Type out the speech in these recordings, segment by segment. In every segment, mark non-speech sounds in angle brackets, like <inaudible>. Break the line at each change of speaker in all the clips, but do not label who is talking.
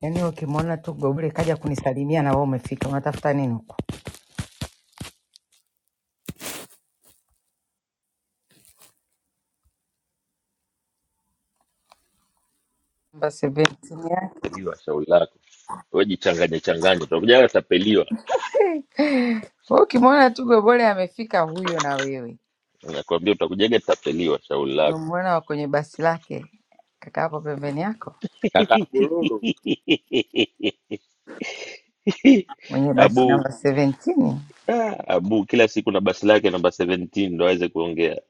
Yaani ukimwona tu Gobule kaja kunisalimia na wewe umefika, unatafuta nini huko? Namba 17 yake.
tapeliwa shauri lako we jichanganye changanye utakujaga tapeliwa
Wewe ukimwona tu Gobule amefika huyo na wewe.
nakwambia utakujaga tapeliwa shauri lako
Umemwona kwenye basi lake kaka hapo pembeni yako
Kaka Bululu
<laughs>
mwenye basi
abu
namba 17.
ah, abu kila siku na basi lake namba 17 ndo aweze kuongea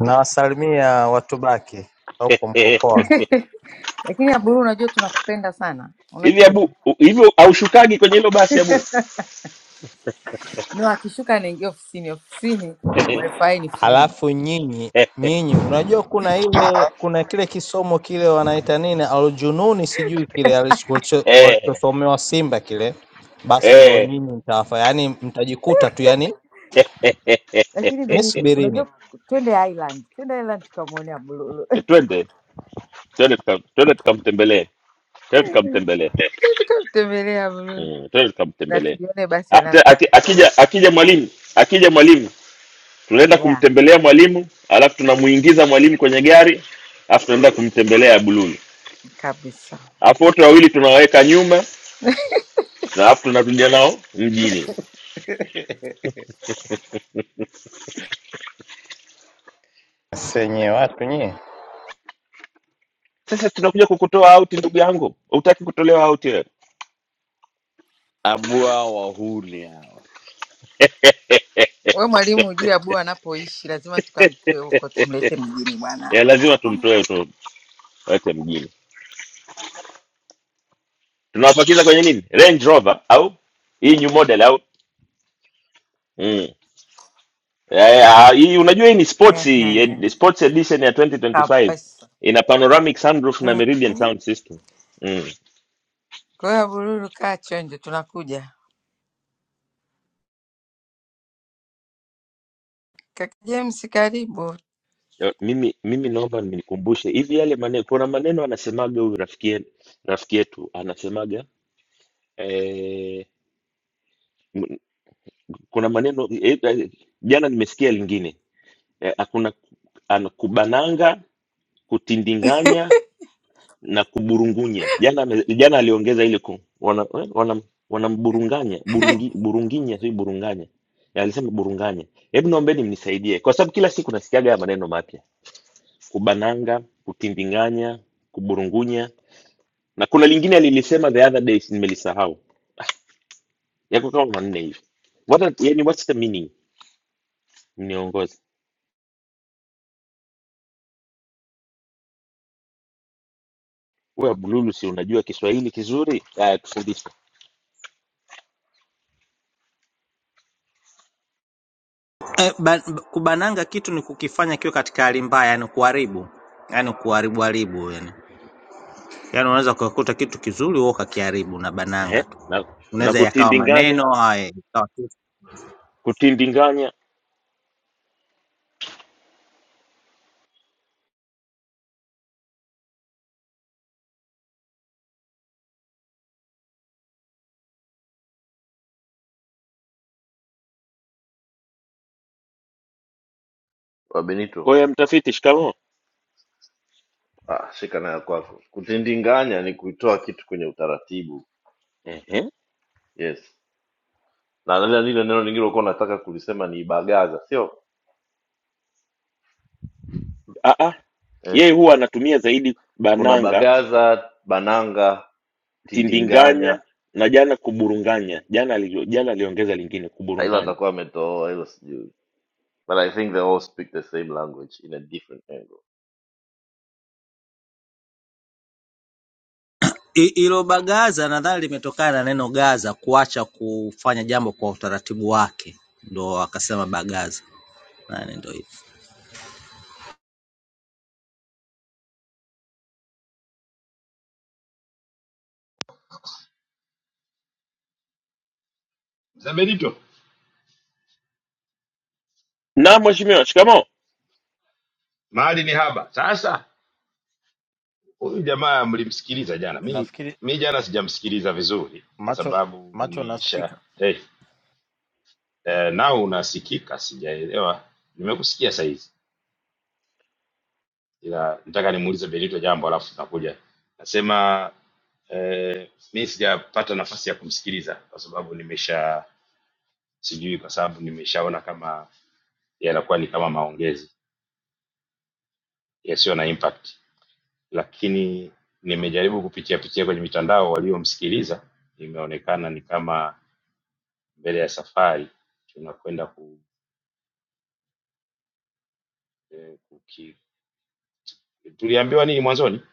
Nawasalimia Watubaki huko Mkokoa.
<laughs>
Lakini Abdul, unajua tunakupenda sana.
hivi
Unajua hivyo?
abu u- hivi aushukagi kwenye hilo basi abu
No, akishuka anaingia ofisini, ofisini
<laughs>
wifi ni free.
Halafu nyinyi nyinyi, unajua kuna ile kuna kile kisomo kile wanaita nini, aljununi sijui kile alicho- walicho-
eh,
walichosomewa Simba kile, basi ndo
eh,
nyinyi mtawafa, yaani mtajikuta tu, yaani
Lakini Benito,
nisubirini tu.
unajua twende Island. Twende Island tukamwone Abdul.
twende twende tuka- twende tukamtembelee twende tukamtembelee
<laughs> Tukamtembelea Abdul
mm, twende
na
tukamtembelee
tulione basi
Ah, te-
analopa.
aki- akija akija mwalimu akija mwalimu tunaenda
Yeah.
kumtembelea mwalimu alafu tunamuingiza mwalimu kwenye gari alafu tunaenda kumtembelea bululu
kabisa.
alafu wote wawili tunawaweka nyuma na alafu tunakuja nao mjini
<laughs>
Senye watu nyie
sasa tunakuja kukutoa auti ndugu yangu hutaki kutolewa auti wewe
abua wahuni hawa.
We mwalimu, hujui Abu anapoishi, lazima tukamtoe huko tumlete mjini bwana.
Eh, lazima tumtoe tuweke mjini tunawapakiza kwenye nini range rover au hii new model au mm. Eh, eh, ah, hii unajua hii ni sports hii, eh,
Ehe,
sports edition ya 2025
kabisa.
ina panoramic sunroof na meridian
Mhm.
sound system Mm.
Kwa hiyo Abururu, kaa chonjo, tunakuja. Kaka James, karibu.
Eh, Mimi, mimi naomba mnikumbushe hivi yale maneno. Kuna maneno anasemaga huyu rafiki yetu, rafiki yetu anasemaga eh, m- kuna maneno eh, eh, jana nimesikia lingine eh, hakuna ana- kubananga, kutindinganya na kuburungunya. Jana ame- jana aliongeza ile ku, wana, eh, wana, wanamburunganya burungi, burunginya sio burunganya Eh, alisema burunganya. Hebu naombeni mnisaidie kwa sababu kila siku nasikiaga haya maneno mapya: kubananga, kutindinganya kuburungunya na kuna lingine alilisema the other day si- nimelisahau yako kama manne hivi what are, yani what's the meaning mniongoze huyu abululu si unajua kiswahili kizuri aya tufundishe
Eh, ba, ba- kubananga kitu ni kukifanya kiwe katika hali mbaya, yani kuharibu, yani kuharibu haribu, yani. Yaani unaweza ukakuta kitu kizuri wewe ukakiharibu na
ehe
bananga tu.
na, na
Unaweza yakawa
kutindinganya
maneno haya ikawa tu.
kutindinganya
wa Benito.
oya mtafiti shikamo
Ah, shika nayo kwako. Kutindinganya ni kuitoa kitu kwenye utaratibu.
ehe
Yes. Na lile lile neno lingine ulikuwa unataka kulisema ni bagaza, sio?
ah ah
Eh.
yeye huwa anatumia zaidi
Kuna
bananga
bagaza, bananga,
tindinganya
tindinganya.
na jana kuburunganya jana ali, jana aliongeza lingine
Ah, Hilo
kuburunganya
atakuwa ametoa hilo sijui. But I think they all speak the same language in a different angle.
I- Hilo bagaza nadhani limetokana na neno gaza kuacha kufanya jambo kwa utaratibu wake. Ndio akasema bagaza. Yaani ndio
Mzee Benito,
na mheshimiwa shikamo
mahali ni haba. Sasa huyu jamaa mlimsikiliza jana, mi
Nafikiri
mi jana sijamsikiliza vizuri kwa
macho
sababu
macho
nisha
nasikika.
hey, eh, nao unasikika, sijaelewa. Nimekusikia sahizi, ila nataka nimuulize Benito jambo alafu nakuja nasema. Eh, mi sijapata nafasi ya kumsikiliza kwa sababu nimesha sijui, kwa sababu nimeshaona kama yanakuwa ni kama maongezi yasiyo na impact lakini nimejaribu kupitia pitia kwenye mitandao waliomsikiliza, imeonekana ni kama mbele ya safari tunakwenda ku, eh, kuki, tuliambiwa nini mwanzoni?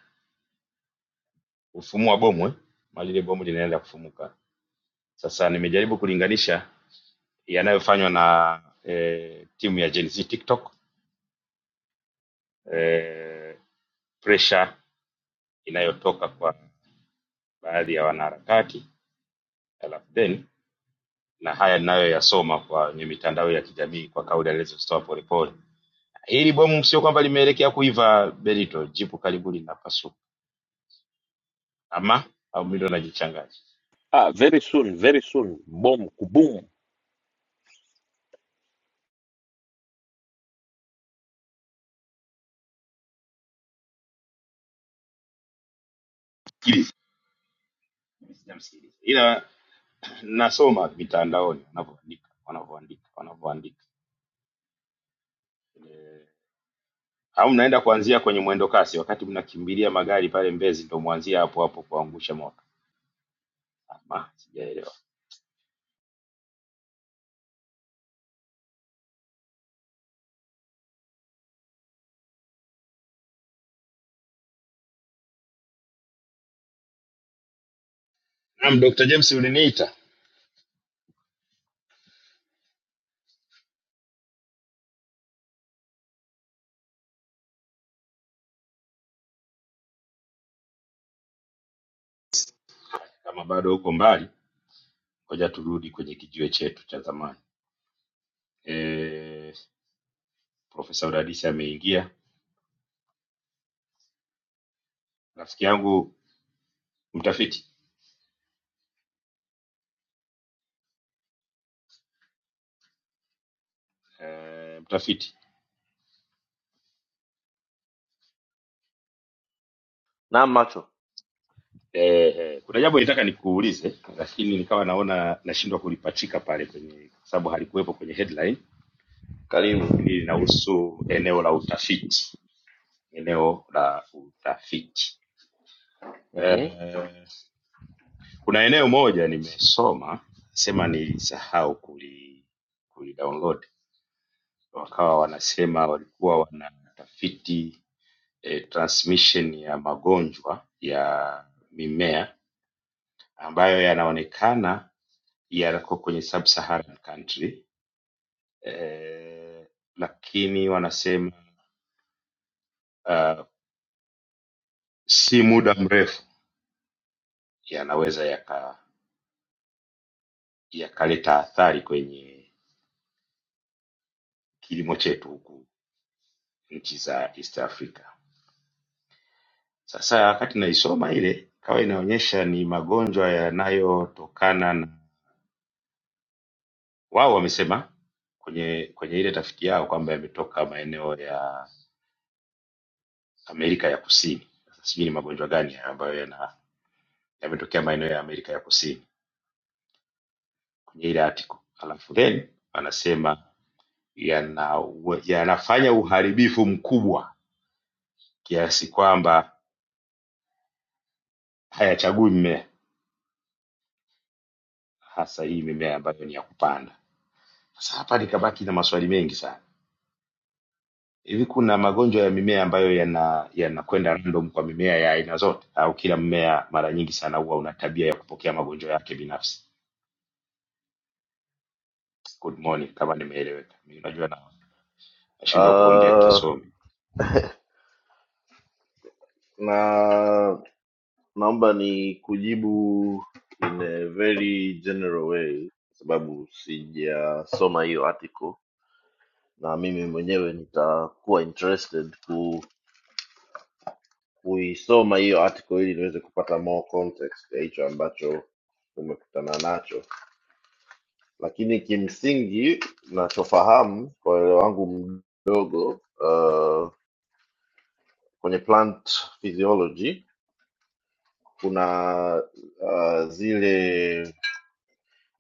Kufumua bomu eh? Mali ile bomu linaenda kufumuka. Sasa nimejaribu kulinganisha yanayofanywa na eh, timu ya Gen Z TikTok, eh, pressure inayotoka kwa baadhi ya wanaharakati alafu then na haya ninayoyasoma kwenye mitandao ya kijamii kwa kauli alizozitoa Polepole Ili bomu sio kwamba limeelekea kuiva Benito, jipu karibu linapasuka, ama au mimi ndo najichanganya.
ah, very soon very soon bom kubum
Sikiliza, mimi sijamsikiliza, ila nasoma mitandaoni wanavyoandika, wanavyoandika, wanavyoandika. Eh, Au mnaenda kuanzia kwenye mwendo kasi, wakati mnakimbilia magari pale Mbezi, ndo mwanzia hapo hapo kuangusha moto. Ama sijaelewa. Naam, Dr. James uliniita, kama bado uko mbali, ngoja turudi kwenye kijiwe chetu cha zamani. eh, Profesa Udadisi ameingia, rafiki yangu mtafiti eh, mtafiti
Na macho,
eh, eh, kuna jambo nitaka nikuulize, lakini nikawa naona nashindwa kulipachika pale kwenye, kwa sababu halikuwepo kwenye headline,
karibu.
lakini linahusu eneo la utafiti, eneo la utafiti
Mhm.
eh, Kuna eneo moja nimesoma sema nilisahau kuli kulidownload, wakawa wanasema walikuwa wanatafiti e, transmission ya magonjwa ya mimea ambayo yanaonekana yako kwenye sub-Saharan country e, lakini wanasema uh, si muda mrefu yanaweza yaka- yakaleta athari kwenye kilimo chetu huku nchi za East Africa. Sasa wakati naisoma ile ikawa inaonyesha ni magonjwa yanayotokana na wao wamesema kwenye kwenye ile tafiti yao kwamba yametoka maeneo ya Amerika ya Kusini. Sasa sijui ni magonjwa gani haya ambayo yana yametokea maeneo ya Amerika ya Kusini kwenye ile article. Alafu then wanasema yana yanafanya uharibifu mkubwa kiasi kwamba hayachagui mmea, hasa hii mimea ambayo ni ya kupanda. Sasa hapa nikabaki na maswali mengi sana Hivi kuna magonjwa ya mimea ambayo yana yanakwenda random kwa mimea ya aina zote, au kila mmea mara nyingi sana huwa una tabia ya kupokea magonjwa yake binafsi? Good morning, kama nimeeleweka. Mimi najua na nashindwa kuongea
Uh,
kisomi,
na naomba ni kujibu in a very general way kwa sababu sijasoma hiyo article na mimi mwenyewe nitakuwa interested ku, kuisoma hiyo article ili niweze kupata more context ya hicho ambacho tumekutana nacho lakini kimsingi nachofahamu kwa uelewa wangu mdogo uh, kwenye plant physiology kuna uh, zile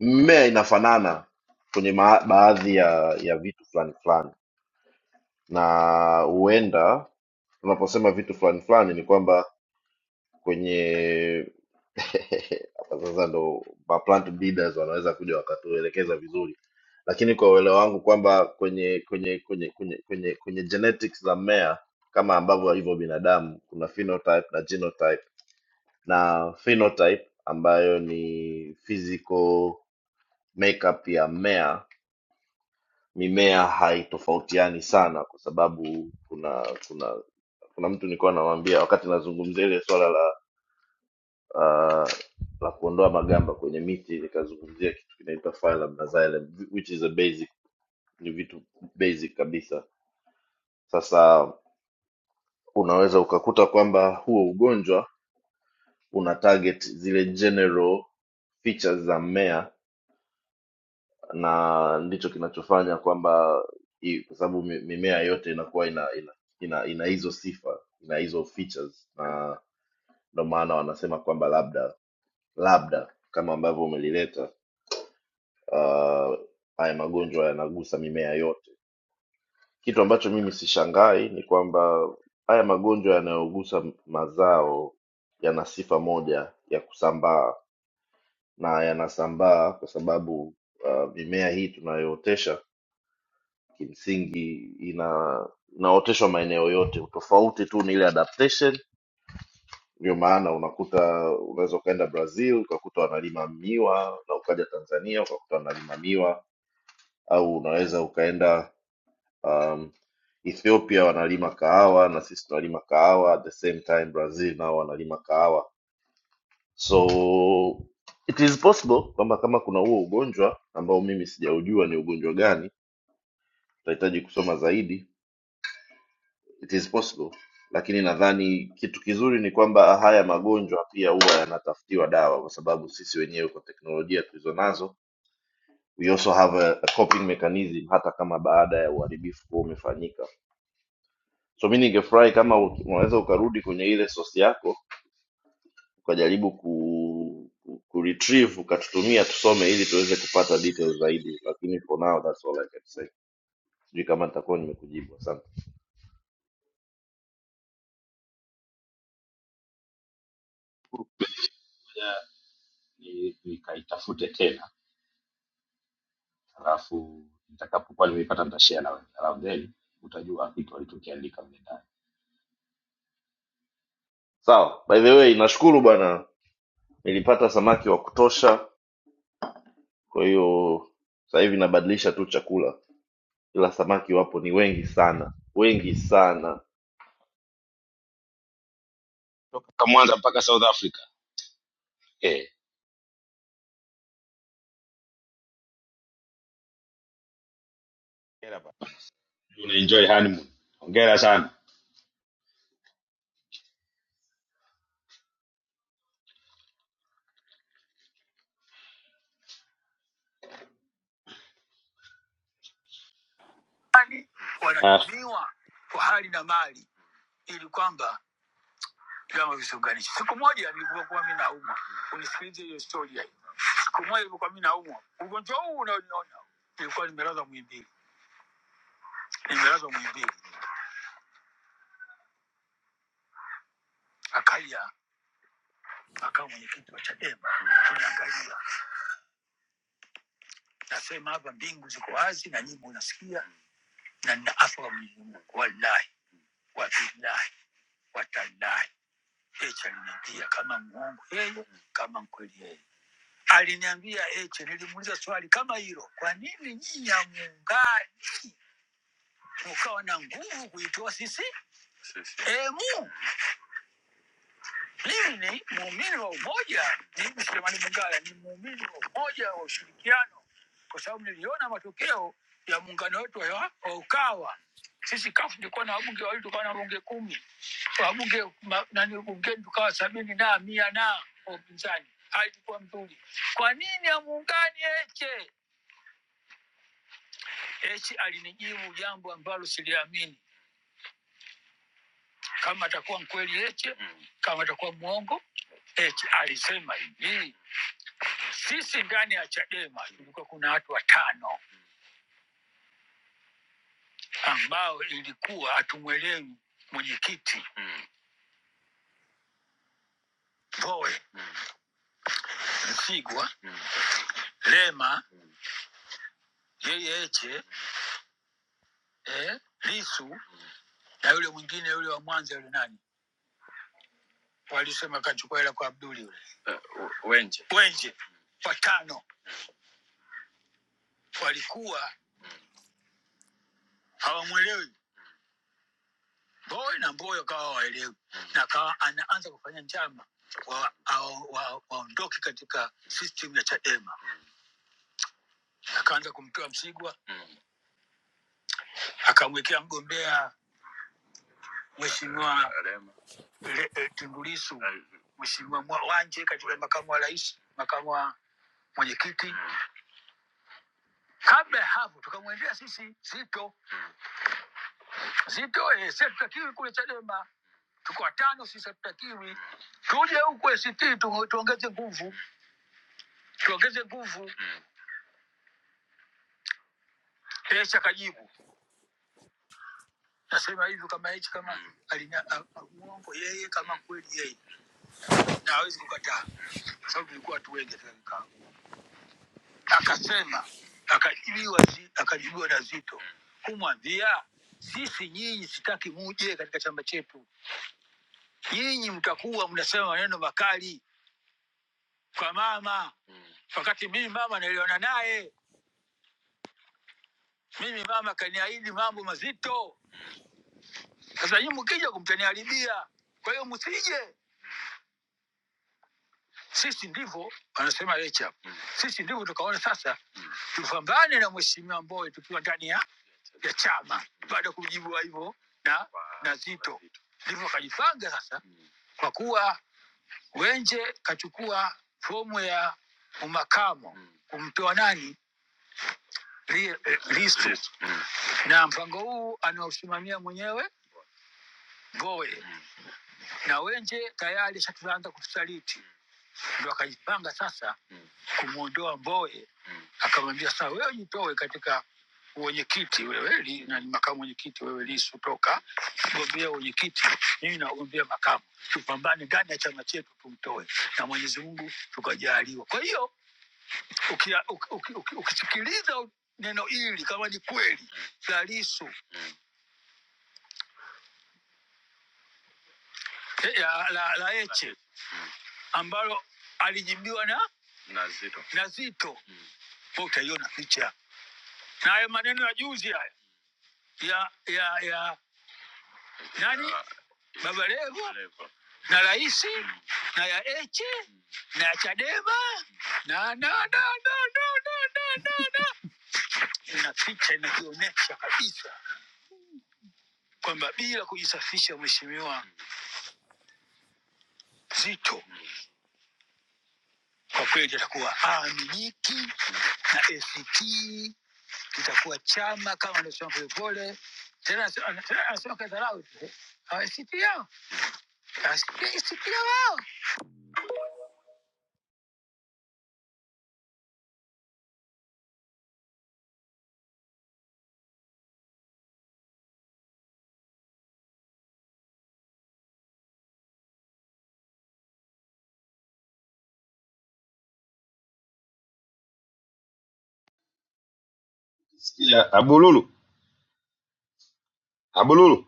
mmea inafanana kwenye ma- baadhi ya ya vitu fulani fulani na huenda tunaposema vitu fulani fulani ni kwamba kwenye <laughs> hapa sasa ndo ma plant breeders wanaweza kuja wakatuelekeza vizuri lakini kwa uelewa wangu kwamba kwenye kwenye kwenye kwenye kwenye kwenye genetics za mmea kama ambavyo alivyo binadamu kuna phenotype na genotype na phenotype ambayo ni physical makeup ya mmea mimea haitofautiani sana kwa sababu kuna kuna kuna mtu nilikuwa namwambia wakati nazungumzia ile swala la uh, la kuondoa magamba kwenye miti nikazungumzia kitu kinaitwa phylum na xylem which is a basic ni vitu basic kabisa sasa unaweza ukakuta kwamba huo ugonjwa una target zile general features za mmea na ndicho kinachofanya kwamba i- kwa sababu mi- mimea yote inakuwa ina ina, ina, ina hizo sifa ina hizo features na ndio maana wanasema kwamba labda labda kama ambavyo umelileta uh, haya magonjwa yanagusa mimea yote kitu ambacho mimi sishangai ni kwamba haya magonjwa yanayogusa mazao yana sifa moja ya kusambaa na yanasambaa kwa sababu uh, mimea hii tunayootesha kimsingi ina inaoteshwa maeneo yote. Utofauti tu ni ile adaptation. Ndio maana unakuta unaweza ukaenda Brazil ukakuta wanalima miwa na ukaja Tanzania ukakuta wanalima miwa, au unaweza ukaenda um, Ethiopia wanalima kahawa na sisi tunalima kahawa, at the same time Brazil nao wanalima kahawa, so it is possible kwamba kama kuna huo ugonjwa ambao mimi sijaujua ni ugonjwa gani, tutahitaji kusoma zaidi it is possible lakini nadhani kitu kizuri ni kwamba haya magonjwa pia huwa yanatafutiwa dawa kwa sababu sisi wenyewe kwa teknolojia tulizo nazo we also have a, a coping mechanism hata kama baada ya uharibifu kuwa umefanyika so mi ningefurahi kama u- unaweza ukarudi kwenye ile sosi yako ukajaribu ku, ku, ku retrieve ukatutumia tusome ili tuweze kupata details zaidi lakini for now that's all I can say sijui kama nitakuwa nimekujibu asante
Ngoja ni- nikaitafute tena, alafu nitakapokuwa nimeipata nitashare na wewe, alafu then utajua kitu walichokiandika mle ndani.
sawa by the way nashukuru bwana nilipata samaki wa kutosha kwa hiyo sasa hivi nabadilisha tu chakula ila samaki wapo ni wengi sana wengi sana
toka Mwanza mpaka South Africa. Eh, hongera bana, unaenjoy honeymoon. Hongera sana.
fulani
Ah,
wanatumiwa kwa hali na mali ili kwamba vyama visiunganishe. Siku moja nilivyokuwa mi naumwa, unisikilize hiyo story. ya- Siku moja nilivyokuwa mi naumwa, ugonjwa huu unaoniona, nilikuwa nimelazwa Muhimbili, nimelazwa Muhimbili, akaja akawa mwenyekiti wa Chadema, tunaangalia nasema hapa mbingu ziko wazi na nyimbo unasikia, na nina afa kwa Mwenyezi Mungu, wallahi wabillahi watallahi, echa aliniambia kama mwongo yeye, kama mkweli yeye Aliniambia eti, nilimuuliza swali kama hilo, kwa nini nyinyi hamuungani mukawa na nguvu kuitoa CCM? Mimi ni muumini wa umoja, mimi Selemani Mungala ni muumini wa umoja wa ushirikiano, kwa sababu niliona matokeo ya muungano wetu wa wa Ukawa. Sisi kafu tulikuwa na wabunge wawili, tukawa na wabunge kumi, wabunge ma- nani bungeni tukawa sabini na mia na wa upinzani, hali ilikuwa nzuri. Kwa nini hamuungani eche? Heche alinijibu jambo ambalo siliamini, kama atakuwa mkweli Heche, kama atakuwa mwongo Heche. Alisema hivi, sisi ndani ya Chadema tulikuwa kuna watu watano ambao ilikuwa hatumwelewi mwenyekiti Mbowe, Msigwa, Lema, yeye Heche, eh, Lisu na yule mwingine yule wa Mwanza yule nani, walisema kachukua hela kwa Abduli yule Uh, Wenje. Wenje, watano walikuwa hawamwelewi Mbowe na Mbowe wakawa hawaelewi na akawa anaanza kufanya njama waondoke wa, wa, wa, waondoke katika system ya Chadema. Akaanza kumtoa Msigwa, akamwekea mgombea Mheshimiwa Le- eh, Tundu Lissu, Mheshimiwa Mwa- Wanje katika makamu wa rais, makamu wa mwenyekiti. Kabla ya hapo tukamwendea sisi Zito, Zito eh, Sefu Kakiri kule Chadema tuko watano sisi hatutakiwi tuje huku ACT tu- tuongeze nguvu tuongeze nguvu h akajibu nasema hivyo kama h kama alina- a- a- mwongo yeye kama kweli yeye na hawezi kukataa kwa sababu tulikuwa watu wengi katika kikao akasema akajibiwa zi- akajibiwa na zito kumwambia sisi nyinyi sitaki muje katika chama chetu nyinyi mtakuwa mnasema maneno makali kwa mama wakati mimi mama naliona naye Mimi mama kaniahidi mambo mazito, sasa nyinyi mkija kumtaniharibia. Kwa hiyo msije, sisi ndivyo wanasema Lecha, sisi ndivyo tukaona sasa tupambane na mheshimiwa Mbowe tukiwa ndani ya ya chama, baada ya kujibiwa hivyo na wow, na Zito, ndivyo akajipanga sasa, kwa kuwa Wenje kachukua fomu ya umakamo kumtoa nani Li- eh, Lissu na mpango huu anaosimamia mwenyewe Mbowe. na Wenje tayari shatuanza kutusaliti, ndo akajipanga sasa kumwondoa Mboe, akamwambia sasa, wewe jitoe katika uwenyekiti wewe, li- na ni makamu mwenyekiti wewe, Lisu toka gombea uwenyekiti, mimi nagombea makamu, tupambane ndani ya chama chetu tumtoe, na Mwenyezi Mungu tukajaliwa. Kwa hiyo ukia- uki- uki- uki- ukisikiliza neno hili kama ni kweli la Lisu ya, la, la Heche ambalo alijibiwa na na Zito. na Zito. Mm. Wewe Utaiona picha na haya maneno ya juzi haya ya ya ya nani Ya- Baba Levo Levo. na Raisi na ya Heche na ya Chadema na na na na na na na, na. ina picha inakionyesha kabisa kwamba bila kujisafisha Mheshimiwa Zito Mm. Kwa kweli tutakuwa amiliki na ACT kitakuwa chama kama anasema Polepole tena, anasema tena anasema kadharau tu, eh, ACT yao ACT ACT yao
sikia Abululu, Abululu.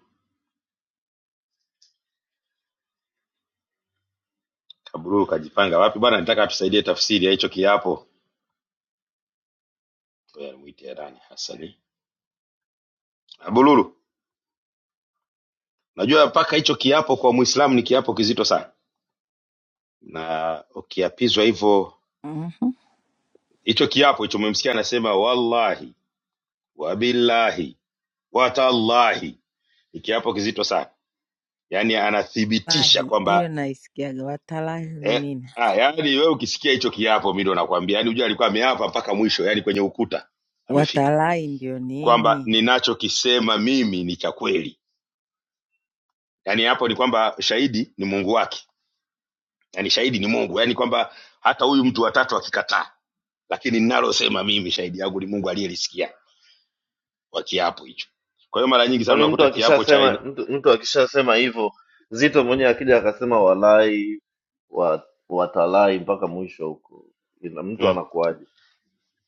Kaburu kajipanga wapi bwana, nitaka atusaidie tafsiri ya hicho kiapo. Ngoja nimuite Herani Hassani. Abururu, najua mpaka hicho kiapo kwa Muislamu ni kiapo kizito sana, na ukiapizwa hivyo
Mhm.
hicho kiapo hicho, umemsikia anasema wallahi wabillahi watallahi, ni kiapo kizito sana, yaani anathibitisha
Wallahi, hiyo
kwamba
naisikiaga watalai ni
eh,
nini?
ah, yaani wewe ukisikia hicho kiapo, mimi ndo nakwambia, yaani unajua alikuwa ameapa mpaka mwisho, yaani kwenye ukuta amefika
Watalai ndio
kwamba
nini?
ninachokisema mimi ni cha kweli yani hapo ni kwamba shahidi ni mungu wake yani shahidi ni mungu yani kwamba hata huyu mtu watatu akikataa lakini ninalosema mimi shahidi yangu ni mungu aliyelisikia kwa kiapo hicho kwa hiyo mara nyingi sana
kwani mtu
unakuta kiapo cha aina
akishasema mtu, mtu akishasema hivyo zito mwenyewe akija akasema walai wa, watalai mpaka mwisho huko ina mtu
mm.
anakuaje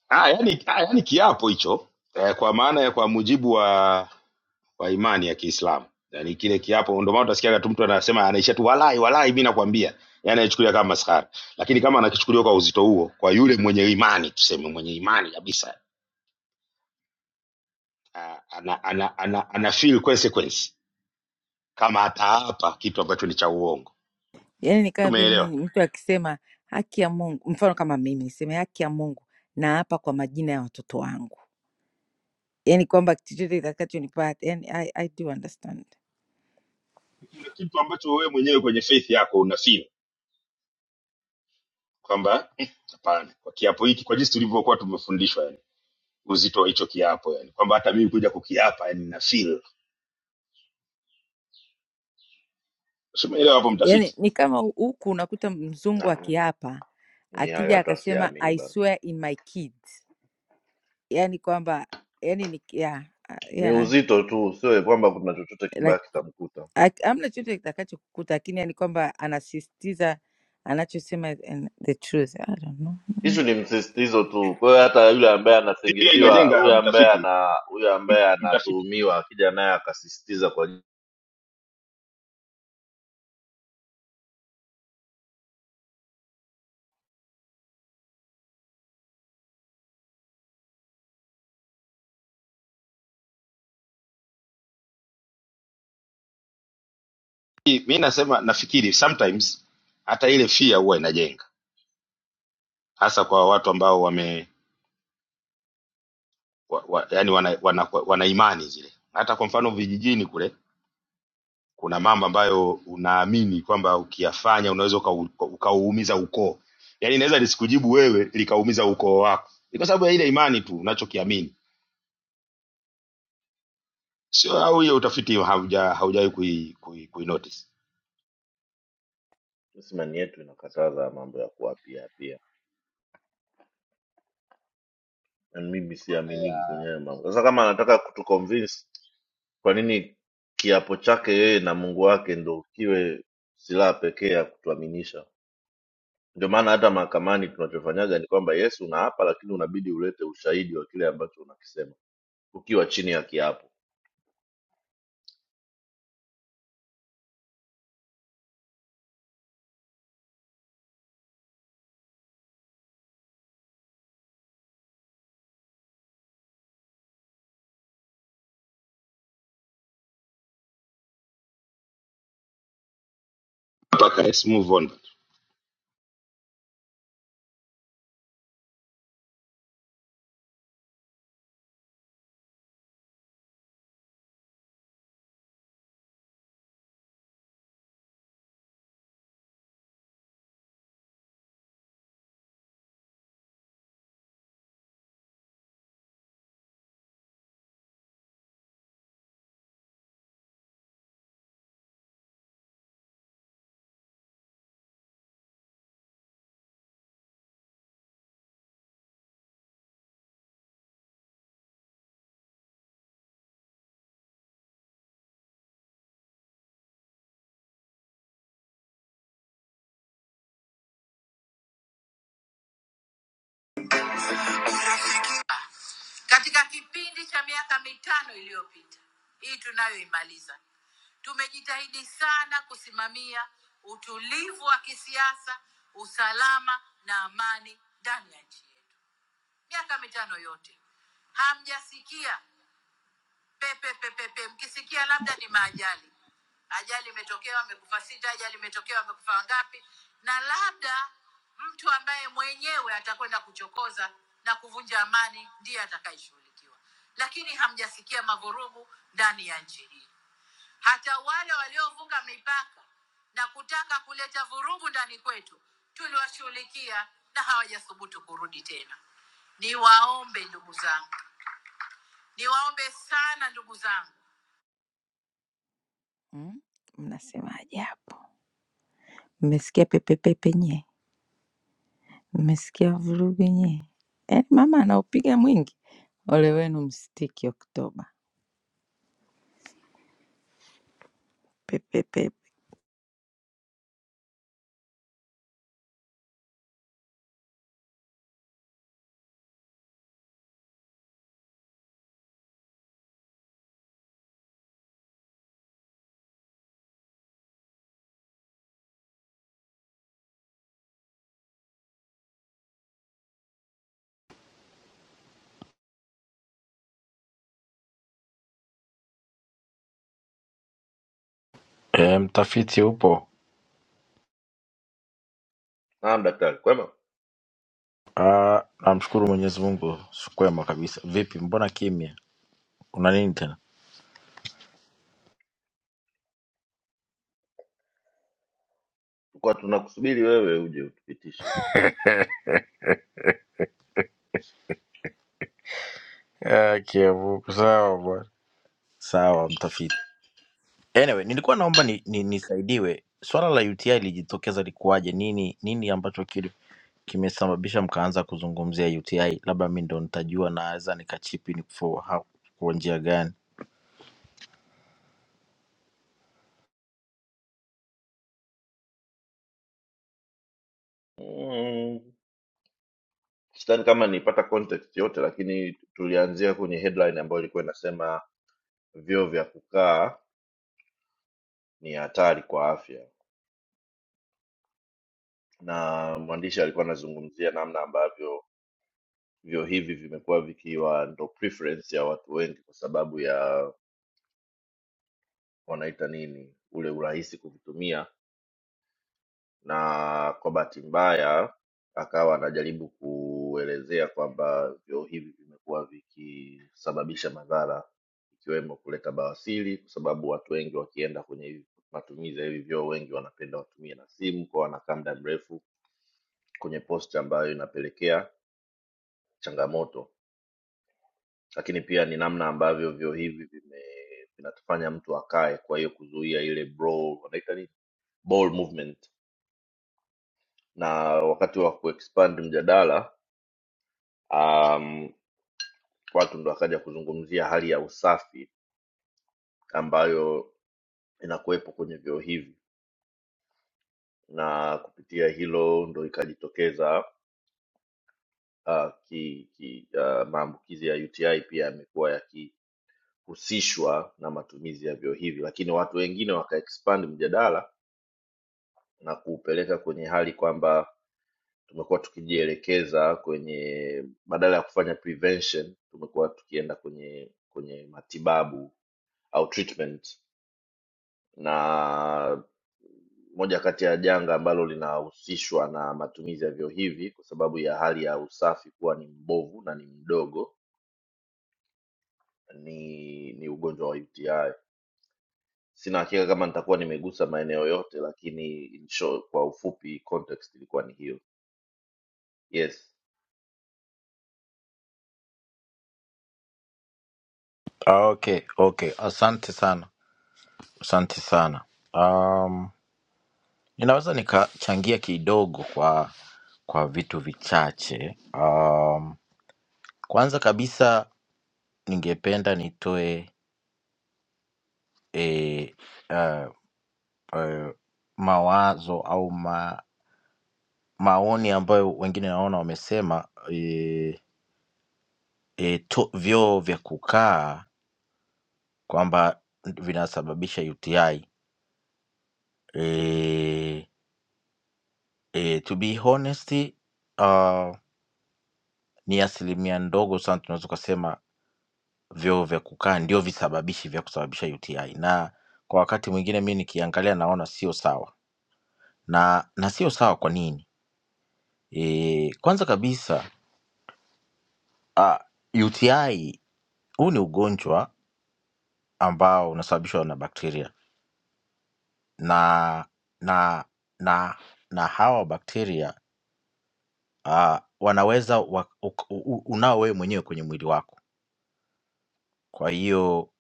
ah, yani, ah, yani kiapo hicho eh, kwa maana ya kwa mujibu wa wa imani ya Kiislamu. Yaani kile kiapo ndio maana utasikia tu mtu anasema anaisha tu walai walai mimi nakwambia. Yaani anachukulia kama maskhara. Lakini kama anakichukulia kwa uzito huo kwa yule mwenye imani tuseme mwenye imani kabisa ana, ana, ana, ana, ana feel consequence kama ataapa kitu ambacho ni cha uongo
Yaani ni kama vile
tumeelewa
mimi- mtu akisema haki ya Mungu, mfano kama mimi niseme haki ya Mungu, na hapa kwa majina ya watoto wangu, yaani kwamba kitu chochote kitakachonipata, yani I, I do understand.
kuna kitu ambacho wewe mwenyewe kwenye faith yako una feel kwamba "Eh, hapana kwa kiapo hiki kwa jinsi tulivyokuwa tumefundishwa yani uzito wa hicho kiapo yani kwamba hata mimi kuja kukiapa yani na feel Si umeelewa hapo
yani
mtafiti
ni kama huku unakuta mzungu
Na,
akiapa
ni hayo
akija
hata
akasema
siamini
I
bana
swear in my kids, yani kwamba yani ni yeah,
ni
yeah,
uzito tu sio kwamba kuna chochote kibaya
like
kitamkuta
ak- hamna chochote kitakacho kukuta, lakini yani kwamba anasisitiza anachosema and the truth. I don't know.
hishu ni msisitizo tu kwa hiyo hata yule ambaye
pia
anasingiziwa
inajenga
yule ambaye
mtafiti
ana yule ambaye
mt- mtafiti
anatuhumiwa akija naye akasisitiza kwa
mi nasema nafikiri sometimes hata ile fear huwa inajenga hasa kwa watu ambao wame wa, wa, yani wana, wana, wana imani zile. Hata kwa mfano vijijini kule kuna mambo ambayo unaamini kwamba ukiyafanya unaweza ukau- ukauumiza ukoo, yani inaweza lisikujibu wewe likaumiza ukoo wako, ni kwa sababu ya ile imani tu unachokiamini, sio au hiyo utafiti hauja haujawahi kui, kui, kui notice
Simani yetu inakataza mambo ya kuapia pia, na mimi
maana ya
siaminiki kwenye hayo mambo. Sasa kama anataka kutuconvince, kwa nini kiapo chake yeye na Mungu wake ndo kiwe silaha pekee ya kutuaminisha? Ndio maana hata mahakamani tunachofanyaga ni kwamba Yesu unaapa, lakini unabidi ulete ushahidi wa kile ambacho unakisema ukiwa chini ya kiapo.
mpaka. Let's move on.
Katika kipindi cha miaka mitano iliyopita hii tunayoimaliza, tumejitahidi sana kusimamia utulivu wa kisiasa, usalama na amani ndani ya nchi yetu. Miaka mitano yote hamjasikia pepepepepe mkisikia labda ni maajali ajali imetokea amekufa sita ajali imetokea amekufa wangapi na labda mtu ambaye mwenyewe atakwenda kuchokoza na kuvunja amani ndiye atakayeshughulikiwa lakini hamjasikia mavurugu ndani ya nchi hii hata wale waliovuka mipaka na kutaka kuleta vurugu ndani kwetu tuliwashughulikia na hawajathubutu kurudi tena niwaombe ndugu zangu niwaombe sana ndugu zangu Mm, Mnasemaje hapo? Mmesikia pepepepe nye? Mmesikia vurugu nye? Yaani mama anaupiga mwingi, ole wenu msitiki Oktoba. Pepepepe.
E, mtafiti upo?
Naam daktari, kwema,
Ah, namshukuru Mwenyezi Mungu, kwema kabisa. Vipi, mbona kimya, una nini tena?
tulikuwa tunakusubiri wewe uje utupitishe.
Ah, Kiavuko. Sawa bwana, sawa mtafiti. Anyway, nilikuwa naomba ni, ni, nisaidiwe swala la UTI lijitokeza likuwaje? Nini nini ambacho kili kimesababisha mkaanza kuzungumzia UTI? Labda mi ndo nitajua, naweza nikachipi ni for how- kwa njia gani?
Mm, sidhani kama nipata context yote, lakini tulianzia kwenye headline ambayo ilikuwa inasema vyoo vya kukaa ni hatari kwa afya, na mwandishi alikuwa anazungumzia namna ambavyo vyoo hivi vimekuwa vikiwa ndo preference ya watu wengi kwa sababu ya wanaita nini, ule urahisi kuvitumia na kwa bahati mbaya akawa anajaribu kuelezea kwamba vyoo hivi vimekuwa vikisababisha madhara ikiwemo kuleta bawasiri kwa sababu watu wengi wakienda kwenye hivi- matumizi ya hivi vyoo wengi wanapenda watumie na simu kwa wanakaa muda mrefu kwenye posti ambayo inapelekea changamoto lakini pia ni namna ambavyo vyoo hivi vime vinatufanya mtu akae kwa hiyo kuzuia ile brawl, wanaita nini ball movement na wakati wa kuexpand mjadala um, watu ndo wakaja kuzungumzia hali ya usafi ambayo inakuwepo kwenye vyoo hivi na kupitia hilo ndo ikajitokeza uh, ki, ki, uh, maambukizi ya UTI pia yamekuwa yakihusishwa na matumizi ya vyoo hivi, lakini watu wengine wakaexpand mjadala na kuupeleka kwenye hali kwamba tumekuwa tukijielekeza kwenye badala ya kufanya prevention tumekuwa tukienda kwenye kwenye matibabu au treatment na moja kati ya janga ambalo linahusishwa na matumizi ya vyoo hivi kwa sababu ya hali ya usafi kuwa ni mbovu na ni mdogo ni ni ugonjwa wa uti sina hakika kama nitakuwa nimegusa maeneo yote lakini in short, kwa ufupi context ilikuwa ni hiyo yes
Ah, Okay, okay, asante sana, asante sana. Um, Ninaweza nikachangia kidogo kwa kwa vitu vichache. Um, kwanza kabisa ningependa nitoe eh, eh, eh, mawazo au ma, maoni ambayo wengine naona wamesema eh, eh, to- vyoo vya kukaa kwamba vinasababisha UTI. Eh, eh, to be honest, uh, ni asilimia ndogo sana tunaweza ukasema vyoo vya kukaa ndio visababishi vya kusababisha UTI, na kwa wakati mwingine mi nikiangalia naona sio sawa na na sio sawa. Kwa nini? E, kwanza kabisa uh, UTI huu ni ugonjwa ambao unasababishwa na bakteria na na na na hawa bakteria uh, wanaweza wa, u, u, unao wewe mwenyewe kwenye mwili wako, kwa hiyo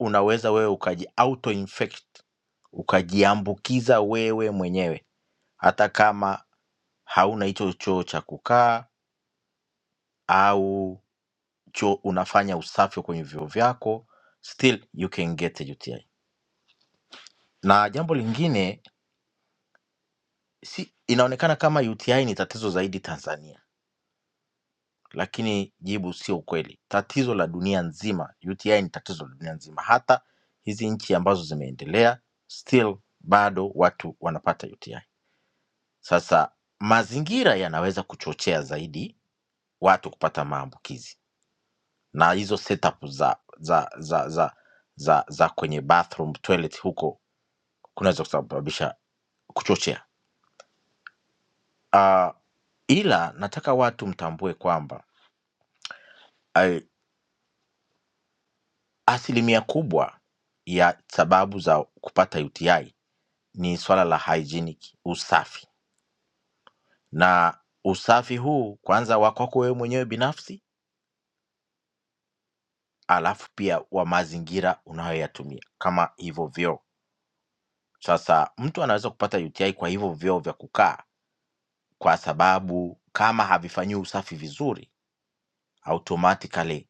unaweza wewe ukaji auto infect ukajiambukiza wewe mwenyewe hata kama hauna hicho choo cha kukaa au choo unafanya usafi kwenye vyoo vyako still you can get a UTI. Na jambo lingine si, inaonekana kama UTI ni tatizo zaidi Tanzania, lakini jibu sio ukweli. Tatizo la dunia nzima, UTI ni tatizo la dunia nzima. Hata hizi nchi ambazo zimeendelea still bado watu wanapata UTI. Sasa mazingira yanaweza kuchochea zaidi watu kupata maambukizi na hizo setup za za za za za, za kwenye bathroom toilet huko kunaweza kusababisha kuchochea uh, ila nataka watu mtambue kwamba uh, asilimia kubwa ya sababu za kupata UTI ni swala la hygienic, usafi na usafi huu kwanza wa kwako wewe mwenyewe binafsi, alafu pia wa mazingira unayoyatumia kama hivyo vyoo. Sasa mtu anaweza kupata UTI kwa hivyo vyoo vya kukaa kwa sababu kama havifanyiwi usafi vizuri automatically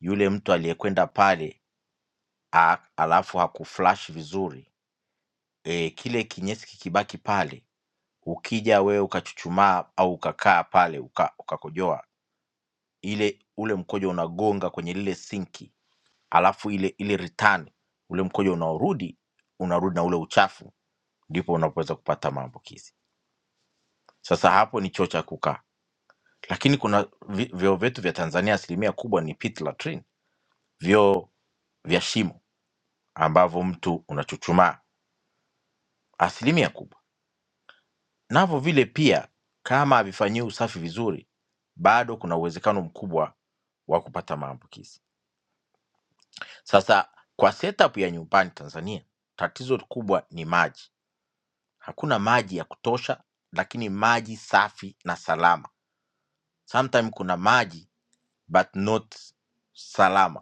yule mtu aliyekwenda pale a, alafu hakuflush vizuri e, kile kinyesi kikibaki pale, ukija wewe ukachuchumaa au ukakaa pale uka, ukakojoa ile ule mkojo unagonga kwenye lile sinki, alafu ile ile return ule mkojo unaorudi unarudi na ule uchafu, ndipo unapoweza kupata maambukizi. Sasa hapo ni choo cha kukaa. lakini kuna vi- vyoo vyetu vya Tanzania asilimia kubwa ni pit latrine, vyoo vya shimo ambavyo mtu unachuchumaa, asilimia kubwa. Navyo vile pia, kama havifanyiwi usafi vizuri, bado kuna uwezekano mkubwa wa kupata maambukizi. Sasa kwa setup ya nyumbani Tanzania, tatizo kubwa ni maji. Hakuna maji ya kutosha, lakini maji safi na salama. Sometime kuna maji but not salama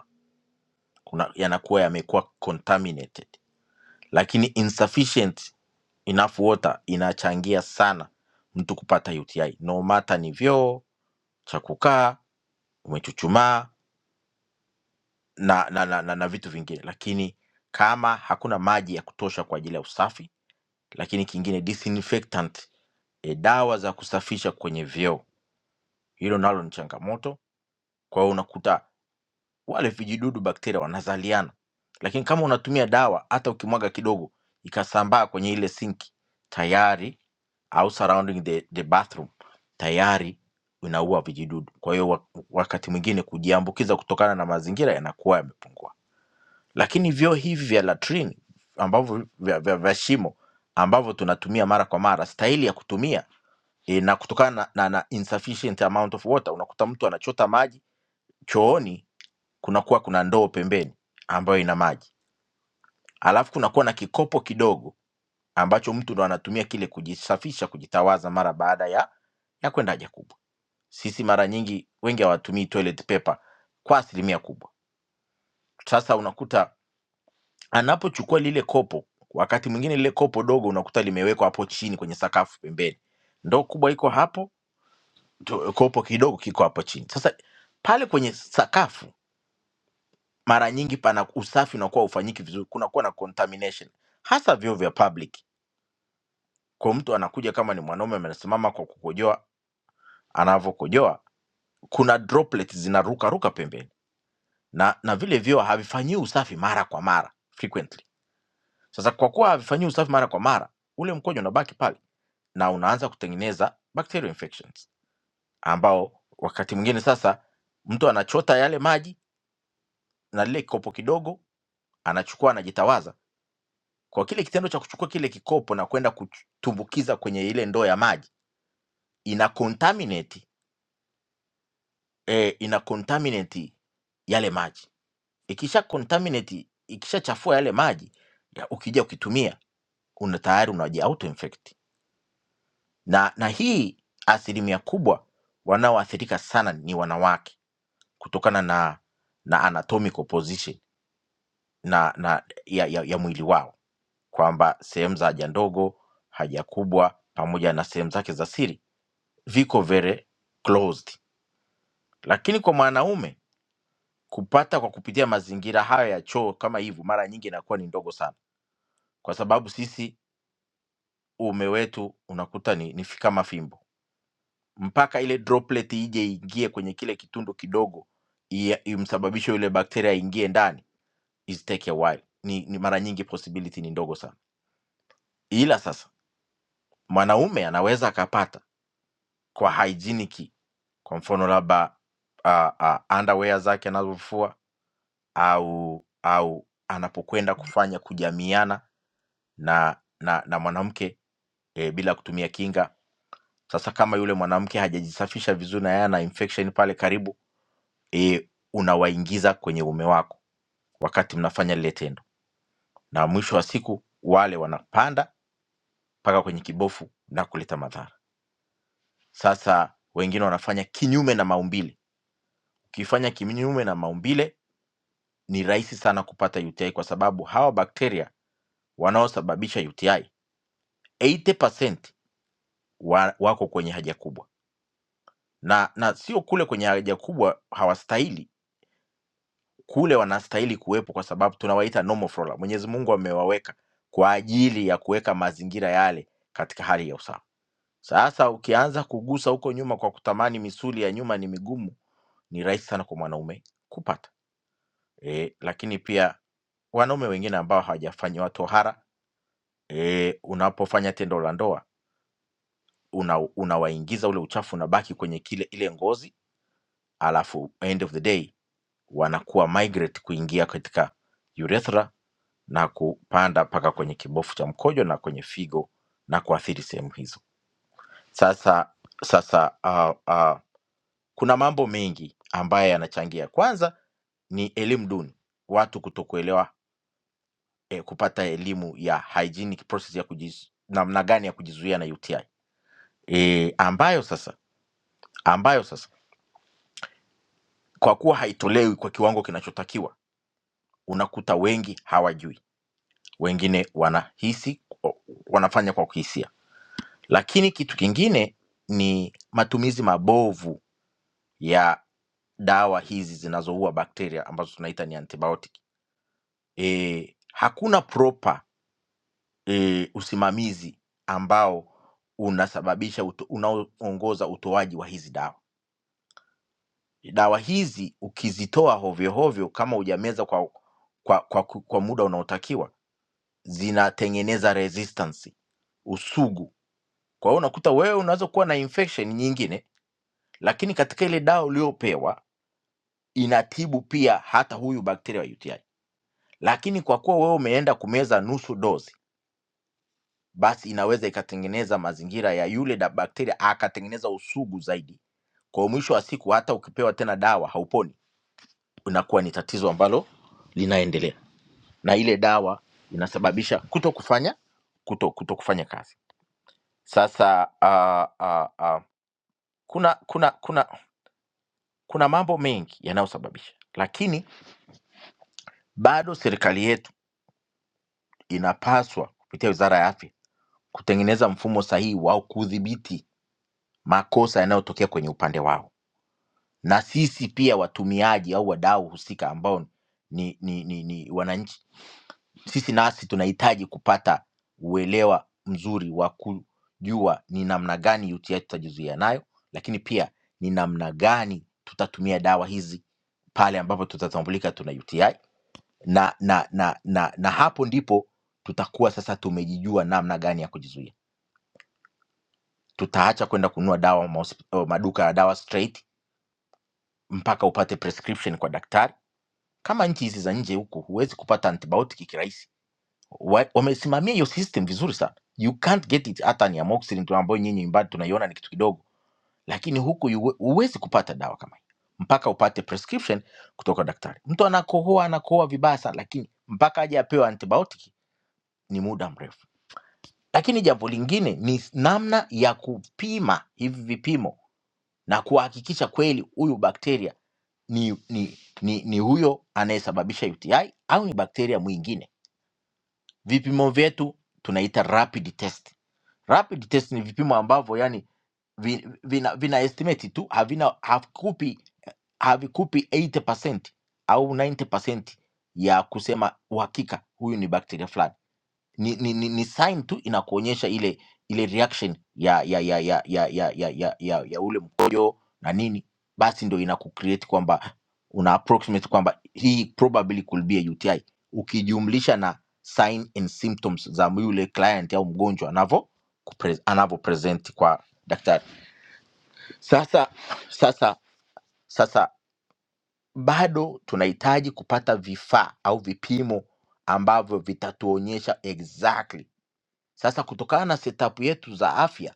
kuna- yanakuwa yamekuwa contaminated, lakini insufficient enough water inachangia sana mtu kupata UTI, no matter ni vyoo cha kukaa, umechuchumaa na, na, na, na, na vitu vingine, lakini kama hakuna maji ya kutosha kwa ajili ya usafi, lakini kingine disinfectant, e, dawa za kusafisha kwenye vyoo, hilo nalo ni changamoto. Kwa hiyo unakuta wale vijidudu bakteria wanazaliana, lakini kama unatumia dawa, hata ukimwaga kidogo ikasambaa kwenye ile sinki tayari, au surrounding the, the bathroom tayari unaua vijidudu. Kwa hiyo wa- wakati mwingine kujiambukiza kutokana na mazingira yanakuwa yamepungua, lakini vyoo hivi vya latrine ambavyo vya, vya, vya shimo ambavyo tunatumia mara kwa mara, staili ya kutumia e, na kutokana na, na, na insufficient amount of water, unakuta mtu anachota maji chooni kunakuwa kuna ndoo pembeni ambayo ina maji, alafu kunakuwa na kikopo kidogo ambacho mtu ndo anatumia kile kujisafisha, kujitawaza mara baada ya ya kwenda haja kubwa. Sisi mara nyingi wengi hawatumii toilet paper kwa asilimia kubwa. Sasa unakuta anapochukua lile kopo, wakati mwingine lile kopo dogo unakuta limewekwa hapo chini kwenye sakafu pembeni, ndoo kubwa iko hapo, to- kopo kidogo kiko hapo chini. Sasa pale kwenye sakafu mara nyingi pana usafi unakuwa hufanyiki vizuri, kunakuwa na contamination, hasa vyoo vya public. Kwa mtu anakuja kama ni mwanaume amesimama kwa kukojoa, anavyokojoa kuna droplets zinaruka ruka pembeni, na na vile vyoo havifanyii usafi mara kwa mara frequently. Sasa kwa kuwa havifanyii usafi mara kwa mara, ule mkojo unabaki pale na unaanza kutengeneza bacterial infections, ambao wakati mwingine sasa mtu anachota yale maji na lile kikopo kidogo anachukua anajitawaza Kwa kile kitendo cha kuchukua kile kikopo na kwenda kutumbukiza kwenye ile ndoo ya maji ina contaminate, eh, ina contaminate yale maji. Ikisha contaminate, ikishachafua yale maji ya, ukija ukitumia una tayari unaji auto infect na, na hii asilimia kubwa wanaoathirika sana ni wanawake kutokana na na anatomical position na, na ya, ya, ya mwili wao kwamba sehemu za haja ndogo, haja kubwa pamoja na sehemu zake za siri viko very closed, lakini kwa mwanaume kupata kwa kupitia mazingira hayo ya choo kama hivyo, mara nyingi inakuwa ni ndogo sana, kwa sababu sisi uume wetu unakuta ni, ni fi- kama fimbo, mpaka ile droplet ije ingie kwenye kile kitundu kidogo ia- imsababishe yule bakteria aingie ndani, is take a while. Ni, ni mara nyingi possibility ni ndogo sana, ila sasa mwanaume anaweza akapata kwa hygienic, kwa mfano labda uh, uh, underwear zake anazofua au au anapokwenda kufanya kujamiana na na na mwanamke, eee, bila kutumia kinga. Sasa kama yule mwanamke hajajisafisha vizuri na yeye ana infection pale karibu, eee, unawaingiza kwenye uume wako wakati mnafanya lile tendo. Na mwisho wa siku wale wanapanda mpaka kwenye kibofu na kuleta madhara. Sasa wengine wanafanya kinyume na maumbile. Ukifanya kinyume na maumbile ni rahisi sana kupata UTI kwa sababu hawa bakteria wanaosababisha UTI 80% wa, wako kwenye haja kubwa na na sio kule kwenye haja kubwa hawastahili kule wanastahili kuwepo kwa sababu tunawaita normal flora mwenyezi mungu amewaweka kwa ajili ya kuweka mazingira yale katika hali ya usawa sasa ukianza kugusa huko nyuma kwa kutamani misuli ya nyuma ni migumu ni rahisi sana kwa mwanaume kupata e, lakini pia wanaume wengine ambao hawajafanyiwa tohara e, unapofanya tendo la ndoa unawaingiza una unawaingiza ule uchafu unabaki kwenye kile ile ngozi alafu end of the day wanakuwa migrate kuingia katika urethra na kupanda mpaka kwenye kibofu cha mkojo na kwenye figo na kuathiri sehemu hizo. Sasa sasa uh, uh, kuna mambo mengi ambayo yanachangia. Kwanza ni elimu duni, watu kutokuelewa eh, kupata elimu ya hygienic process ya kujiz, namna gani ya kujizuia na UTI eh, ambayo sasa ambayo sasa kwa kuwa haitolewi kwa kiwango kinachotakiwa unakuta wengi hawajui wengine wanahisi wanafanya kwa kuhisia lakini kitu kingine ni matumizi mabovu ya dawa hizi zinazoua bakteria ambazo tunaita ni antibiotic e, hakuna proper e, usimamizi ambao unasababisha uto, unaoongoza utoaji wa hizi dawa dawa hizi ukizitoa hovyohovyo kama hujameza kwa, kwa, kwa, kwa muda unaotakiwa zinatengeneza resistance usugu Kwa hiyo unakuta wewe unaweza kuwa na infection nyingine, lakini katika ile dawa uliyopewa inatibu pia hata huyu bakteria wa UTI. Lakini kwa kuwa wewe umeenda kumeza nusu dozi, basi inaweza ikatengeneza mazingira ya yule da bakteria akatengeneza usugu zaidi. Kwa hiyo mwisho wa siku hata ukipewa tena dawa hauponi, inakuwa ni tatizo ambalo linaendelea, na ile dawa inasababisha kuto kufanya kuto, kuto kufanya kazi. Sasa uh, uh, uh, kuna kuna kuna Kuna mambo mengi yanayosababisha, lakini bado serikali yetu inapaswa kupitia wizara ya afya kutengeneza mfumo sahihi wa kudhibiti makosa yanayotokea kwenye upande wao, na sisi pia watumiaji au wadau husika ambao ni, ni, ni, ni wananchi, sisi nasi tunahitaji kupata uelewa mzuri wa kujua ni namna gani UTI tutajizuia nayo, lakini pia ni namna gani tutatumia dawa hizi pale ambapo tutatambulika tuna UTI na na na na, na hapo ndipo tutakuwa sasa tumejijua namna gani ya kujizuia tutaacha kwenda kununua dawa mahosp- oh, maduka ya dawa straight mpaka upate prescription kwa daktari kama nchi hizi za nje huku huwezi kupata antibiotic kirahisi Wa- wamesimamia hiyo system vizuri sana you can't get it hata ni amoxicillin tu ambayo nyinyi nyumbani tunaiona ni kitu kidogo lakini huku yuwe- huwezi kupata dawa kama hiyo mpaka upate prescription kutoka daktari mtu anakohoa anakohoa vibaya sana lakini mpaka aje apewe antibiotic ni muda mrefu Lakini jambo lingine ni namna ya kupima hivi vipimo na kuhakikisha kweli huyu bakteria ni, ni, ni, ni huyo anayesababisha UTI au ni bakteria mwingine. Vipimo vyetu tunaita rapid test. Rapid test ni vipimo ambavyo yani vi- vina, vina estimate tu havina havikupi havikupi 80% au 90% ya kusema uhakika huyu ni bakteria fulani ni, ni, ni, ni sign tu inakuonyesha ile ile reaction ya ya ya ya ya ya ya, ya, ya, ya ule mkojo na nini, basi ndo inakucreate kwamba una approximate kwamba hii probably could be a UTI, ukijumlisha na sign and symptoms za yule client au mgonjwa anavo kupre- anavo present kwa daktari. Sasa sasa sasa bado tunahitaji kupata vifaa au vipimo ambavyo vitatuonyesha exactly sasa kutokana na setup yetu za afya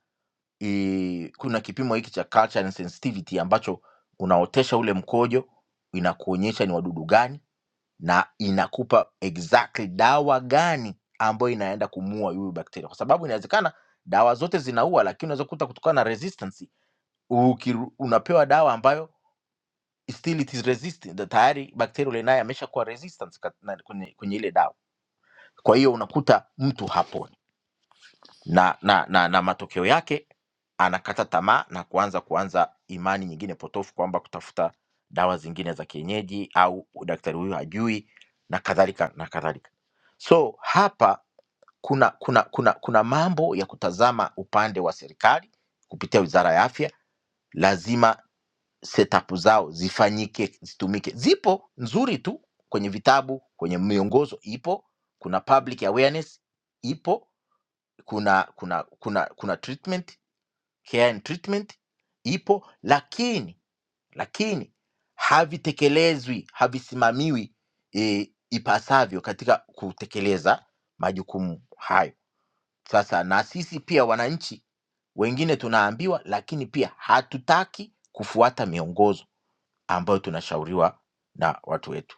i, kuna kipimo hiki cha culture and sensitivity ambacho unaotesha ule mkojo, inakuonyesha ni wadudu gani na inakupa exactly dawa gani ambayo inaenda kumuua huyu bakteria, kwa sababu inawezekana dawa zote zinaua, lakini unaweza kukuta kutokana na resistance ukiru, unapewa dawa ambayo still it is resistant, na tayari bakteria ule naye ameshakuwa resistant kat- na- kwenye, kwenye ile dawa. Kwa hiyo unakuta mtu haponi na, na, na, na matokeo yake anakata tamaa na kuanza kuanza imani nyingine potofu kwamba kutafuta dawa zingine za kienyeji au daktari huyu hajui na kadhalika na kadhalika. So hapa kuna kuna kuna kuna mambo ya kutazama upande wa serikali kupitia Wizara ya Afya, lazima setup zao zifanyike, zitumike. Zipo nzuri tu kwenye vitabu, kwenye miongozo ipo, kuna public awareness ipo, kuna kuna kuna kuna treatment care and treatment ipo lakini lakini havitekelezwi havisimamiwi e, ipasavyo katika kutekeleza majukumu hayo sasa na sisi pia wananchi wengine tunaambiwa lakini pia hatutaki kufuata miongozo ambayo tunashauriwa na watu wetu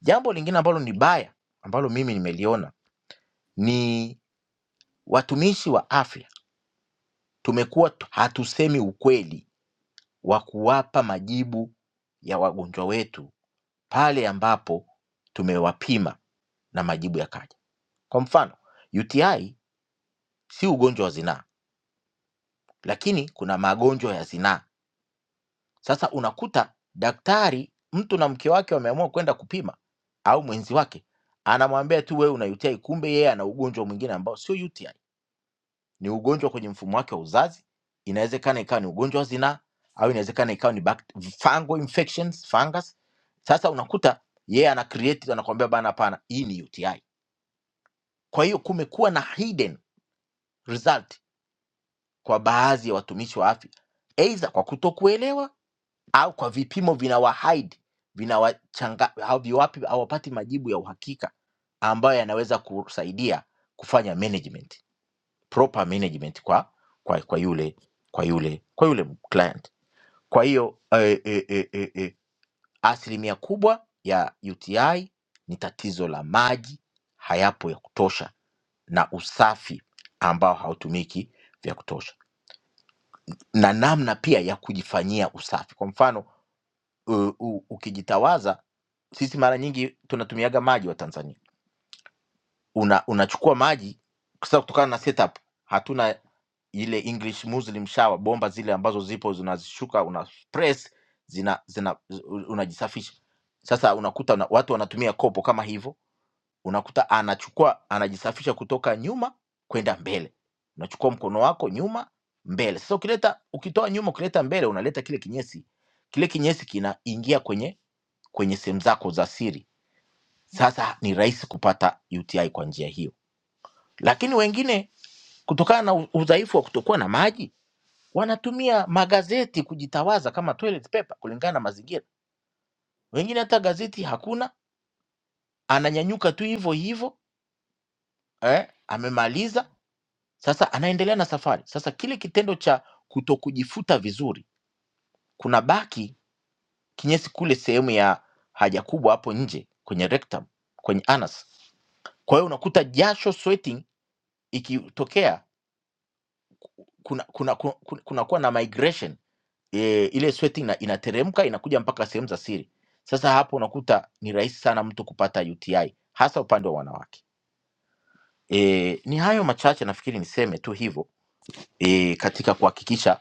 jambo lingine ambalo ni baya ambalo mimi nimeliona ni watumishi wa afya Tumekuwa t- hatusemi ukweli wa kuwapa majibu ya wagonjwa wetu pale ambapo tumewapima na majibu yakaja. Kwa mfano, UTI si ugonjwa wa zinaa, lakini kuna magonjwa ya zinaa. Sasa unakuta daktari, mtu na mke wake wameamua kwenda kupima au mwenzi wake anamwambia tu wewe una UTI, kumbe yeye ana ugonjwa mwingine ambao sio UTI. ni ugonjwa kwenye mfumo wake wa uzazi inawezekana ikawa ni ugonjwa wa zinaa au inawezekana ikawa ni bact- fungal infections fungus sasa unakuta yeye yeah, ana create anakuambia bana hapana hii ni uti kwa hiyo kumekuwa na hidden result kwa baadhi ya watumishi wa afya aidha kwa kutokuelewa au kwa vipimo vinawahide vinawachanga haviwapi hawapati majibu ya uhakika ambayo yanaweza kusaidia kufanya management proper management kwa kwa, kwa yule kwa yule kwa yule client. Kwa hiyo eh, eh, eh, eh, eh, asilimia kubwa ya UTI ni tatizo la maji hayapo ya kutosha na usafi ambao hautumiki vya kutosha na namna pia ya kujifanyia usafi. Kwa mfano u, u, ukijitawaza, sisi mara nyingi tunatumiaga maji wa Tanzania una unachukua maji kwa sababu kutokana na setup hatuna ile english muslim shower bomba zile ambazo zipo zinazishuka una press zina zina u- unajisafisha sasa unakuta una, watu wanatumia kopo kama hivyo unakuta anachukua anajisafisha kutoka nyuma kwenda mbele unachukua mkono wako nyuma mbele sasa ukileta ukitoa nyuma ukileta mbele unaleta kile kinyesi kile kinyesi kinaingia kwenye kwenye sehemu zako za siri sasa ni rahisi kupata uti kwa njia hiyo lakini wengine kutokana na u- udhaifu wa kutokuwa na maji wanatumia magazeti kujitawaza kama toilet paper kulingana na mazingira. Wengine hata gazeti hakuna, ananyanyuka tu hivyo hivyo eh, amemaliza sasa, anaendelea na safari. Sasa kile kitendo cha kutokujifuta vizuri kuna baki kinyesi kule sehemu ya haja kubwa hapo nje kwenye rectum, kwenye anus. Kwa hiyo unakuta jasho sweating ikitokea kuna kuna, kuna, kuna, kunakuwa na migration e, ile sweat ina, inateremka inakuja mpaka sehemu za siri. Sasa hapo unakuta ni rahisi sana mtu kupata UTI hasa upande wa wanawake. E, ni hayo machache nafikiri niseme tu hivyo e, katika kuhakikisha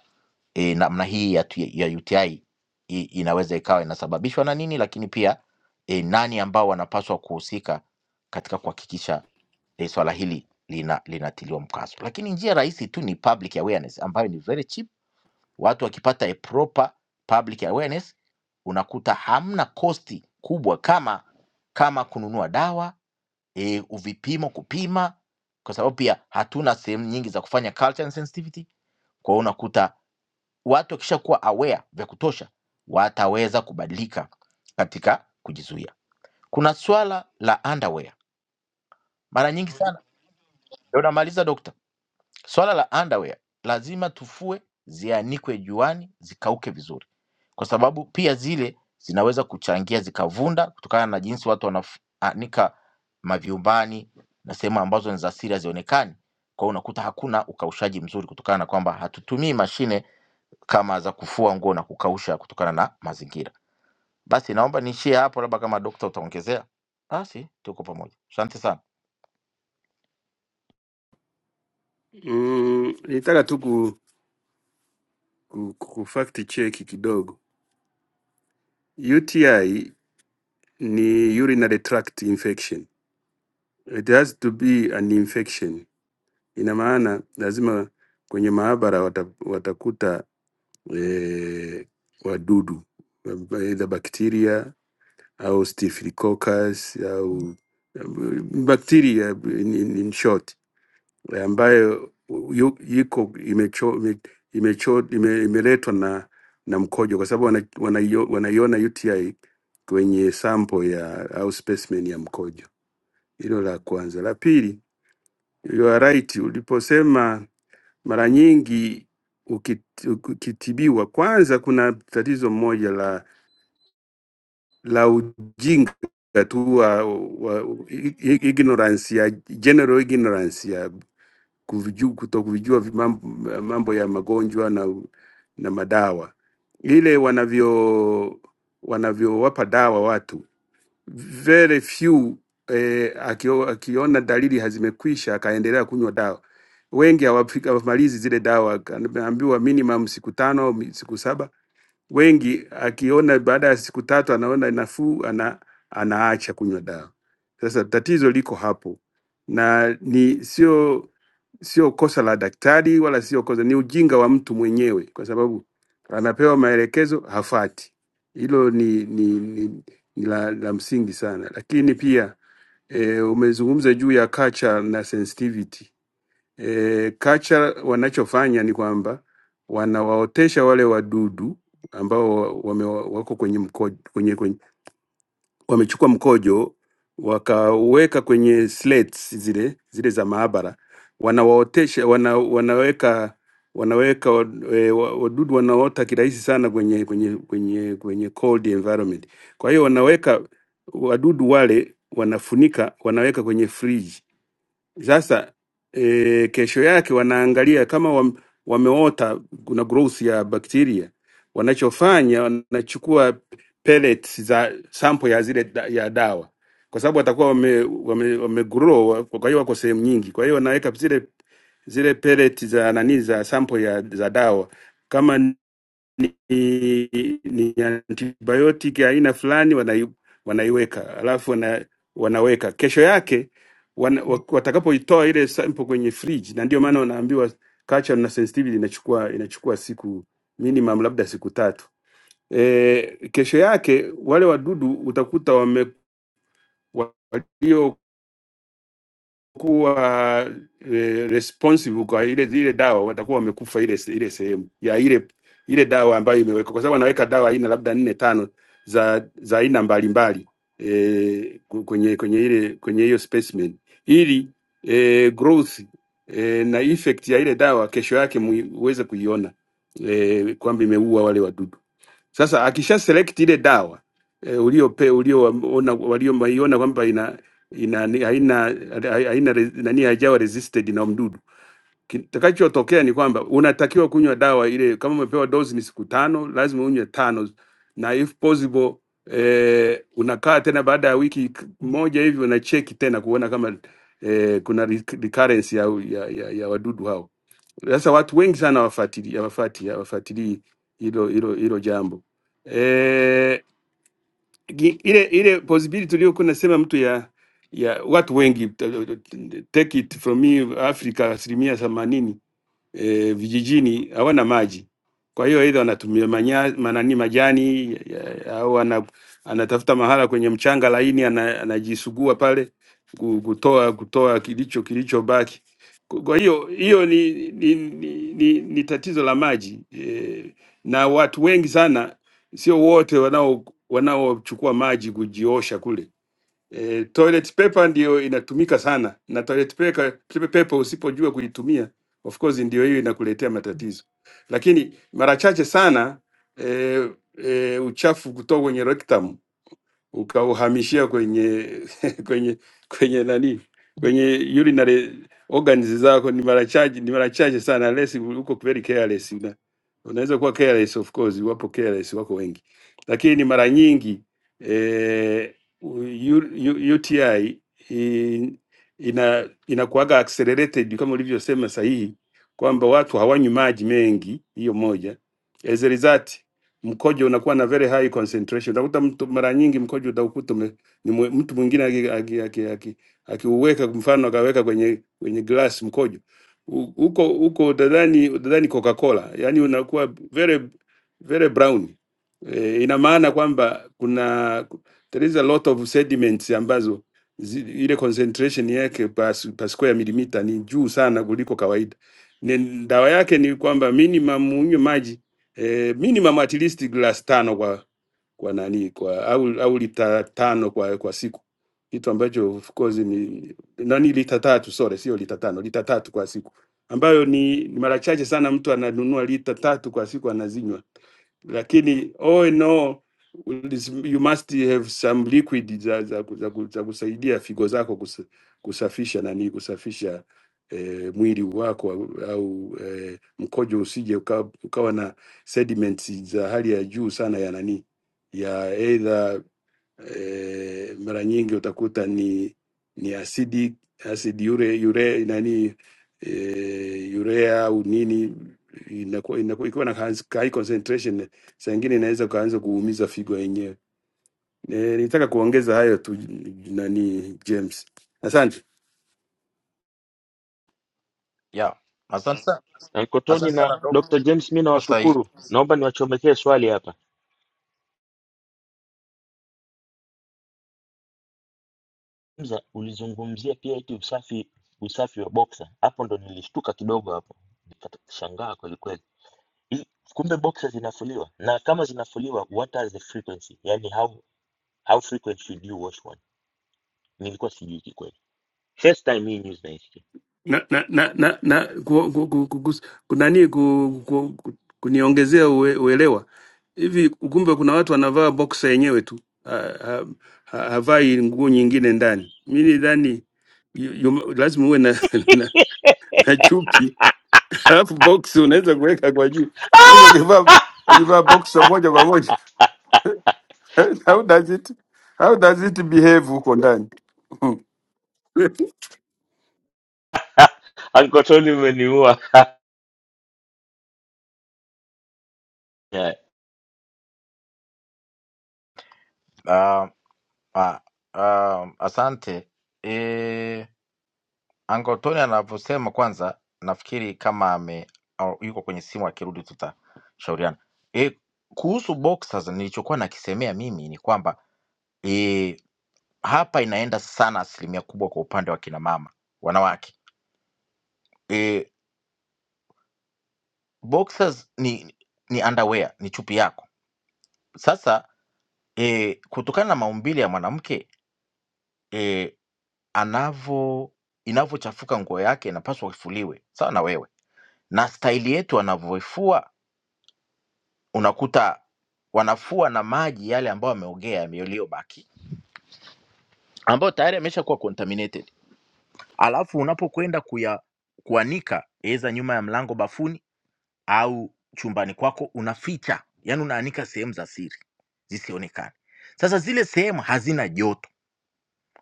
e, namna hii ya, tu- ya UTI i- i- inaweza ikawa inasababishwa na nini, lakini pia e, nani ambao wanapaswa kuhusika katika kuhakikisha e, swala hili lina linatiliwa mkazo. Lakini njia rahisi tu ni public awareness ambayo ni very cheap Watu wakipata a proper public awareness, unakuta hamna kosti kubwa kama kama kununua dawa e, vipimo kupima, kwa sababu pia hatuna sehemu nyingi za kufanya culture and sensitivity. Kwa hiyo unakuta watu wakishakuwa aware vya kutosha, wataweza kubadilika katika kujizuia. Kuna swala la underwear mara nyingi sana, ndio namaliza dokta. Swala la underwear lazima tufue, zianikwe juani, zikauke vizuri kwa sababu pia zile zinaweza kuchangia zikavunda kutokana na jinsi watu wanaanika mavyumbani na sehemu ambazo ni za siri hazionekani. Kwa hiyo unakuta hakuna ukaushaji mzuri kutokana na kwamba hatutumii mashine kama za kufua nguo na kukausha kutokana na mazingira. Basi naomba niishie hapo, labda kama dokta utaongezea. Basi tuko pamoja. Asante sana.
Mm, nilitaka tu ku, ku, ku ku fact check kidogo. UTI ni urinary tract infection. It has to be an infection. Ina maana lazima kwenye maabara wata, watakuta eh, wadudu either bacteria au staphylococcus au eh, bacteria in, in, in short eh, ambayo yu- iko imecho- ime- imecho- ime- imeletwa na na mkojo, kwa sababu wanaiona wana, wanaio- wanaiona UTI kwenye sample ya au specimen ya mkojo. Hilo la kwanza. La pili, you are right, uliposema mara nyingi ukit- ukitibiwa, kwanza kuna tatizo moja la la ujinga tu wa, wa ignorance ya general ignorance kuviju- kutokuvijua vi- mam- mambo ya magonjwa na, na madawa ile wanavyo wanavyowapa dawa watu very few eh, akio, akiona dalili hazimekwisha akaendelea kunywa dawa wengi hawafika- hawamalizi zile dawa anaambiwa minimum siku tano mi- siku saba Wengi akiona baada ya siku tatu anaona nafuu, ana, anaacha kunywa dawa. Sasa tatizo liko hapo, na ni sio sio kosa la daktari wala sio kosa, ni ujinga wa mtu mwenyewe, kwa sababu anapewa maelekezo hafati. Hilo ni, ni, ni, ni la, la msingi sana, lakini pia e, umezungumza juu ya culture na sensitivity e, culture wanachofanya ni kwamba wanawaotesha wale wadudu ambao wa- wame, wako kwenye mkojo, kwenye, kwenye, wamechukua mkojo wakaweka kwenye slates zile zile za maabara, wanawaotesha wana, wanaweka wanaweka e, wadudu wanaota kirahisi sana kwenye kwenye kwenye kwenye cold environment. Kwa hiyo wanaweka wadudu wale wanafunika, wanaweka kwenye fridge sasa e, kesho yake wanaangalia kama wam, wameota kuna growth ya bakteria, wanachofanya wanachukua pellets za sample ya zile da, ya dawa kwa sababu watakuwa wame, wame, wame grow, kwa hiyo wako sehemu nyingi, kwa hiyo wanaweka zile zile pellets za nani za sample ya za dawa kama ni, ni antibiotic ya aina fulani wanai, wanaiweka alafu wana, wanaweka kesho yake wana, wa- watakapoitoa ile sample kwenye fridge, na ndio maana wanaambiwa culture na sensitivity inachukua inachukua siku minimum labda siku tatu. E, kesho yake wale wadudu utakuta wame walio kuwa eh, responsive kwa ile ile dawa watakuwa wamekufa ile se- ile sehemu ya ile ile dawa ambayo imewekwa, kwa sababu anaweka dawa aina labda nne tano za za aina mbalimbali e, kwenye kwenye ile kwenye hiyo specimen ili e, growth e, na effect ya ile dawa kesho yake mui- uweze kuiona e, kwamba imeua wale wadudu. Sasa akisha select ile dawa e, uliope ulioona waliomaiona kwamba ina ni- haina ha- haina re- nani, haijawa resisted na mdudu. Kitakachotokea ni kwamba unatakiwa kunywa dawa ile, kama umepewa dozi ni siku tano, lazima unywe tano, na if possible eh, unakaa tena baada ya wiki k- moja hivi unacheki tena kuona kama eh, kuna rec- recurrence ya, ya, ya, ya wadudu hao. Sasa watu wengi sana hawafuatilii hawafuatilii hawafuatilii hilo hilo hilo jambo eh gi- ile ile possibility tuliyokuwa nasema mtu ya ya watu wengi t- take it from me Africa asilimia themanini e, vijijini hawana maji, kwa hiyo aidha wanatumia manya, manani majani ya- au ana, anatafuta mahala kwenye mchanga laini ana, anajisugua pale ku- kutoa kutoa kilicho kilichobaki. Ku- Kwa hiyo hiyo ni, ni, ni, ni, ni tatizo la maji e, na watu wengi sana, sio wote wanao wanaochukua maji kujiosha kule E, toilet paper ndio inatumika sana na toilet paper, toilet paper usipojua kuitumia of course ndio hiyo inakuletea matatizo, lakini mara chache sana e, e, uchafu kutoka kwenye rectum ukauhamishia kwenye <laughs> kwenye kwenye nani kwenye urinary organs zako ni mara chache ni mara chache sana unless uko very careless una, unaweza kuwa careless of course wapo careless wako wengi lakini mara nyingi eh, u- u- u- UTI in- ina inakuwaga accelerated kama ulivyosema sahihi kwamba watu hawanywi maji mengi hiyo moja as a result mkojo unakuwa na very high concentration. Utakuta mtu mara nyingi mkojo utakuta ume- ni mwe- mtu mwingine akiuweka aki, aki, aki, akiuweka kwa mfano akaweka kwenye kwenye glass mkojo U- huko huko, utadhani utadhani Coca-Cola, yani unakuwa very very brown. E, ina maana kwamba kuna there is a lot of sediments ambazo zi, ile concentration yake per, per square millimeter ni juu sana kuliko kawaida. Ni, dawa yake ni kwamba minimum unywe maji e, minimum at least glass tano kwa kwa nani kwa au au lita tano kwa kwa siku kitu ambacho of course ni, nani lita tatu sorry sio lita tano lita tatu kwa siku ambayo ni, ni mara chache sana mtu ananunua lita tatu kwa siku anazinywa lakini all in all, ulis- you must have some liquid za, za, ku- za, ku- za kusaidia figo zako kus, kusafisha nani kusafisha eh, mwili wako au au, eh, mkojo usije ukawa, ukawa na sediments za hali ya juu sana ya nani ya either e, mara nyingi utakuta ni ni asidi asidi ure, ure nani e, urea au nini inakuwa inakuwa- ikiwa na haz- high concentration saa ingine inaweza ukaanza kuumiza figo yenyewe. E, nitaka kuongeza hayo tu nani James. Asante.
Yeah. Asante sana.
Ankotoni
Asante
na
sana
Dr.
dokta.
James, mi
Uko sahihi.
nawashukuru. Naomba niwachomekee swali hapa. Mza, ulizungumzia pia eti usafi usafi wa boxer. Hapo ndo nilishtuka kidogo hapo. Nikashangaa kweli kweli. Hii- Kumbe boxer zinafuliwa. Na kama zinafuliwa, what are the frequency? Yaani how how frequent should you wash one? Nilikuwa sijui kikweli. First time hii news naisikia.
na na na na, na ku, ku, ku, ku, kus- kunani ku, ku, ku, kuniongezea ue, uelewa hivi, kumbe kuna watu wanavaa boksa yenyewe tu ha, ha, ha, havai nguo nyingine ndani. Mi nidhani yu- yu- lazima uwe na, <laughs> na, na chupi alafu boksi unaweza kuweka kwa juu. Sasa ukivaa ukivaa
<laughs>
boksa moja kwa moja <laughs> how does it, how does it behave huko ndani? <laughs>
Ankotoni umeniua. <laughs>
Ah, ah, ah, asante. Eh Uncle Tony anavyosema, kwanza nafikiri kama ame au yuko kwenye simu, akirudi tutashauriana. E, kuhusu boxers nilichokuwa nakisemea mimi ni kwamba e, hapa inaenda sana asilimia kubwa kwa upande wa kina mama wanawake. E, boxers ni ni underwear, ni chupi yako. Sasa e, kutokana na maumbile ya mwanamke e, anavo inavyochafuka nguo yake inapaswa ifuliwe sawa na wewe, na staili yetu anavyoifua unakuta wanafua na maji yale ambayo yameogea yame- yaliyobaki ambayo tayari yameshakuwa contaminated, alafu unapokwenda kuya kuanika aidha nyuma ya mlango bafuni au chumbani kwako, unaficha yani, unaanika sehemu za siri zisionekane. Sasa zile sehemu hazina joto,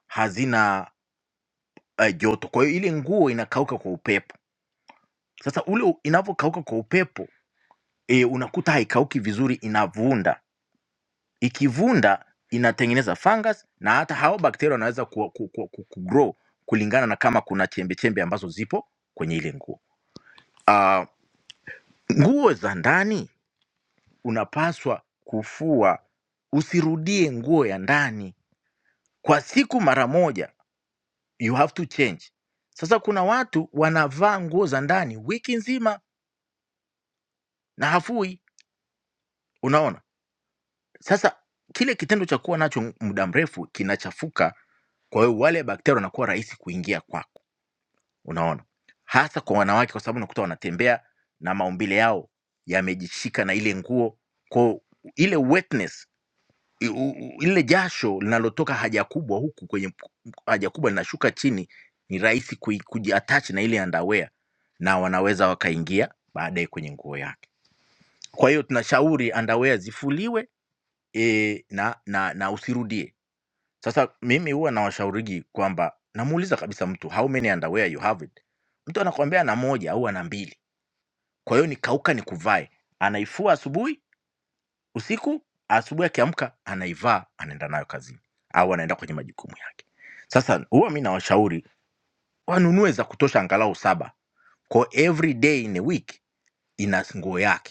hazina uh, joto, kwa hiyo ile nguo inakauka kwa upepo. Sasa ule u- inavyokauka kwa upepo e, unakuta haikauki vizuri, inavunda ikivunda inatengeneza fungus na hata hao bakteria wanaweza ku, ku, ku, ku, ku grow kulingana na kama kuna chembe chembe ambazo zipo kwenye ile nguo Ah, nguo za ndani unapaswa kufua usirudie nguo ya ndani kwa siku mara moja you have to change sasa kuna watu wanavaa nguo za ndani wiki nzima na hafui unaona sasa kile kitendo cha kuwa nacho muda mrefu kinachafuka kwa hiyo wale bakteria wanakuwa rahisi kuingia kwako unaona hasa kwa wanawake kwa sababu unakuta wanatembea na maumbile yao yamejishika na ile nguo kwa ile wetness i- u- u- ile jasho linalotoka haja kubwa huku kwenye haja kubwa linashuka chini ni rahisi kui- kujiatach na ile underwear na wanaweza wakaingia baadaye kwenye nguo yake kwa hiyo tunashauri underwear zifuliwe e, na, na, na usirudie sasa mimi huwa nawashaurigi kwamba namuuliza kabisa mtu, "How many underwear you have it?" Mtu anakuambia ana moja au ana mbili. Kwa hiyo nikauka nikuvae. Anaifua asubuhi, usiku, asubuhi akiamka anaivaa, anaenda nayo kazini au anaenda kwenye majukumu yake. Sasa huwa mi nawashauri wanunue za kutosha angalau saba. Kwa every day in a week ina nguo yake.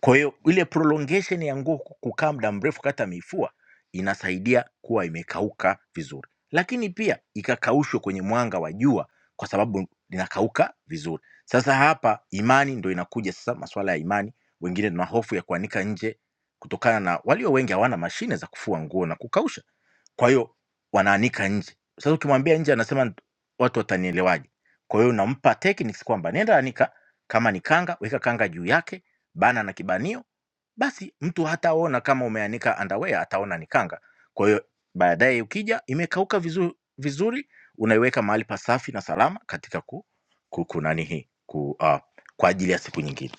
Kwa hiyo ile prolongation ya nguo ku- kukaa muda mrefu kata mifua inasaidia kuwa imekauka vizuri, lakini pia ikakaushwe kwenye mwanga wa jua kwa sababu inakauka vizuri. Sasa hapa imani ndo inakuja sasa, masuala ya imani. Wengine tuna hofu ya kuanika nje kutokana na walio wengi hawana mashine za kufua nguo na kukausha, kwa hiyo wanaanika nje. Sasa ukimwambia nje, anasema "Nt- watu watanielewaje? Kwa hiyo unampa techniques kwamba nenda anika, kama ni kanga, weka kanga juu yake bana na kibanio, basi mtu hataona kama umeanika underwear, ataona ni kanga. Kwa hiyo baadaye ukija imekauka vizuri, vizuri unaiweka mahali pasafi na salama katika ku, ku, ku nani hii ku, uh, kwa ajili ya siku nyingine.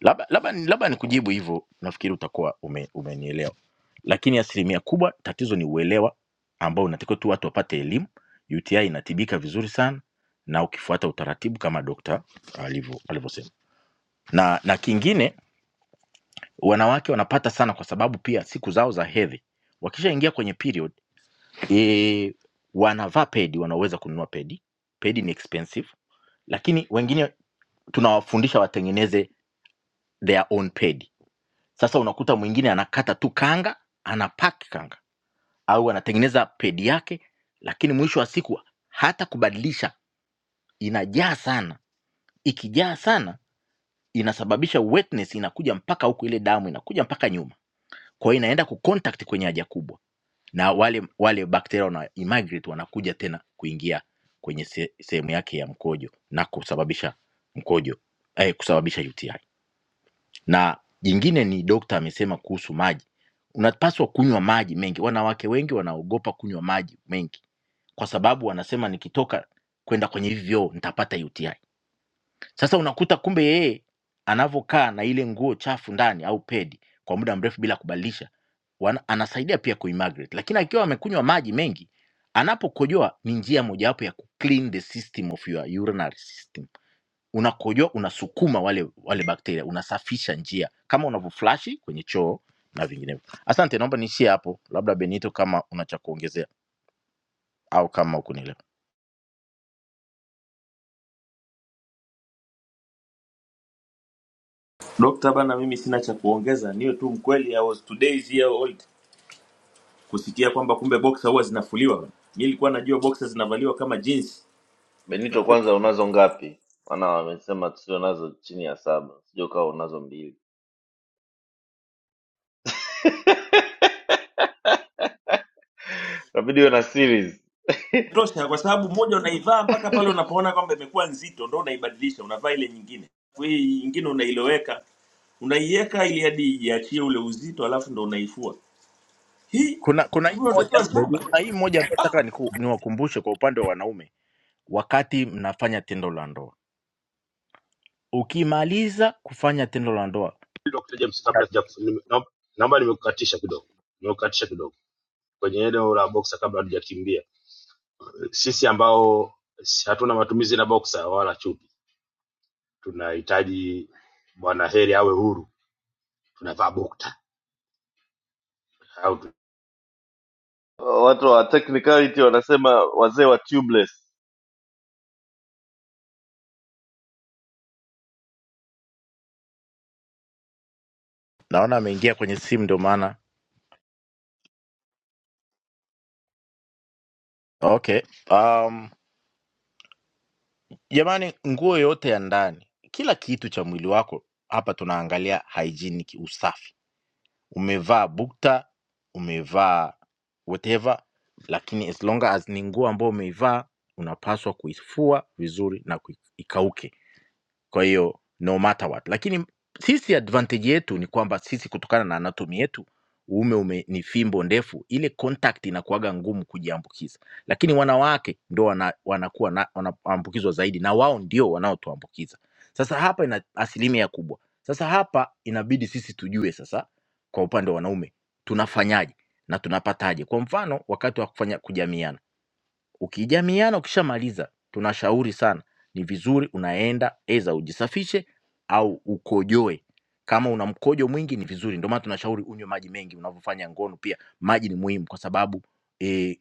Labda labda ni- labda nikujibu hivyo, nafikiri utakuwa ume, umenielewa. Lakini asilimia kubwa tatizo ni uelewa ambao unatakiwa tu watu wapate elimu. UTI inatibika vizuri sana na ukifuata utaratibu kama dokta alivyo- alivyosema, na na kingine wanawake wanapata sana kwa sababu pia siku zao za hedhi wakishaingia kwenye period e, wanavaa pedi wanaweza kununua pedi pedi ni expensive lakini wengine tunawafundisha watengeneze their own pedi sasa unakuta mwingine anakata tu kanga anapaki kanga au anatengeneza pedi yake lakini mwisho wa siku hata kubadilisha inajaa sana ikijaa sana inasababisha wetness inakuja mpaka huku ile damu inakuja mpaka nyuma kwa hiyo inaenda kucontact kwenye haja kubwa na wale wale bakteria wana immigrate wanakuja tena kuingia kwenye se- sehemu yake ya mkojo na kusababisha mkojo eh, kusababisha UTI. Na jingine ni dokta amesema kuhusu maji, unapaswa kunywa maji mengi. Wanawake wengi wanaogopa kunywa maji mengi kwa sababu wanasema nikitoka kwenda kwenye hivi vyoo nitapata UTI. Sasa unakuta kumbe yeye anavyokaa na ile nguo chafu ndani au pedi kwa muda mrefu bila kubadilisha, wana- anasaidia pia kuimagrate, lakini akiwa amekunywa maji mengi, anapokojoa ni njia mojawapo ya kuclean the system of your urinary system. Unakojoa, unasukuma wale wale bakteria, unasafisha njia kama unavyoflashi kwenye choo na vinginevyo. Asante, naomba niishie hapo, labda Benito, kama una cha kuongezea au kama ukunielewa.
Benito, kwanza unazo ngapi? Maana wamesema tusio nazo chini ya saba, sijui kama unazo mbili. <laughs> Inabidi uwe na series. <laughs>
Kuna kuna hii moja
Benito-
kuna hii moja ambayo nataka niku- niwakumbushe kwa upande wa wanaume wakati mnafanya tendo la ndoa. Ukimaliza kufanya tendo la ndoa,
Dr. James, kabla sija naomba naomba nimekukatisha kidogo, nimekukatisha kidogo kwenye eneo la boksa kabla hatujakimbia. Sisi ambao si- hatuna matumizi na boksa wala chupi tunahitaji bwana heri awe huru tunavaa bukta au tu...
Watu wa technicality wanasema wazee wa tubeless.
naona ameingia kwenye simu, ndio maana okay. Um, jamani, nguo yote ya ndani, kila kitu cha mwili wako hapa tunaangalia hygienic, usafi. Umevaa bukta, umevaa whatever, lakini as long as ni nguo ambayo umeivaa, unapaswa kuifua vizuri na kui- ikauke Kwa hiyo no matter what, lakini sisi advantage yetu ni kwamba sisi kutokana na anatomy yetu uume ume, ni fimbo ndefu, ile contact inakuwaga ngumu kujiambukiza, lakini wanawake ndo wana, wanakuwa na, wanaambukizwa zaidi na wao ndio wanaotuambukiza. Sasa hapa ina asilimia kubwa. Sasa hapa inabidi sisi tujue sasa, kwa upande wa wanaume tunafanyaje na tunapataje. Kwa mfano wakati wa kufanya kujamiana Ukijamiana ukishamaliza, tunashauri sana, ni vizuri unaenda aidha ujisafishe au ukojoe. Kama una mkojo mwingi ni vizuri, ndio maana tunashauri unywe maji mengi. Unavyofanya ngono pia maji ni muhimu, kwa sababu eh,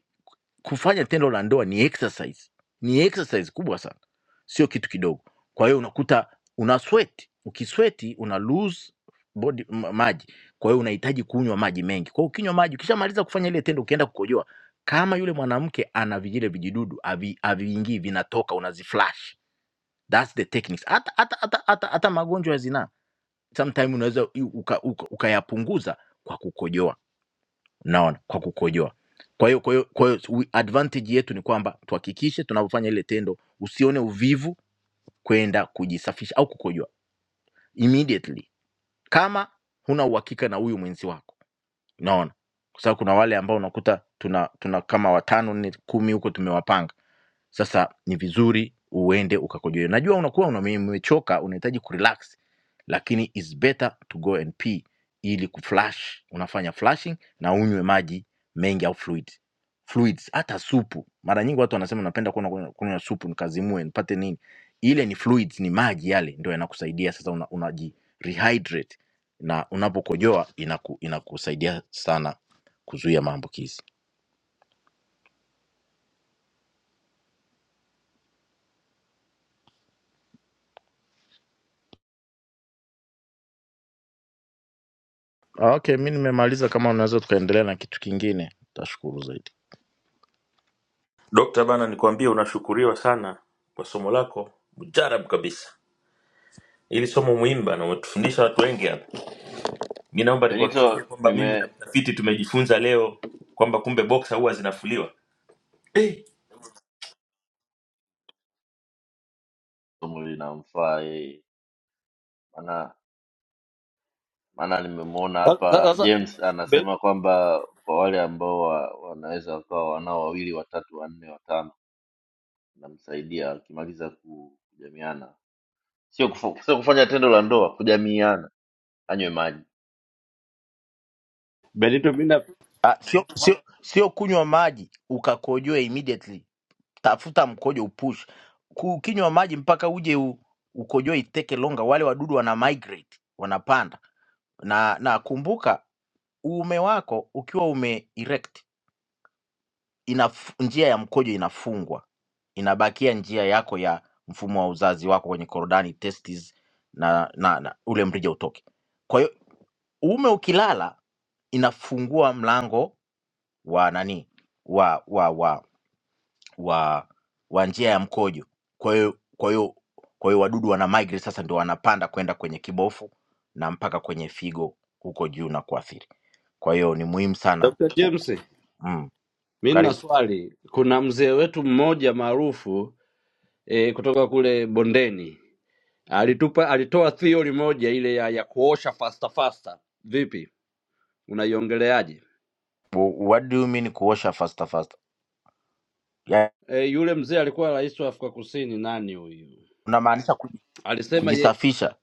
kufanya tendo la ndoa ni exercise ni exercise kubwa sana sio kitu kidogo kwa hiyo unakuta una sweat ukisweti una lose body m- maji kwa hiyo unahitaji kunywa maji mengi kwa hiyo ukinywa maji ukishamaliza kufanya ile tendo ukienda kukojoa kama yule mwanamke ana vijile vijidudu havi- haviingii vinatoka unaziflash thats the techniques hata hata hata hata hata magonjwa ya zinaa sometime unaweza i- uka- uka- ukayapunguza kwa kukojoa naona kwa kukojoa kwa hiyo kwa hiyo kwa hiyo we- advantage yetu ni kwamba tuhakikishe tunapofanya ile tendo usione uvivu kwenda kujisafisha au kukojoa immediately kama huna uhakika na huyu mwenzi wako naona kwa sababu kuna wale ambao unakuta tuna tuna kama watano nne kumi huko tumewapanga sasa ni vizuri uende ukakojoe. Najua unakuwa umechoka, unahitaji kurelax, lakini it's better to go and pee ili kuflush. Unafanya flushing na unywe maji mengi au fluid fluids, hata supu. Mara nyingi watu wanasema napenda kunywa kunywa- kunywa supu nikazimue nipate nini. Ile ni fluids, ni maji yale ndio yanakusaidia sasa, unaji una unaji rehydrate na unapokojoa inaku, inakusaidia sana kuzuia maambukizi. Ah, Okay, mi nimemaliza. Kama unaweza tukaendelea na kitu kingine, tashukuru zaidi.
Benito nime somo linamfaa yeye, maana maana nimemwona
Sasa
hapa
sasa,
James
Be-
anasema kwamba kwa wale ambao wa, wanaweza wakawa wanao wawili watatu wanne watano, namsaidia akimaliza kujamiana, sio kufa, sio kufanya tendo la ndoa, kujamiana. anywe maji
Benito, mi na
Ah, sio sio sio kunywa maji ukakojoe immediately. Tafuta mkojo upush. Kukinywa maji mpaka uje u, ukojoe it take longer. Wale wadudu wana migrate, wanapanda. Na na kumbuka uume wako ukiwa ume erect ina njia ya mkojo inafungwa. Inabakia njia yako ya mfumo wa uzazi wako kwenye korodani testes na, na, na ule mrija utoke. Kwa hiyo Uume ukilala inafungua mlango wa nani wa wa wa wa, wa njia ya mkojo. Kwa hiyo kwa hiyo kwa hiyo wadudu wana migrate sasa, ndio wanapanda kwenda kwenye kibofu na mpaka kwenye figo huko juu na kuathiri. Kwa hiyo ni muhimu sana.
Dr.
ku-
James,
Mm,
mi nina
karibu.
swali. Kuna mzee wetu mmoja maarufu e, kutoka kule bondeni alitupa alitoa theory moja ile ya, ya kuosha fasta fasta. Vipi, unaiongeleaje?
Wh- What do you mean kuosha faster faster? Ya,
E, yule mzee alikuwa rais wa Afrika Kusini, nani huyu?
unamaanisha kuji-
Alisema ye,
kujisafisha?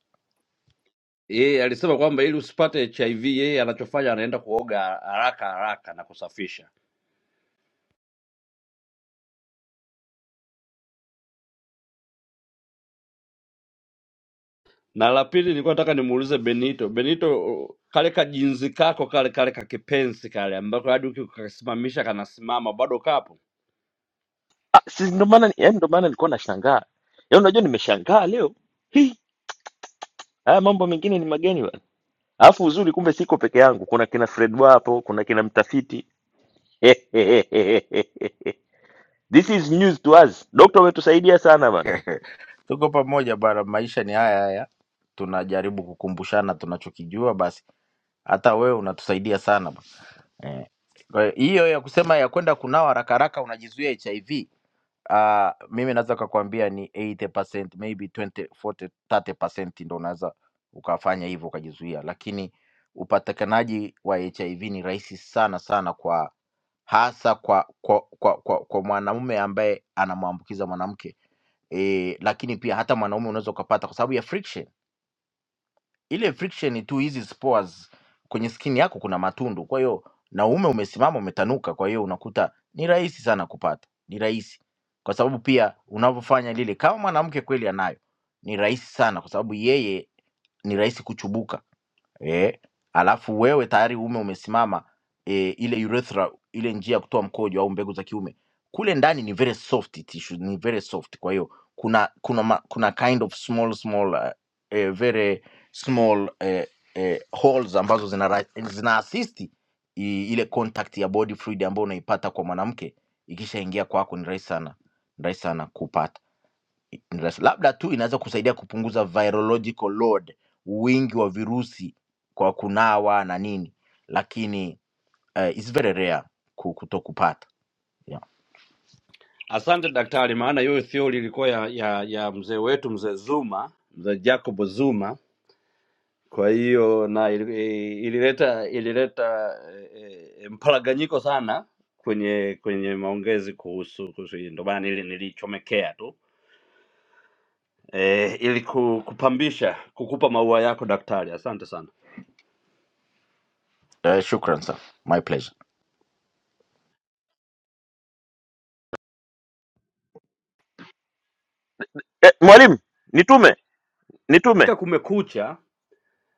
ye, alisema kwamba ili usipate HIV yeye anachofanya anaenda kuoga haraka haraka na kusafisha Na la pili nilikuwa nataka nimuulize Benito. Benito, kale kajinzi kako kale kale kakipenzi kale ambako hadi ukikasimamisha kanasimama bado kapo.
Ah, si ndo maana yani, ndo maana nilikuwa nashangaa yaani, unajua nimeshangaa leo hii, haya mambo mengine ni mageni bana. Alafu uzuri, kumbe siko peke yangu, kuna kina Fred hapo, kuna kina mtafiti <laughs> this is news to us. Dokta umetusaidia sana bana.
Tuko pamoja bara, maisha ni haya haya, tunajaribu kukumbushana tunachokijua basi hata wewe unatusaidia sana bwana. eh. Kwa hiyo hiyo ya kusema ya kwenda kunawa haraka haraka unajizuia HIV uh, mimi naweza kakwambia ni 80% maybe 20 40 30% ndo unaweza ukafanya hivyo ukajizuia, lakini upatikanaji wa HIV ni rahisi sana sana kwa hasa kwa kwa kwa, kwa, kwa mwanamume ambaye anamwambukiza mwanamke e, lakini pia hata mwanaume unaweza ukapata kwa sababu ya friction ile friction tu hizi spores kwenye skin yako kuna matundu, kwa hiyo naume umesimama umetanuka, kwa hiyo unakuta ni rahisi sana kupata, ni rahisi kwa sababu pia unavyofanya lile, kama mwanamke kweli anayo, ni rahisi sana kwa sababu yeye ni rahisi kuchubuka eh, alafu wewe tayari ume umesimama eh, ile urethra, ile njia ya kutoa mkojo au mbegu za kiume kule ndani ni very soft tissue, ni very soft. Kwa hiyo kuna kuna ma, kuna kind of small small uh, eh, very small eh, eh, holes ambazo zina ra- zina assist i- ile contact ya body fluid ambayo unaipata kwa mwanamke ikishaingia kwako, ni rahisi sana, ni rahisi sana kupata. Las- labda tu inaweza kusaidia kupunguza virological load, wingi wa virusi kwa kunawa na nini, lakini uh, it's very rare ku- kutokupata. Yeah.
Asante daktari, maana hiyo theory ilikuwa ya, ya, ya mzee wetu mzee Zuma, mzee Jacob Zuma. Kwa hiyo na ili- eh, ilileta ilileta eh, eh, mparaganyiko sana kwenye kwenye maongezi kuhusu kuhusu hii, ndio maana nili nilichomekea tu eh, ili ku- kupambisha kukupa maua yako daktari. Asante sana.
Uh, shukran sir, my pleasure.
Eh, mwalimu nitume nitume
Katika kumekucha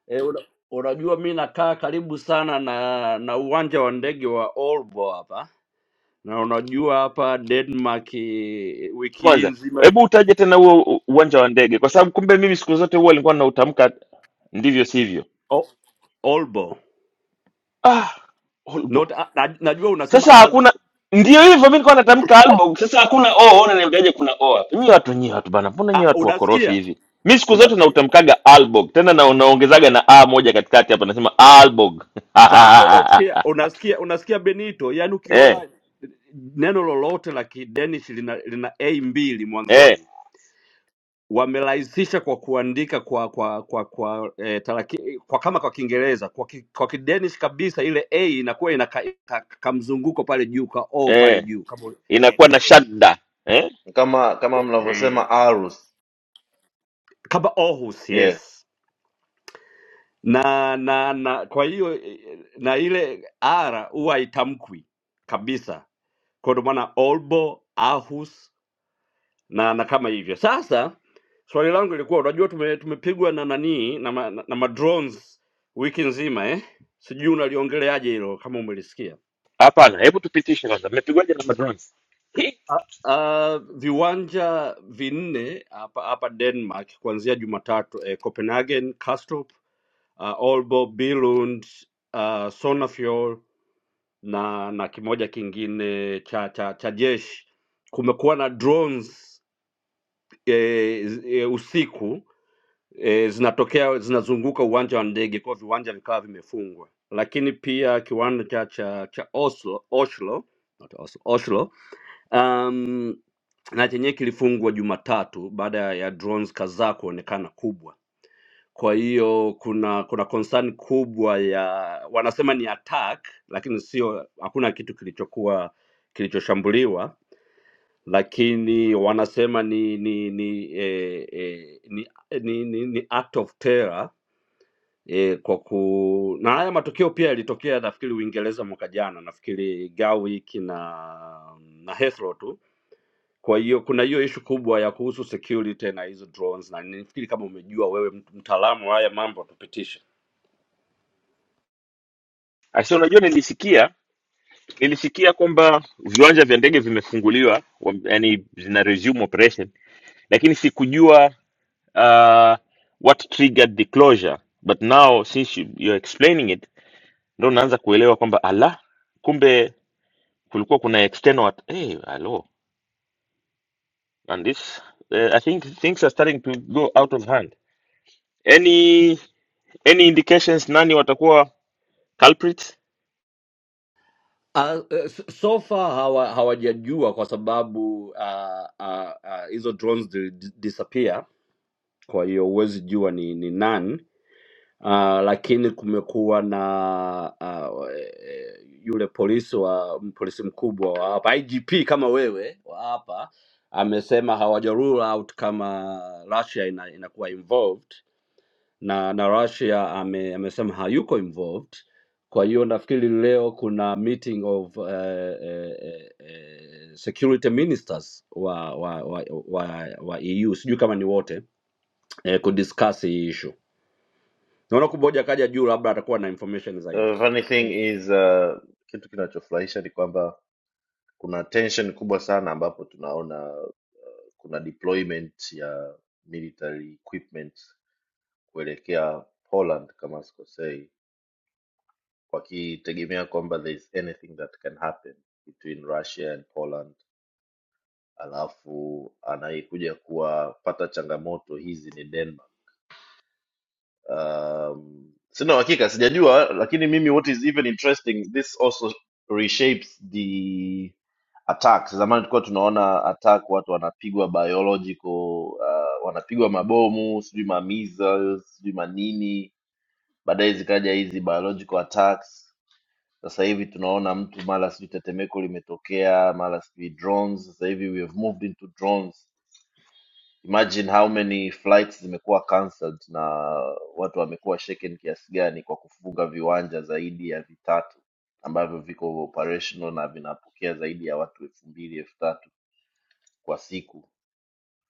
eh, una- unajua mi nakaa karibu sana na na uwanja wa ndege wa Aalborg hapa, na unajua hapa Denmark eh, wiki hii
kwanza,
nzima
hebu utaje tena huo u- uwanja wa ndege, kwa sababu kumbe mimi siku zote huwa nilikuwa nautamka ndivyo sivyo.
oh, Aalborg.
Ah,
Not, ah, na, najua unasema
Sasa hakuna
Aalborg.
ndio hivyo, mimi nilikuwa natamka album. Sasa hakuna o, unaniambiaje kuna o hapa? Nyie watu nyie watu bana, mbona
Ah,
nyie watu wakorofi
unasikia
hivi? Mi siku zote
unasikia
nautamkaga albog, tena na naongezaga na a moja katikati hapa, nasema albog <laughs>
sasa, unasikia unasikia unasikia Benito, yani
eh,
ukiona neno lolote la kidenish lina, lina a mbili
eh,
mwanzoni wamerahisisha kwa kuandika kwa kwa kwa kwa, eh, taraki, kwa kama kwa Kiingereza kwa, ki, kwa Kidanish kabisa, ile a inakuwa ina ka, ka, ka mzunguko pale juu ka o pale
eh,
juu kama eh,
inakuwa na
eh,
shadda eh.
kama kama
eh,
mnavyosema arus
kama Aarhus,
yeah.
yes na na na kwa hiyo eh, na ile r huwa haitamkwi kabisa, kwa ndo maana Aalborg, Aarhus na na kama hivyo sasa swali langu ilikuwa unajua tume, tumepigwa na nanii na, ma- na, na ma drones wiki nzima eh sijui unaliongeleaje hilo kama umelisikia
Hapana, hebu tupitishe kwanza, mmepigwaje na madrones? Hi.
uh, viwanja vinne hapa hapa denmark kuanzia jumatatu eh, copenhagen kastrup uh, olbo billund uh, sonafjord na na kimoja kingine cha cha, cha jeshi kumekuwa na drones eh, z- eh, usiku e, zinatokea zinazunguka uwanja wa ndege kwa viwanja vikawa vimefungwa lakini pia kiwanda cha cha cha Oslo, Oslo, not Oslo, Oslo um, na chenyewe kilifungwa Jumatatu baada ya drones kadhaa kuonekana kubwa. Kwa hiyo kuna kuna concern kubwa ya wanasema ni attack, lakini sio, hakuna kitu kilichokuwa kilichoshambuliwa, lakini wanasema ni ni ni, eh, eh, ni, ni, ni, ni act of terror e, kwa ku na haya matokeo pia yalitokea nafikiri Uingereza mwaka jana, nafikiri Gawick na na Heathrow tu. Kwa hiyo kuna hiyo ishu kubwa ya kuhusu security na hizo drones, na nafikiri kama umejua wewe, mtu- mtaalamu wa haya mambo, tupitishe.
Asi, unajua nilisikia nilisikia kwamba viwanja vya ndege vimefunguliwa, wam- yani zina resume operation, lakini sikujua uh, what triggered the closure but now since you, you're explaining it ndo unaanza kuelewa kwamba ala kumbe kulikuwa kuna external at hey, alo and this uh, i think things are starting to go out of hand any any indications nani watakuwa culprits
Uh, so far hawa hawajajua kwa sababu ah, ah, ah, hizo drones zili disappear, kwa hiyo huwezi jua ni ni nani Ah, lakini kumekuwa na ah, eh, yule polisi wa polisi mkubwa wa hapa IGP kama wewe wa hapa amesema hawaja rule out kama Russia ina, inakuwa involved na na Russia ame, amesema hayuko involved. Kwa hiyo nafikiri leo kuna meeting of uh, uh, uh, security ministers wa wa, wa, wa, wa EU sijui kama ni wote eh, kudiscuss hii issue naona kuboja kaja juu labda atakuwa na information zaidi
The funny thing is uh, kitu kinachofurahisha ni kwamba kuna tension kubwa sana ambapo tunaona uh, kuna deployment ya military equipment kuelekea Poland kama sikosei, wakitegemea kwamba there is anything that can happen between Russia and Poland, alafu anayekuja kuwapata changamoto hizi ni Denmark um, sina uhakika sijajua lakini mimi what is even interesting this also reshapes the attacks zamani tulikuwa tunaona attack watu wanapigwa biological uh, wanapigwa mabomu sijui ma measles sijui manini baadaye zikaja hizi biological attacks sasa hivi tunaona mtu mara sijui tetemeko limetokea mara sijui drones sasa hivi we have moved into drones imagine how many flights zimekuwa cancelled na watu wamekuwa shaken kiasi gani kwa kufunga viwanja zaidi ya vitatu ambavyo viko operational na vinapokea zaidi ya watu elfu mbili elfu tatu kwa siku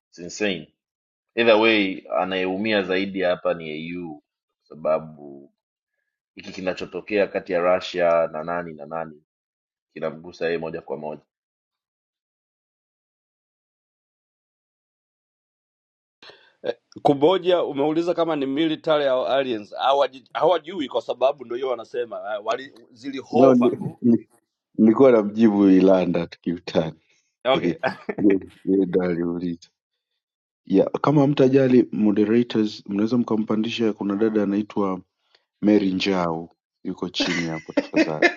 It's insane either way anayeumia zaidi hapa ni au kwa sababu hiki kinachotokea kati ya Russia na nani na nani kinamgusa yeye moja kwa moja
Eh, Kuboja umeuliza kama ni military au aliens. Hawaji- Hawajui kwa sababu ndio hiyo wanasema eh, wali
No,
zilihova
ni-
tu.
ni- nilikuwa namjibu Ilanda tukiutani.
Okay.
Ehe, Yeye yeye ndo aliuliza. Ya, kama mtajali moderators, mnaweza mkampandisha. Kuna dada anaitwa Mary Njau yuko chini hapo, tafadhali.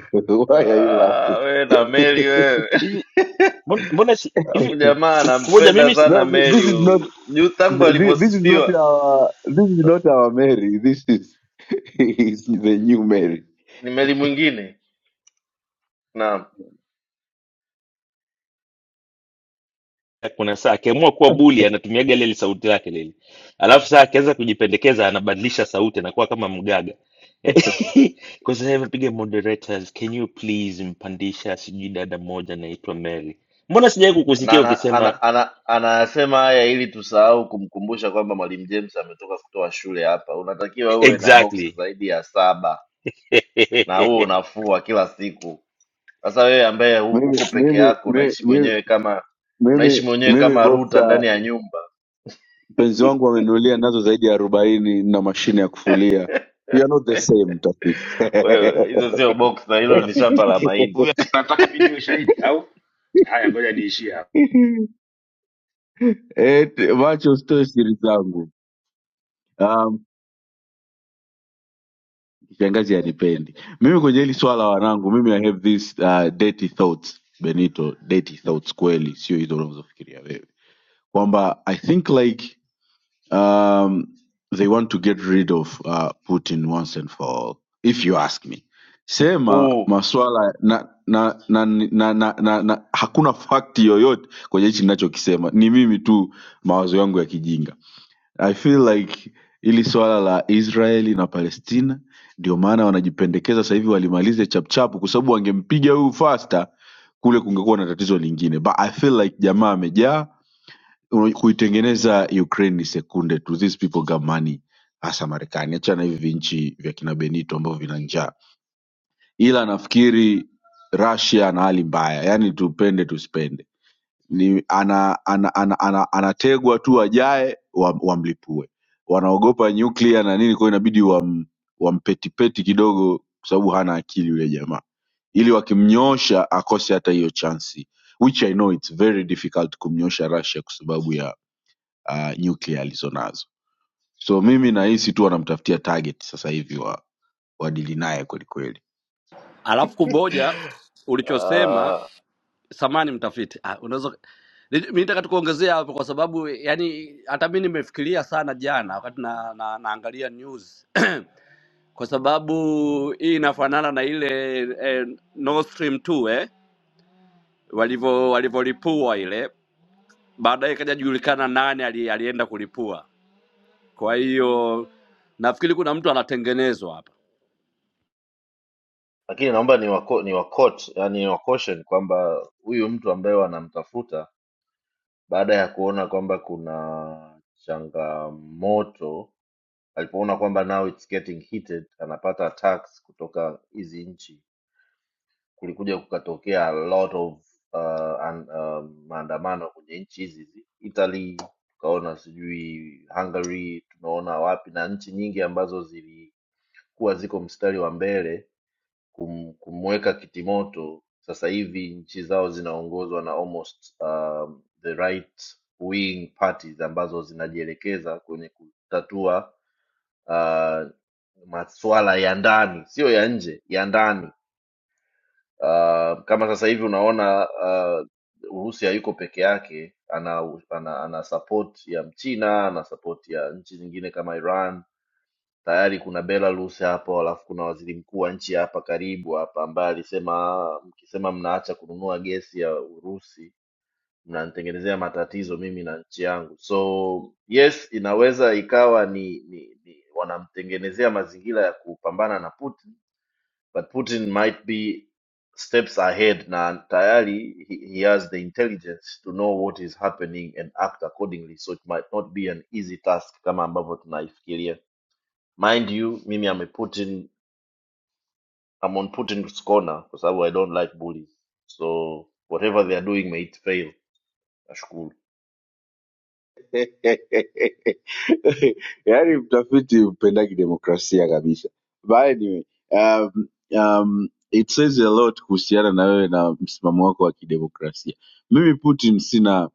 <laughs> Why are you
Ah,
laughing?
we na meli
<laughs>
wewe
hivi mbona mbona si-
Alafu
hivi
jamaa
kumoja
anampenda
mimi
No,
sana
thi- this
Meli
is not
huyu. Juu tangu
thi- this is not
alivyosifiwa
our this is not our Mary. This is <laughs> is the new Mary.
ni Meli mwingine. Naam.
kuna saa akiamua kuwa buli anatumiaga leli sauti lake leli alafu saa akianza kujipendekeza anabadilisha sauti anakuwa kama mgaga <laughs> kwa sasa hivi piga moderators can you please mpandisha sijui dada moja anaitwa mary mbona sijawai
Na
kukusikia
anasema
ukisema
ana, ana, ana, anasema haya ili tusahau kumkumbusha kwamba Mwalimu James ametoka kutoa shule hapa. Unatakiwa uwe na boksa
exactly
zaidi ya saba
<laughs>
na huo unafua kila siku. Sasa wewe ambaye hu-
Mimi
uko peke
mimi
yako
me-
unaishi
me-
mwenyewe kama
mimi
unaishi mwenyewe kama
mimi
ruta ndani ya nyumba.
Mpenzi wangu amenunulia nazo zaidi ya arobaini na mashine ya kufulia. We are not the same mtafiti.
Wewe
<laughs>
hizo sio boksa, hilo ni
mtafiti
shamba la mahindi.
huyu anataka mi niwe shahidi au haya ngoja niishie hapa
Eti, Macho usitoe siri zangu. Um, kishangazi hanipendi mimi kwenye hili swala wanangu, mimi I have this uh, dirty thoughts Benito, dirty thoughts kweli, sio hizo unazofikiria wewe, kwamba I think like Um, they want to get rid of uh, Putin once and for all, if you ask me. Sema
Huu
maswala na na na, na, na, na, na hakuna fakti yoyote kwenye hichi ninachokisema, ni mimi tu mawazo yangu ya kijinga. I feel like hili swala la Israeli na Palestina ndio maana wanajipendekeza sasa hivi walimalize chapchapu, kwa sababu wangempiga huyu Fasta kule kungekuwa na tatizo lingine, but I feel like jamaa amejaa Unaj- kuitengeneza Ukraine ni sekunde tu. These people got money, hasa Marekani. Achana hivi vinchi vya kina Benito ambavyo vina njaa, ila nafikiri Russia ana hali mbaya, yaani tupende tusipende, ni ana ana, ana, ana, anategwa tu ajae wamlipue wa wamlipue. wanaogopa nyuklia na nini, kwa hiyo inabidi wam, wampetipeti kidogo, kwa sababu hana akili yule jamaa, ili wakimnyosha akose hata hiyo chansi, which I know it's very difficult kumnyosha Russia kwa sababu ya uh, nuclear alizonazo so mimi nahisi tu wanamtafutia target sasa hivi wa wadili naye kwelikweli
<laughs> Alafu
<laughs>
kuboja ulichosema
ah.
samani mtafiti. Ah, unaweza Ni- mi nataka tukuongezea hapo kwa sababu yani hata mi nimefikiria sana jana wakati na, na, naangalia news <coughs> <clears throat> kwa sababu hii inafanana na ile eh, Nord Stream 2 eh walivyo walivyolipua ile baadaye ikaja julikana nani ali, alienda kulipua. Kwa hiyo nafikiri kuna mtu anatengenezwa hapa.
lakini naomba ni wako, ni wakot yani ni wakoshen kwamba huyu mtu ambaye wanamtafuta baada ya kuona kwamba kuna changamoto alipoona kwamba now it's getting heated anapata attacks kutoka hizi nchi kulikuja kukatokea a lot of uh, an, um, maandamano kwenye nchi hizi hizi. italy tukaona sijui hungary tunaona wapi na nchi nyingi ambazo zilikuwa ziko mstari wa mbele kum, kumweka kitimoto sasa hivi nchi zao zinaongozwa na almost um, the right wing parties ambazo zinajielekeza kwenye kutatua uh, maswala ya ndani sio ya nje ya ndani uh, kama sasa hivi unaona uh, urusi hayuko peke yake ana, ana, ana support ya mchina ana support ya nchi zingine kama iran tayari kuna Belarus hapo, alafu kuna waziri mkuu wa nchi hapa karibu hapa ambaye alisema mkisema mnaacha kununua gesi ya Urusi mnanitengenezea matatizo mimi na nchi yangu. So yes, inaweza ikawa ni, ni, ni wanamtengenezea mazingira ya kupambana na Putin, but Putin might be steps ahead na tayari he, he has the intelligence to know what is happening and act accordingly so it might not be an easy task kama ambavyo tunaifikiria mind you mimi I'm a Putin, I'm on Putin's corner kwa sababu I don't like bullies so whatever they are doing may it fail nashukuru
<laughs> yaani mtafiti mpendaki demokrasia kabisa But anyway, um, um, it says a lot kuhusiana na wewe na msimamo wako wa kidemokrasia mimi putin sina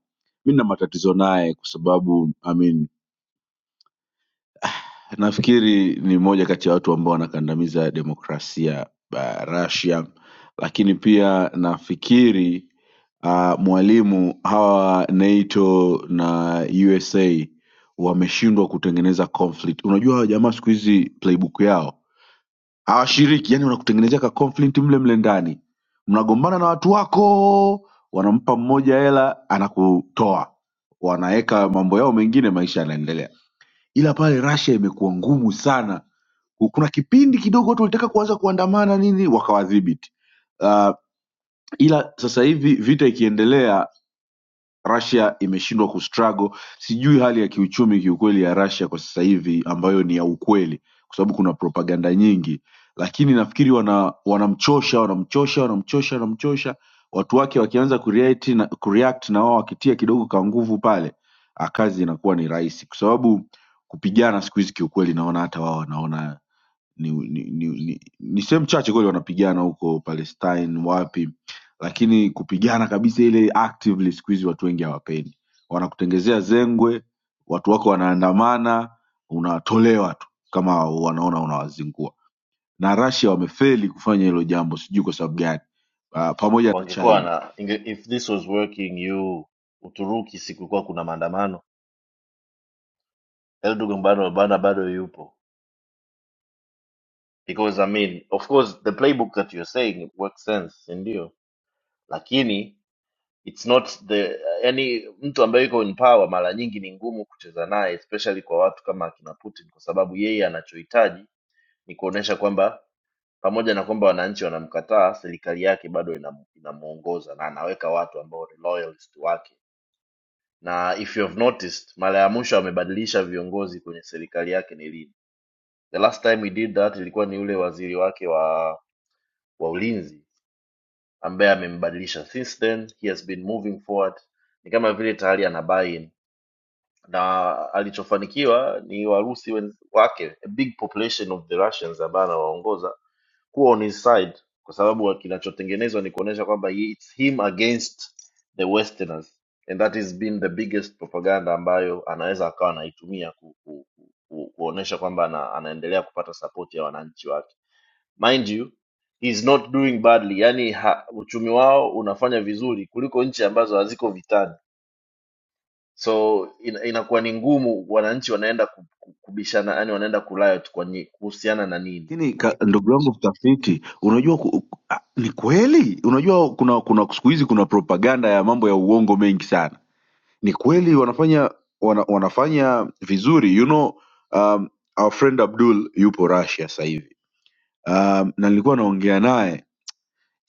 mi na matatizo naye kwa sababu I mean Nafikiri ni moja kati ya watu ambao wanakandamiza demokrasia ba Russia, lakini pia nafikiri ah, mwalimu hawa NATO na USA wameshindwa kutengeneza conflict. Unajua hawa jamaa siku hizi playbook yao hawashiriki, yani wanakutengenezea ka conflict mle mle ndani, mnagombana na watu wako, wanampa mmoja hela anakutoa, wanaweka mambo yao mengine, maisha yanaendelea ila pale Russia imekuwa ngumu sana. Ku- Kuna kipindi kidogo watu walitaka kuanza kuandamana nini, wakawadhibiti uh, ila sasa hivi vita ikiendelea Russia imeshindwa kustruggle sijui hali ya kiuchumi kiukweli ya Russia kwa sasa hivi ambayo ni ya ukweli kwa sababu kuna propaganda nyingi lakini nafikiri wana wanamchosha wanamchosha wanamchosha wanamchosha watu wake wakianza kureact na, kureact na wao wakitia kidogo ka nguvu pale ah, kazi inakuwa ni rahisi kwa sababu kupigana siku hizi kiukweli naona hata wao wanaona ni ni, ni, ni, ni sehemu chache kweli wanapigana huko palestine wapi lakini kupigana kabisa ile actively siku hizi watu wengi hawapendi wanakutengezea zengwe watu wako wanaandamana unatolewa tu kama wanaona unawazingua na rasia wamefeli kufanya hilo jambo sijui kwa sababu gani uh, pamoja na
wangekuwa
china
na inge- if this was working you Uturuki sikukuwa kuna maandamano Erdogan bado bado bado yupo because I mean of course the playbook that you're saying it works sense si ndio lakini it's not the yani mtu ambaye yuko in power mara nyingi ni ngumu kucheza naye especially kwa watu kama akina Putin kwa sababu yeye anachohitaji ni kuonesha kwamba Pamoja na kwamba wananchi wanamkataa, serikali yake bado inam- inamuongoza na anaweka watu ambao ni loyalist wake. Na if you have noticed, mara ya mwisho amebadilisha viongozi kwenye serikali yake ni lini? The last time he did that ilikuwa ni yule waziri wake wa wa ulinzi ambaye amembadilisha. Since then he has been moving forward, ni kama vile tayari ana buy-in na alichofanikiwa ni Warusi wenz- wake, a big population of the Russians ambaye anawaongoza kuwa on his side kwa sababu kinachotengenezwa ni kuonyesha kwamba he- it's him against the westerners and that has been the biggest propaganda ambayo anaweza akawa anaitumia ku, ku, ku, ku, kuonyesha kwamba ana, anaendelea kupata sapoti ya wananchi wake mind you he's not doing badly yani ha, uchumi wao unafanya vizuri kuliko nchi ambazo haziko vitani so ina, inakuwa ni ngumu wananchi wanaenda ku- ku- kubishana yani wanaenda kulayot kwa nyi- kuhusiana na nini
lakini ka- ndugu yangu mtafiti unajua ku, ku- ah, ni kweli unajua kuna kuna siku hizi kuna propaganda ya mambo ya uongo mengi sana ni kweli wanafanya wana, wanafanya vizuri you know um, our friend Abdul yupo Russia sasa hivi um, na nilikuwa naongea naye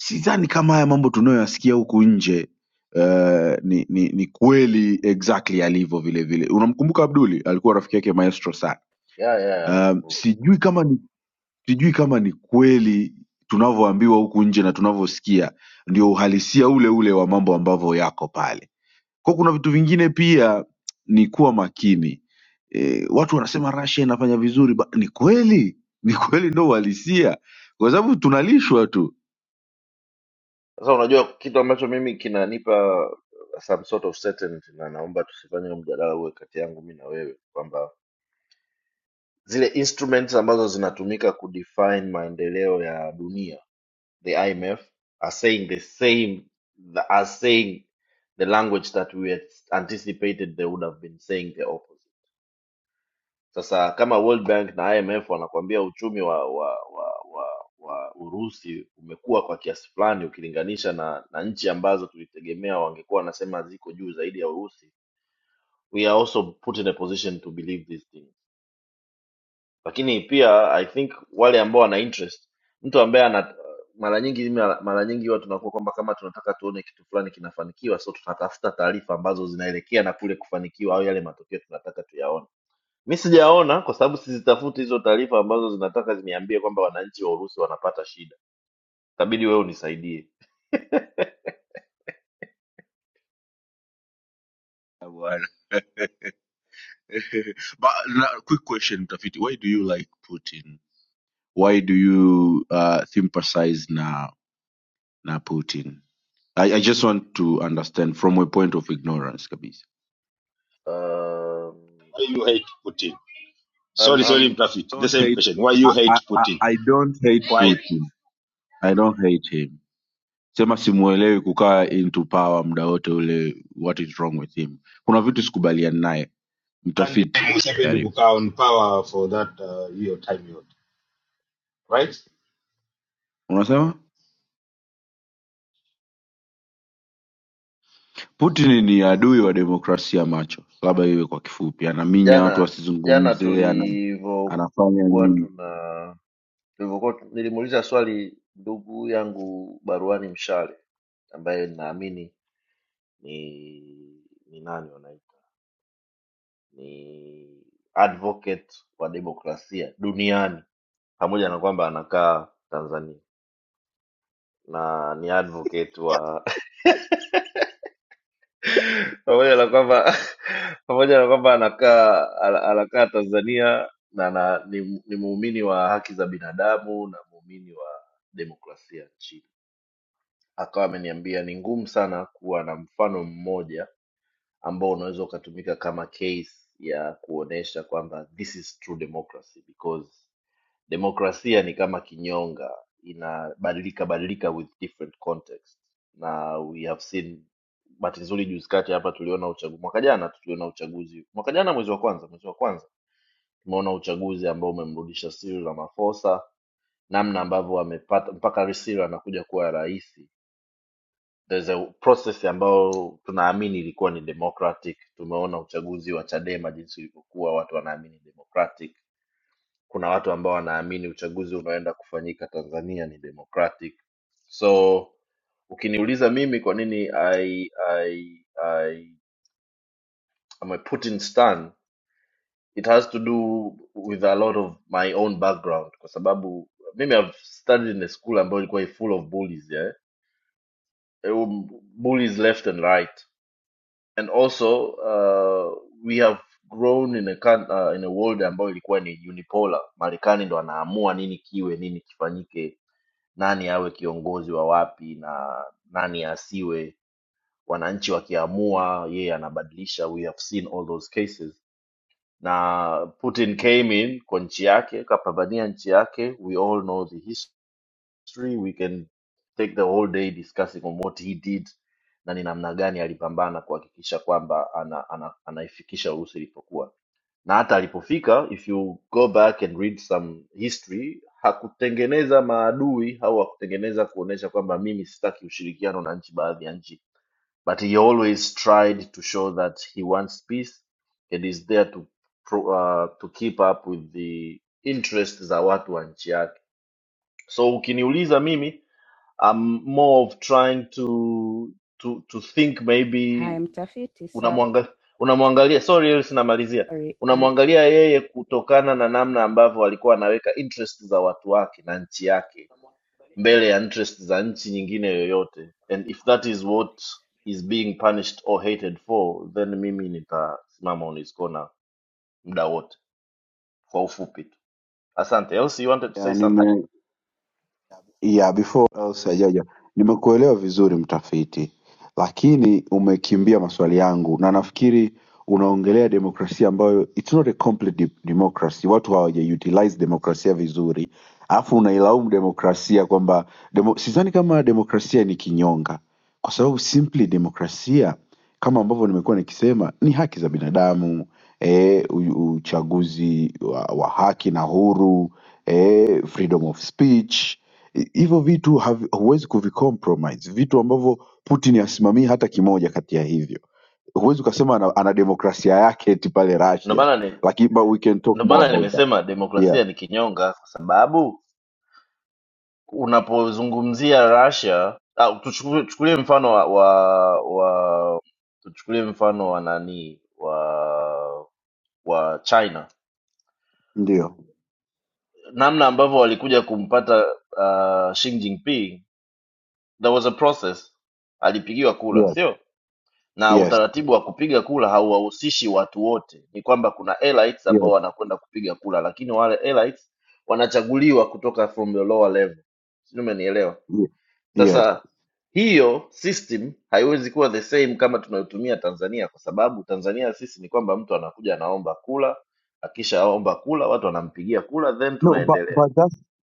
sidhani kama haya mambo tunayoyasikia huku nje uh, ni, ni, ni kweli exactly alivyo vile vile unamkumbuka Abduli alikuwa rafiki yake maestro sana
ya ya ya,
um,
namkumbuka
sijui kama ni sijui kama ni kweli tunavyoambiwa huku nje na tunavyosikia ndio uhalisia ule ule wa mambo ambavyo yako pale kwa kuna vitu vingine pia ni kuwa makini. E, watu wanasema Russia inafanya vizuri ba, ni kweli <laughs> ni kweli, ndo uhalisia, kwa sababu tunalishwa tu
Sasa unajua kitu ambacho mimi kinanipa uh, some sort of certainty, na naomba tusifanye huu mjadala uwe kati yangu mi na wewe, kwamba zile instruments ambazo zinatumika kudefine maendeleo ya dunia, the IMF are saying the same the, are saying the language that we had anticipated they would have been saying the opposite. Sasa kama World Bank na IMF wanakuambia uchumi wa wa wa wa, wa Urusi umekuwa kwa kiasi fulani ukilinganisha na, na nchi ambazo tulitegemea wangekuwa wanasema ziko juu zaidi ya Urusi, we are also put in a position to believe these things. Lakini pia I think wale ambao wana interest, mtu ambaye ana mara nyingi mara mara nyingi huwa tunakuwa kwamba kama tunataka tuone kitu fulani kinafanikiwa, so tunatafuta taarifa ambazo zinaelekea na kule kufanikiwa au yale matokeo tunataka tuyaone mi sijaona kwa sababu sizitafuti hizo taarifa ambazo zinataka ziniambie kwamba wananchi wa urusi wanapata shida itabidi wewe unisaidie
bwana. <laughs> But, na, quick question mtafiti, why do you like Putin? Why do you uh, sympathize na na Putin? I, I just want to understand from a point of ignorance kabisa.
um,
why you hate putin
um,
sorry sorry
um,
mtafiti the
Don't
same
hate,
question why
I,
you
I,
hate
I
putin
I don't hate
why
Putin. I don't hate him. sema simuelewi kukaa into power muda wote ule what is wrong with him kuna vitu sikubaliani naye
and
mtafiti
museveni
karibu
kukaa on power for that uh, hiyo time yote right
unasema putin ni adui wa demokrasia macho labda iwe kwa kifupi anaminya watu
jana jana
wasizungumze ana, anafanya
tulivyokuwa
nini
tuna tulivyokuwa tu- nilimuuliza swali ndugu yangu baruani mshale ambaye naamini ni ni nani wanaita ni advocate wa demokrasia duniani pamoja na kwamba anakaa tanzania na ni advocate wa <laughs> pamoja na kwamba <laughs> pamoja na kwamba anakaa ana- anakaa Tanzania na, na ni, ni muumini wa haki za binadamu na muumini wa demokrasia nchini. Akawa ameniambia ni ngumu sana kuwa na mfano mmoja ambao unaweza ukatumika kama case ya kuonesha kwamba this is true democracy because demokrasia ni kama kinyonga inabadilika badilika with different context na we have seen bahati nzuri juzi kati hapa tuliona uchaguzi mwaka jana tu tuliona uchaguzi mwaka jana mwezi wa kwanza mwezi wa kwanza tumeona uchaguzi ambao umemrudisha Cyril Ramaphosa namna ambavyo wamepata mpaka Cyril anakuja kuwa rais there's a process ambayo tunaamini ilikuwa ni democratic tumeona uchaguzi wa Chadema jinsi ulivyokuwa watu wanaamini democratic kuna watu ambao wanaamini uchaguzi unaoenda kufanyika tanzania ni democratic so ukiniuliza mimi kwa nini i i i am a putin stan it has to do with a lot of my own background kwa sababu mimi i've studied in a school ambayo ilikuwa i full of bullies yeah? Um, bullies left and right and also uh, we have grown in a, coun- uh, in a world ambayo ilikuwa ni unipolar marekani ndo anaamua nini kiwe nini kifanyike nani awe kiongozi wa wapi na nani asiwe wananchi wakiamua yeye anabadilisha we have seen all those cases na putin came in kwa nchi yake kapambania nchi yake we all know the history we can take the whole day discussing on what he did na ni namna gani alipambana kuhakikisha kwamba ana, ana, anaifikisha urusi ilipokuwa na hata alipofika if you go back and read some history hakutengeneza maadui au hakutengeneza kuonyesha kwamba mimi sitaki ushirikiano na nchi baadhi ya nchi but he always tried to show that he wants peace and is there to, pro- uh, to keep up with the interest za watu wa nchi yake so ukiniuliza mimi I'm more of trying to to to think
Haya,
maybe
mtafiti, sorry.
unamwangalia unamwangalia sorry Elsi namalizia
I,
unamwangalia yeye kutokana na namna ambavyo alikuwa anaweka interest za watu wake na nchi yake mbele ya interest za nchi nyingine yoyote and if that is what is being punished or hated for then mimi nitasimama on his corner muda wote kwa ufupi tu asante Elsi you wanted to say something
Yeah, before else hajaja, nimekuelewa vizuri mtafiti, lakini umekimbia maswali yangu, na nafikiri unaongelea demokrasia ambayo it's not a complete de democracy. Watu hawajautilize demokrasia vizuri, alafu unailaumu demokrasia kwamba demo, sidhani kama demokrasia ni kinyonga, kwa sababu simply demokrasia kama ambavyo nimekuwa nikisema ni haki za binadamu e, uchaguzi wa, wa haki na huru eh, freedom of speech hi- hivyo vitu havi- huwezi kuvicompromise vitu ambavyo putin asimamii hata kimoja kati ya hivyo huwezi ukasema ana, ana demokrasia yake eti pale
ndio
russia
maana ni
lakini but we can talk
ndio
more
maana
about that
nimesema
yeah
demokrasia ni kinyonga kwa sababu unapozungumzia Russia au tuchukulie tuchukulie mfano wa, wa wa tuchukulie mfano wa nani wa wa China
ndio
namna ambavyo walikuja kumpata uh, Xi Jinping there was a process alipigiwa kula
Yeah,
sio na
yes
utaratibu wa kupiga kula hauwahusishi watu wote ni kwamba kuna elites
yes
ambao wanakwenda kupiga kula lakini wale elites wanachaguliwa kutoka from the lower level sijui umenielewa
yes ye- yes
Sasa hiyo system haiwezi kuwa the same kama tunayotumia Tanzania, kwa sababu Tanzania sisi ni kwamba mtu anakuja anaomba kula, akishaomba kula watu wanampigia kula, then
no but,
tunaendelea.
but that's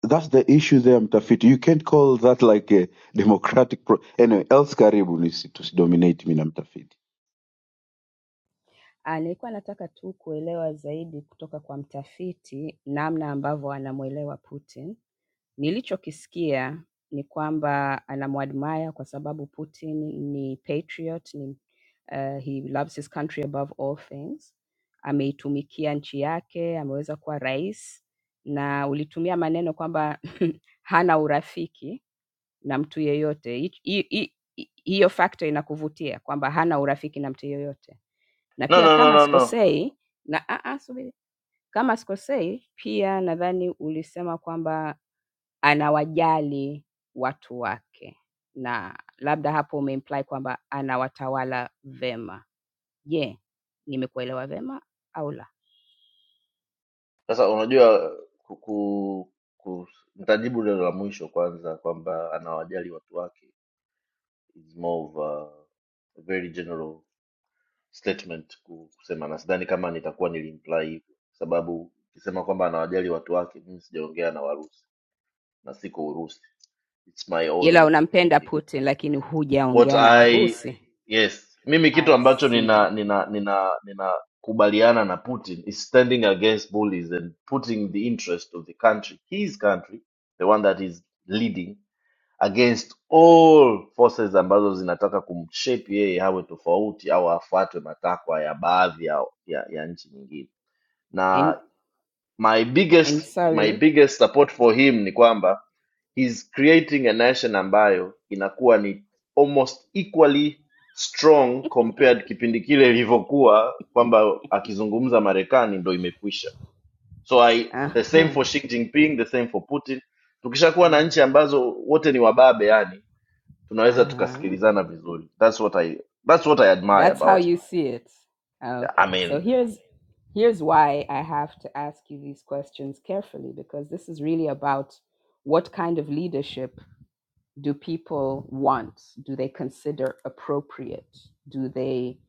that's the issue there mtafiti you can't call that like a democratic pro anyway else karibu nisi- tusidominate mi na mtafiti
ah, nilikuwa nataka tu kuelewa zaidi kutoka kwa mtafiti namna ambavyo anamwelewa Putin. Nilichokisikia ni kwamba anamwadmire kwa sababu Putin ni patriot, ni, uh, he loves his country above all things. Ameitumikia nchi yake, ameweza kuwa rais na ulitumia maneno kwamba <laughs> hana urafiki na mtu yeyote. Hi- hi- hi- hi- Hiyo factor inakuvutia kwamba hana urafiki na mtu yeyote. Na
No,
pia
no, no,
kama
no, no.
sikosei, na a a subiri, kama sikosei, pia nadhani ulisema kwamba anawajali watu wake, na labda hapo umeimply kwamba anawatawala vema. Je, yeah, nimekuelewa vema au la?
Sasa unajua ku, ku, ku, nitajibu lilo la mwisho kwanza kwamba anawajali watu wake is more of a very general statement ku- kusema, na sidhani kama nitakuwa nilimply hivyo, sababu ukisema kwamba anawajali watu wake, mimi sijaongea na Warusi na siko urusi its my
ila
own
unampenda
thinking
Putin lakini
what
hujaongea na
i
Warusi.
yes mimi kitu
I
ambacho
see.
nina nina nina ninakubaliana na putin is standing against bullies and putting the interest of the country his country the one that is leading against all forces ambazo zinataka kumshape yeye awe tofauti au afuatwe matakwa ya baadhi ya, ya, ya nchi nyingine na
And,
my
and
biggest my
sorry.
biggest support for him ni kwamba he's creating a nation ambayo inakuwa ni almost equally strong compared kipindi kile ilivyokuwa kwamba akizungumza marekani ndo imekwisha so I, the same
Aha.
for Xi Jinping, the same for putin tukishakuwa
Uh
na nchi ambazo wote ni wababe yani tunaweza
huh.
tukasikilizana vizuri that's what I, that's what I admire
That's how
about it.
you see it. Okay.
I
So
mean
here's here's why I have to ask you these questions carefully because this is really about what kind of leadership do people want? Do they consider appropriate? Do they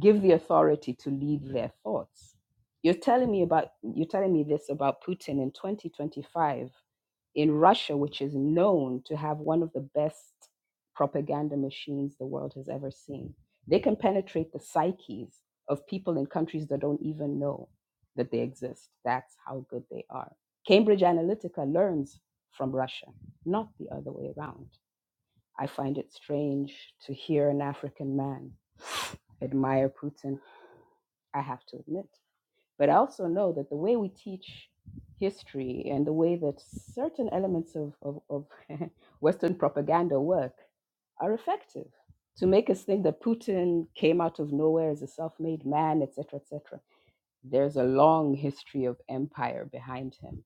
give the authority to lead their thoughts? You're telling me about you're telling me this about Putin in 2025 in Russia, which is known to have one of the best propaganda machines the world has ever seen. They can penetrate the psyches of people in countries that don't even know that they exist. That's how good they are. Cambridge Analytica learns from Russia, not the other way around. I find it strange to hear an African man admire Putin, I have to admit. But I also know that the way we teach history and the way that certain elements of, of, of <laughs> Western propaganda work are effective to make us think that Putin came out of nowhere as a self made man, etc., etc. There's a long history of empire behind him.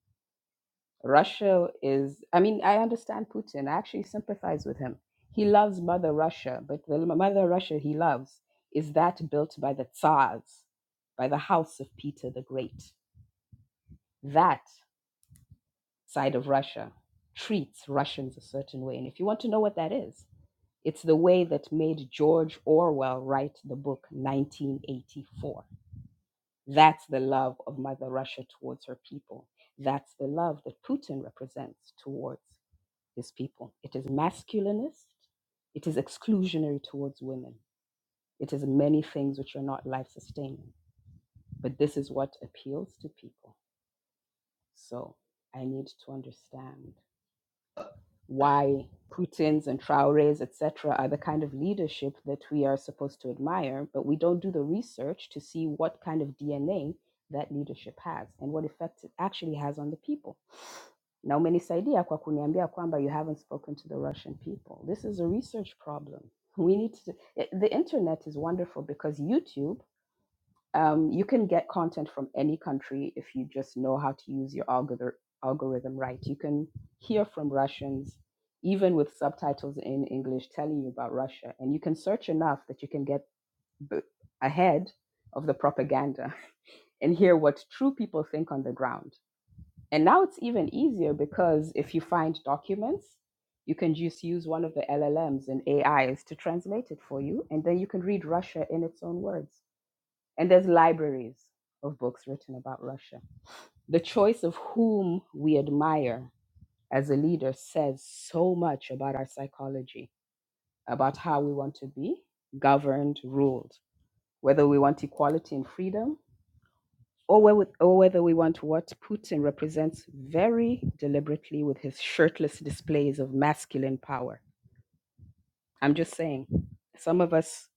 Russia is, I mean, I understand Putin. I actually sympathize with him. He loves Mother Russia, but the Mother Russia he loves is that built by the Tsars, by the house of Peter the Great that side of Russia treats Russians a certain way. And if you want to know what that is, it's the way that made George Orwell write the book 1984. That's the love of Mother Russia towards her people. That's the love that Putin represents towards his people. It is masculinist, it is exclusionary towards women, it is many things which are not life sustaining. But this is what appeals to people. So I need to understand why Putin's and Traore's, etc., are the kind of leadership that we are supposed to admire, but we don't do the research to see what kind of DNA that leadership has and what effect it actually has on the people. Na umenisaidia kwa kuniambia kwamba you haven't spoken to the Russian people. This is a research problem. We need to. The internet is wonderful because YouTube um, you can get content from any country if you just know how to use your algorithm algorithm right. You can hear from Russians, even with subtitles in English telling you about Russia, and you can search enough that you can get b- ahead of the propaganda <laughs> and hear what true people think on the ground. And now it's even easier because if you find documents, you can just use one of the LLMs and AIs to translate it for you, and then you can read Russia in its own words and there's libraries of books written about Russia. The choice of whom we admire as a leader says so much about our psychology, about how we want to be governed, ruled, whether we want equality and freedom, or whe- or whether we want what Putin represents very deliberately with his shirtless displays of masculine power. I'm just saying, some of us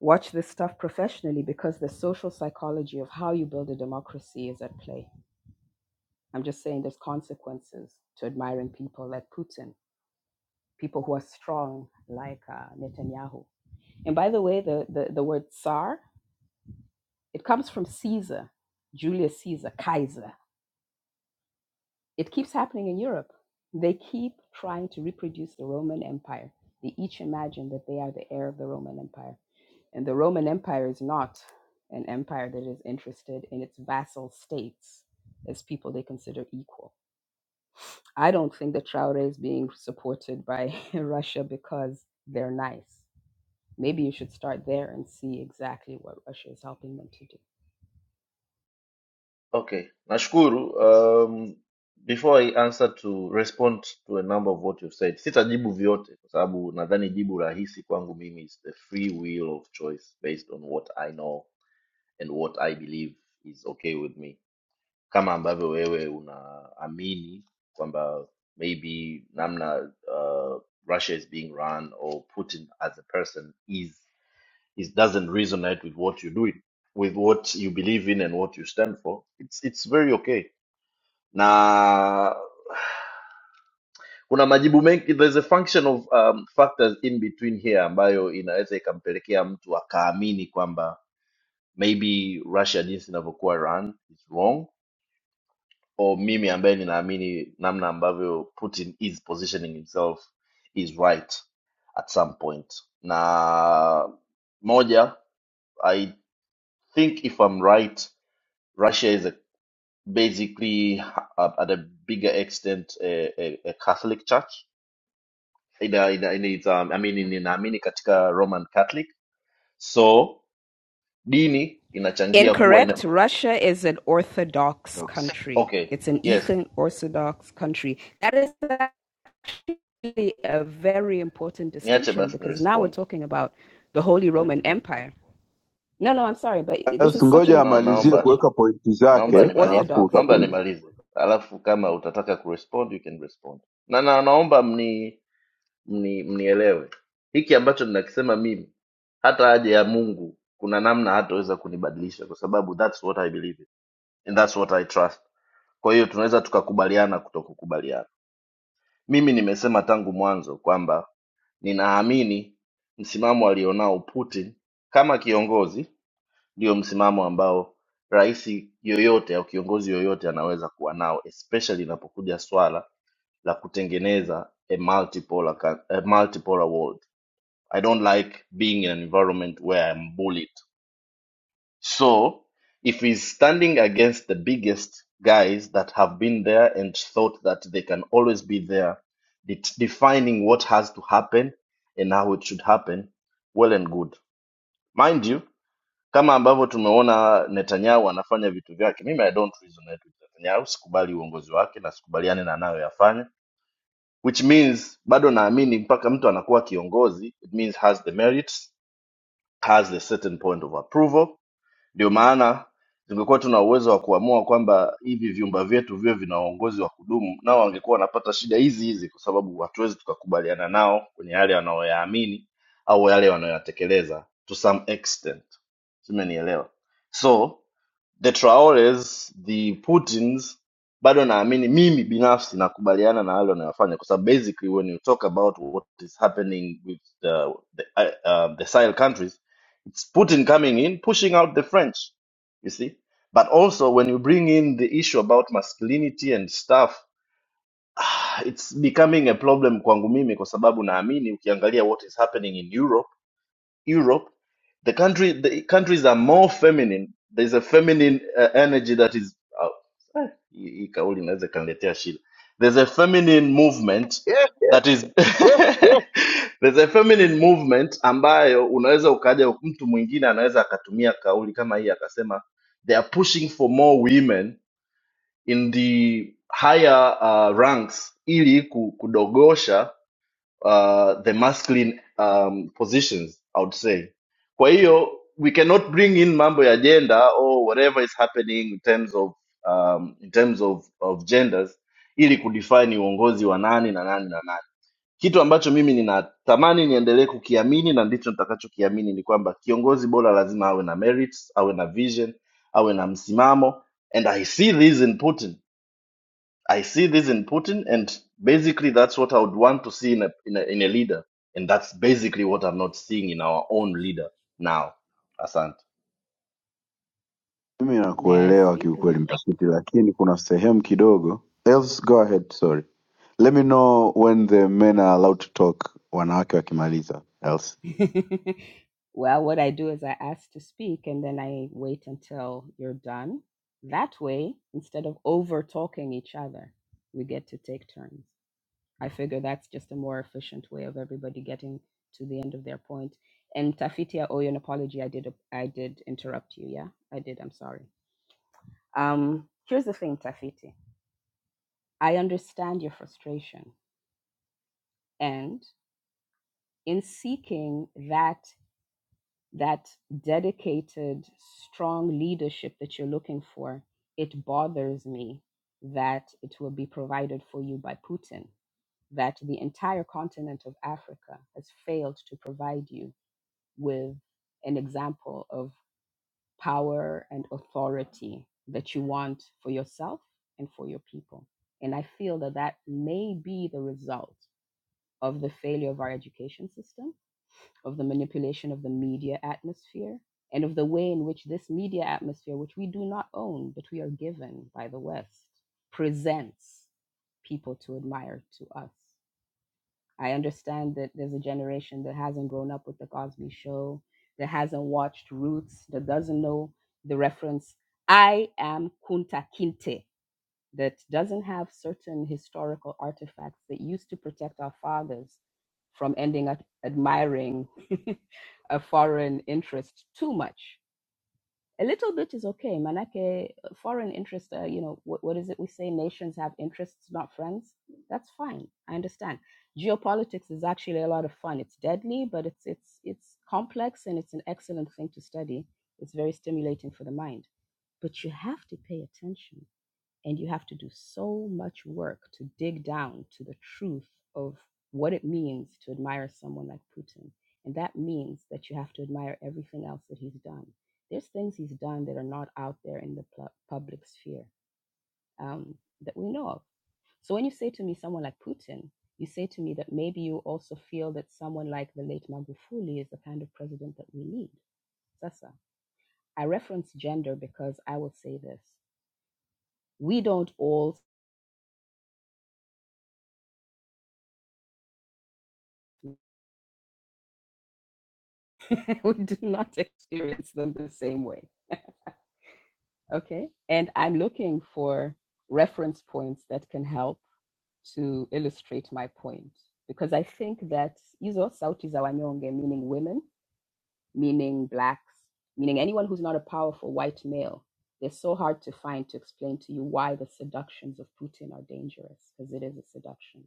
watch this stuff professionally because the social psychology of how you build a democracy is at play I'm just saying there's consequences to admiring people like Putin, people who are strong like uh, Netanyahu. And by the way, the, the, the word Tsar, it comes from Caesar, Julius Caesar, Kaiser. It keeps happening in Europe. They keep trying to reproduce the Roman Empire. They each imagine that they are the heir of the Roman Empire. And the Roman Empire is not an empire that is interested in its vassal states as people they consider equal I don't think the Traore is being supported by <laughs> Russia because they're nice. Maybe you should start there and see exactly what Russia is helping them to do.
Okay, nashukuru. Um, before I answer to respond to a number of what you've said, sitajibu vyote kwa sababu nadhani jibu rahisi kwangu mimi is the free will of choice based on what I know and what I believe is okay with me, kama ambavyo wewe unaamini kwamba maybe namna uh, Russia is being run or Putin as a person is is doesn't resonate with what you do with what you believe in and what you stand for. It's it's very okay na kuna majibu mengi there's a function of um, factors in between here ambayo inaweza ikampelekea mtu akaamini kwamba maybe russia jinsi inavyokuwa run is wrong or mimi ambaye ninaamini namna ambavyo putin is positioning himself is right at some point na moja i think if i'm right russia is a, basically uh, at a bigger extent a, a, a catholic church ina, ina, ina, it's, um, I mean, ninaamini katika Roman Catholic, so dini inachangia kuwa
Incorrect.
ina...
Russia is an Orthodox
Docs.
country.
Okay,
It's an
yes,
Eastern Orthodox country. That is actually a very important
niache
distinction
basi ni
because now we're
respond.
talking about the Holy Roman Empire. No, no, I'm sorry, but this
Else
is such an
ngoja
No,
important
amalizie
naomba
kuweka
distinction.
pointi
It's
naomba
an
zake
nimalize,
alafu
Orthodox. and
naomba
utakuja
nimalize, alafu kama utataka kurespond you can respond, na, na naomba mni, mni mnielewe hiki ambacho ninakisema mimi, hata aje ya Mungu kuna namna hataweza kunibadilisha kwa sababu that's what I believe in and that's what I trust. Kwa hiyo tunaweza tukakubaliana kutokukubaliana Mimi nimesema tangu mwanzo kwamba ninaamini msimamo alionao Putin kama kiongozi ndio msimamo ambao rais yoyote au kiongozi yoyote anaweza kuwa nao, especially inapokuja swala la kutengeneza a multipolar, coun- a multipolar world. I don't like being in an environment where I'm bullied. So if he's standing against the biggest guys that have been there and thought that they can always be there, det- defining what has to happen and how it should happen, well and good. Mind you, kama ambavyo tumeona Netanyahu anafanya vitu vyake, mimi I don't resonate with Netanyahu, sikubali uongozi wake na sikubaliani na anayoyafanya, which means bado naamini mpaka mtu anakuwa kiongozi, it means has the merits, has a certain point of approval ndio maana tungekuwa tuna uwezo wa kuamua kwamba hivi vyumba vyetu viwe vina uongozi wa kudumu, nao wangekuwa wanapata shida hizi hizi, kwa sababu hatuwezi tukakubaliana nao kwenye yale wanayoyaamini au yale wanayoyatekeleza to some extent. Simenielewa? So the Traores, the Putins, bado naamini mimi binafsi nakubaliana na yale wanayofanya, kwa sababu basically when you talk about what is happening with the, the, uh, um, the Sahel countries It's Putin coming in, pushing out the French, you see. But also, when you bring in the issue about masculinity and stuff, <sighs> ah, it's becoming a problem kwangu mimi kwa sababu naamini ukiangalia what is happening in Europe Europe, the country the countries are more feminine. There's a feminine uh, energy that is uh, eh, hii hii kauli inaweza ikaniletea shida. There's a feminine movement
yeah, yeah,
that is
yeah.
<laughs> there's a feminine movement ambayo unaweza ukaja mtu mwingine anaweza akatumia kauli kama hii akasema they are pushing for more women in the higher uh, ranks ili ku- kudogosha uh, the masculine um, positions I would say. Kwa hiyo we cannot bring in mambo ya gender or whatever is happening in terms of um, in terms of, of genders ili kudefine uongozi wa nani na nani na nani. Kitu ambacho mimi ninatamani niendelee kukiamini na ndicho nitakachokiamini ni kwamba kiongozi bora lazima awe na merits, awe na vision, awe na msimamo and I see this in Putin I see this in Putin, and basically that's what I would want to see in a, in a in a leader, and that's basically what I'm not seeing in our own leader now. Asante.
Mimi
May I
nakuelewa
speak
kiukweli
now?
mtafiti, lakini kuna sehemu kidogo. Else, go ahead, sorry. Let me know when the men are allowed to talk, wanawake wakimaliza. Else.
<laughs> Well, what I do is I ask to speak and then I wait until you're done. That way, instead of over talking each other, we get to take turns. I figure that's just a more efficient way of everybody getting to the end of their point. And Tafiti, I owe you an apology. I did I did interrupt you. Yeah, I did. I'm sorry. Um, here's the thing, Tafiti. I understand your frustration, and in seeking that that dedicated, strong leadership that you're looking for, it bothers me that it will be provided for you by Putin, that the entire continent of Africa has failed to provide you with an example of power and authority that you want for yourself and for your people. And I feel that that may be the result of the failure of our education system of the manipulation of the media atmosphere and of the way in which this media atmosphere, which we do not own, but we are given by the West, presents people to admire to us. I understand that there's a generation that hasn't grown up with The Cosby Show, that hasn't watched Roots, that doesn't know the reference, I am Kunta Kinte that doesn't have certain historical artifacts that used to protect our fathers from ending up admiring <laughs> a foreign interest too much. A little bit is okay. Manake, uh, foreign interest, uh, you know, what, what is it we say? Nations have interests, not friends. That's fine. I understand. Geopolitics is actually a lot of fun. It's deadly, but it's it's it's complex and it's an excellent thing to study. It's very stimulating for the mind. But you have to pay attention and you have to do so much work to dig down to the truth of what it means to admire someone like Putin. And that means that you have to admire everything else that he's done. There's things he's done that are not out there in the pu- public sphere um, that we know of. So when you say to me someone like Putin, you say to me that maybe you also feel that someone like the late Magufuli is the kind of president that we need. Sasa, I reference gender because I will say this. We don't all <laughs> we do not experience them the same way. Okay. And I'm looking for reference points that can help to illustrate my point because I think that Izo Sauti za Wanyonge, meaning women, meaning blacks, meaning anyone who's not a powerful white male, they're so hard to find to explain to you why the seductions of Putin are dangerous because it is a seduction.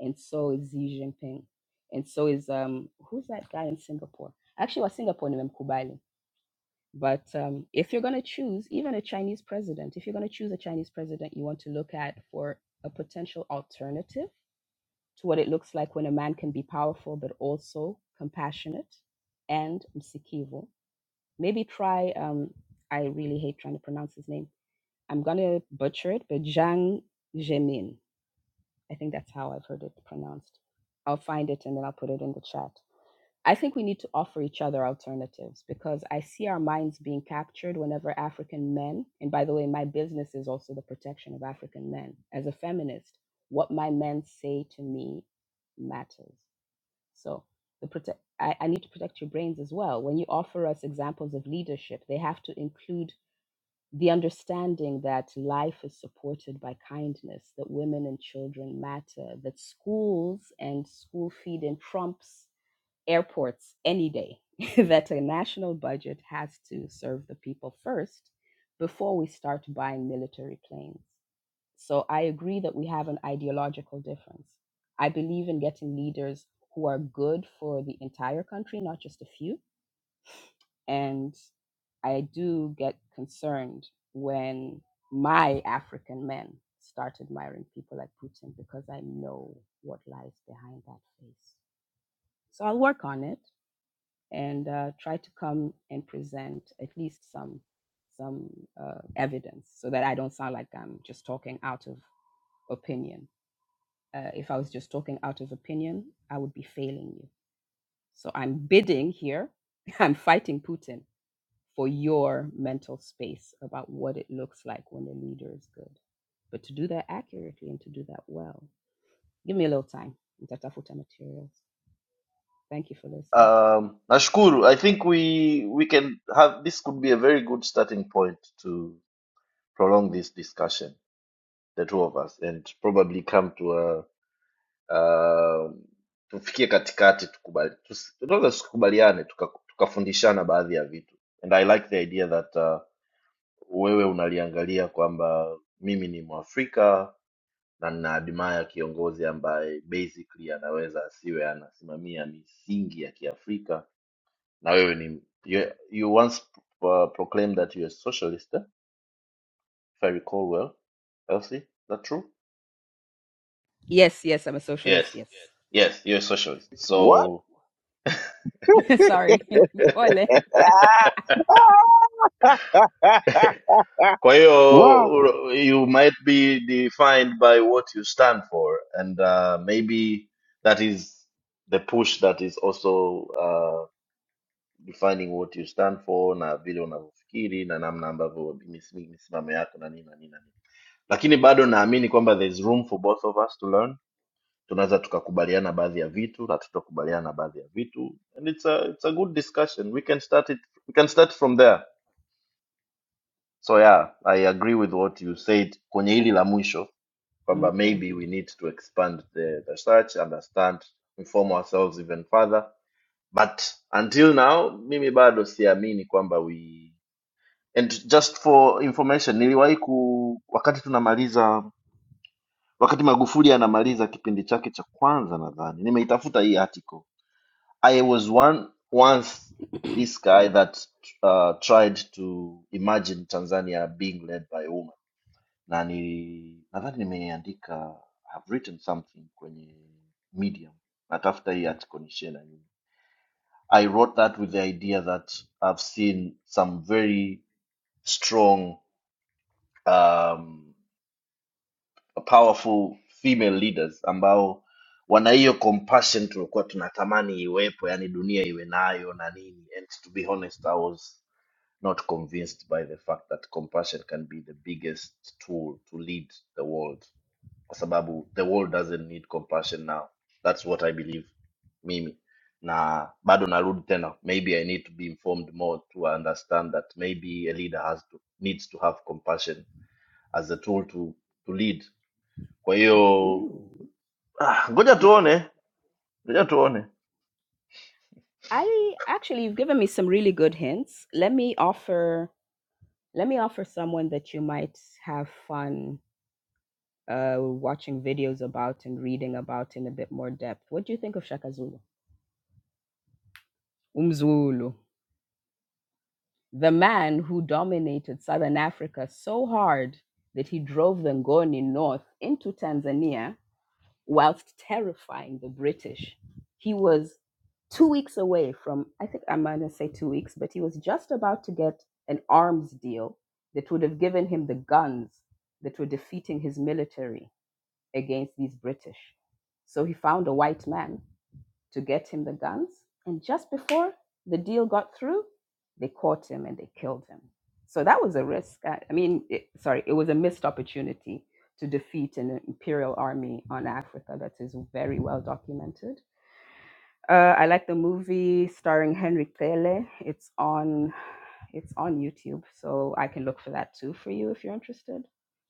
And so is Xi Jinping. And so is, um, who's that guy in Singapore? Actually, wa Singapore nimemkubali But um, if you're going to choose even a Chinese president, if you're going to choose a Chinese president, you want to look at for a potential alternative to what it looks like when a man can be powerful but also compassionate and msikivu. Maybe try, um, I really hate trying to pronounce his name. I'm going to butcher it, but Jiang Zemin. I think that's how I've heard it pronounced. I'll find it and then I'll put it in the chat. I think we need to offer each other alternatives because I see our minds being captured whenever African men, and by the way, my business is also the protection of African men. As a feminist, what my men say to me matters. So the protect, I, I need to protect your brains as well. When you offer us examples of leadership, they have to include the understanding that life is supported by kindness, that women and children matter, that schools and school feed in trumps airports any day <laughs> that a national budget has to serve the people first before we start buying military planes. So I agree that we have an ideological difference. I believe in getting leaders who are good for the entire country, not just a few. And I do get concerned when my African men start admiring people like Putin because I know what lies behind that face. So I'll work on it and uh, try to come and present at least some some uh, evidence so that I don't sound like I'm just talking out of opinion. Uh, if I was just talking out of opinion, I would be failing you. So I'm bidding here. <laughs> I'm fighting Putin for your mental space about what it looks like when the leader is good. But to do that accurately and to do that well, give me a little time. Nitatafuta materials. Thank you for listening.
Um, Nashkuru, I think we we can have this could be a very good starting point to prolong this discussion, the two of us, and probably come to a um tufikie katikati tukubali, tus- tunaweza tusikubaliane tuka- tukafundishana baadhi ya vitu, and I like the idea that uh, wewe unaliangalia kwamba mimi ni mwafrika na nina admire kiongozi ambaye basically anaweza asiwe anasimamia misingi ya kiafrika na wewe ni you, you once uh, proclaimed that you're a socialist eh? if i recall well elsie is that true
Yes, yes, I'm a socialist.
yes
Yes.
yes you're a socialist
What?
so
<laughs> Sorry. <laughs> Pole.
<laughs>
<laughs> Kwa hiyo
wow.
uro- you might be defined by what you stand for and uh, maybe that is the push that is also uh, defining what you stand for na vile unavyofikiri na namna ambavyo mis- misimamo yako na nini na nini na nini. Lakini bado naamini kwamba there is room for both of us to learn. Tunaweza tukakubaliana baadhi ya vitu na tutakubaliana na baadhi ya vitu and it's a, it's a good discussion. We can start it, we can start from there. So yeah, I agree with what you said kwenye hili la mwisho kwamba
Okay.
maybe we need to expand the, the search understand inform ourselves even further but until now mimi bado siamini kwamba we and just for information niliwahi ku wakati tunamaliza wakati magufuli anamaliza kipindi chake cha kwanza nadhani nimeitafuta hii article i was one once
<clears throat>
this guy that uh, tried to imagine tanzania being led by women na nili nadhani nimeandika have written something kwenye medium natafuta hii article nishare na nyinyi. i wrote that with the idea that i've seen some very strong um, powerful female leaders ambao wana hiyo compassion tulikuwa tunatamani iwepo yani dunia iwe nayo na nini and to be honest i was not convinced by the fact that compassion can be the biggest tool to lead the world kwa sababu the world doesn't need compassion now that's what i believe mimi na bado narudi tena maybe i need to be informed more to understand that maybe a leader has to, needs to have compassion as a tool to, to lead kwa hiyo
Ooh.
ah, ngoja
Ma-
tuone ngoja tuone
I actually you've given me some really good hints. Let me offer let me offer someone that you might have fun uh watching videos about and reading about in a bit more depth. What do you think of Shaka Zulu? Umzulu, the man who dominated Southern Africa so hard that he drove the Ngoni north into Tanzania whilst terrifying the British. He was two weeks away from, I think I'm going to say two weeks, but he was just about to get an arms deal that would have given him the guns that were defeating his military against these British. So he found a white man to get him the guns. And just before the deal got through, they caught him and they killed him. So that was a risk. I, I mean, it, sorry, it was a missed opportunity to defeat an imperial army on Africa that is very well documented. Uh, I like the movie starring Henry Pele. It's on, it's on YouTube, so I can look for that too for you if you're interested.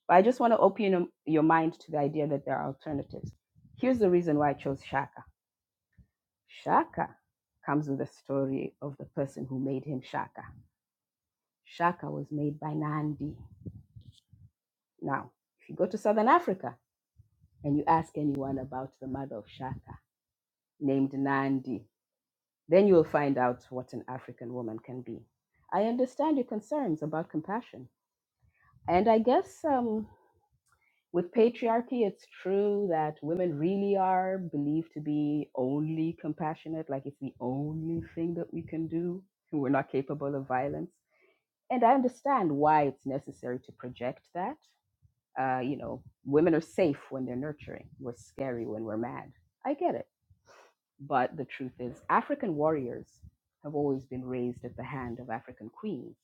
But I just want to open your mind to the idea that there are alternatives. Here's the reason why I chose Shaka Shaka comes with the story of the person who made him Shaka. Shaka was made by Nandi. Now, if you go to Southern Africa and you ask anyone about the mother of Shaka, named Nandi, then you will find out what an African woman can be. I understand your concerns about compassion. And I guess um, with patriarchy, it's true that women really are believed to be only compassionate, like it's the only thing that we can do. We're not capable of violence and I understand why it's necessary to project that. Uh, you know, women are safe when they're nurturing. We're scary when we're mad. I get it. But the truth is, African warriors have always been raised at the hand of African queens.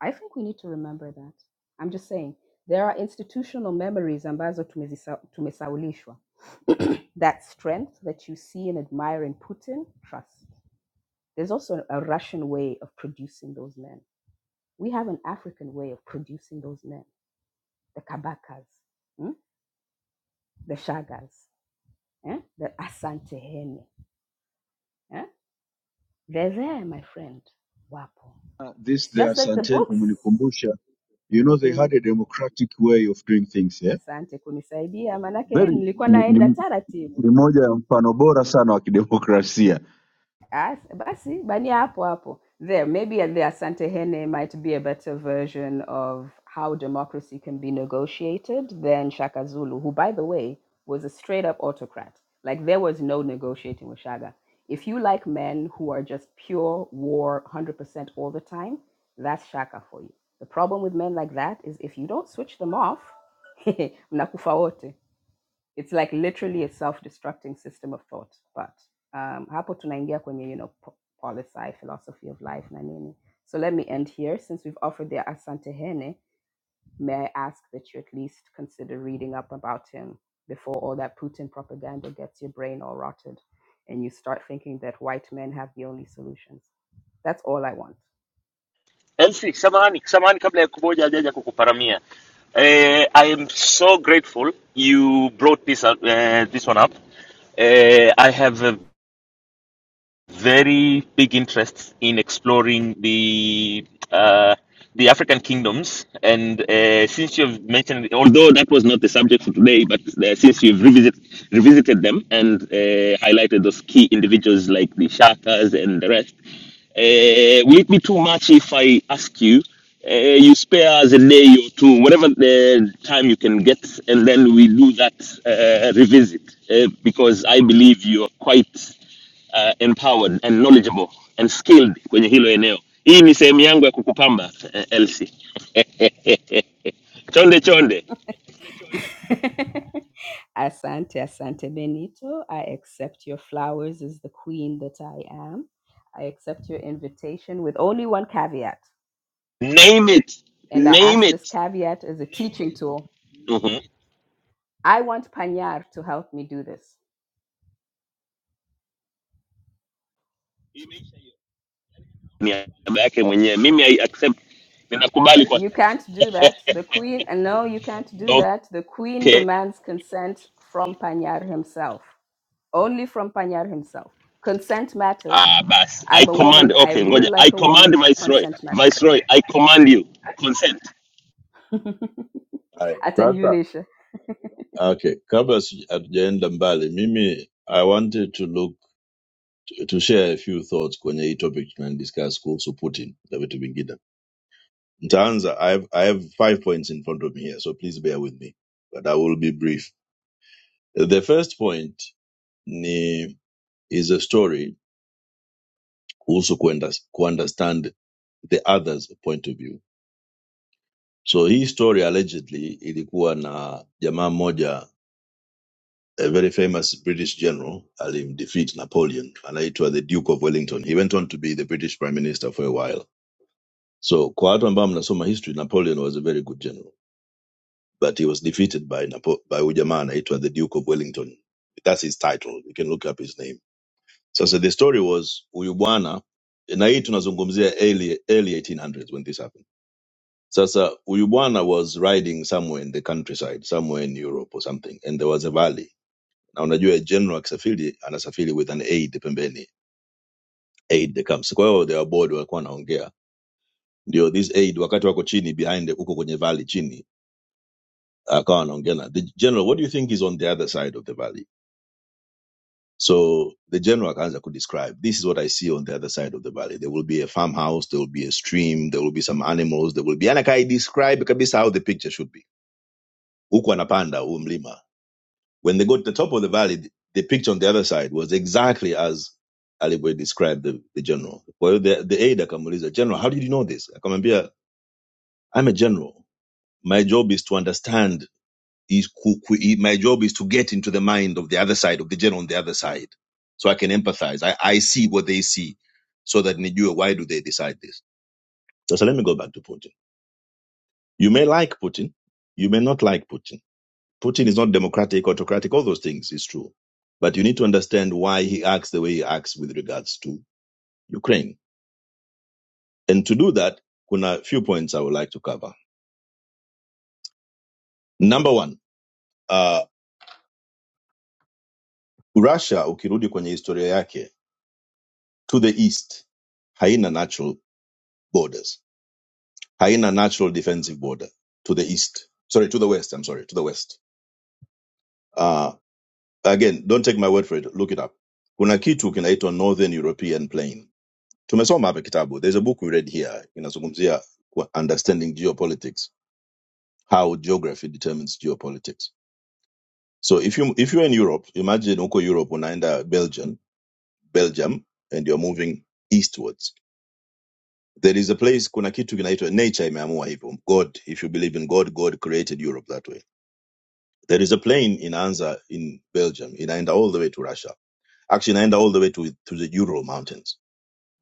I think we need to remember that. I'm just saying, there are institutional memories ambazo tumezisa- tumesaulishwa. <clears throat> that strength that you see and admire in Putin, trust. There's also a Russian way of producing those men We have an African way of producing those men, the Kabakas, mm, the Shagas, eh, the Asantehene. Eh? They're there, my friend. Wapo.
Uh, this
It's
their
just that the
Santen
books.
umenikumbusha. You know they
Mm.
had a democratic way of doing things, yeah?
Asante kunisaidia, manake
Very
nilikuwa
ni, ni,
naenda taratibu.
ni moja ya mfano bora sana wa kidemokrasia.
As, basi bani hapo hapo. There, maybe the Asante Hene might be a better version of how democracy can be negotiated than Shaka Zulu, who, by the way, was a straight up autocrat. Like, there was no negotiating with Shaka. If you like men who are just pure war 100% all the time, that's Shaka for you. The problem with men like that is if you don't switch them off, <laughs> mnakufa wote it's like literally a self-destructing system of thought but um, hapo tunaingia kwenye you know policy philosophy of life na nini so let me end here since we've offered the asante hene May I ask that you at least consider reading up about him before all that Putin propaganda gets your brain all rotted and you start thinking that white men have the only solutions? That's all I want.
MC, samahani, samahani kabla ya kuboja hajaja kukuparamia. Eh, I am so grateful you brought this, up- eh, this one up. Eh, I have a very big interests in exploring the uh, the African kingdoms. And uh, since you've mentioned, although that was not the subject for today, but uh, since you've revisit, revisited them and uh, highlighted those key individuals like the Shakas and the rest, uh, will it be too much if I ask you? Uh, you spare us a day or two, whatever the time you can get, and then we do that uh, revisit. Uh, because I believe you are quite uh, empowered and knowledgeable and skilled kwenye hilo eneo hii ni sehemu yangu ya kukupamba uh, elsi chonde chonde
<laughs> Asante, Asante Benito. I accept your flowers as the queen that I am. I accept your invitation with only one caveat.
name it
And I ask
name
this
it
caveat as a teaching tool.
mm-hmm.
I want Panyar to help me do this.
ni aba yake mwenyewe mimi i accept Nina-
You can't do that. The queen, and no, you can't do that. The queen
okay
demands consent from Panyar himself, only from Panyar himself. Consent matters.
ah, bas i
I'm a
command
woman. I
okay
rule
ngoja i
like a
command
woman.
viceroy
Consent matters.
viceroy i command you Send.
Haya,
<laughs>
sasa
Atanyulisha.
okay, kabla sija- hatujaenda mbali, mimi I wanted to look to share a few thoughts kwenye hii topic tunadiscuss kuhusu Putin na vitu vingine. Nitaanza, I have, I have five points in front of me here, so please bear with me, but I will be brief. The first point ni is a story kuhusu kuenda- understand the other's point of view. So hii story allegedly ilikuwa na jamaa mmoja a very famous British general alimdefeat Napoleon, anaitwa the Duke of Wellington. He went on to be the British Prime Minister for a while. So kwa watu ambao mnasoma history, Napoleon was a very good general, but he was defeated by Napo- by huyu jamaa anaitwa the Duke of Wellington. That's his title. You can look up his name. Sasa the story was huyu bwana, na hii tunazungumzia early, early 1800s when this happened. Sasa huyu bwana was riding somewhere in the countryside, somewhere in Europe or something, and there was a valley na unajua general akisafiri anasafiri with an aid pembeni aid comes kwa hiyo they were bored walikuwa wanaongea ndio this aid wakati wako chini behind huko kwenye valley chini akawa anaongea na the general what do you think is on the other side of the valley so the general Kanza could describe? this is what i see on the other side of the valley there will be a farmhouse there will be a stream there will be some animals there will be yani akai describe kabisa how the picture should be huku anapanda huu mlima When they got to the top of the valley, the picture on the other side was exactly as Ali Boy described the, the general. Well, the, the aide akamuuliza, General, how did you know this? Akamwambia, I'm a general. My job is to understand. Is my job is to get into the mind of the other side of the general on the other side, so I can empathize. I, I see what they see, so that Nijua, why do they decide this? So, so let me go back to Putin. You may like Putin, you may not like Putin Putin is not democratic, autocratic, all those things is true. But you need to understand why he acts the way he acts with regards to Ukraine. And to do that, kuna few points I would like to cover. Number one, uh, Russia, ukirudi kwenye historia yake, to the east, haina natural borders. Haina natural defensive border to the east. Sorry, to the west, I'm sorry, to the west. Uh, again, don't take my word for it, look it up. Kuna kitu kinaitwa Northern European Plain tumesoma hapa kitabu there's a book we read here inazungumzia kwa- understanding geopolitics how geography determines geopolitics so if you if you're in europe imagine uko europe unaenda belgium belgium and you're moving eastwards there is a place kuna kitu kinaitwa nature imeamua hivyo god if you believe in god god created europe that way there is a plane inaanza in belgium inaenda all the way to russia actually inaenda all the way to, to the ural mountains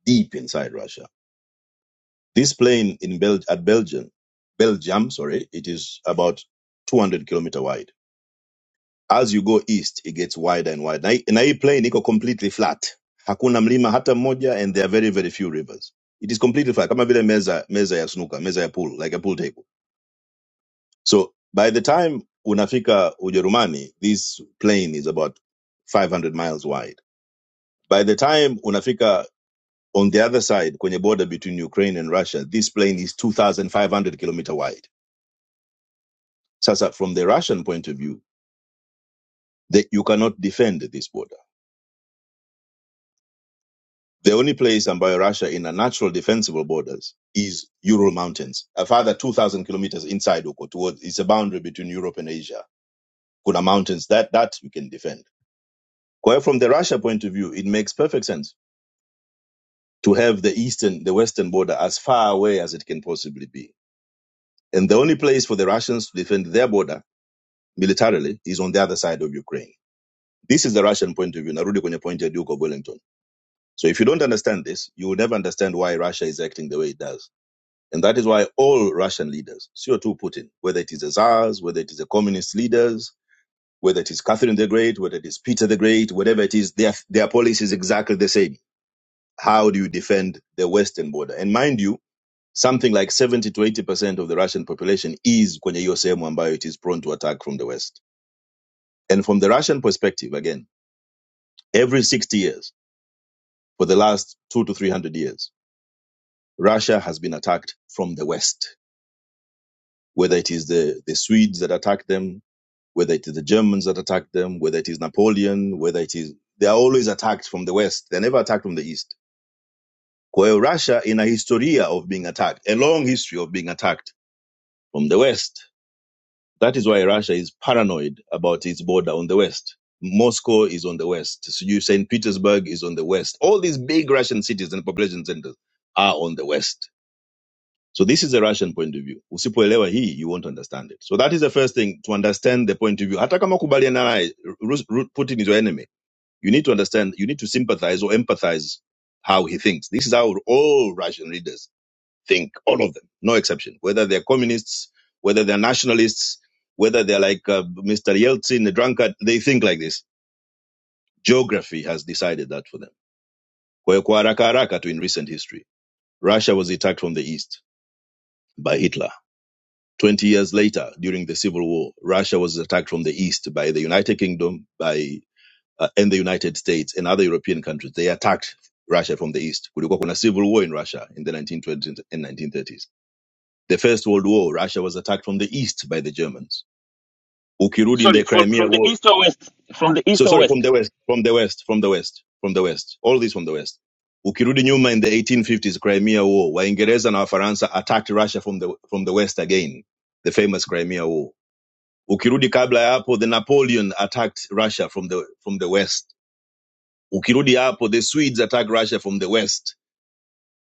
deep inside russia This plain in Bel- at Belgium, Belgium, sorry, it is about 200 kilometer wide. As you go east, it gets wider and wider. Na, na hii plain iko completely flat. Hakuna mlima hata mmoja and there are very very few rivers. It is completely flat kama vile meza meza ya snooker, meza ya pool, like a pool table. So by the time unafika Ujerumani, this plain is about 500 miles wide. By the time unafika on the other side kwenye border between Ukraine and Russia, this plain is 2500 kilometer wide Sasa from the Russian point of view, that you cannot defend this border. The only place ambayo Russia ina natural defensible borders is Ural Mountains. A further 2,000 kilometers inside huko towards, it's a boundary between Europe and Asia. Kuna mountains that, that you can defend. Kwa hiyo from the Russia point of view, it makes perfect sense to have the eastern, the western border as far away as it can possibly be. And the only place for the Russians to defend their border militarily is on the other side of Ukraine. This is the Russian point of view. narudi kwenye point ya duke of wellington So if you don't understand this, you will never understand why Russia is acting the way it does. And that is why all Russian leaders, CO2 Putin, whether it is the Tsars, whether it is the communist leaders, whether it is Catherine the Great, whether it is Peter the Great, whatever it is, their, their policy is exactly the same. How do you defend the Western border? And mind you, something like 70 to 80% of the Russian population is kwenye hiyo sehemu ambayo it is prone to attack from the West. And from the Russian perspective, again, every 60 years, for the last two to 300 years, Russia has been attacked from the West, whether it is the, the Swedes that attacked them, whether it is the Germans that attacked them, whether it is Napoleon, whether it is, they are always attacked from the West. They're never attacked from the East. Kwa Russia in a historia of being attacked, a long history of being attacked from the West. That is why Russia is paranoid about its border on the West. Moscow is on the West. St. Petersburg is on the West. All these big Russian cities and population centers are on the West So this is the Russian point of view. Usipoelewa hii, you won't understand it. So that is the first thing to understand the point of view. Hata kama kubaliana naye, Rus- Ru- Putin is your enemy. You need to understand, you need to sympathize or empathize how he thinks. This is how all Russian leaders think, all of them, no exception. Whether they're communists, whether they're nationalists, whether they're like uh, Mr. Yeltsin, the drunkard, they think like this. Geography has decided that for them. Kwa hiyo kwa haraka haraka tu in recent history, Russia was attacked from the east by Hitler. 20 years later, during the Civil War, Russia was attacked from the east by the United Kingdom by uh, and the United States and other European countries. They attacked Russia from the east. Kulikuwa kuna civil war in Russia in the 1920s and 1930s. The First World War, Russia was attacked from the east by the Germans. Ukirudi in
sorry
the
from,
Crimea
from the
War.
east or west from the
So
east or
sorry, from
west
the west, from the west, from the west, from the west. All this from the west. Ukirudi nyuma in the 1850s Crimea War, Waingereza na Wafaransa attacked Russia from the from the west again. The famous Crimea War ukirudi kabla ya hapo the napoleon attacked russia from the, from the west ukirudi hapo the swedes attacked russia from the west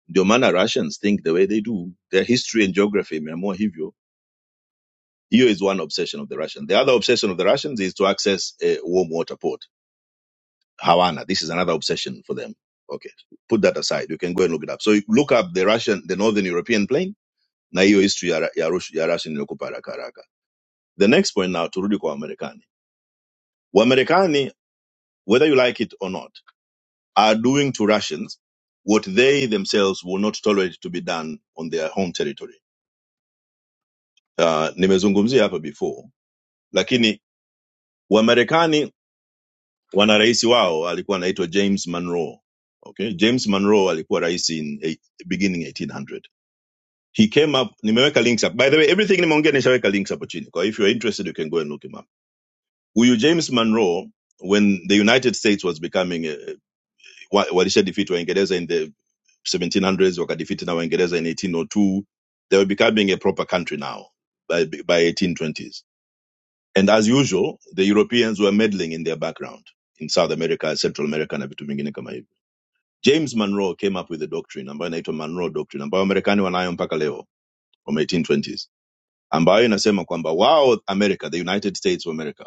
ndio maana russians think the way they do their history and geography imeamua hivyo hiyo is one obsession of the Russians. the other obsession of the russians is to access a warm water port havana this is another obsession for them okay put that aside you can go and look it up so you look up the russian the northern european plain na hiyo history ya, ya, Rus- ya russian inakupa haraka haraka the next point now turudi kwa wamarekani wamarekani whether you like it or not are doing to Russians what they themselves will not tolerate to be done on their home territory. Uh, nimezungumzia hapa before, lakini Wamarekani wana rais wao alikuwa anaitwa James Monroe. Okay, James Monroe alikuwa rais in eight, beginning 1800. He came up, nimeweka links up. By the way, everything nimeongea nishaweka links hapo chini. Kwa if you are interested you can go and look him up. Huyu James Monroe when the United States was becoming uh, wa- walishadefeat Waingereza in the 1700s wakadefeat na waingereza in 1802 they were becoming a proper country now by, by 1820s and as usual the europeans were meddling in their background in south america central america na vitu vingine kama hivyo james monroe came up with a doctrine ambayo inaitwa monroe doctrine ambayo wamarekani wanayo mpaka leo from 1820s ambayo inasema kwamba wao america the united states of america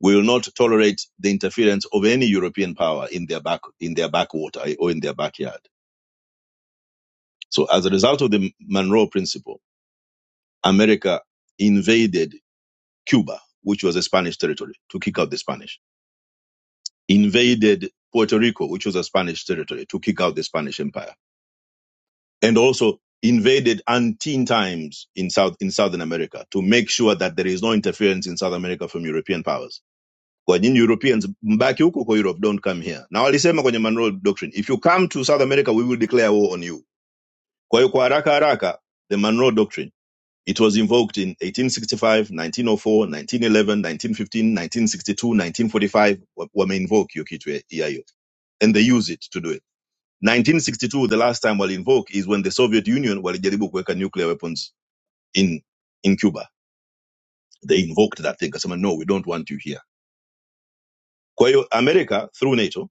will not tolerate the interference of any european power in their back in their backwater or in their backyard so as a result of the monroe principle America invaded Cuba, which was a Spanish territory, to kick out the Spanish, invaded Puerto Rico, which was a Spanish territory, to kick out the Spanish Empire, and also invaded Antine times in South in Southern America to make sure that there is no interference in South America from European powers. Kwa nyinyi Europeans mbaki huko kwa Europe, don't come here. Na walisema kwenye Monroe Doctrine, if you come to South America we will declare war on you. Kwa hiyo kwa haraka haraka the Monroe Doctrine It was invoked in 1865, 1904, 1911, 1915, 1962, 1945. wa- Wameinvoke hiyo kitu ya EIO and they use it to do it. 1962, the last time wali invoke is when the Soviet Union walijaribu kuweka nuclear weapons in, in Cuba. They invoked that thing. Kasema, no, we don't want you here. Kwa hiyo America through NATO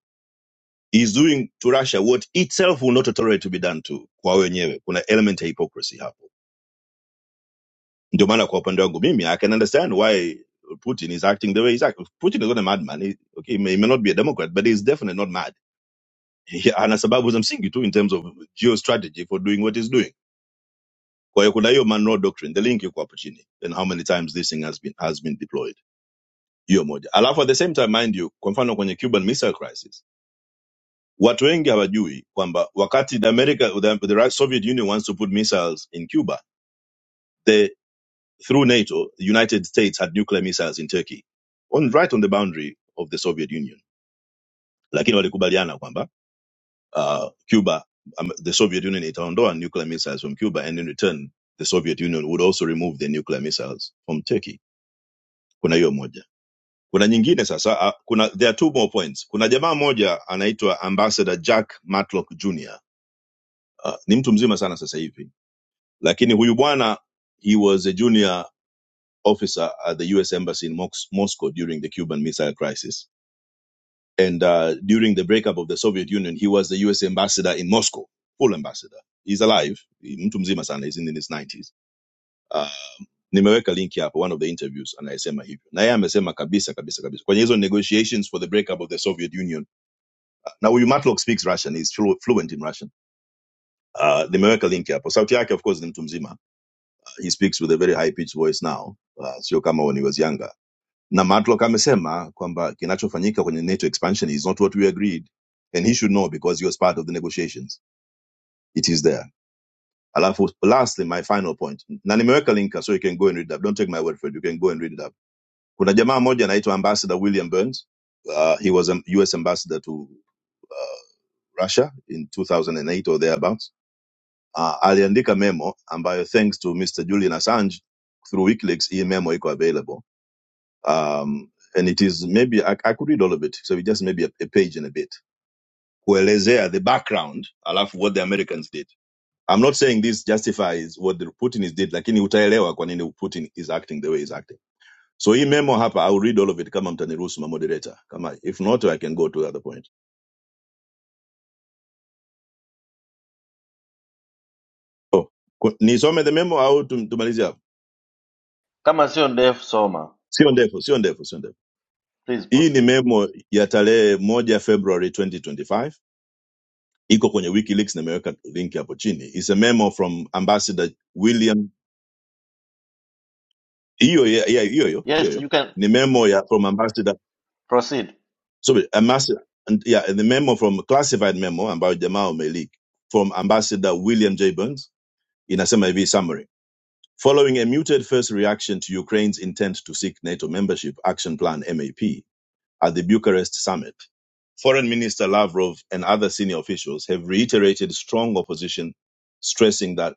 is doing to Russia what itself will not tolerate to be done to kwa wenyewe. Kuna element ya hypocrisy hapo Ndio maana kwa upande wangu mimi I can understand why Putin is acting the way he's acting. Putin is not a madman. He, okay, he may, he may not be a Democrat, but he's definitely not mad. Yeah, ana sababu za msingi tu in terms of geostrategy for doing what he's doing. Kwa hiyo kuna hiyo Monroe Doctrine, the link iko hapo chini and how many times this thing has been, has been deployed. Hiyo moja. Alafu at the same time mind you, kwa mfano kwenye Cuban Missile Crisis, watu wengi hawajui kwamba wakati the America, the, the Soviet Union wants to put missiles in Cuba, through NATO, the United States had nuclear missiles in Turkey, on right on the boundary of the Soviet Union. Lakini walikubaliana kwamba uh, Cuba, um, the Soviet Union itaondoa nuclear missiles from Cuba, and in return the Soviet Union would also remove the nuclear missiles from Turkey. Kuna hiyo moja. Kuna nyingine sasa, uh, kuna there are two more points. Kuna jamaa moja anaitwa Ambassador Jack Matlock Jr. Uh, ni mtu mzima sana sasa hivi, lakini huyu bwana he was a junior officer at the U.S. Embassy in Mox- Moscow during the Cuban Missile Crisis. And uh, during the breakup of the Soviet Union, he was the U.S. ambassador in Moscow, full ambassador. He's alive. Mtu mzima sana, he's in his 90s. Uh, nimeweka linki hapo, one of the interviews, anayesema hivyo. Na yeye amesema kabisa kabisa kabisa kwenye hizo negotiations for the breakup of the Soviet Union. Na huyu Matlock speaks Russian, he's flu- fluent in Russian. Uh, nimeweka link hapo. Sauti yake of course ni mtu mzima. Uh, He speaks with a very high pitched voice now. Uh, sio kama when he was younger. na matlock amesema kwamba kinachofanyika kwenye nato expansion is not what we agreed and he should know because he was part of the negotiations it is there alafu lastly my final point na nimeweka linka so you can go and read it up don't take my word for it you can go and read it up kuna jamaa moja anaitwa ambassador william burns uh, he was a us ambassador to uh, russia in 2008 or thereabouts uh, aliandika memo ambayo thanks to mr julian assange through wikileaks hii memo iko available um, and it is maybe I, I could read all of it, so it just maybe a, a page and a bit. Kuelezea the background alafu what the Americans did. I'm not saying this justifies what the Putin is did, lakini utaelewa kwa nini Putin is acting the way he's acting. So hii memo hapa, I'll read all of it kama mtaniruhusu ma moderator. Kama if not, I can go to the other point. Oh, ku- nisome the memo au tum- tumalizie hapo?
kama sio ndefu soma
Sio ndefu, sio ndefu, sio ndefu.
please
Hii ni
proceed
memo ya tarehe moja February 2025 iko kwenye wikileaks nimeweka link hapo chini is a memo from ambassador william hiyo ya- ya- hiyo hiyo hiyo
yes
hiyo.
you can
ni memo ya from ambassador
proceed
sorry ambassador and- yeah the memo from classified memo ambayo jamaa umeleak from ambassador william j burns inasema hivi summary following a muted first reaction to ukraine's intent to seek nato membership action plan map at the bucharest summit foreign minister lavrov and other senior officials have reiterated strong opposition stressing that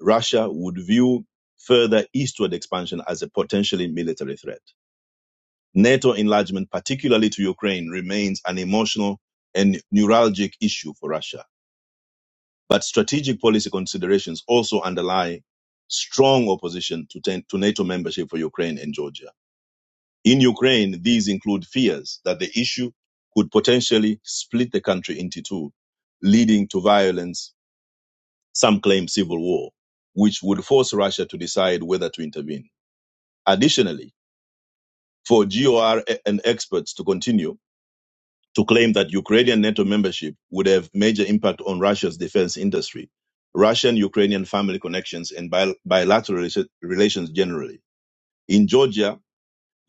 Russia would view further eastward expansion as a potentially military threat. NATO enlargement, particularly to Ukraine, remains an emotional and neuralgic issue for Russia. But strategic policy considerations also underlie strong opposition to, ten- to NATO membership for Ukraine and Georgia. In Ukraine, these include fears that the issue could potentially split the country into two, leading to violence, some claim civil war, which would force Russia to decide whether to intervene. Additionally, for GOR and experts to continue to claim that Ukrainian NATO membership would have major impact on Russia's defense industry, Russian Ukrainian family connections, and bil- bilateral rela- relations generally. In Georgia,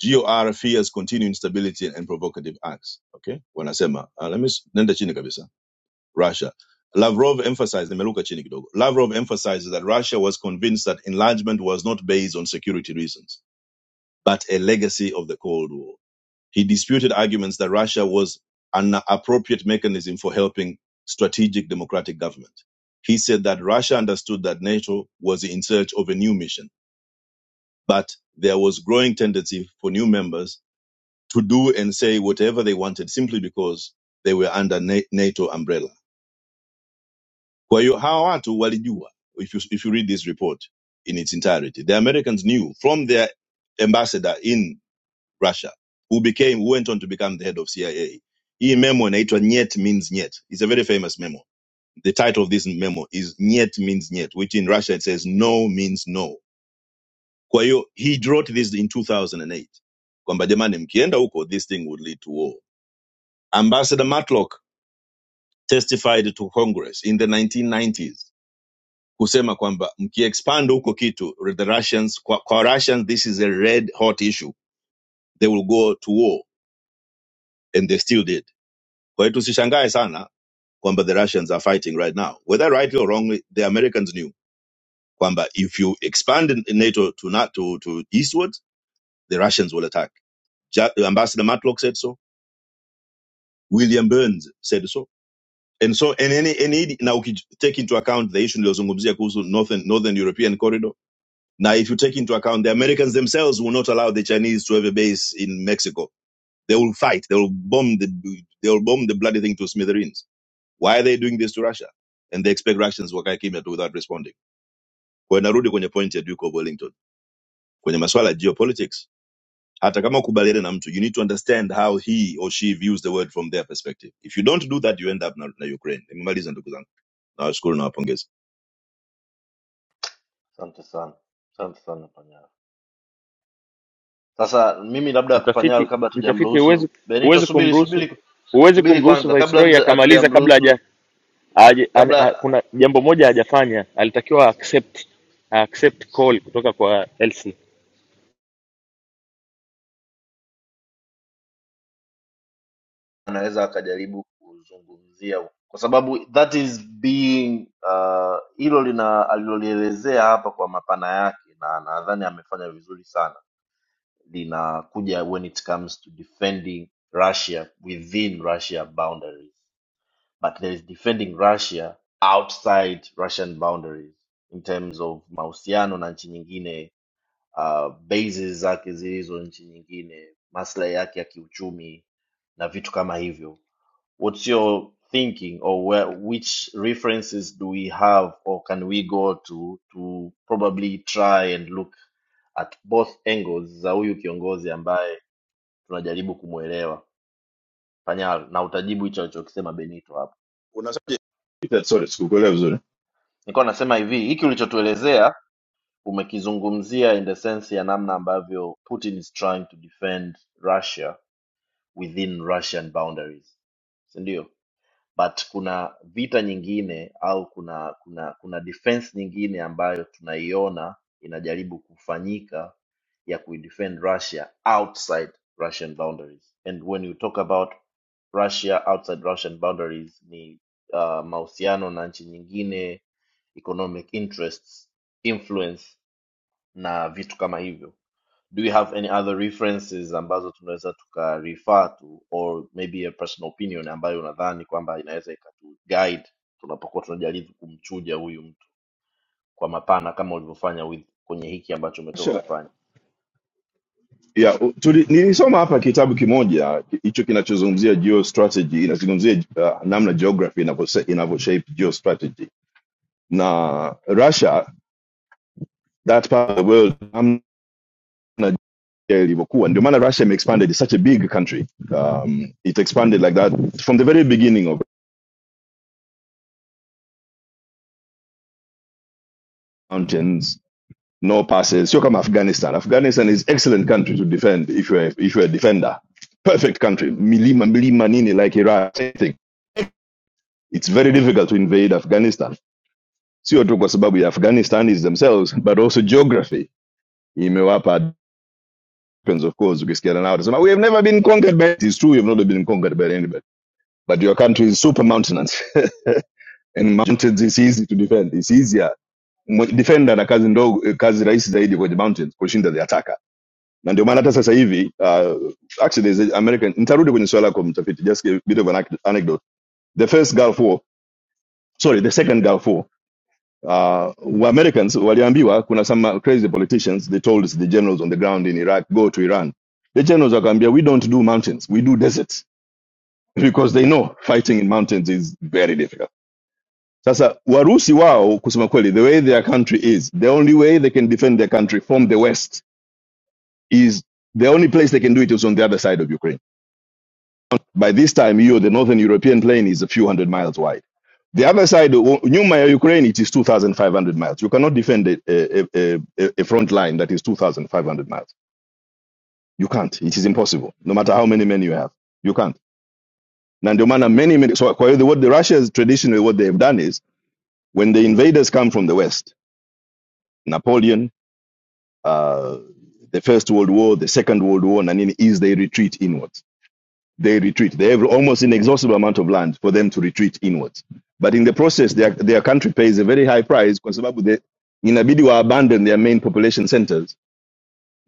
GOR fears continued instability and provocative acts. Okay, wanasema uh, let me s- nenda chini kabisa. Russia. Lavrov emphasized, nimeruka chini kidogo. Lavrov emphasises that Russia was convinced that enlargement was not based on security reasons, but a legacy of the Cold War. He disputed arguments that Russia was an appropriate mechanism for helping strategic democratic government. He said that Russia understood that NATO was in search of a new mission, but there was growing tendency for new members to do and say whatever they wanted simply because they were under Na- NATO umbrella. Kwa hiyo hawa watu walijua, if you, if you read this report in its entirety, the Americans knew from their ambassador in. Russia, who became who went on to become the head of CIA. Hii memo inaitwa Nyet means Nyet. It's a very famous memo. The title of this memo is Nyet means Nyet, which in Russia it says no means no. Kwa hiyo, he wrote this in 2008. Kwamba jamani mkienda huko this thing would lead to war. Ambassador Matlock testified to Congress in the 1990s kusema kwamba mkiexpand huko kitu the Russians kwa, kwa Russians this is a red hot issue. They will go to war and they still did. Kwa hiyo tusishangae sana kwamba the Russians are fighting right now. Whether rightly or wrongly, the Americans knew kwamba if you expand in- in NATO to not to, to eastward, the Russians will attack. Ja- Ambassador Matlock said so. William Burns said so. And so, and any, any, now we take into account the issue niliyozungumzia kuhusu northern, northern European corridor. Now, if you take into account the Americans themselves will not allow the Chinese to have a base in Mexico. They will fight. They will bomb the, they will bomb the bloody thing to smithereens. Why are they doing this to Russia? And they expect Russians wakae kimya tu without responding. Kwa hiyo narudi kwenye point ya Duke of Wellington kwenye masuala ya geopolitics. Hata kama ukubaliane na mtu, you need to understand how he or she views the world from their perspective. If you don't do that, you end up na, na Ukraine. Nimemaliza ndugu zangu, nawashukuru na wapongeza.
asante sana asante sana panyari. Sasa mimi labda Panyal,
mtafiti
kabla
mtafiti
hatujamruhusu
huwezi
Benito,
huwezi
subiri
kumruhusu
subiri
huwezi
subiri
kumruhusu
kwanza, kabla
viceroy
mzee
akamaliza kabla haja
hatujamruhusu,
Aje, an, a,
kabla
kuna jambo moja hajafanya, alitakiwa accept accept call kutoka kwa LC.
anaweza akajaribu kuzungumzia, kwa sababu that is being ah, hilo lina alilolielezea hapa kwa mapana yake, na nadhani amefanya vizuri sana, linakuja when it comes to defending Russia within Russia boundaries. but there is defending Russia outside Russian boundaries in terms of mahusiano na nchi nyingine, uh, bases zake zilizo nchi nyingine, maslahi yake ya kiuchumi na vitu kama hivyo. What's your thinking or where, which references do we have or can we go to to probably try and look at both angles za huyu kiongozi ambaye tunajaribu kumwelewa Panyal, na utajibu hicho alichokisema Benito hapo.
Unasaje? Sorry, sikukuelewa vizuri.
Nilikuwa nasema hivi, hiki ulichotuelezea umekizungumzia in the sense ya namna ambavyo Putin is trying to defend Russia within Russian boundaries, si ndio? but kuna vita nyingine au kuna kuna kuna defense nyingine ambayo tunaiona inajaribu kufanyika ya kuidefend Russia outside Russian boundaries and when you talk about Russia outside Russian boundaries ni uh, mahusiano na nchi nyingine economic interests influence na vitu kama hivyo do you have any other references ambazo tunaweza tuka refer to or maybe a personal opinion ambayo unadhani kwamba inaweza ikatu guide tunapokuwa tunajaribu kumchuja huyu mtu kwa mapana kama ulivyofanya with kwenye hiki ambacho umetoka
Sure.
kufanya
Yeah, u- tuli, nilisoma hapa kitabu kimoja hicho kinachozungumzia geostrategy, inazungumzia uh, namna geography inavyose- inavyoshape geostrategy na Russia, that part of the world, namna ya ilivyokuwa ndio maana russia expanded it's such a big country um, it expanded like that from the very beginning of mountains no passes sio kama afghanistan afghanistan is excellent country to defend if you're, if you're a defender perfect country milima milima nini like iraq same thing it's very difficult to invade afghanistan sio tu kwa sababu ya afghanistanis themselves but also geography imewapa depends of course ukisikiana nao utasema we have never been conquered by it. it's true you have not been conquered by anybody but your country is and mountain is easy to defend it's easier mwe- defender ana kazi ndogo eh, kazi rahisi zaidi kwenye mountains kushinda the attacker na ndio maana hata sasa hivi uh, actually the american nitarudi kwenye swala yako mtafiti just a bit of an anec- anecdote the first gulf war sorry the second gulf war uh, wa americans waliambiwa kuna some crazy politicians they told the generals on the ground in iraq go to iran the generals wakaambia we don't do mountains we do deserts because they know fighting in mountains is very difficult sasa warusi wao kusema kweli the way their country is the only way they can defend their country from the west is the only place they can do it is on the other side of Ukraine. By this time, you the northern European plain is a few hundred miles wide. The other side, o- Nyuma Ukraine, it is 2,500 miles. You cannot defend a, a, a, a front line that is 2,500 miles. You can't. It is impossible. No matter how many men you have, you can't. Na ndio maana many, many, so kwa hiyo what the Russians traditionally what they have done is when the invaders come from the west, Napoleon, uh, the First World War, the Second World War, and nini, is they retreat inwards they retreat. They have almost inexhaustible amount of land for them to retreat inwards. But in the process, their, their country pays a very high price kwa sababu they inabidi wa abandon their main population centers.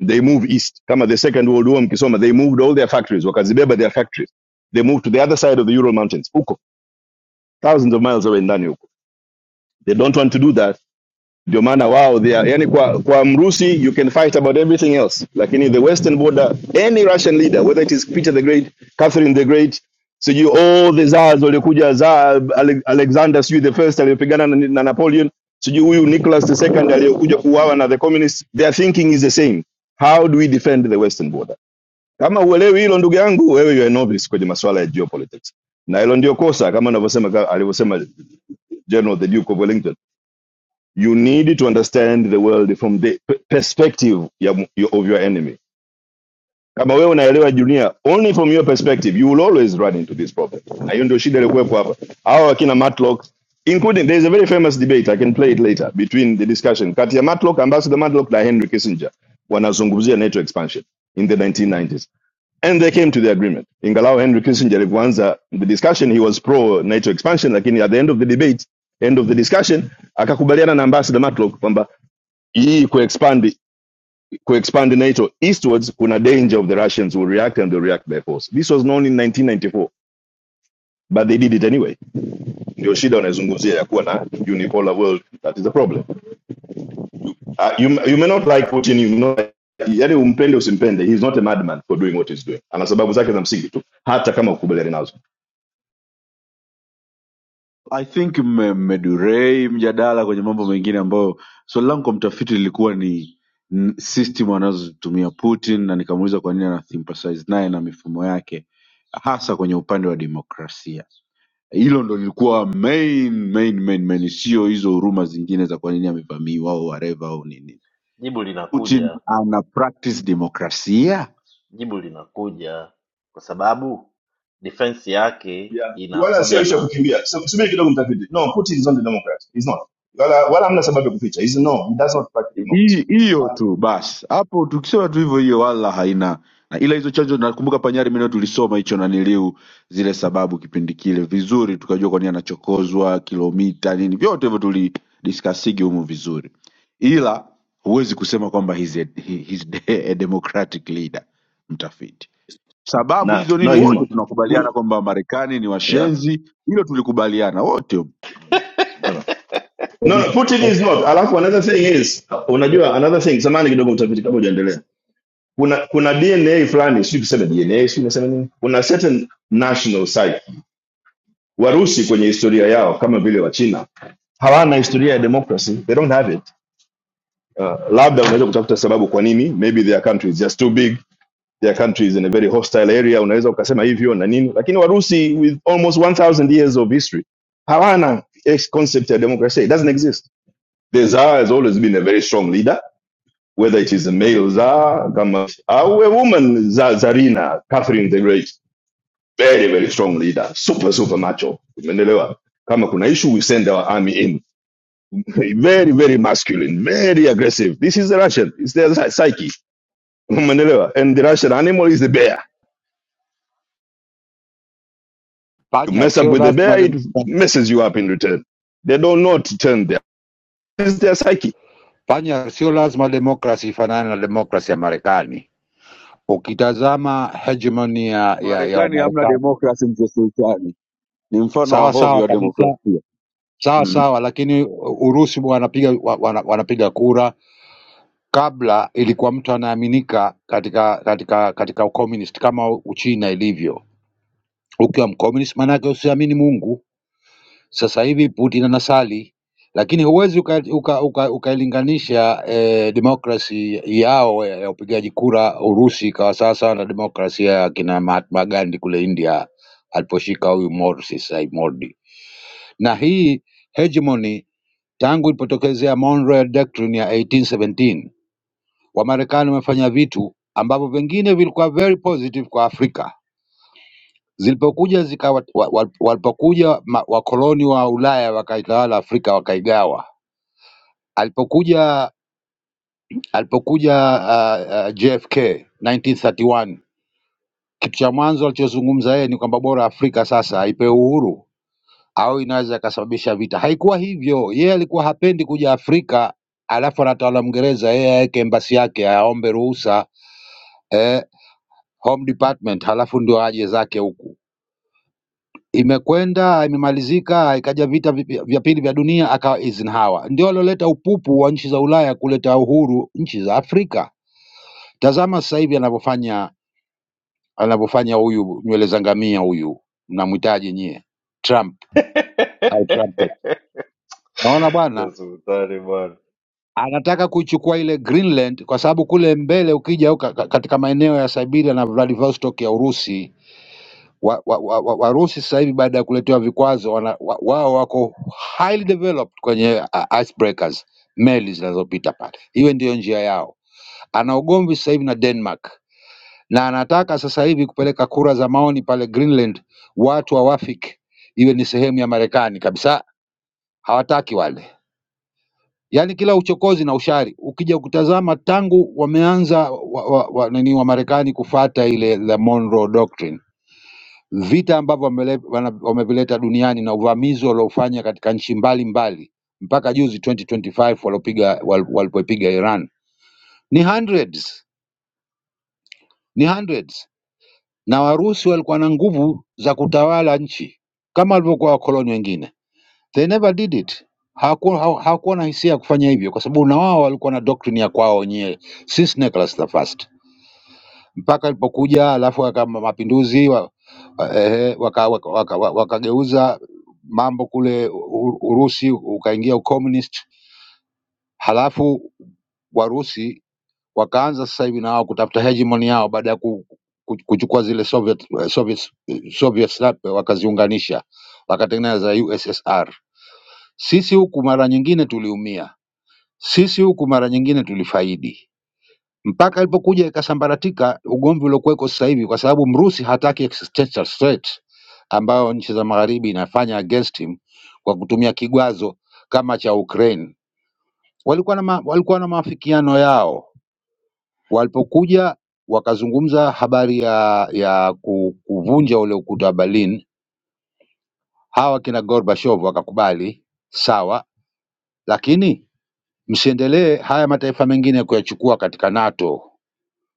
They move east. Kama the Second World War mkisoma, they moved all their factories, wakazibeba their factories. They moved to the other side of the Ural Mountains, huko, thousands of miles away ndani huko. They don't want to do that ndio maana wao they are, yani kwa, kwa mrusi you can fight about everything else lakini the western border any russian leader whether it is peter the great catherine the great so you all the zars waliokuja za alexander sijui the first aliyopigana na, na napoleon sijui huyu nicholas the second aliyokuja kuuawa na the communists their thinking is the same how do we defend the western border kama uelewi hilo ndugu yangu wewe you are novice kwenye masuala ya geopolitics na hilo ndio kosa kama unavyosema alivyosema general the duke of wellington you need to understand the world from the p- perspective ya yo- of your enemy kama wewe unaelewa dunia only from your perspective you will always run into this problem na hiyo ndio shida ilikuwepo hapa hawa wakina matlock including there is a very famous debate i can play it later between the discussion kati ya matlock ambassador matlock na henry kissinger wanazungumzia nato expansion in the 1990s and they came to the agreement ingalao henry kissinger alivyoanza the discussion he was pro nato expansion lakini at the end of the debate end of the discussion akakubaliana na ambassador matlock kwamba hii kuexpand kuexpand nato eastwards kuna danger of the russians will react and they react by force this was known in 1994 but they did it anyway ndio shida wanayozungumzia ya kuwa na unipolar world that is the problem uh, you, you may not like putin you may not like, yani umpende usimpende he's not a madman for doing what he's doing ana sababu zake za msingi tu hata kama ukubaliani nazo
I think mme- mmedurei mjadala kwenye mambo mengine ambayo swali langu kwa mtafiti lilikuwa ni n- system anazozitumia Putin na nikamuuliza kwa nini ana sympathize naye na mifumo yake hasa kwenye upande wa demokrasia. Hilo ndo lilikuwa main main main main, sio hizo huruma zingine za kwa nini amevamiwa au whatever au nini.
jibu
Putin
linakuja
ana practice demokrasia
jibu linakuja kwa sababu defense yake
yeah. wala sio
inakuja
ishu ya
na
kukimbia Sub- subiri kidogo mtafiti no putin is not a democrat he's not wala wala hamna sababu ya kuficha he's no he does not practice democracy
Hi- hiyo tu basi hapo tukisema tu hivyo hiyo wala haina na ila hizo chanjo nakumbuka panyari mwenyewe tulisoma hicho naniliu zile sababu kipindi kile vizuri tukajua kwa nini anachokozwa kilomita nini vyote hivyo tulidiskasigi humu vizuri ila huwezi kusema kwamba he's a, he- he's <laughs> de- a democratic leader mtafiti sababu
no
hizo
no
nini
he's
wote
not
tunakubaliana kwamba marekani ni
yeah
washenzi hilo tulikubaliana wote
No, no. No, no, Putin is not. Alafu another thing is, unajua another thing, samani kidogo mtafiti kabla hujaendelea. Kuna kuna DNA fulani, sio kusema DNA, sio nasema nini? Kuna certain national site. Warusi kwenye historia yao kama vile wa China hawana historia ya democracy. They don't have it. Uh, labda unaweza kutafuta kwa nini? Maybe their country is just too big. Their country is in a very hostile area. Unaweza ukasema hivyo na nini? Lakini Warusi with almost 1000 years of history hawana ex- concept ya democracy. It doesn't exist. The Tsar has always been a very strong leader whether it is a male Tsar, kama, a woman Tsar, Tsarina, Catherine the Great, very, very strong leader, super, super macho. Umeelewa? Kama kuna issue, we send our army in. <laughs> very, very masculine, very aggressive. This is the Russian. It's their psy- psyche. Umeelewa? And the Russian animal is the bear. You
Panya
mess up
sio
with the
lazima
bear, it
dem-
messes you up in return. They don't know to turn there. This is their psyche.
panya sio lazima demokrasi ifanane na demokrasi ya Marekani. Ukitazama hegemoni ya, ya, ya
marekani hamna
Marekani
demokrasi mchesultani ni mfano wa
sawa sawa
hovyo wa
kabisa,
demokrasia
sawa
Mm.
sawa, lakini Urusi wanapiga wa- wana, wanapiga kura. Kabla ilikuwa mtu anaaminika katika katika katika ucommunist kama Uchina ilivyo. Ukiwa mcommunist maanake usiamini Mungu Sasa hivi Putin anasali, lakini huwezi ukailinganisha uka, uka, uka ukailinganisha, eh, demokrasi yao ya ya upigaji kura Urusi ikawa sawasawa na demokrasia ya kina Mahatma Gandhi kule India aliposhika huyu Morsi sasa hivi Modi, na hii hegemony tangu ilipotokezea Monroe Doctrine ya 1817 Wamarekani wamefanya vitu ambavyo vingine vilikuwa very positive kwa Afrika zilipokuja zikawa wa- wa- walipokuja ma- wakoloni wa Ulaya wakaitawala Afrika wakaigawa Alipokuja alipokuja uh, uh, JFK 1931 kitu cha mwanzo alichozungumza yeye ni kwamba bora Afrika sasa aipewe uhuru au inaweza ikasababisha vita. Haikuwa hivyo, yeye alikuwa hapendi kuja Afrika alafu anatawala Mngereza, yeye aweke embasi yake aombe ruhusa eh, Home Department, halafu ndio aje zake huku. Imekwenda imemalizika, ikaja vita vipi- vya pili vya dunia, akawa Eisenhower ndio alioleta upupu wa nchi za Ulaya kuleta uhuru nchi za Afrika Tazama sasa hivi anavyofanya anavyofanya huyu nywele za ngamia huyu, mnamhitaji nyie Trump
<laughs>
au Trumpet. Naona bwana
Ya sultani bwana
anataka kuichukua ile Greenland kwa sababu kule mbele ukija uka, ka- katika maeneo ya Siberia na Vladivostok ya Urusi wa, wa, wa, wa, Warusi sasa hivi baada ya kuletewa vikwazo wana, wa, wao wako highly developed kwenye uh, icebreakers meli zinazopita pale, hiyo ndiyo njia yao. Ana ugomvi sasa hivi na Denmark na anataka sasa hivi kupeleka kura za maoni pale Greenland, watu hawafiki, iwe ni sehemu ya Marekani kabisa, hawataki wale. Yaani kila uchokozi na ushari ukija kutazama, tangu wameanza wa, wa, wa, nini wa Marekani kufata ile la Monroe Doctrine, vita ambavyo wamele- wana- wamevileta duniani na uvamizi waliofanya katika nchi mbalimbali mpaka juzi 2025 walopiga wal- walipoipiga Iran ni hundreds, ni hundreds na Warusi walikuwa na nguvu za kutawala nchi kama walivyokuwa wakoloni wengine. They never did it. Hawakuwa hawa- hawakuwa na hisia ya kufanya hivyo, kwa sababu na wao walikuwa na doctrine ya kwao wenyewe since Nicholas the First mpaka alipokuja, alafu kama mapinduzi wa, eh, wakageuza waka, waka, waka wakageuza mambo kule U- Urusi ukaingia ucommunist, halafu Warusi wakaanza sasa hivi na wao kutafuta hegemoni yao baada ya ku, ku, kuchukua zile Soviet, eh, Soviet, eh, Soviet slap wakaziunganisha wakatengeneza USSR. Sisi huku mara nyingine tuliumia, sisi huku mara nyingine tulifaidi mpaka ilipokuja ikasambaratika ugomvi uliokuweko sasa hivi, kwa sababu Mrusi hataki existential threat ambayo nchi za magharibi inafanya against him kwa kutumia kigwazo kama cha Ukraine. Walikuwa na ma, walikuwa na maafikiano yao Walipokuja wakazungumza habari ya ya ku- kuvunja ule ukuta wa Berlin, hawa kina Gorbachev wakakubali sawa, lakini msiendelee haya mataifa mengine kuyachukua katika NATO.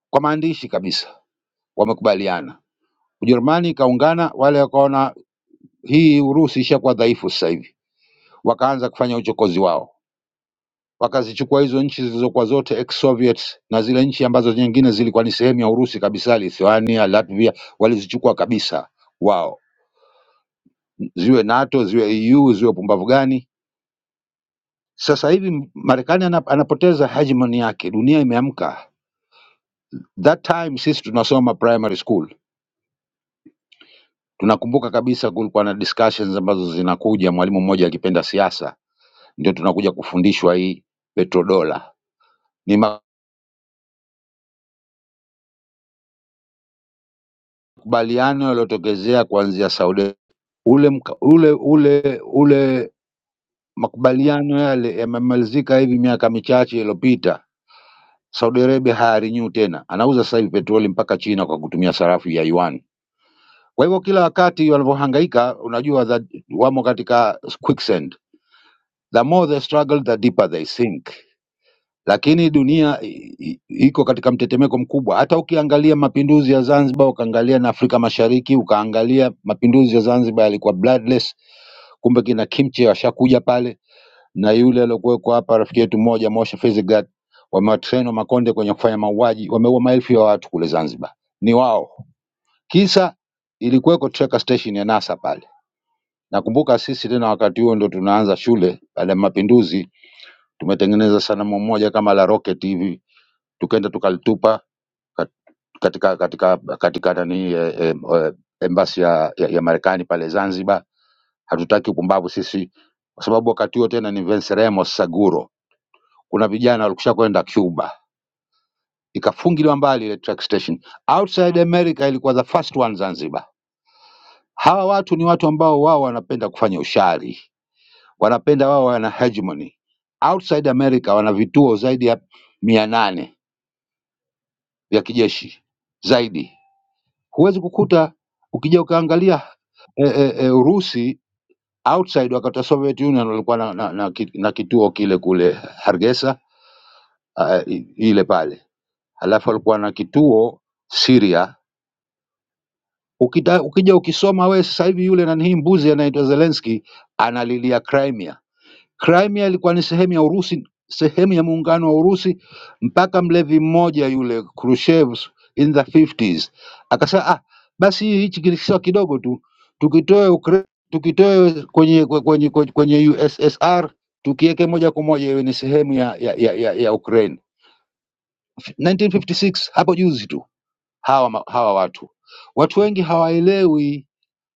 Kwa maandishi kabisa wamekubaliana. Ujerumani ikaungana, wale wakaona hii Urusi ishakuwa dhaifu sasa hivi, wakaanza kufanya uchokozi wao. wakazichukua hizo nchi zilizokuwa zote ex-Soviet na zile nchi ambazo nyingine zilikuwa ni sehemu ya Urusi kabisa, Lithuania, Latvia, walizichukua kabisa wao, ziwe NATO, ziwe EU, ziwe pumbavu gani. Sasa hivi Marekani ana- anapoteza hegemoni yake, dunia imeamka. That time sisi tunasoma primary school, tunakumbuka kabisa kulikuwa na discussions ambazo zinakuja, mwalimu mmoja akipenda siasa, ndio tunakuja kufundishwa hii petrodola ni makubaliano yaliyotokezea kuanzia Saudi Ule mka ule ule ule makubaliano yale yamemalizika hivi miaka michache iliyopita. Saudi Arabia hayarenew tena, anauza sasa hivi petroli mpaka China kwa kutumia sarafu ya yuan. Kwa hivyo kila wakati wanavyohangaika, unajua that wamo katika quicksand. The more they struggle, the deeper they sink. Lakini dunia i- i- iko katika mtetemeko mkubwa. Hata ukiangalia mapinduzi ya Zanzibar, ukaangalia na Afrika Mashariki, ukaangalia mapinduzi ya Zanzibar yalikuwa bloodless, kumbe kina Kimche washakuja pale na yule aliyokuwekwa hapa rafiki yetu mmoja Moshe Fizigat, wamewatrain wa Makonde kwenye kufanya mauaji, wameua maelfu ya watu kule Zanzibar, ni wao. Kisa ilikuweko tracker station ya NASA pale. Nakumbuka sisi tena wakati huo ndo tunaanza shule baada ya mapinduzi, tumetengeneza sanamu moja kama la rocket hivi, tukaenda tukalitupa kat- katika katika katika nani eh, eh, eh, embassy ya, ya, ya Marekani pale Zanzibar. Hatutaki upumbavu sisi, kwa sababu wakati huo tena ni Venceremos Saguro kuna vijana walikusha kwenda Cuba, ikafungiliwa mbali ile track station. Outside America ilikuwa the first one Zanzibar. Hawa watu ni watu ambao wao wanapenda kufanya ushari, wanapenda wao wana hegemony. Outside America wana vituo zaidi ya mia nane vya kijeshi zaidi. Huwezi kukuta ukija ukaangalia e, e, e, Urusi outside wakati wa Soviet Union walikuwa na, na, na, ki- na kituo kile kule Hargesa uh, ile pale, halafu walikuwa na kituo Syria Ukita, ukija ukisoma wewe sasa hivi yule nanihii mbuzi anaitwa Zelensky analilia Crimea. Crimea ilikuwa ni sehemu ya Urusi, sehemu ya muungano wa Urusi mpaka mlevi mmoja yule Khrushchev in the 50s akasema ah, basi hichi kisiwa kidogo tu tukitoe Ukra- tukitoe kwenye kwenye, kwenye, kwenye USSR tukiweke moja kwa moja iwe ni sehemu ya, ya, ya, ya, ya Ukraine. 1956 hapo juzi tu hawa, ma- hawa watu watu wengi hawaelewi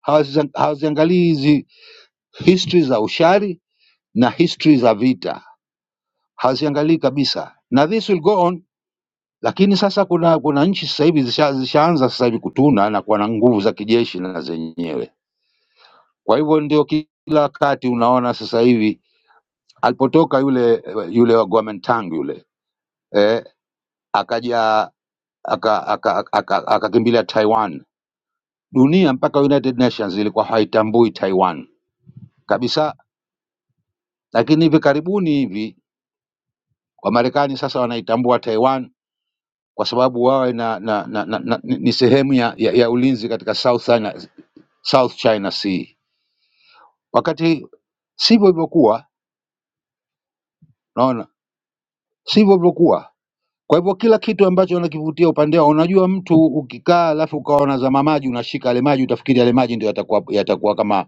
hawaziza- hawaziangalii hizi history za ushari na history za vita hawaziangalii kabisa na this will go on lakini sasa kuna kuna nchi sasa hivi zisha, zishaanza sasa hivi kutuna na kuwa na nguvu za kijeshi na zenyewe kwa hivyo ndio kila wakati unaona sasa hivi alipotoka yule yule wa Kuomintang yule eh, akaja akakimbilia aka, aka, aka, aka akakimbilia Taiwan dunia mpaka United Nations ilikuwa haitambui Taiwan kabisa lakini hivi karibuni hivi Wamarekani sasa wanaitambua Taiwan kwa sababu wawe na, na, na, na, na, ni ni sehemu ya, ya, ya ulinzi katika South China, South China Sea, wakati sivyo ilivyokuwa. Naona sivyo ilivyokuwa. Kwa hivyo kila kitu ambacho wanakivutia upande wao, unajua mtu ukikaa alafu ukawa unazama maji, unashika yale maji, utafikiri yale maji ndio yatakuwa yatakuwa kama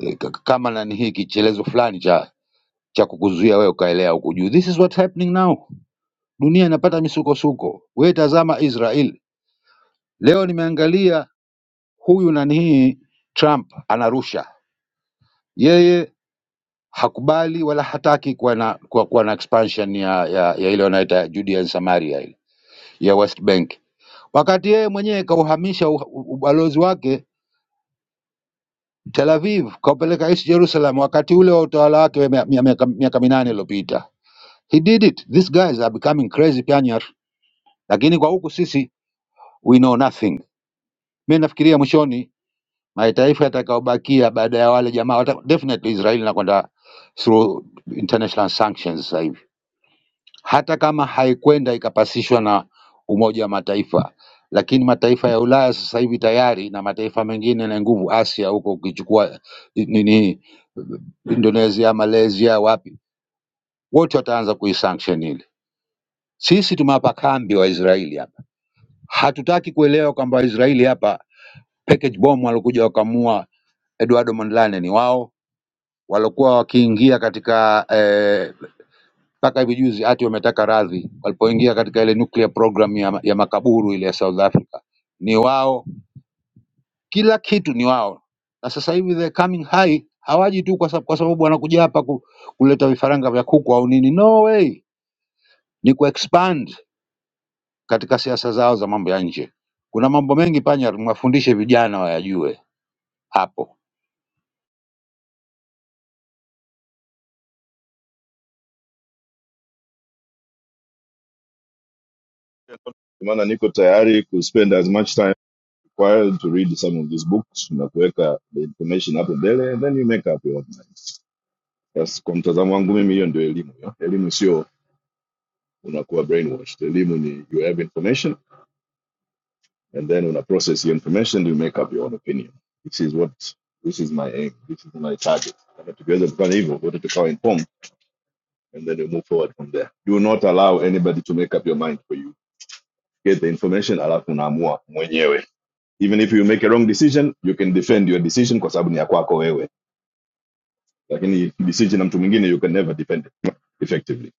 eh, k- kama nani hii kichelezo fulani cha cha kukuzuia wewe ukaelea huku juu. This is what happening now. Dunia inapata misukosuko. Wewe tazama Israel. Leo nimeangalia huyu nanii Trump anarusha, yeye hakubali wala hataki kuwa na, kuwa, kuwa na expansion ya, ya, ya ile wanaita Judea and Samaria ile ya West Bank, wakati yeye mwenyewe kauhamisha u- u- ubalozi wake Tel Aviv kaupeleka East Jerusalem wakati ule wa utawala wake wa mia- mia- miaka miaka minane iliyopita. He did it. These guys are becoming crazy panyar, lakini kwa huku sisi we know nothing. Mi nafikiria mwishoni mataifa yatakayobakia baada ya wale jamaa wata, definitely Israel inakwenda through international sanctions sasa hivi, hata kama haikwenda ikapasishwa na Umoja wa Mataifa, lakini mataifa ya Ulaya sasa hivi tayari na mataifa mengine na nguvu Asia huko, ukichukua nini Indonesia, Malaysia, wapi, wote wataanza kuisanction ile. Sisi tumewapa kambi wa Israeli hapa, hatutaki kuelewa kwamba Israeli hapa package bomb walikuja wakamua Eduardo Mondlane ni wao waliokuwa wakiingia katika eh, mpaka eh, hivi juzi hati wametaka radhi walipoingia katika ile nuclear program ya, ya makaburu ile ya South Africa. Ni wao, kila kitu ni wao. Na sasa hivi the coming high hawaji tu kwa sababu, kwa sababu wanakuja hapa ku, kuleta vifaranga vya kuku au nini. No way, ni ku expand katika siasa zao za mambo ya nje. Kuna mambo mengi panya, mwafundishe vijana wayajue, hapo
Maana niko tayari to spend as much time required to read some of these books na kuweka the information hapo mbele and then you make up your own mind yes kwa mtazamo wangu mimi hiyo ndio elimu yo. elimu sio unakuwa brainwashed elimu ni you have information and then una process your information you make up your own opinion this is what this is my aim this is my target Kama tukiweza kufanya hivyo wote tukawa informed and then you move forward from there do not allow anybody to make up your mind for you get the information alafu unaamua mwenyewe even if you make a wrong decision you can defend your decision kwa sababu ni ya kwako wewe lakini decision na mtu mwingine you can never depend effectively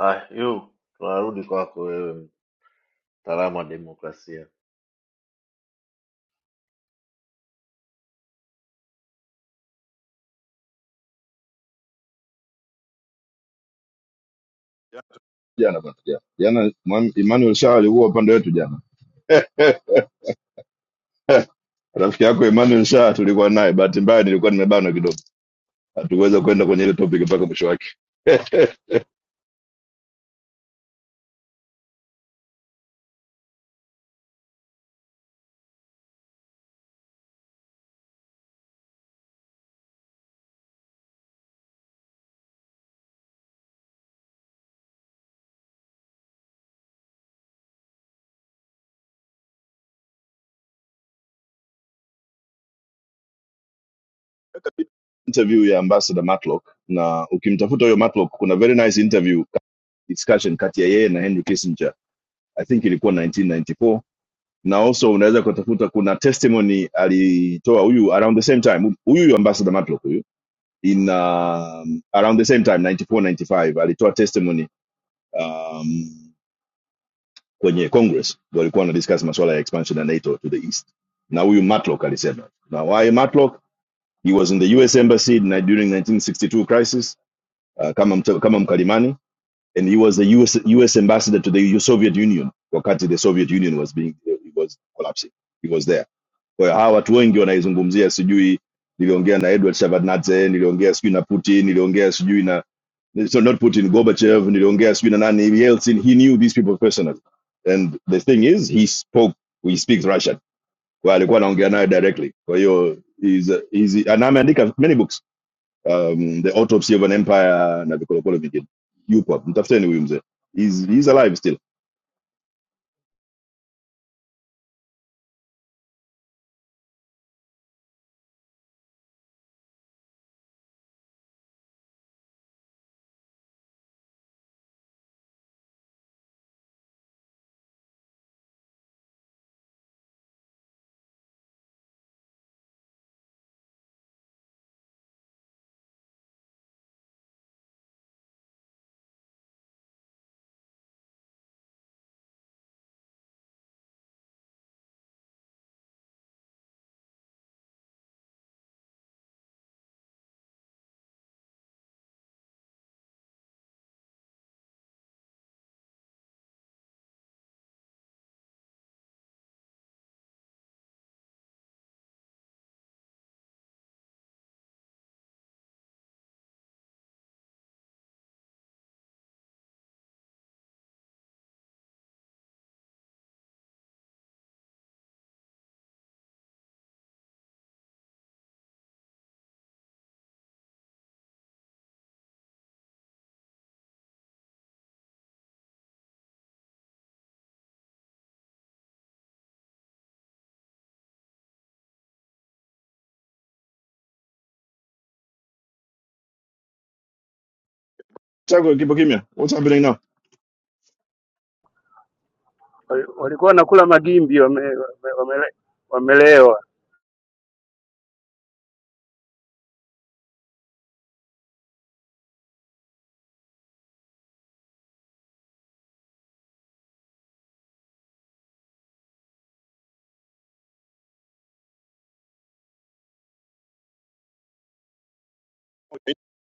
ah, yu tunarudi kwako wewe mtaalamu wa demokrasia
Yeah, jana bwana jana jana Mwan- Emmanuel Shah alikuwa upande wetu jana <laughs> rafiki yako Emmanuel Shah tulikuwa naye bahati mbaya nilikuwa nimebanwa kidogo hatuweza kwenda kwenye ile topic mpaka mwisho wake <laughs> interview ya ambassador Matlock na ukimtafuta huyo Matlock kuna very nice interview discussion kati ya yeye na Henry Kissinger I think ilikuwa 1994 na also unaweza kutafuta kuna testimony alitoa huyu around the same time huyu huyu ambassador Matlock huyu in um, around the same time 94 95 alitoa testimony um, kwenye congress walikuwa wanadiscuss masuala ya expansion ya nato to the east na huyu matlock alisema na why matlock he was in the us embassy na- during 1962 crisis uh, kama, mta- kama mkalimani and he was the US, us ambassador to the soviet union wakati the soviet union was being uh, was collapsing he was there kwa hiyo hawa watu wengi wanaizungumzia sijui niliongea na edward shabadnadze niliongea sijui na putin niliongea sijui na so not Putin, Gorbachev, Nilongea, Sweden, and Yeltsin, he knew these people personally. And the thing is, he spoke, he speaks Russian. Well, alikuwa anaongea nayo directly. Kwa hiyo, is. he's, and ameandika many books. Um, the Autopsy of an Empire na vikolokolo vingine. Yupo, mtafuteni huyu mzee. He's, he's alive still. Chako kipo kimya. What's happening now?
Wali- walikuwa wanakula magimbi wame, wame, wamele, wamelewa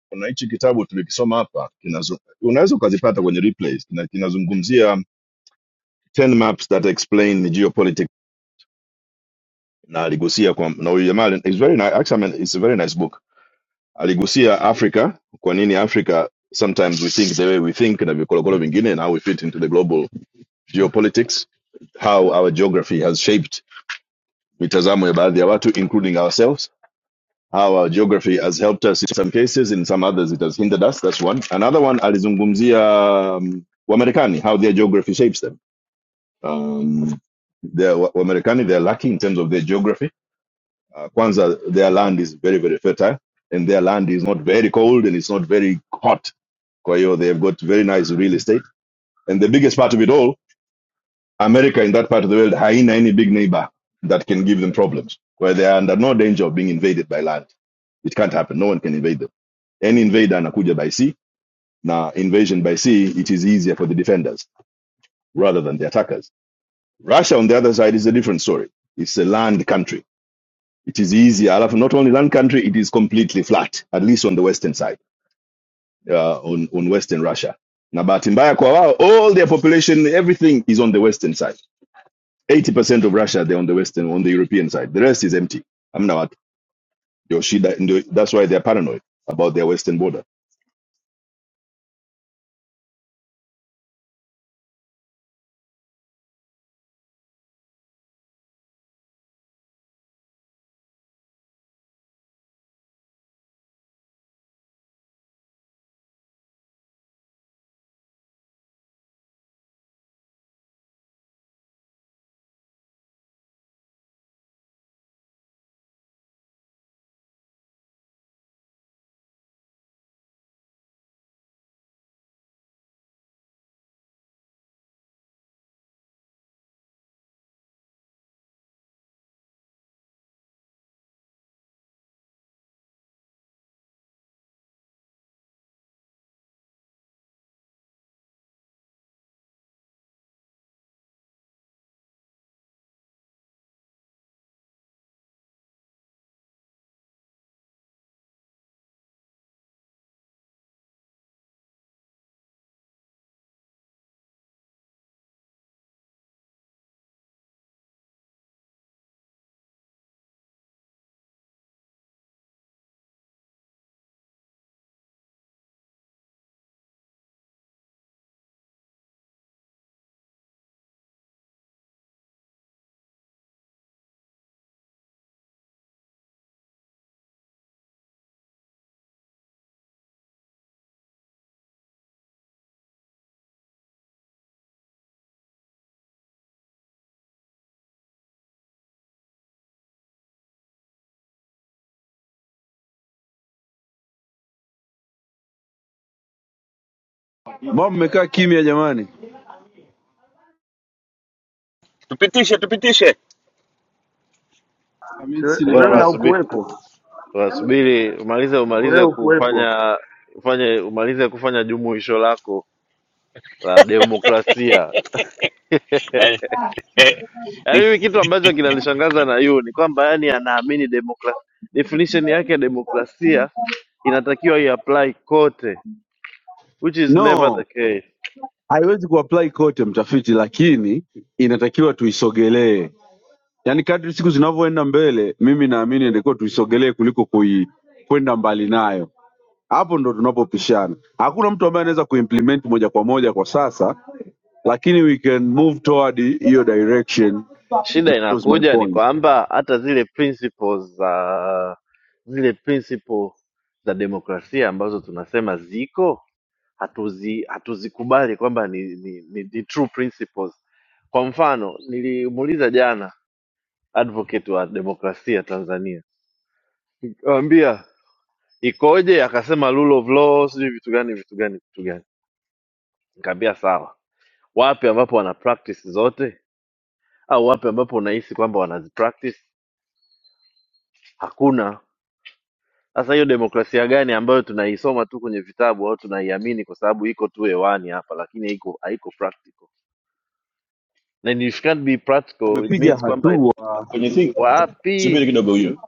Kuna hichi kitabu tulikisoma hapa, kinazo- unaweza ukazipata kwenye replays, kina- kinazungumzia 10 maps that explain the geopolitics na aligusia kwa na huyu jamaa ali- it's very nice actually I mean, it's a very nice book aligusia africa kwa nini africa sometimes we think the way we think na vikolokolo vingine and how we fit into the global geopolitics how our geography has shaped mitazamo ya baadhi ya watu including ourselves how our geography has helped us in some cases in some others it has hindered us that's one another one alizungumzia um, wamarekani how their geography shapes them um, they're, wamarekani they're lucky in terms of their geography Uh, Kwanzaa, their land is very, very fertile and their land is not very cold and it's not very hot. Kwa hiyo, they've got very nice real estate. And the biggest part of it all, America in that part of the world, haina any big neighbor that can give them problems, where they are under no danger of being invaded by land. It can't happen. No one can invade them. Any invader anakuja by sea. Now, invasion by sea, it is easier for the defenders rather than the attackers. Russia, on the other side, is a different story. It's a land country. It is easier. Alafu, Not only land country, it is completely flat, at least on the western side uh, on, on Western Russia. Na bahati mbaya kwa wao, all their population, everything is on the western side. 80% of Russia, they're on the western, on the European side. The rest is empty. Hamna watu. Ndio shida, ndio, that's why they're paranoid about their western border.
Mbona mmekaa kimya jamani?
Tupitishe, tupitishe.
Mimi sina
tulikuwa
Wewe
kitu.
tunasubiri
haukuwepo
tunasubiri umalize umalize kufanya ufanye umalize kufanya jumuisho lako la demokrasia <laughs>
Eh,
yaani mimi kitu ambacho kinanishangaza na yu ni kwamba yani anaamini demokrasia definition yake ya demokrasia inatakiwa iapply kote which is never
No,
the case
haiwezi kuapply kote mtafiti, lakini inatakiwa tuisogelee. Yaani kadri siku zinavyoenda mbele, mimi naamini inatakiwa tuisogelee kuliko kui kwenda mbali nayo. Hapo ndo tunapopishana. Hakuna mtu ambaye anaweza kuimplement moja kwa moja kwa sasa, lakini we can move toward hiyo direction. That
Shida
was my
inakuja ni
point.
kwamba hata zile principles za zile principle za demokrasia ambazo tunasema ziko hatuzi hatuzikubali kwamba ni, ni, ni the true principles. Kwa mfano nilimuuliza jana advocate wa demokrasia Tanzania, nikamwambia ikoje? Akasema rule of law, sijui vitu gani vitu gani vitu gani. Nikamwambia sawa, wapi ambapo wana practice zote au wapi ambapo unahisi kwamba wanazi practice? Hakuna Sasa hiyo demokrasia gani ambayo tunaisoma tu kwenye vitabu au tunaiamini kwa sababu iko tu hewani hapa, lakini haiko haiko practical. Na if it can't be practical it
Wamepiga
means kwamba it-
hatua
When you think, subiri
wapi?
kidogo huyu,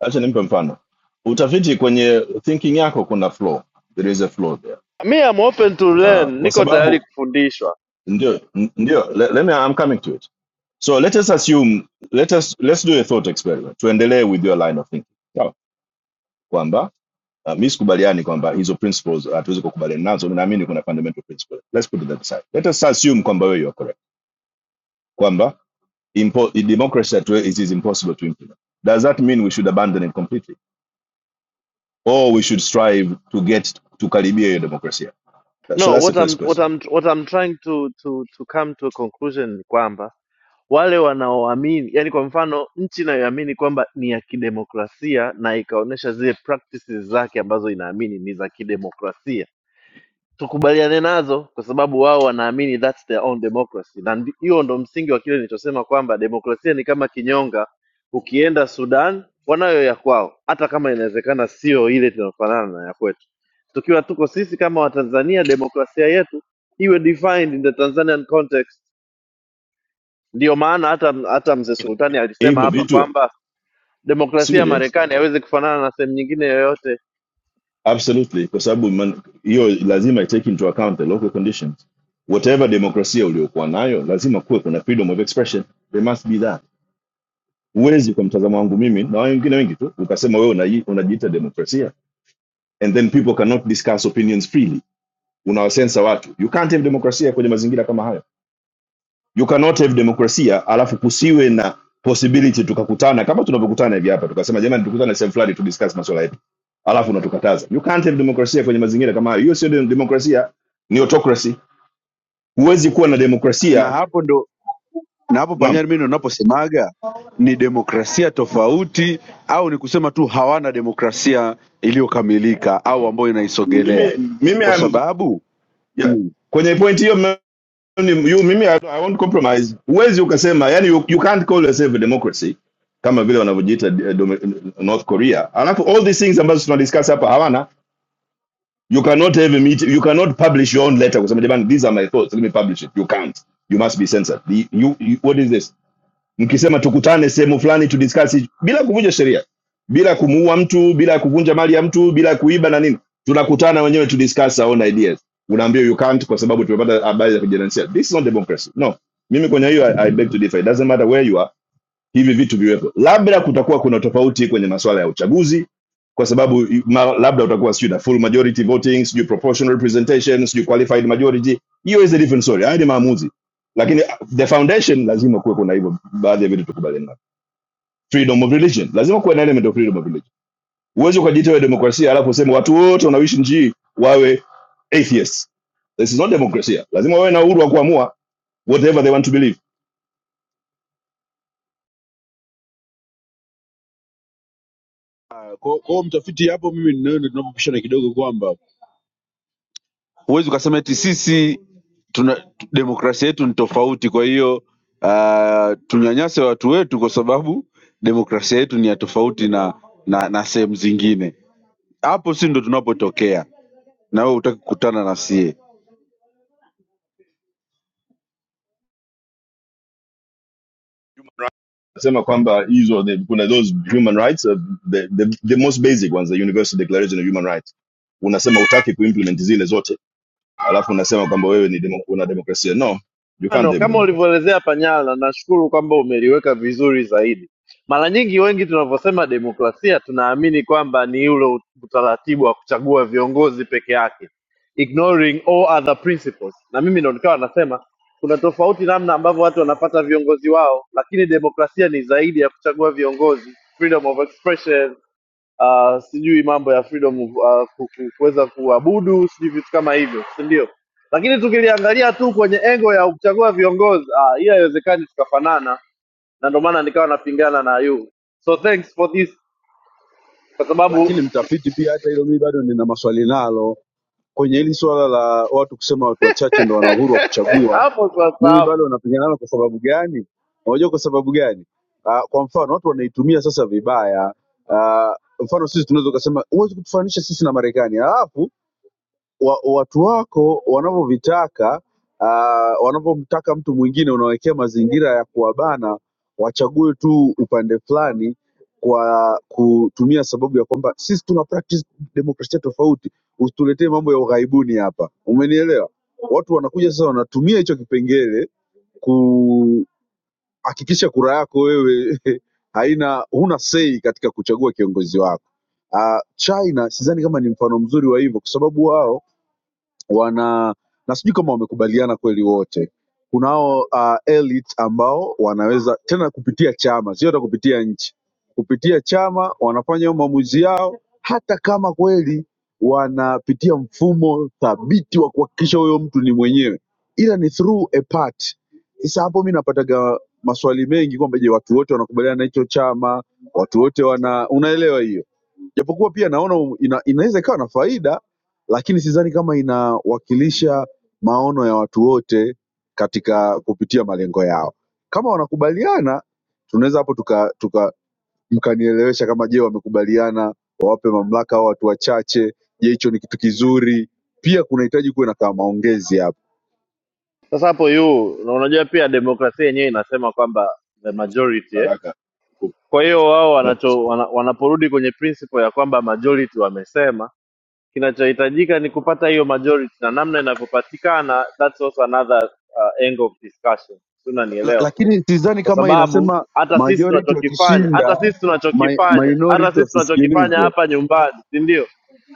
acha nimpe mfano. Utafiti kwenye thinking yako kuna flaw. There is a flaw there.
Me I'm open to
Uh,
learn,
kwa
niko tayari
sababu,
kufundishwa.
ndio, ndio, let, let me, I'm coming to it. So let us assume, let us, let's do a thought experiment. Tuendelee with your line of thinking. Sawa. Kwamba, Uh, mi sikubaliani kwamba hizo principles uh, hatuwezi uh, kukubaliana nazo mi naamini kuna fundamental principle let's put it that aside let us assume kwamba wewe you are correct kwamba impo democracy that way it is impossible to implement does that mean we should abandon it completely or we should strive to get tukaribia hiyo demokrasia That- so
No,
that's the
what
first
I'm what
question
I'm what I'm trying to to to come to a conclusion ni kwamba wale wanaoamini, yani kwa mfano nchi inayoamini kwamba ni ya kidemokrasia na ikaonyesha zile practices zake ambazo inaamini ni za kidemokrasia tukubaliane nazo kwa sababu wao wanaamini that's their own democracy na ndi- hiyo ndo msingi wa kile nilichosema kwamba demokrasia ni kama kinyonga ukienda sudan wanayo ya kwao hata kama inawezekana sio ile tunayofanana na ya kwetu tukiwa tuko sisi kama watanzania demokrasia yetu iwe defined in the tanzanian context ndiyo maana hata hata mzee sultani alisema
hivyo
hapa
vitu
kwamba demokrasia ya
sivile
marekani haiwezi kufanana na sehemu nyingine yoyote
absolutely kwa sababu man- hiyo lazima take into account the local conditions whatever demokrasia uliokuwa nayo lazima kuwe kuna freedom of expression there must be that huwezi kwa mtazamo wangu mimi na wengine wengi tu ukasema wewe unaji- unajiita demokrasia and then people cannot discuss opinions freely unawasensa watu you can't have demokrasia kwenye mazingira kama hayo you cannot have demokrasia alafu kusiwe na possibility tukakutana kama tunavyokutana hivi hapa tukasema jamani tukutane sehemu fulani tu discuss masuala yetu alafu unatukataza you can't have demokrasia kwenye mazingira kama hayo hiyo sio dem- demokrasia ni autocracy huwezi kuwa na
na
demokrasia
hapo ndo na hapo
naam
panyari mimi ndo naposemaga ni demokrasia tofauti au ni kusema tu hawana demokrasia iliyokamilika au ambayo inaisogelea
mimi mimi
kwa
I'm,
sababu
yeah.
mm,
kwenye point hiyo you mimi I, I won't compromise huwezi ukasema yani you, you can't call yourself a democracy kama vile wanavyojiita eh, dome- north korea alafu all these things ambazo tunadiscuss hapa hawana you cannot have a meet, you cannot publish your own letter kusema jamani these are my thoughts let me publish it you can't you must be censored The- you, you, what is this mkisema tukutane sehemu fulani to discuss bila kuvunja sheria bila kumuua mtu bila kuvunja mali ya mtu bila kuiba na nini tunakutana wenyewe to discuss our own ideas unaambia you can't kwa sababu tumepata habari za kijinsia this is not democracy no mimi kwenye hiyo I, I beg to differ it doesn't matter where you are hivi vitu viwepo. Labda kutakuwa kuna tofauti kwenye masuala ya uchaguzi, kwa sababu ma, labda utakuwa sijui na full majority voting, sijui proportional representation, sijui qualified majority. Hiyo is a different story, haya ni maamuzi, lakini uh, the foundation lazima kuwe kuna hivyo baadhi ya vitu tukubaliana Freedom of religion, lazima kuwe na element of freedom of religion. Huwezi ukajiita wewe demokrasia alafu useme watu wote wanaoishi nchi wawe atheists. This is not democracy. Lazima wawe na uhuru wa kuamua whatever they want to believe.
kwa kwa hiyo mtafiti hapo mimi na wewe ndo tunapopishana kidogo kwamba huwezi ukasema eti sisi tuna tu- demokrasia yetu ni tofauti kwa hiyo uh, tunyanyase watu wetu kwa sababu demokrasia yetu ni ya tofauti na na, na sehemu zingine hapo si ndo tunapotokea na wewe hutaki kukutana na sie
Nasema kwamba hizo kuna those human rights uh, the, the, the most basic ones the universal declaration of human rights unasema utaki kuimplement zile zote alafu unasema kwamba wewe ni demo, una demokrasia no you can't
Mfano
have
kama
democracy
ulivyoelezea Panyala, nashukuru kwamba umeliweka vizuri zaidi. Mara nyingi wengi tunavyosema demokrasia tunaamini kwamba ni ule utaratibu wa kuchagua viongozi peke yake, ignoring all other principles. Na mimi ndo nikawa nasema kuna tofauti namna ambavyo watu wanapata viongozi wao, lakini demokrasia ni zaidi ya kuchagua viongozi, freedom of expression uh, sijui mambo ya freedom uh, ku- ku- kuweza kuabudu sijui vitu kama hivyo si ndio lakini tukiliangalia tu kwenye engo ya kuchagua viongozi ah, hii haiwezekani tukafanana na ndio maana nikawa napingana na yu so thanks for this kwa sababu
lakini mtafiti pia, hata hilo mimi bado nina maswali nalo kwenye hili swala la watu kusema watu wachache ndo wana uhuru wa
<laughs>
kuchagua.
hapo sasa
Mimi
hapo
bado napingana nalo kwa sababu gani? Unajua kwa sababu gani? Uh, kwa mfano watu wanaitumia sasa vibaya. Uh, mfano sisi tunaweza kusema huwezi kutufananisha sisi na Marekani, alafu wa, watu wako wanavyovitaka uh, wanavyomtaka mtu mwingine, unawekea mazingira ya kuwabana wachague tu upande fulani kwa kutumia sababu ya kwamba sisi tuna practice demokrasia tofauti, usituletee mambo ya ughaibuni hapa. Umenielewa? Watu wanakuja sasa, wanatumia hicho kipengele kuhakikisha kura yako wewe <laughs> haina huna sei katika kuchagua kiongozi wako. Uh, China sidhani kama ni mfano mzuri wa hivyo, kwa sababu wao wana na sijui kama wamekubaliana kweli wote kunao uh, elite ambao wanaweza tena kupitia chama sio hata kupitia nchi kupitia chama wanafanya hayo maamuzi yao hata kama kweli wanapitia mfumo thabiti wa kuhakikisha huyo mtu ni mwenyewe ila ni through a party sasa hapo mi napataga maswali mengi kwamba je watu wote wanakubaliana na hicho chama watu wote wana unaelewa hiyo japokuwa pia naona um- ina, inaweza ikawa na faida lakini sidhani kama inawakilisha maono ya watu wote katika kupitia malengo yao kama wanakubaliana tunaweza hapo tuka, tuka mkanielewesha kama je wamekubaliana wawape mamlaka au watu wachache je hicho ni kitu kizuri pia kunahitaji kuwe na kama maongezi hapo
sasa hapo yu na unajua pia demokrasia yenyewe inasema kwamba the majority eh?
Karaka. ku-
kwa hiyo wao
no,
wanacho wana, wanaporudi kwenye principle ya kwamba majority wamesema kinachohitajika ni kupata hiyo majority na namna inavyopatikana that's also another uh, angle of discussion Si
la,
unanielewa
lakini sidhani
kwa
kama
sababu
inasema
hata sisi
majority
tunachokifanya
wakishinda
hata sisi
mi,
tunachokifanya hata
minority
sisi tunachokifanya
wasisikilizwe
hapa nyumbani si ndio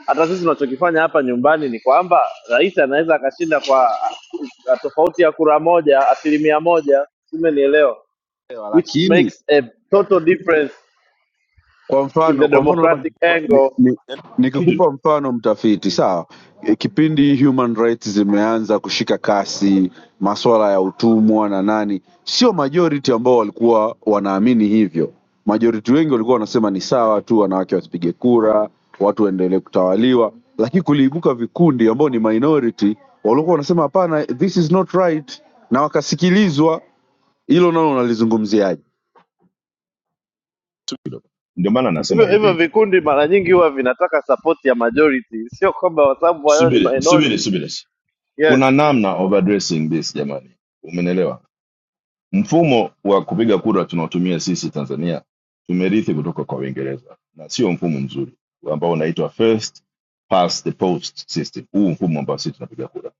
hata sisi tunachokifanya hapa nyumbani ni kwamba rais anaweza akashinda kwa uh, tofauti ya kura moja asilimia moja simenielewa
Ewa,
which
lakini
makes a total difference
Kwa
in the
mfano, kwa mfano labda
democratic
nikikupa ni,
angle
ni,
kitu
nikikupa mfano mtafiti, sawa. E, Kipindi human rights zimeanza kushika kasi, masuala ya utumwa na nani, sio majority ambao walikuwa wanaamini hivyo. Majority wengi walikuwa wanasema ni sawa tu, wanawake wasipige kura, watu waendelee kutawaliwa, lakini kuliibuka vikundi ambao ni minority walikuwa wanasema hapana, this is not right, na wakasikilizwa. Hilo nalo unalizungumziaje?
tu kidogo ndio maana nasema
hivyo hivyo
hivi
vikundi mara nyingi huwa vinataka support ya majority, sio kwamba kwa sababu wao ni
subiri subiri
minority.
subiri
Yes,
kuna namna of addressing this jamani umenelewa mfumo wa kupiga kura tunaotumia sisi tanzania tumerithi kutoka kwa uingereza na sio mfumo mzuri ambao unaitwa first past the post system huu mfumo ambao sisi tunapiga kura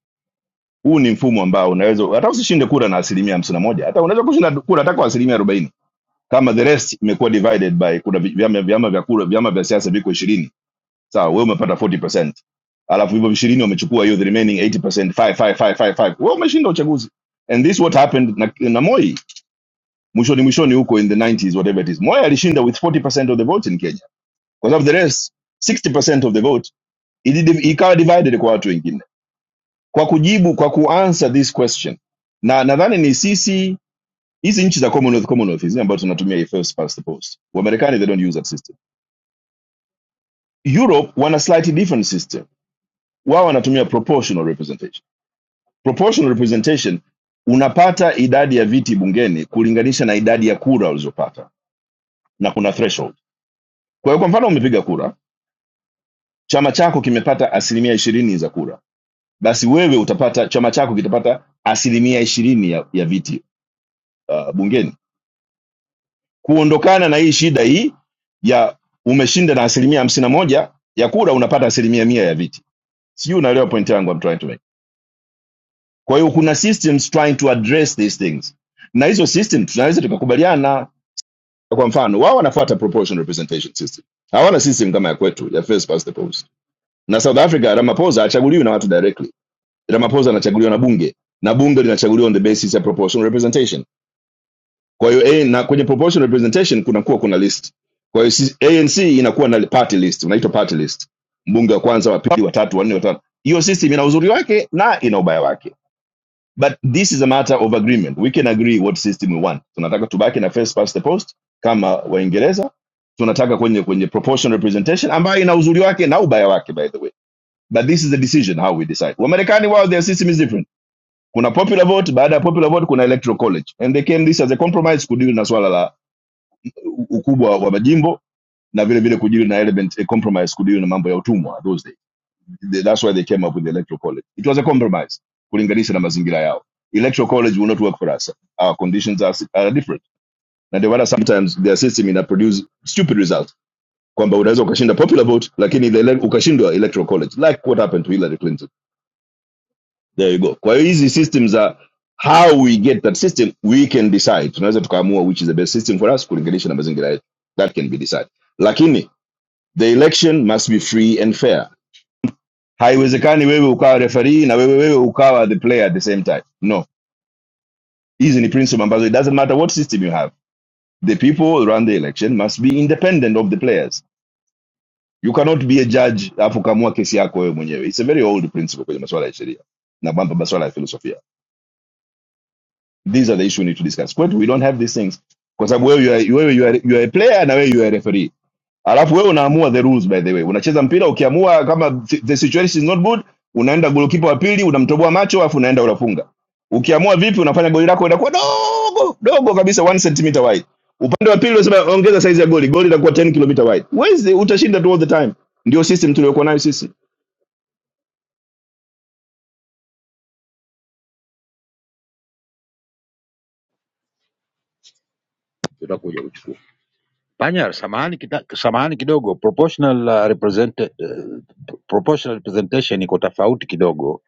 huu ni mfumo ambao unaweza hata usishinde kura na asilimia hamsini na moja hata unaweza kushinda kura hata kwa asilimia arobaini kama the rest imekuwa divided by kuna vi- vyama vyama vya kura vyama vya siasa viko ishirini sawa wewe umepata 40 alafu hivyo ishirini wamechukua hiyo the remaining 80 five, five, five, five, five. wewe umeshinda uchaguzi and this what happened na, na moi mwishoni mwishoni huko in the 90s whatever it is moi alishinda with 40 percent of the vote in kenya Because of the rest 60 percent of the vote ili- ikawa divided kwa watu wengine kwa kujibu kwa kuanswer this question na nadhani ni sisi hizi nchi za commonwealth commonwealth hizi ambazo tunatumia hii first past the post wamarekani they don't use that system europe wana slightly different system wao wanatumia proportional representation proportional representation unapata idadi ya viti bungeni kulinganisha na idadi ya kura ulizopata na kuna threshold kwa hiyo kwa mfano umepiga kura chama chako kimepata asilimia ishirini za kura basi wewe utapata chama chako kitapata asilimia ishirini ya, ya viti uh, bungeni kuondokana na hii shida hii ya umeshinda na asilimia hamsini na moja ya kura unapata asilimia mia ya viti sijui unaelewa point yangu I'm trying to make kwa hiyo kuna systems trying to address these things na hizo system tunaweza tukakubaliana kwa mfano wao wanafuata proportional representation system hawana system kama ya kwetu ya first past the post na south africa ramaphosa hachaguliwi na watu directly ramaphosa anachaguliwa na bunge na bunge linachaguliwa on the basis ya proportional representation kwa hiyo A na kwenye proportional representation kunakuwa kuna list kwa hiyo si- anc inakuwa na party list unaitwa party list mbunge wa kwanza wa pili wa tatu wa nne wa tano hiyo system ina uzuri wake na ina ubaya wake but this is a matter of agreement we can agree what system we want tunataka tubaki na first past the post kama waingereza tunataka kwenye kwenye proportional representation ambayo ina uzuri wake na ubaya wake by the way but this is the decision how we decide wamarekani wao their system is different kuna popular vote baada ya popular vote kuna electoral college and they came this as a compromise kudeal na swala ukubwa wa majimbo na vile vile kudili na element a compromise kudili na mambo ya utumwa those days They- that's why they came up with the electoral college it was a compromise kulinganisha na mazingira yao electoral college will not work for us our conditions are, si, are different na ndio maana sometimes their system ina produce stupid results kwamba unaweza ukashinda popular vote lakini ile ele- ukashindwa electoral college like what happened to Hillary Clinton there you go kwa hiyo hizi systems are how we get that system we can decide tunaweza tukaamua which is the best system for us kulinganisha na mazingira yetu that can be decided lakini The election must be free and fair. Haiwezekani wewe ukawa referee na wewe wewe ukawa the player at the same time. No. Hizi ni principle ambazo it doesn't matter what system you have. The people who run the election must be independent of the players. You cannot be a judge alafu ukaamua kesi yako wewe mwenyewe. It's a very old principle kwenye masuala ya sheria na mambo masuala ya filosofia. These are the issues we need to discuss. Kwetu we don't have these things. Kwa sababu wewe you are, wewe you are, you are a player na wewe you are a referee. alafu wewe unaamua the rules by the way unacheza mpira ukiamua kama si- the situation is not good unaenda golikipa wa pili unamtoboa macho alafu unaenda unafunga ukiamua vipi unafanya goli lako inakuwa dogo dogo kabisa 1 centimeter wide upande wa pili unasema ongeza size ya goli goli litakuwa 10 kilometer wide Huwezi, utashinda tu all the time ndio system tuliokuwa nayo sisi
tutakuja kuchukua. panya samahani, kita, samahani kidogo proportional, uh, represent, uh, proportional representation iko tofauti kidogo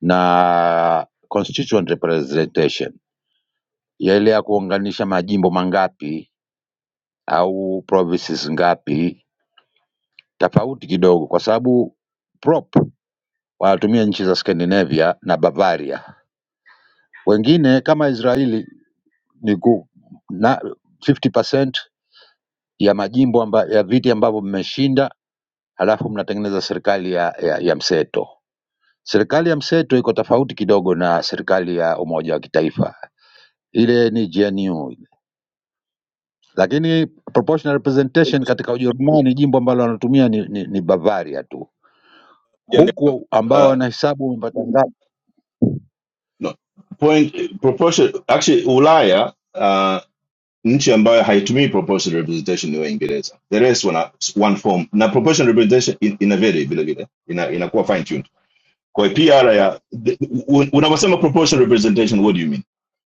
na constituent representation yale ya kuunganisha majimbo mangapi au provinces ngapi tofauti kidogo kwa sababu prop wanatumia nchi za Scandinavia na Bavaria wengine kama Israeli ni ku, na 50% ya majimbo amba, ya viti ambavyo mmeshinda halafu mnatengeneza serikali ya, ya, ya mseto. Serikali ya mseto iko tofauti kidogo na serikali ya umoja wa kitaifa, ile ni GNU, lakini proportional representation katika Ujerumani jimbo ambalo wanatumia ni, ni, ni Bavaria tu, huku ambao
uh,
wanahesabu wamepata ngapi.
no. point proportion actually ulaya uh, nchi ambayo haitumii proportional representation ni wengi data. The rest wana one form na proportional representation in- ina vary vile vile ina inakuwa fine tuned. Kwa PR ya the- un- unaposema proportional representation what do you mean?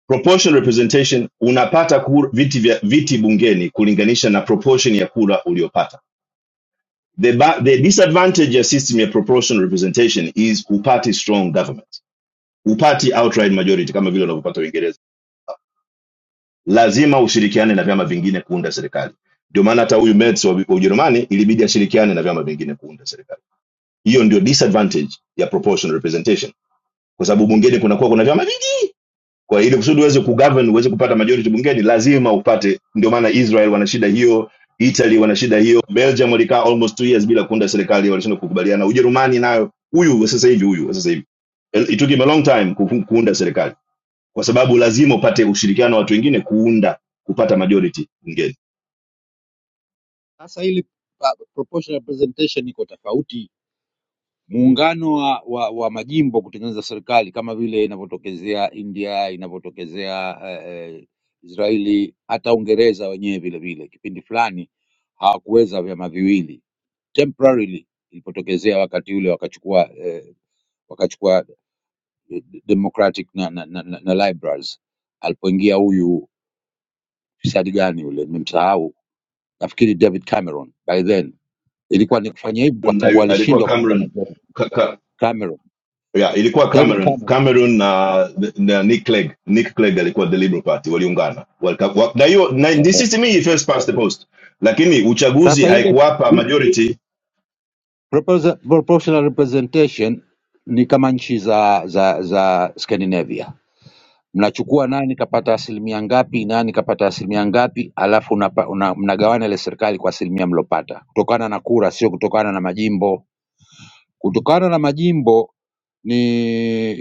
Proportional representation unapata kur, viti vya viti bungeni kulinganisha na proportion ya kura uliopata. The, ba, the disadvantage ya system ya proportional representation is upati strong government. Upati outright majority kama vile unavyopata Uingereza lazima ushirikiane na vyama vingine kuunda serikali. Ndio maana hata huyu Merz wa wa Ujerumani ilibidi ashirikiane na vyama vingine kuunda serikali. Hiyo ndio disadvantage ya proportional representation, kwa sababu bungeni kunakuwa kuna vyama vingi. Kwa hiyo ili kusudi uweze kugovern, uweze kupata majority bungeni, lazima upate. Ndio maana Israel wana shida hiyo, Italy wana shida hiyo, Belgium walikaa almost two years bila kuunda serikali, walishindwa kukubaliana. Ujerumani nayo, huyu wa sasa hivi, huyu wa sasa hivi, Well, it took him a long time ku- kuunda serikali, kwa sababu lazima upate ushirikiano wa watu wengine kuunda kupata majority bungeni
Sasa ili uh, proportional representation iko tofauti muungano wa, wa, wa majimbo kutengeneza serikali kama vile inavyotokezea India, inavyotokezea eh, eh, Israeli, hata Uingereza wenyewe vile vile kipindi fulani hawakuweza vyama viwili temporarily, ilipotokezea wakati ule wakachukua eh, wakachukua eh, Democratic na, na, na, na, na liberals. Alipoingia huyu fisadi gani yule, nimemsahau, nafikiri David Cameron. By then ilikuwa ni kufanya hivi kwa
na
sababu
yu- alikuwa
alishindwa kupata
Cameroon
majority.
ka, ka,
Cameron,
yeah, ilikuwa
David
Cameroon
Cameron
Cameroon na, na Nick Clegg Nick Clegg alikuwa the Liberal Party waliungana Walika- wa- na hiyo na this is to me first past the post, lakini uchaguzi
Sasa ile
haikuwapa majority
proposa- proportional representation ni kama nchi za za za Scandinavia, mnachukua nani kapata asilimia ngapi, nani kapata asilimia ngapi, alafu unapa, una, mnagawana ile serikali kwa asilimia mlopata kutokana na kura, sio kutokana na majimbo. Kutokana na majimbo ni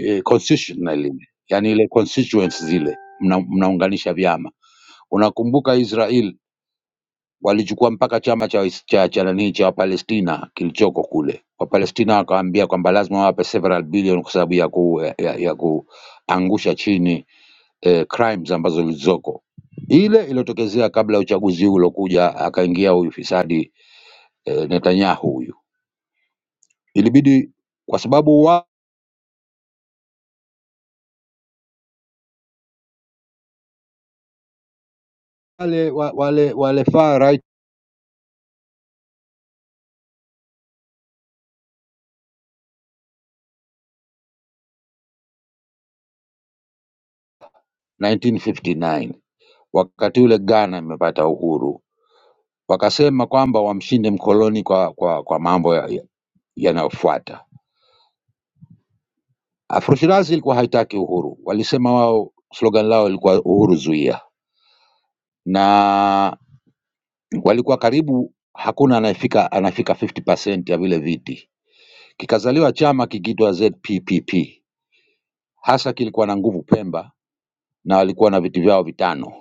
eh, constitutional, yani ile constituents zile mna- mnaunganisha vyama. Unakumbuka Israel walichukua mpaka chama cha wais- cha cha nani cha Wapalestina kilichoko kule. Wapalestina wakaambia kwamba lazima wawape several billion kwa sababu ya, ku, ya, ya kuangusha chini eh, crimes ambazo zilizoko ile iliyotokezea kabla ya uchaguzi huu uliokuja, akaingia huyu fisadi eh, Netanyahu huyu, ilibidi kwa sababu wale wa- wale wale far right 1959 wakati ule Ghana imepata uhuru, wakasema kwamba wamshinde mkoloni kwa, kwa, kwa mambo yanayofuata ya- ya- yanayofuata Afroshirazi ilikuwa haitaki uhuru, walisema wao, slogan lao ilikuwa uhuru zuia, na walikuwa karibu hakuna anayefika anafika 50% ya vile viti. Kikazaliwa chama kikiitwa ZPPP, hasa kilikuwa na nguvu Pemba na walikuwa na viti vyao vitano.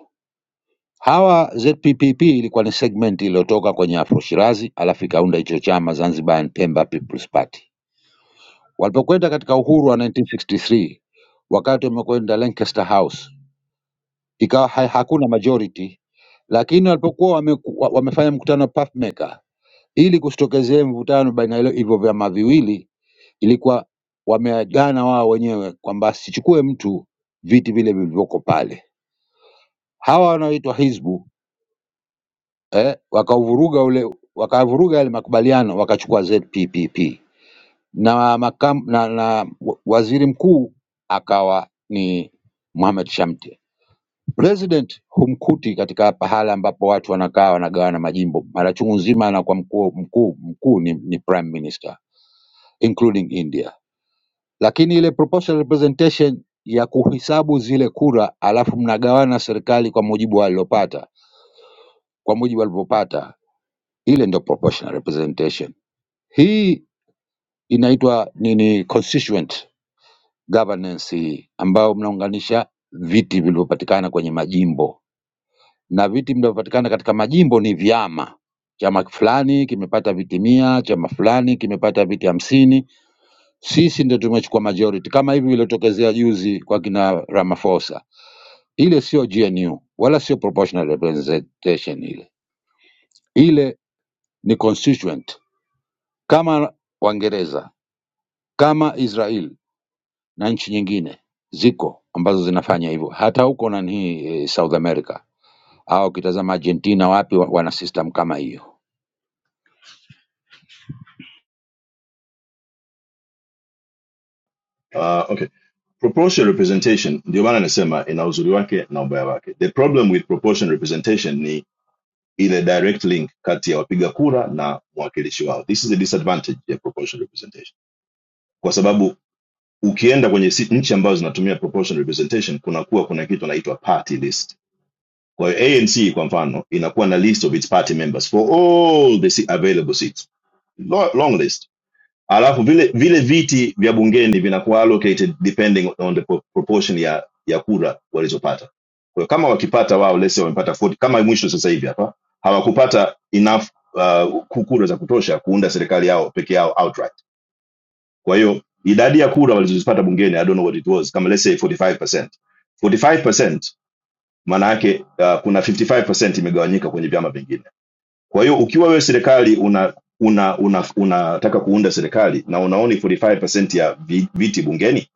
Hawa ZPPP ilikuwa ni segment iliyotoka kwenye Afroshirazi, alafu ikaunda hicho chama Zanzibar and Pemba People's Party. Walipokwenda katika uhuru wa 1963 wakati wamekwenda Lancaster House ikawa ha- hakuna majority lakini walipokuwa wame, wa- wamefanya mkutano wa Pathmaker ili kusitokezee mvutano baina ya hilo- hivyo vyama viwili, ilikuwa wameagana wao wenyewe kwamba asichukue mtu viti vile vilivyoko pale. Hawa wanaoitwa Hizbu eh, wakauvuruga ule wakavuruga yale makubaliano wakachukua ZPPP na, makam, na, na wa- waziri mkuu akawa ni Mohamed Shamte President humkuti katika pahala ambapo watu wanakaa wanagawana majimbo. Mara chungu nzima anakuwa mkuu mkuu mkuu ni, ni prime minister including India, lakini ile proportional representation ya kuhesabu zile kura alafu mnagawana serikali kwa mujibu walilopata kwa mujibu walivyopata, ile ndio proportional representation. Hii inaitwa nini? Constituent governance hii, ambayo mnaunganisha viti vilivyopatikana kwenye majimbo na viti vinavyopatikana katika majimbo ni vyama. Chama fulani kimepata viti mia, chama fulani kimepata viti hamsini. Sisi ndio tumechukua majority, kama hivi vilitokezea juzi kwa kina Ramaphosa. Ile sio GNU wala sio proportional representation ile, ile ni constituent, kama Waingereza, kama Israel na nchi nyingine ziko ambazo zinafanya hivyo, hata huko nani eh, South America au ukitazama Argentina, wapi wa- wana system kama hiyo.
uh, okay proportional representation ndio maana nasema ina uzuri wake na ubaya wake the problem with proportional representation ni ile direct link kati ya wapiga kura na mwakilishi wao this is the disadvantage ya proportional representation kwa sababu ukienda kwenye si- nchi ambazo zinatumia proportional representation kuna kuwa kuna kitu anaitwa party list kwa hiyo anc kwa mfano inakuwa na list of its party members for all the si- available seats long list alafu vile vile viti vya bungeni vinakuwa allocated depending on the proportion ya ya kura walizopata kwa hiyo kama wakipata wao lese wamepata 40 kama mwisho sasa hivi hapa hawakupata enough uh, kura za kutosha kuunda serikali yao peke yao outright Kwa hiyo idadi ya kura walizozipata bungeni, I don't know what it was, kama let's say 45%. 45% maana yake uh, kuna 55% imegawanyika kwenye vyama vingine. Kwa hiyo ukiwa wewe serikali una una una unataka kuunda serikali na unaoni 45% ya vi- viti bungeni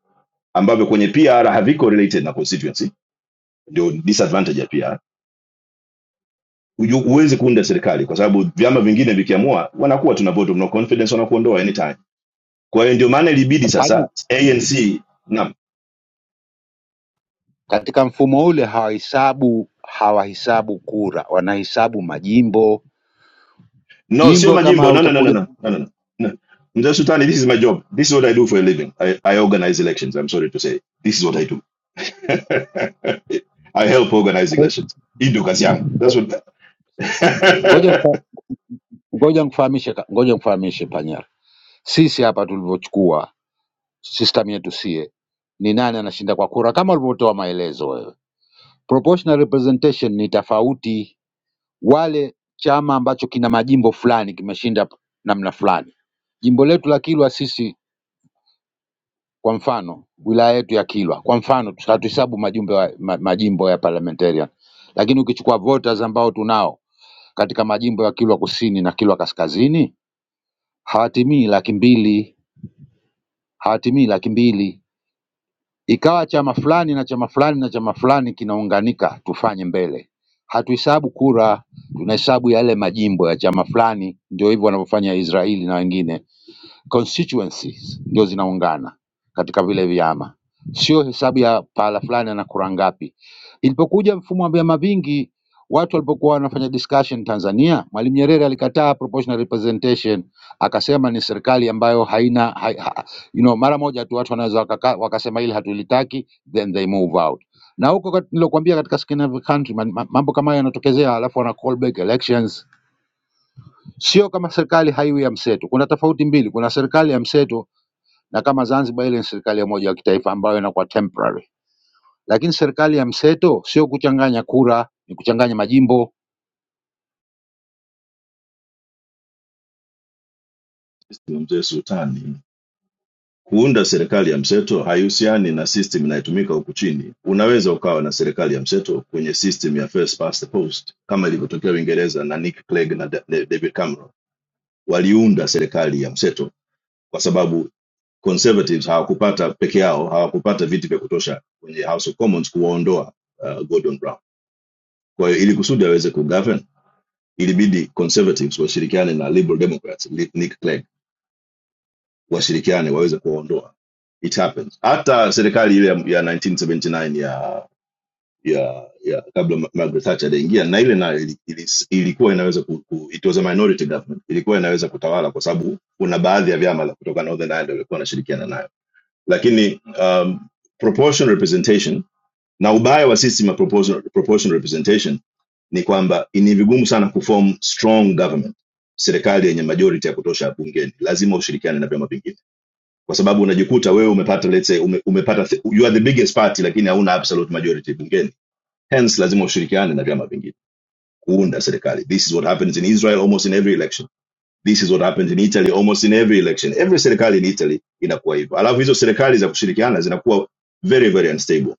ambavyo kwenye PR haviko related na constituency, ndio disadvantage ya PR. Huju- Huwezi kuunda serikali kwa sababu vyama vingine vikiamua wanakuwa tuna vote of no confidence wanakuondoa anytime. Kwa hiyo ndio maana ilibidi sasa ANC naam
Katika mfumo ule hawahesabu hawahesabu kura, wanahesabu majimbo.
No, sio
Jimbo kama
majimbo. No, no, no, no,
utakuja
no, no, no. no. No. Mzee Sultani, this is my job. This is what I do for a living. I, I organize elections. I'm sorry to say. This is what I do. <laughs> I help organize
ko-
elections. Hii ndio kazi yangu. That's
ko-
what...
ngoja
<laughs>
nikufa- ngoja nikufahamishe ka- ngoja nikufahamishe Panyara, sisi hapa tulivyochukua system yetu sie, ni nani anashinda kwa kura, kama ulivyotoa maelezo wewe. Proportional representation ni tofauti, wale chama ambacho kina majimbo fulani kimeshinda namna fulani. Jimbo letu la Kilwa sisi Kwa mfano wilaya yetu ya Kilwa, kwa mfano tu- hatuhesabu majumbe wa, ma, majimbo ya parliamentarian, lakini ukichukua voters ambao tunao katika majimbo ya Kilwa Kusini na Kilwa Kaskazini hawatimii laki mbili, hawatimii laki mbili. Ikawa chama fulani na chama fulani na chama fulani kinaunganika, tufanye mbele. Hatuhesabu kura, tunahesabu yale majimbo ya chama fulani. Ndio hivyo wanavyofanya Israeli na wengine. constituencies ndio zinaungana katika vile vyama, sio hesabu ya pahala fulani ana kura ngapi. Ilipokuja mfumo wa vyama vingi, watu walipokuwa wanafanya discussion Tanzania, Mwalimu Nyerere alikataa proportional representation, akasema ni serikali ambayo haina ha, ha, you know, mara moja tu watu wanaweza wakaka, wakasema hili hatulitaki, then they move out. Na huko kat- nilokuambia katika Scandinavian country ma- ma- mambo kama hayo yanatokezea, alafu wana call back elections. Sio kama serikali haiwi ya mseto. Kuna tofauti mbili, kuna serikali ya mseto na kama Zanzibar ile ni serikali ya umoja wa kitaifa ambayo inakuwa temporary, lakini serikali ya mseto sio kuchanganya kura, ni kuchanganya majimbo.
Mzee Sultani, kuunda serikali ya mseto haihusiani na system inayotumika huku chini. Unaweza ukawa na serikali ya mseto kwenye system ya first past the post kama ilivyotokea Uingereza na Nick Clegg na Da- Da- David Cameron waliunda serikali ya mseto kwa sababu conservatives hawakupata peke yao hawakupata viti vya kutosha kwenye house of commons kuwaondoa uh, gordon brown kwa hiyo ili kusudi aweze kugovern ilibidi conservatives washirikiane na liberal democrats nick clegg washirikiane waweze kuwaondoa it happens hata serikali ile ya, ya 1979 ya ya ya kabla margaret thatcher aliingia na ile na ili, ili, ilikuwa inaweza ku, ku, it was a minority government ilikuwa inaweza kutawala kwa sababu kuna baadhi ya vyama la kutoka northern ireland walikuwa wanashirikiana nayo lakini um, proportional representation na ubaya wa system ya proportional, proportional representation ni kwamba ni vigumu sana kuform strong government serikali yenye majority ya kutosha bungeni lazima ushirikiane na vyama vingine kwa sababu unajikuta wewe umepata let's say ume, umepata th- you are the biggest party lakini hauna absolute majority bungeni hence lazima ushirikiane na vyama vingine kuunda serikali this is what happens in israel almost in every election this is what happens in Italy almost in every election. Every serikali in Italy inakuwa hivyo, alafu hizo serikali za kushirikiana zinakuwa very very unstable,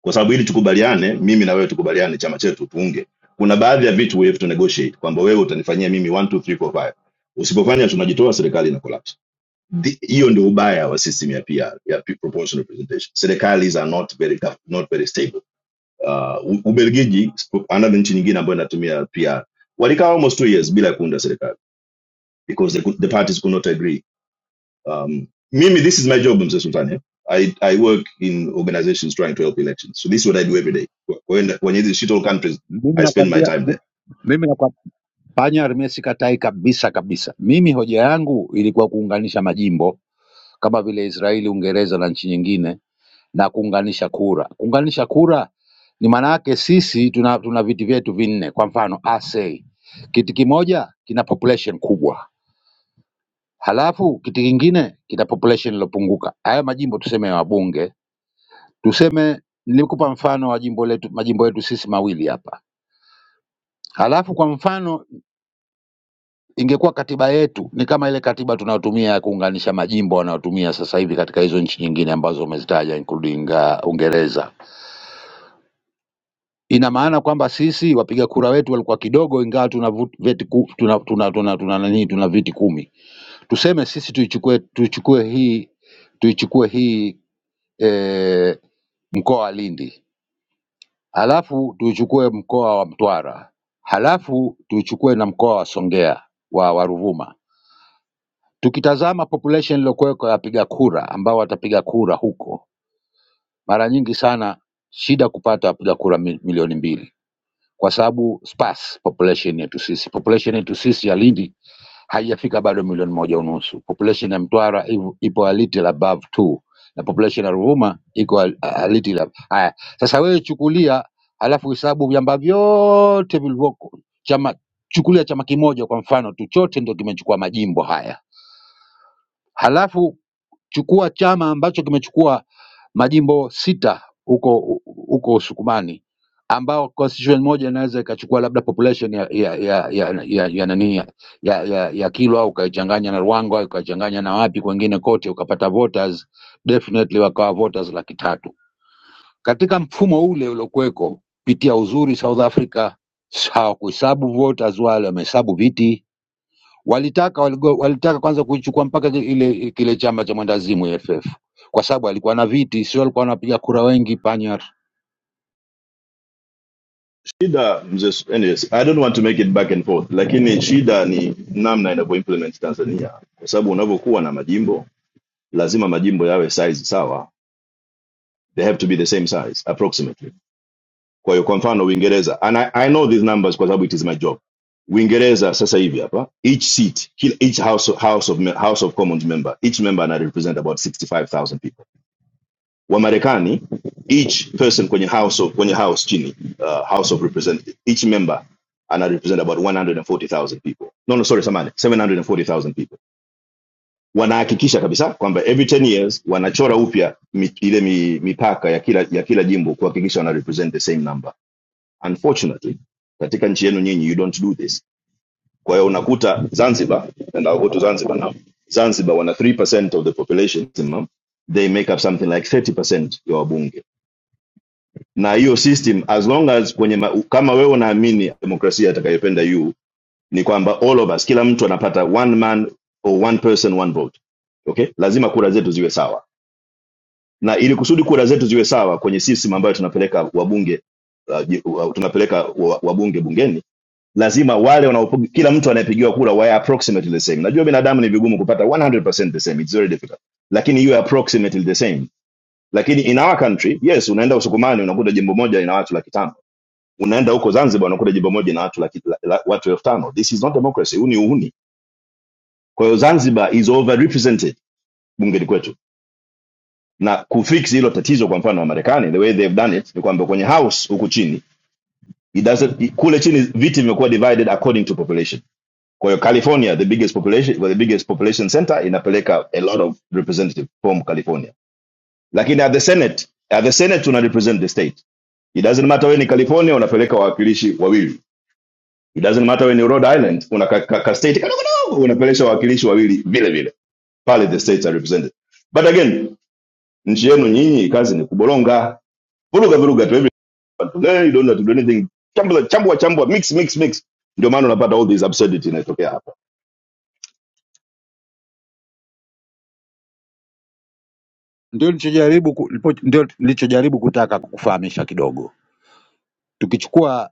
kwa sababu ili tukubaliane, mimi na wewe tukubaliane, chama chetu tuunge, kuna baadhi ya vitu we have to negotiate, kwamba wewe utanifanyia mimi 1 2 3 4 5 Usipofanya tunajitoa, serikali ina collapse. Thi- Hiyo ndio ubaya wa system ya PR, ya proportional representation. Serikali are not very tough, not very stable. Uh, U- Ubelgiji, sp- another nchi nyingine ambayo inatumia PR, walikaa almost two years bila ya kuunda serikali because they could, the parties could not agree. Um, Mimi, this is my job, Mr. Sultani. I, I work in organizations trying to help elections. So this is what I do every day. When when it's shithole countries,
Mimi
I spend my
nakwambia
time
mi-
there.
mimi nakwa- panya mimi sikatai kabisa kabisa. Mimi hoja yangu ilikuwa kuunganisha majimbo kama vile Israeli, Uingereza na nchi nyingine, na kuunganisha kura. Kuunganisha kura ni maana yake sisi tuna, tuna viti vyetu vinne. Kwa mfano ASEI kiti kimoja kina population kubwa Halafu kitu kingine kita population ilopunguka. Haya majimbo tuseme ya wabunge, tuseme nilikupa mfano wa jimbo letu, majimbo yetu sisi mawili hapa. Halafu kwa mfano ingekuwa katiba yetu ni kama ile katiba tunayotumia ya kuunganisha majimbo wanayotumia sasa hivi katika hizo nchi nyingine ambazo umezitaja including uh, Uingereza. Ina maana kwamba sisi wapiga kura wetu walikuwa kidogo, ingawa tuna vut- veti ku- tuna tuna tuna tuna nani tuna viti kumi. Tuseme sisi tuichukue tuichukue hii tuichukue hii e, mkoa wa Lindi, halafu tuuchukue mkoa wa Mtwara, halafu tuuchukue na mkoa wa Songea wa, wa Ruvuma. Tukitazama population iliyokuweko ya wapiga kura ambao watapiga kura huko, mara nyingi sana shida kupata wapiga kura mi- milioni mbili kwa sababu sparse population yetu sisi. Population yetu sisi ya Lindi haijafika bado milioni moja unusu. Population ya Mtwara ivo- ipo a little above two na population ya Ruvuma iko a, a little ab- haya. Sasa wewe chukulia, halafu hesabu vyamba vyote vilivyoko chama, chukulia chama kimoja kwa mfano tu, chote ndio kimechukua majimbo haya, halafu chukua chama ambacho kimechukua majimbo sita huko huko Usukumani, ambao constituency moja inaweza ikachukua labda population ya ya ya ya ya, ya, nani, ya, ya, ya, ya Kilwa ukaichanganya na Ruangwa ukaichanganya na wapi kwengine kote ukapata voters definitely wakawa voters laki tatu katika mfumo ule uliokuweko. Pitia uzuri South Africa hawakuhesabu voters wale, wamehesabu viti walitaka waligo, walitaka kwanza kuichukua mpaka ki- ile kile chama cha mwendazimu FF kwa sababu alikuwa na viti, sio alikuwa anapiga kura wengi panyar.
Shida, Mr. Su- anyways, I don't want to make it back and forth, lakini shida ni namna inavyoimplement Tanzania, kwa sababu unavyokuwa na majimbo lazima majimbo yawe size sawa. They have to be the same size approximately kwa hiyo kwa mfano uingereza and I, i know these numbers kwa sababu it is my job uingereza sasa hivi hapa each seat kila- each house, house, of, Me- house of commons member each member ana represent about 65000 people wamarekani each person kwenye house of, kwenye house chini uh, house of representative each member ana represent about 140000 people no no sorry samani 740000 people wanahakikisha kabisa kwamba every 10 years wanachora upya mi- ile mi- mipaka ya kila ya kila jimbo kuhakikisha wana represent the same number unfortunately katika nchi yenu nyinyi you don't do this kwa hiyo unakuta zanzibar and I'll go to zanzibar now zanzibar wana 3% of the population they make up something like 30% ya wabunge na hiyo system as long as kwenye ma, kama wewe unaamini demokrasia atakayopenda yu ni kwamba all of us kila mtu anapata one man or one person one vote okay lazima kura zetu ziwe sawa na ili kusudi kura zetu ziwe sawa kwenye system ambayo tunapeleka wabunge uh, uh, tunapeleka wabunge bungeni lazima wale wanao kila mtu anayepigiwa kura wawe approximately the same najua binadamu ni vigumu kupata 100% the same it's very difficult lakini iwe approximately the same lakini in our country yes unaenda usukumani unakuta jimbo moja ina watu laki tano unaenda huko zanzibar unakuta jimbo moja ina watu laki, la, la, watu elfu tano this is not democracy huu ni uhuni kwa hiyo zanzibar is overrepresented bungeni kwetu na kufix hilo tatizo kwa mfano wa marekani the way they've done it ni kwamba kwenye house huku chini it doesn't, kule chini viti vimekuwa divided according to population Kwa hiyo California, the biggest population, well, the biggest population center inapeleka a lot of representative from California. Lakini at the Senate, at the Senate tuna represent the state. It doesn't matter wewe ni California unapeleka wawakilishi wawili. It doesn't matter wewe ni Rhode Island una ka, ka, ka state kadogo kadogo unapeleka wawakilishi wawili vile vile. Pale the states are represented. But again, nchi yenu nyinyi kazi ni kubolonga, vuruga vuruga to everyone. to, eh, You don't have to do anything. Chambua chambua chambua mix mix mix. Ndio maana unapata all these absurdity inatokea hapa.
Ndio nilichojaribu ku- lipo- ndio nilichojaribu kutaka kufahamisha kidogo, tukichukua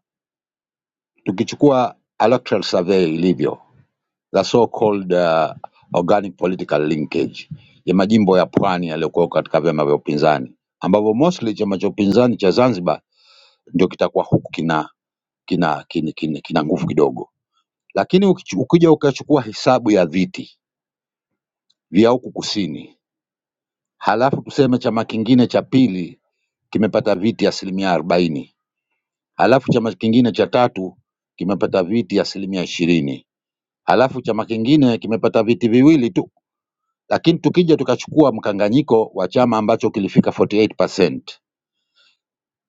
tukichukua electoral survey ilivyo the so called uh, organic political linkage ya majimbo ya pwani yaliyokuwa katika vyama vya upinzani ambavyo mostly chama cha upinzani cha Zanzibar ndio kitakuwa huku kina kina kina, kina, kina nguvu kidogo Lakini ukichu- ukija ukachukua hesabu ya viti vya huku kusini, halafu tuseme chama kingine cha pili kimepata viti asilimia arobaini, halafu chama kingine cha tatu kimepata viti asilimia ishirini, halafu chama kingine kimepata viti viwili tu. Lakini tukija tukachukua mkanganyiko wa chama ambacho kilifika 48%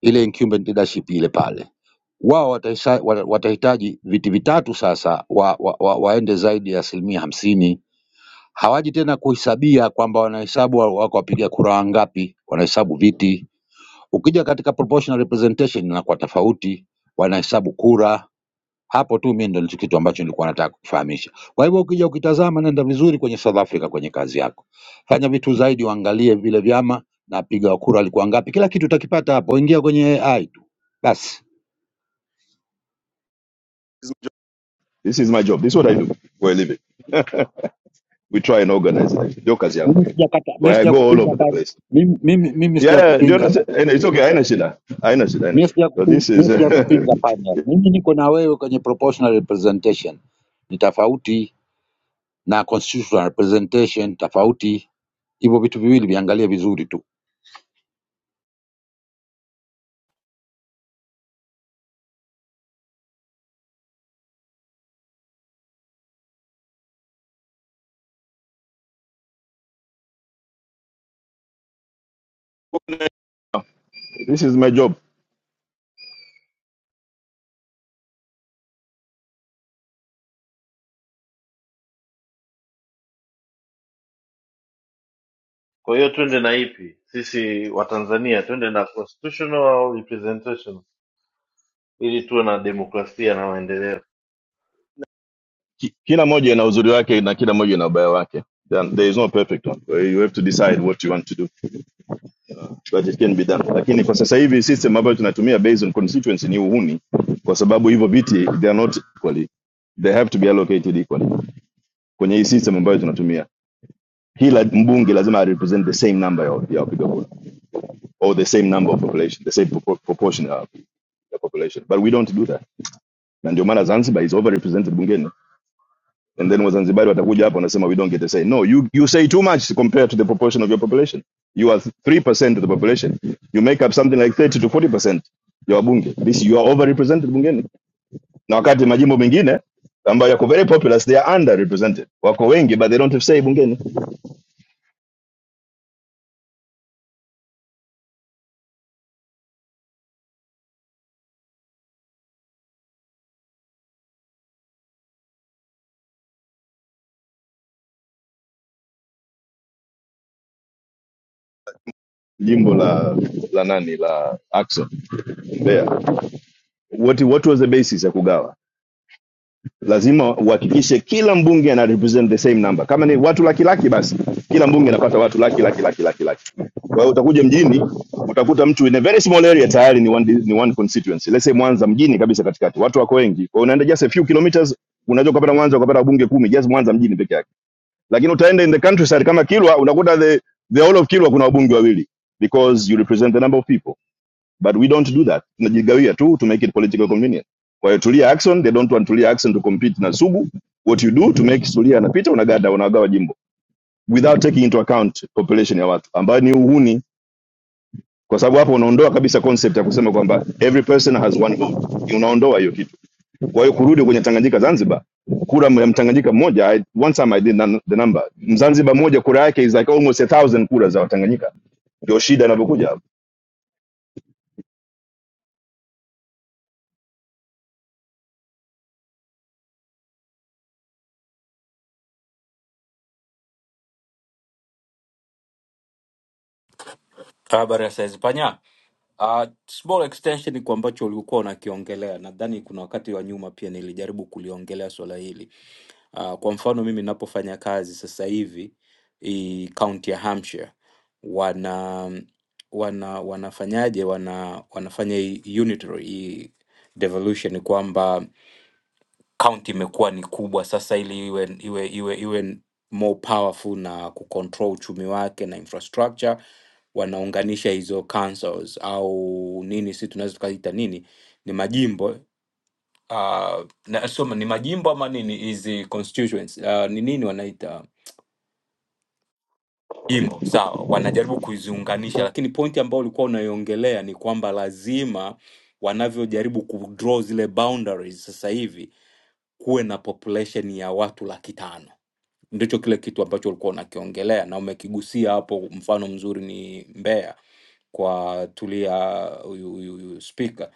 ile incumbent leadership ile pale, wao watahisa- wa- watahitaji viti vitatu sasa wa, wa, wa, waende zaidi ya asilimia hamsini hawaji tena kuhesabia kwamba wanahesabu wa- wako wapiga kura wangapi, wanahesabu viti. Ukija katika proportional representation inakuwa tofauti, wanahesabu kura. Hapo tu mimi ndo ndicho kitu ambacho nilikuwa nataka kufahamisha. Kwa hivyo ukija ukitazama, nenda vizuri kwenye South Africa kwenye kazi yako, fanya vitu zaidi, uangalie vile vyama na wapiga wa kura walikuwa ngapi, kila kitu utakipata hapo. Ingia kwenye AI tu basi.
This is my job. This is what I do for a living. we try and organize it. Ndio kazi yangu.
Mimi sijakata,
Kwa
mimi
I go all
sijakupinga
over
hapa,
the place.
mimi, mimi, mimi
Yeah, ndio
sijakupinga hapa.
nase- and it's okay, haina shida. Haina shida, haina
Mimi
shida. So
sijakupinga,
this is
mimi sijakupinga panya. Mimi niko na wewe kwenye proportional representation, ni tofauti na constitutional representation, tofauti. Hivyo vitu viwili viangalie vizuri tu.
<laughs> this is my job.
kwa hiyo twende na ipi sisi Watanzania, twende na constitutional au representation, ili tuwe na demokrasia na maendeleo.
Ki- Kila moja ina uzuri wake na kila moja ina ubaya wake. Then there is no perfect one. Kwa You have to decide what you want to do, but it can be done. Lakini kwa sasa hivi system ambayo tunatumia based on constituency ni uhuni kwa sababu hivyo viti they are not equally. They have to be allocated equally. Kwenye hii system ambayo tunatumia kila mbunge lazima represent the same number ya ya wapiga kura or the same number of population, the same propo- proportion uh, of the population. But we don't do that. Na ndio maana Zanzibar is overrepresented bungeni. And then Wazanzibari watakuja hapa wanasema we don't get the say. No, you, you say too much compared to the proportion of your population. You are 3% of the population. You make up something like 30 to 40% ya wabunge. This you are overrepresented bungeni. Na wakati majimbo mengine ambayo yako very populous they are underrepresented. Wako wengi but they don't have say bungeni. Jimbo la la nani la Axon Mbeya. What what was the basis ya kugawa? lazima uhakikishe kila mbunge ana represent the same number. Kama ni watu laki laki, basi kila mbunge anapata watu laki laki laki laki laki. Kwa hiyo utakuja mjini utakuta mtu in a very small area tayari ni one, ni one constituency. Let's say Mwanza mjini kabisa katikati, watu wako wengi, kwa unaenda just a few kilometers unaweza ukapata Mwanza ukapata bunge kumi just Mwanza mjini peke yake, lakini utaenda in the countryside kama Kilwa unakuta the, the whole of Kilwa kuna wabunge wawili because you represent the number of people but we don't do that tunajigawia tu to make it politically convenient kwa hiyo tulia Ackson they don't want tulia Ackson to compete na sugu what you do to make tulia anapita unagada unagawa jimbo without taking into account population ya watu ambayo ni uhuni kwa sababu hapo unaondoa kabisa concept ya kusema kwamba every person has one vote unaondoa hiyo kitu kwa hiyo kurudi kwenye Tanganyika Zanzibar kura ya mtanganyika mmoja I, one time I did the number mzanzibar mmoja kura yake is like almost a thousand kura za watanganyika ndio shida inavyokuja
Habari ya saizi panya. Uh, small extension kwa ambacho ulikuwa unakiongelea, nadhani kuna wakati wa nyuma pia nilijaribu kuliongelea swala hili. Uh, kwa mfano mimi ninapofanya kazi sasa hivi i county ya Hampshire wana wana wanafanyaje wana wanafanya hii unitary hii devolution kwamba county imekuwa ni kubwa sasa ili iwe iwe iwe iwe n- more powerful na kucontrol uchumi wake na infrastructure wanaunganisha hizo councils au nini si tunaweza tukaita nini ni majimbo uh, na sio ni majimbo ama nini hizi constituents uh, ni nini wanaita imo sawa, wanajaribu kuziunganisha, lakini pointi ambayo ulikuwa unaiongelea ni kwamba lazima wanavyojaribu kudraw zile boundaries sasa hivi kuwe na population ya watu laki tano ndicho kile kitu ambacho ulikuwa unakiongelea na umekigusia hapo. Mfano mzuri ni Mbeya kwa Tulia, huyu huyu huyu spika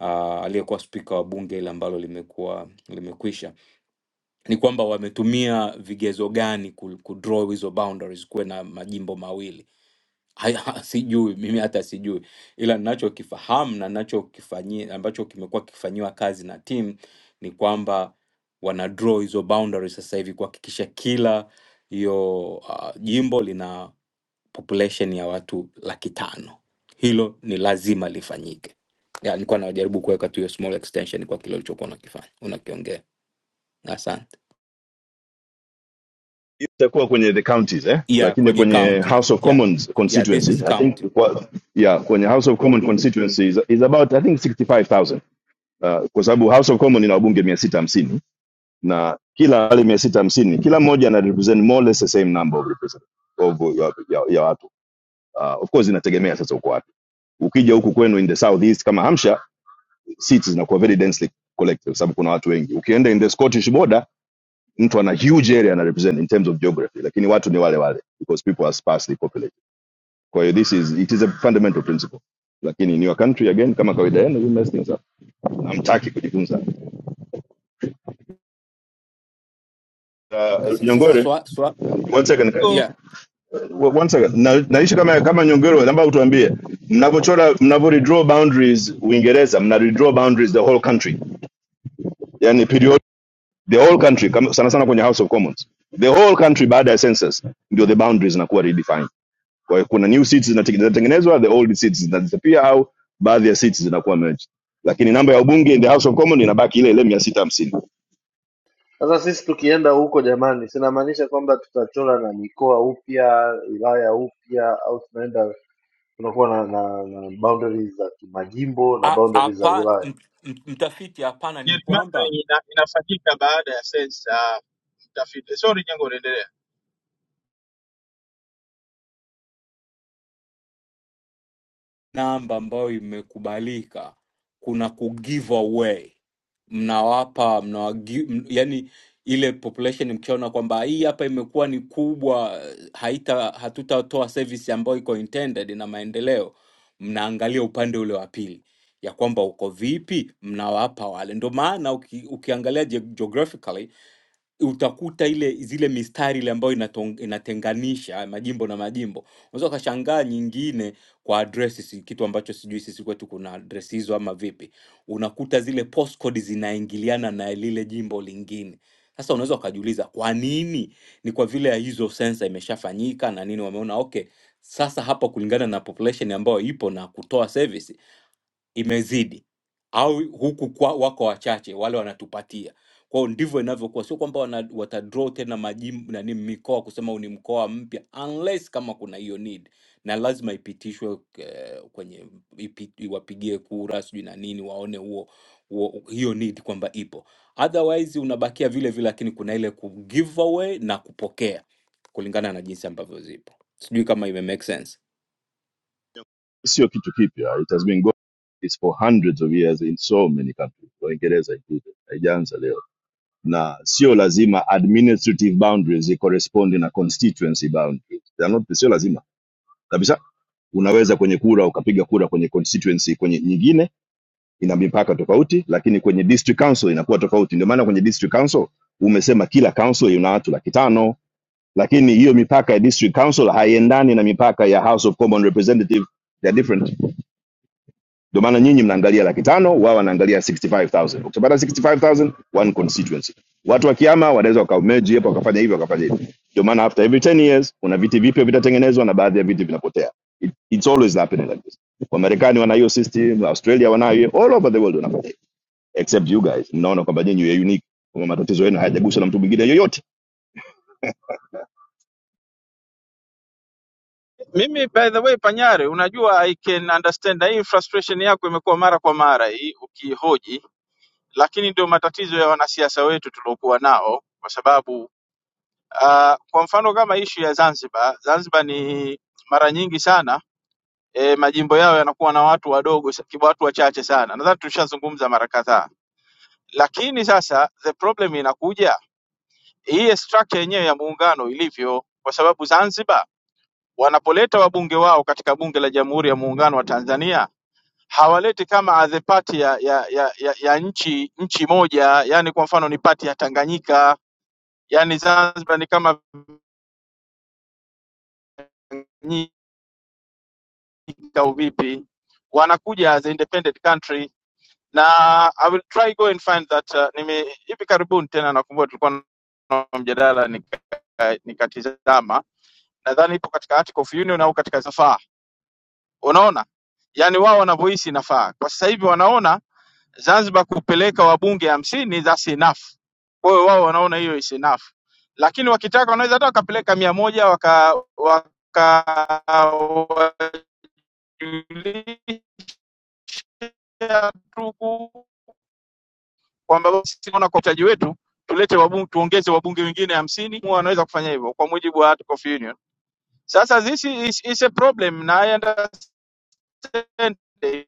uh, aliyekuwa spika wa bunge ile ambalo limekuwa limekwisha ni kwamba wametumia vigezo gani ku- kudraw hizo boundaries kuwe na majimbo mawili Haya, sijui mimi hata sijui ila ninachokifahamu na ninachokifanyia ambacho kimekuwa kikifanyiwa kazi na team ni kwamba wana draw hizo boundaries sasa hivi kuhakikisha kila hiyo uh, jimbo lina population ya watu laki tano hilo ni lazima lifanyike ya, nilikuwa najaribu kuweka tu hiyo small extension kwa kile ulichokuwa unakifanya unakiongea. Asante.
itakuwa kwenye the counties eh
Yeah,
lakini
kwenye
kwenye
counting.
house of
Yeah.
commons
Yeah, this
constituency
is
i
counting.
think kwa, yeah kwenye house of commons constituency is, is about i think 65000 uh, kwa sababu house of commons ina wabunge 650 na kila wale 650 kila mmoja ana represent more or less the same number of represent of ya, ya, ya watu uh, of course inategemea sasa uko wapi ukija huku kwenu in the southeast kama hampshire seats zinakuwa very densely collected kwa sababu kuna watu wengi ukienda in the scottish border mtu ana huge area ana represent in terms of geography lakini watu ni wale wale because people are sparsely populated kwa hiyo this is it is a fundamental principle lakini in your country again kama kawaida yenu you mess things up hamtaki kujifunza uh,
Sasa sasa
nyongore
swa, swa,
one second
Jengo
yeah.
wa- one second na, naishi kama kama nyongore naomba utuambie mnapochora mnapo redraw boundaries uingereza mna redraw boundaries the whole country yani period the whole country kama- sana sana kwenye house of commons the whole country baada ya census ndio the boundaries zinakuwa redefined Kwa hiyo kuna new seats zinatenge- zinatengenezwa, the old seats zinazipia au baadhi ya seats zinakuwa merged, lakini namba ya ubunge in the House of Commons inabaki ile ile mia sita hamsini.
Sasa sisi tukienda huko jamani, sinamaanisha kwamba tutachora na mikoa upya, wilaya upya, au tunaenda tunakuwa na, na, na boundaries za kimajimbo na
A-
boundaries za
hapa
wilaya
m- m- mtafiti hapana ni
Jerumani
kwamba
ina, inafanyika baada ya sensa mtafiti. Sorry, jengo unaendelea.
namba ambayo imekubalika kuna ku give away mnawapa mnawagi, m, yani ile population mkiona kwamba hii hapa imekuwa ni kubwa haita hatutatoa service ambayo iko intended na maendeleo mnaangalia upande ule wa pili ya kwamba uko vipi mnawapa wale ndio maana uki, ukiangalia ge- geographically utakuta ile zile mistari ile ambayo inatong, inatenganisha majimbo na majimbo. Unaweza ukashangaa nyingine kwa address, si kitu ambacho sijui sisi kwetu kuna address hizo ama vipi. Unakuta zile postcode zinaingiliana na lile jimbo lingine. Sasa unaweza ukajiuliza kwa nini? Ni kwa vile ya hizo sensa imeshafanyika na nini, wameona okay, sasa hapa kulingana na population ambayo ipo na kutoa service imezidi au huku kwa, wako wachache wale wanatupatia kwao ndivyo inavyokuwa sio kwamba wana, watadraw tena majimbo nani mikoa kusema huu ni mkoa mpya unless kama kuna hiyo need na lazima ipitishwe eh, kwenye ipi, iwapigie kura sijui na nini waone huo huo- hiyo need kwamba ipo otherwise unabakia vile vile lakini kuna ile ku give away na kupokea kulingana na jinsi ambavyo zipo sijui kama ime make sense
Sio kitu kipya, it has been going it's for hundreds of years in so many countries, Uingereza included, haijaanza leo, na sio lazima administrative boundaries correspond na constituency boundaries. They are not, sio lazima kabisa. Unaweza kwenye kura ukapiga kura kwenye constituency kwenye nyingine ina mipaka tofauti, lakini kwenye district council inakuwa tofauti. Ndio maana kwenye district council umesema kila council ina watu laki tano, lakini hiyo mipaka ya district council haiendani na mipaka ya House of Common Representative, they are different. Ndio maana nyinyi mnaangalia laki tano, wao wanaangalia 65000 Ukipata 65000 one constituency. Watu wakihama wanaweza wakamerge hapo, wakafanya hivi, wakafanya hivi. Ndio maana after every 10 years kuna viti vipya vitatengenezwa na baadhi ya viti vinapotea. It, it's always happening like this. Wamarekani wana hiyo system, Australia wanayo, all over the world wanafanya except you guys mnaona kwamba nyinyi you are unique kwamba matatizo yenu hayajaguswa na mtu mwingine yoyote
Mimi by the way, Panyari, unajua I can understand na hii frustration yako imekuwa mara kwa mara hii ukihoji, lakini ndio matatizo ya wanasiasa wetu tuliokuwa nao, kwa sababu uh, kwa mfano kama ishu ya Zanzibar, Zanzibar ni mara nyingi sana e, majimbo yao yanakuwa na watu wadogo, sa- kibu- watu wachache sana. Nadhani tushazungumza mara kadhaa, lakini sasa the problem inakuja hii structure yenyewe ya muungano ilivyo, kwa sababu Zanzibar wanapoleta wabunge wao katika bunge la Jamhuri ya Muungano wa Tanzania hawaleti kama adhe pati ya, ya, ya, ya, ya nchi nchi moja, yani kwa mfano ni pati ya Tanganyika, yani Zanzibar ni kama Tanganyika au vipi, wanakuja as independent country na I will try go and find that uh, nime hivi karibuni tena nakumbuka tulikuwa na mjadala nika- nikatizama nadhani ipo katika Article of Union au katika Zafaa. Unaona, yaani wao wanavyohisi inafaa. Kwa sasa hivi wanaona Zanzibar kupeleka wabunge hamsini that's enough. Kwa hiyo wao wanaona hiyo is enough, lakini wakitaka wanaweza hata wakapeleka mia moja waka wakawajulisha tu kwamba basi tunaona kwa mtaji wetu tulete wabunge, tuongeze wabunge wengine hamsini. Wanaweza kufanya hivyo kwa mujibu wa Article of Union. Sasa this is, is a problem na I understand Sunday.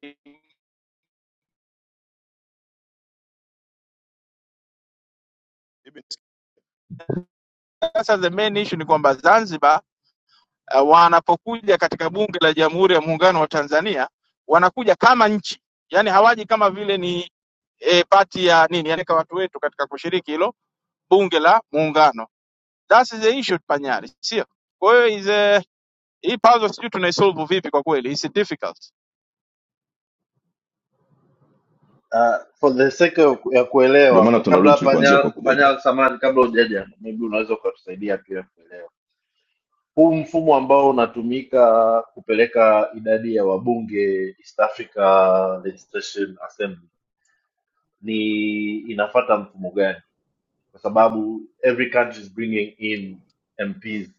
Sasa the main issue ni kwamba Zanzibar uh, wanapokuja katika bunge la Jamhuri ya Muungano wa Tanzania wanakuja kama nchi, yani hawaji kama vile ni e, pati ya nini, yani kwa watu wetu katika kushiriki hilo bunge la Muungano. That is the issue panyari, sio? Kwa hiyo is a- hii puzzle sijui tunaisolve vipi kwa kweli, it's difficult.
Uh, for the sake of, ya
ndio maana
kuelewa
tuna
kabla
reach kuanzia kwa
panya panya
kumoja
samani, kabla hujaja maybe unaweza ukatusaidia pia kuelewa huu mfumo ambao unatumika kupeleka idadi ya wabunge East Africa Legislation Assembly ni inafata mfumo gani? Kwa sababu every country is bringing in MPs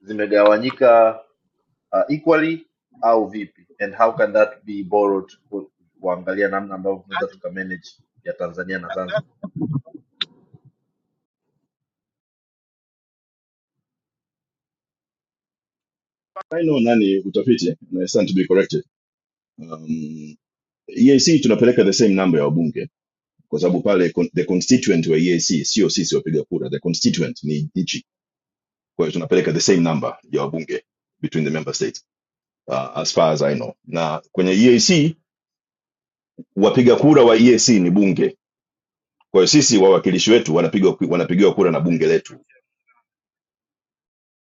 zimegawanyika uh, equally au vipi, and how can that be borrowed ku- kuangalia namna ambavyo tunaweza
Lazima
tukamanage ya Tanzania na Zanzibar.
I know nani utafiti na stand to be corrected um, EAC tunapeleka the same number ya wabunge kwa sababu pale con- the constituent wa EAC sio sisi wapiga kura the constituent ni nchi kwa hiyo tunapeleka the same number ya wabunge between the member states uh, as far as I know na kwenye EAC wapiga kura wa EAC ni bunge kwa hiyo sisi wawakilishi wetu wanapiga wanapigiwa kura na bunge letu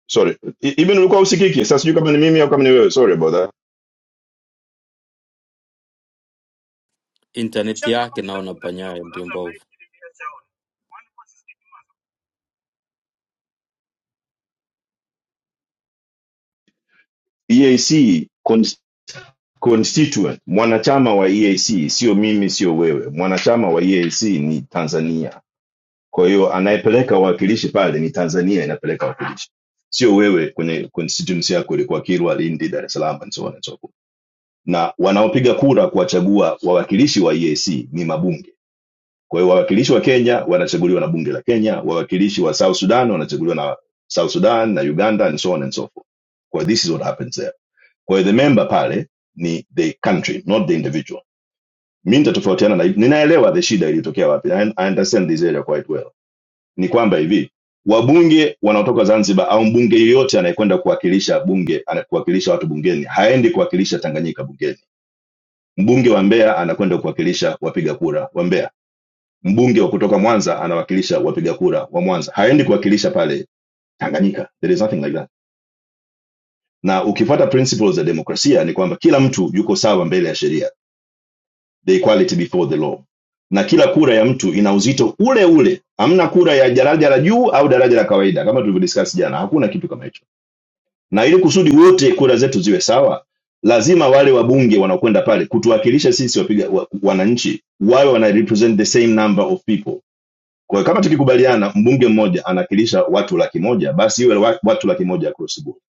sorry, E- even ulikuwa usikiki. Sasa sijui kama ni mimi au kama ni wewe, sorry about that.
Intaneti yake naona panyaya ndio
EAC con constituent, mwanachama wa EAC sio mimi, sio wewe. Mwanachama wa EAC ni Tanzania, kwa hiyo anayepeleka wawakilishi pale ni Tanzania inapeleka wawakilishi, sio wewe kwenye constituency yako ilikuwa Kilwa, Lindi, Dar es Salaam and so on and so forth. Na wanaopiga kura kuwachagua wawakilishi wa EAC ni mabunge Kwa hiyo wawakilishi wa Kenya wanachaguliwa na bunge la Kenya, wawakilishi wa South Sudan wanachaguliwa na South Sudan na Uganda and so on and so forth. Kwa hiyo this is what happens there. Kwa hiyo the member pale ni the country not the individual. Mimi nitatofautiana na ninaelewa the shida iliyotokea wapi. I, I understand this area quite well. Ni kwamba hivi wabunge wanaotoka Zanzibar au mbunge yeyote anayekwenda kuwakilisha bunge anakuwakilisha watu bungeni haendi kuwakilisha Tanganyika bungeni. Mbunge wa Mbeya anakwenda kuwakilisha wapiga kura wa Mbeya Mbunge wa kutoka Mwanza anawakilisha wapiga kura wa Mwanza, haendi kuwakilisha pale Tanganyika. There is nothing like that. Na ukifuata principles za demokrasia ni kwamba kila mtu yuko sawa mbele ya sheria, the equality before the law, na kila kura ya mtu ina uzito ule ule. Hamna kura ya daraja la juu au daraja la kawaida, kama tulivyodiscuss jana. Hakuna kitu kama hicho, na ili kusudi wote kura zetu ziwe sawa, lazima wale wabunge wanaokwenda pale kutuwakilisha sisi wapiga wa, wananchi wawe wana represent the same number of people Kwa hiyo kama tukikubaliana mbunge mmoja anawakilisha watu laki moja, basi iwe watu laki moja across the board.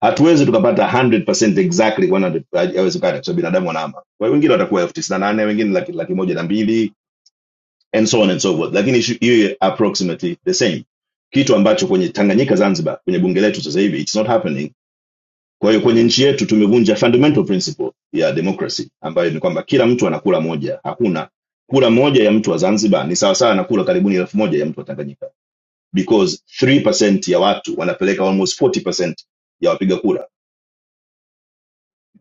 Hatuwezi tukapata 100% exactly 100 haiwezekani, kwa sababu binadamu wanahama. Kwa hiyo wengine watakuwa elfu tisini na nane wengine laki, laki moja na mbili and so on and so forth, lakini ishu- iwe approximately the same, kitu ambacho kwenye Tanganyika, Zanzibar, kwenye bunge letu sasa hivi it's not happening. Kwa hiyo kwenye nchi yetu tumevunja fundamental principle ya democracy ambayo ni kwamba kila mtu anakula moja. Hakuna kula moja ya mtu wa Zanzibar ni sawasawa na kura karibuni elfu moja ya mtu wa Tanganyika because 3% ya watu wanapeleka almost 40% ya wapiga kura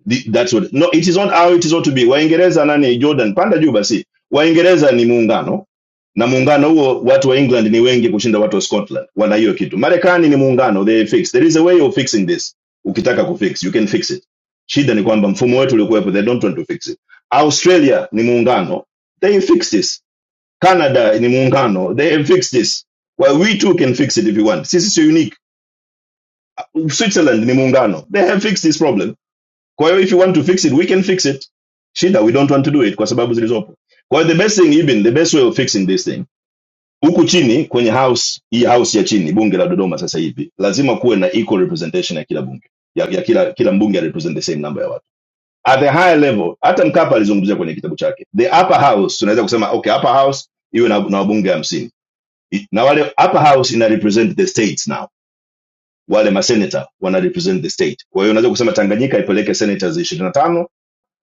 The- that's what no it is not how it is ought to be waingereza nani jordan panda juu basi waingereza ni muungano na muungano huo watu wa england ni wengi kushinda watu wa scotland wana hiyo kitu marekani ni muungano they fix there is a way of fixing this ukitaka kufix you can fix it shida ni kwamba mfumo wetu uliokuwepo they don't want to fix it australia ni muungano they fix this canada ni muungano they fix this well we too can fix it if you want sisi sio unique Switzerland ni muungano. They have fixed this problem. Kwa hiyo if you want to fix it, we can fix it. Shida we don't want to do it kwa sababu zilizopo. Kwa hiyo the best thing even, the best way of fixing this thing. Huku chini kwenye house, hii house ya chini, bunge la Dodoma sasa hivi, lazima kuwe na equal representation ya kila bunge. Ya, ya kila kila mbunge a represent the same number ya watu. At the higher level, hata Mkapa alizungumzia kwenye kitabu chake. The upper house tunaweza kusema okay, upper house iwe na, na wabunge 50. Na wale upper house ina represent the states now wale masenata wana represent the state kwa hiyo unaweza kusema tanganyika ipeleke senators 25 na tano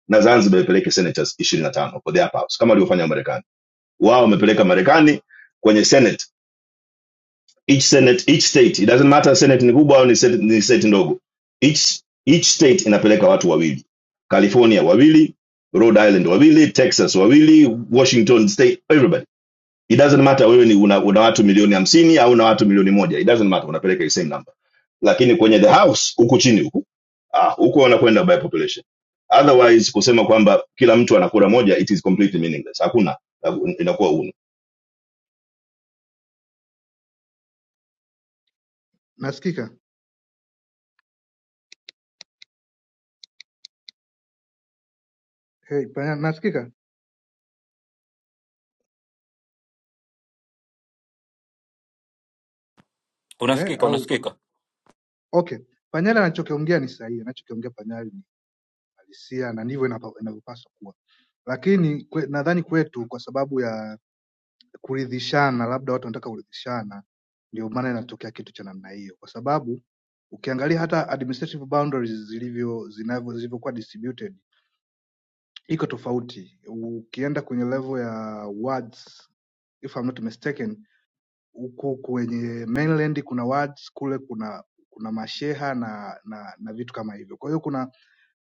na zanzibar ipeleke senators 25 for the upper house kama walivyofanya marekani wao wamepeleka marekani kwenye senate each senate each state it doesn't matter senate ni kubwa au ni state, ni state ndogo each each state inapeleka watu wawili california wawili rhode island wawili texas wawili washington state everybody it doesn't matter wewe ni una, una watu milioni hamsini au una watu milioni moja it doesn't matter unapeleka the same number lakini kwenye the house huku chini huku ah, huku wanakwenda by population otherwise kusema kwamba kila mtu anakura moja it is completely meaningless hakuna inakuwa uno
Nasikika? Hey, Panya- nasikika? Eh,
Unasikika
au
unasikika
okay. Panyala anachokiongea ni sahihi, anachokiongea Panyala ni halisia na ndivyo inapa- inavyopaswa kuwa, lakini kwe, nadhani kwetu kwa sababu ya kuridhishana, labda watu wanataka kuridhishana, ndio maana inatokea kitu cha namna hiyo, kwa sababu ukiangalia hata administrative boundaries zilivyo zinavyo zilivyokuwa distributed iko tofauti. Ukienda kwenye level ya wards if I'm not mistaken huku kwenye mainland kuna wards kule kuna kuna masheha na na, na vitu kama hivyo kwa hiyo kuna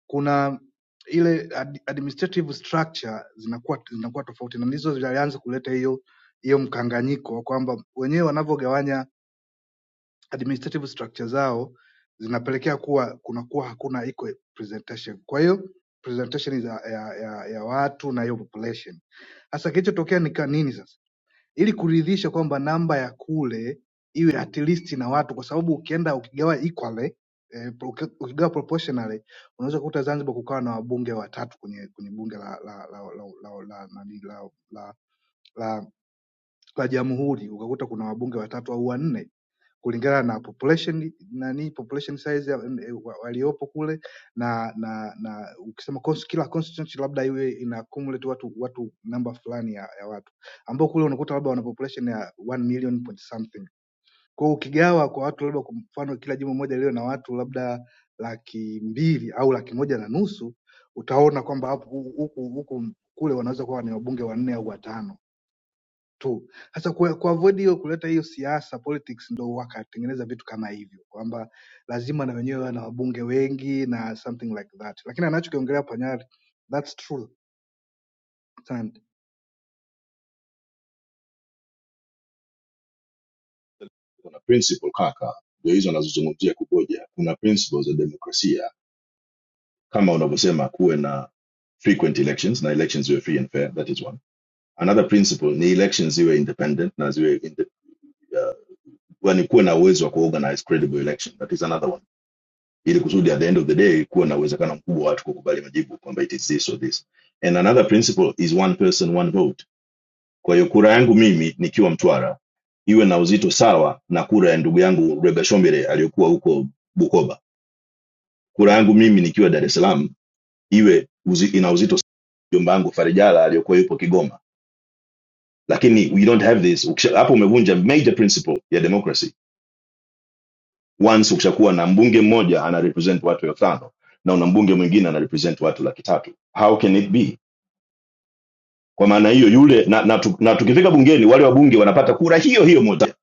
kuna ile ad, administrative structure zinakuwa zinakuwa tofauti na ndizo zilianza kuleta hiyo hiyo mkanganyiko kwamba wenyewe wanavyogawanya administrative structure zao zinapelekea kuwa kunakuwa hakuna equal presentation kwa hiyo presentation ya, ya, ya, ya watu na hiyo population sasa kilichotokea ni ka- nini sasa ili kuridhisha kwamba namba ya kule iwe at least na watu kwa sababu ukienda ukigawa equally eh, pro- ukigawa proportionally unaweza kukuta Zanzibar kukawa na wabunge watatu kwenye kwenye bunge la la la la la la la, la, la, la, la la jamhuri ukakuta kuna wabunge watatu au wanne kulingana na population nani population size ya- eh, wa- waliopo kule na na na ukisema cons- kila constituency labda iwe ina accumulate watu watu namba fulani ya, ya watu ambao kule unakuta labda wana population ya 1 million point something kwa hiyo ukigawa kwa watu labda kwa mfano kila jimbo moja liwe na watu labda laki mbili au laki moja na nusu utaona kwamba hapo hu- huku huku kule wanaweza kuwa ni wabunge wanne au watano tu. Sasa kwa kuavoid hiyo kuleta hiyo siasa politics, ndo wakatengeneza vitu kama hivyo kwamba lazima na wenyewe wana wabunge wengi na something like that, lakini anachokiongelea Panyari that's true sana.
kuna principle kaka ndio hizo anazozungumzia kuboja kuna principles za demokrasia kama unavyosema kuwe na frequent elections na elections ziwe free and fair that is one another principle ni elections ziwe independent na ziwe inde- yani kuwe na uwezo wa kuorganize credible election that is another one ili kusudi at the end of the day kuwe na uwezekano mkubwa wa watu kukubali majibu kwamba it is this or this and another principle is one person one vote kwa hiyo kura yangu mimi nikiwa mtwara iwe na uzito sawa na kura ya ndugu yangu rega shombere aliyokuwa huko bukoba kura yangu mimi nikiwa dar es salaam iwe uzi, ina uzito jomba yangu farijala aliyokuwa yupo kigoma lakini we don't have this Ukisha- hapo umevunja major principle ya democracy once ukishakuwa na mbunge mmoja ana represent watu elfu tano na una mbunge mwingine ana represent watu laki tatu how can it be kwa maana hiyo yule na, na, tu- na tukifika bungeni wale wabunge wanapata kura hiyo hiyo moja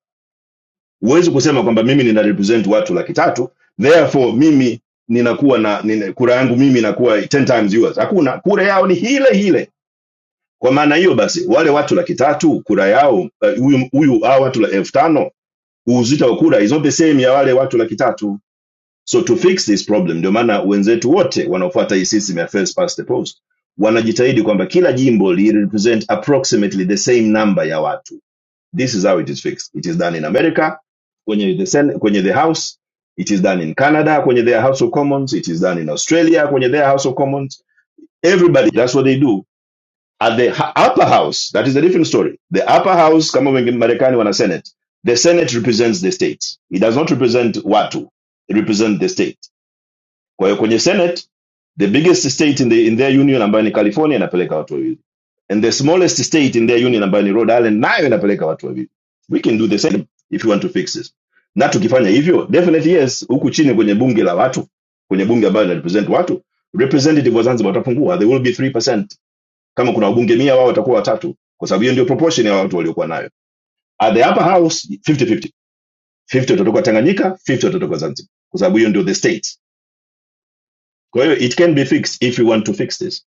huwezi kusema kwamba mimi nina represent watu laki tatu therefore mimi ninakuwa na nina, kura yangu mimi inakuwa 10 times yours hakuna kura yao ni hile hile kwa maana hiyo basi wale watu laki tatu kura yao eh, huyu uh, huyu hawa watu elfu tano uzito wa kura is not the same ya wale watu laki tatu So to fix this problem, ndio maana wenzetu wote wanaofuata hii system ya first past the post wanajitahidi kwamba kila jimbo li represent approximately the same number ya watu. This is how it is fixed. It is done in America kwenye the, Senate, kwenye the House, it is done in Canada kwenye their House of Commons, it is done in Australia kwenye their House of Commons. Everybody, that's what they do. At the upper house, that is a different story. The upper house, kama wengi Marekani wana Senate, the Senate represents the states. It does not represent watu, it represents the state kwa hiyo kwenye senate the biggest state in, the, in their union ambayo ni california inapeleka watu wawili and the smallest state in their union ambayo ni rhode island nayo inapeleka watu wawili we can do the same if you want to fix this na tukifanya hivyo definitely yes huku chini kwenye bunge la watu kwenye bunge ambayo ina represent watu representative wa zanzibar watapungua they will be 3% kama kuna wabunge mia wao watakuwa watatu kwa sababu hiyo ndio proportion ya watu waliokuwa nayo at the upper house fifty-fifty. 50 50 watatoka tanganyika 50 watatoka zanzibar kwa sababu hiyo ndio the state Kwa hiyo it can be fixed if you want to fix this,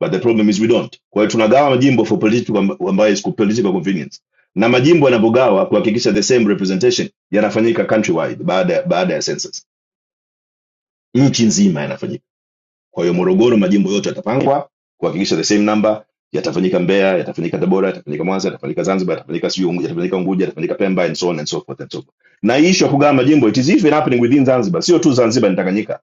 but the problem is we don't. Kwa hiyo tunagawa majimbo for political amb- ambayo is political convenience, na majimbo yanapogawa kuhakikisha the same representation yanafanyika countrywide baada baada ya census, nchi nzima yanafanyika. Kwa hiyo Morogoro, majimbo yote yatapangwa kuhakikisha the same number yatafanyika Mbeya, yatafanyika Tabora, yatafanyika Mwanza, yatafanyika Zanzibar, yatafanyika sijui Unguja, yatafanyika Unguja, yatafanyika Pemba and so on and so forth and so forth. Na hii issue ya kugawa majimbo it is even happening within Zanzibar, sio tu Zanzibar ni Tanganyika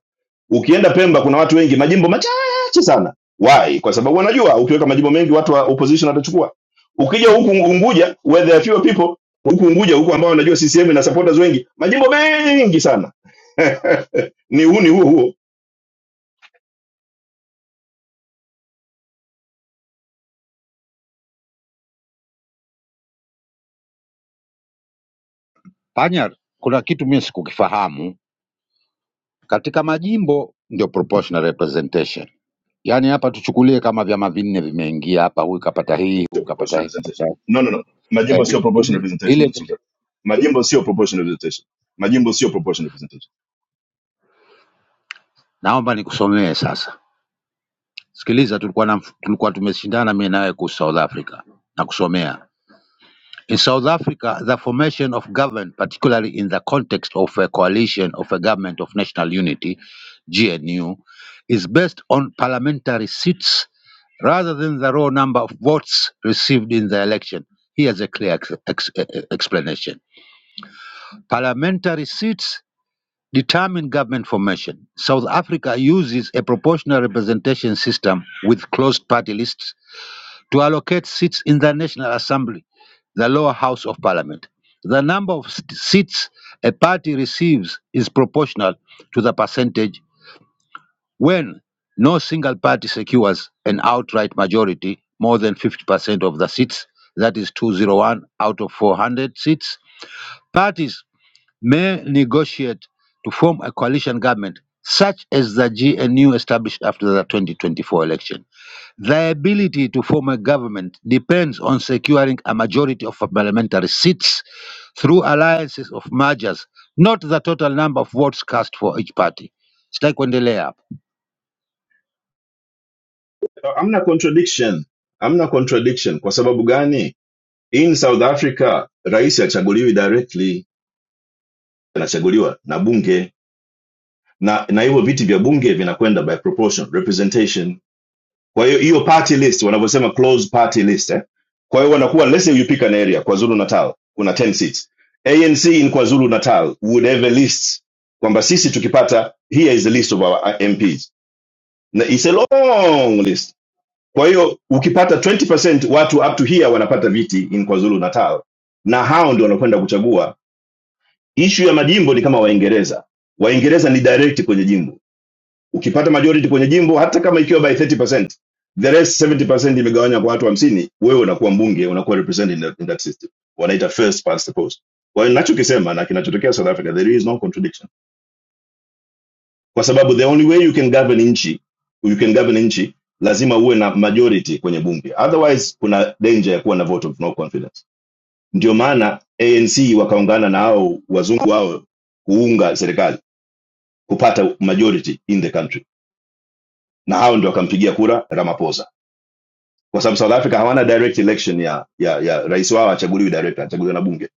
Ukienda Pemba kuna watu wengi, majimbo machache sana. Why? Kwa sababu wanajua ukiweka majimbo mengi watu wa opposition watachukua. Ukija huku Unguja where there are fewer people, huku Unguja huku ambao wanajua CCM ina supporters wengi, majimbo mengi sana <laughs> ni huu ni huo huo.
Panya, kuna kitu mimi sikukifahamu katika majimbo, ndio proportional representation. Yaani hapa tuchukulie kama vyama vinne vimeingia hapa, huyu kapata hii,
Sio
huyu
proportional
kapata hii.
representation. No, no, no.
Eh,
Majimbo sio proportional
hii-
representation.
ile
Mr. Sultan. Majimbo sio proportional representation. Majimbo sio proportional representation.
naomba nikusomee sasa. Sikiliza, tulikuwa na, tulikuwa tumeshindana mimi nawe kuhusu South Africa, nakusomea In South Africa, the formation of government, particularly in the context of a coalition of a government of national unity, GNU, is based on parliamentary seats rather than the raw number of votes received in the election. Here's a clear ex- ex- eh, eh, explanation. Parliamentary seats determine government formation. South Africa uses a proportional representation system with closed party lists to allocate seats in the National Assembly, the lower house of parliament. The number of st- seats a party receives is proportional to the percentage when no single party secures an outright majority more than 50% of the seats, that is 201 out of 400 seats. Parties may negotiate to form a coalition government, such as the GNU established after the 2024 election. Their ability to form a government depends on securing a majority of parliamentary seats through alliances of mergers, not the total number of votes cast for each party. Sitaki kuendelea hapo.
Hamna contradiction, hamna contradiction. Kwa sababu gani? In South Africa rais hachaguliwi directly anachaguliwa na bunge na na hivyo viti vya bunge vinakwenda by proportion representation kwa hiyo hiyo party list wanavyosema closed party list eh? kwa hiyo wanakuwa let's say you pick an area kwazulu natal kuna 10 seats anc in kwazulu natal would have a list kwamba sisi tukipata here is the list of our mps na it's a long list kwa hiyo ukipata 20% watu up to here wanapata viti in kwazulu natal na hao ndio wanakwenda kuchagua ishu ya majimbo ni kama waingereza waingereza ni direct kwenye jimbo ukipata majority kwenye jimbo hata kama ikiwa by 30%, the rest 70% imegawanywa kwa watu hamsini, wewe unakuwa mbunge, unakuwa represented in, that- in that system. Wanaita first past the post. Kwa hiyo ninachokisema na kinachotokea South Africa, there is no contradiction, kwa sababu the only way you can govern nchi, you can govern nchi lazima uwe na majority kwenye bunge, otherwise kuna danger ya kuwa na vote of no confidence. Ndio maana ANC wakaungana na hao wazungu hao kuunga serikali kupata majority in the country, na hao ndio wakampigia kura Ramaphosa kwa sababu south africa hawana direct election ya ya ya rais wao hachaguliwi direct anachaguliwa na bunge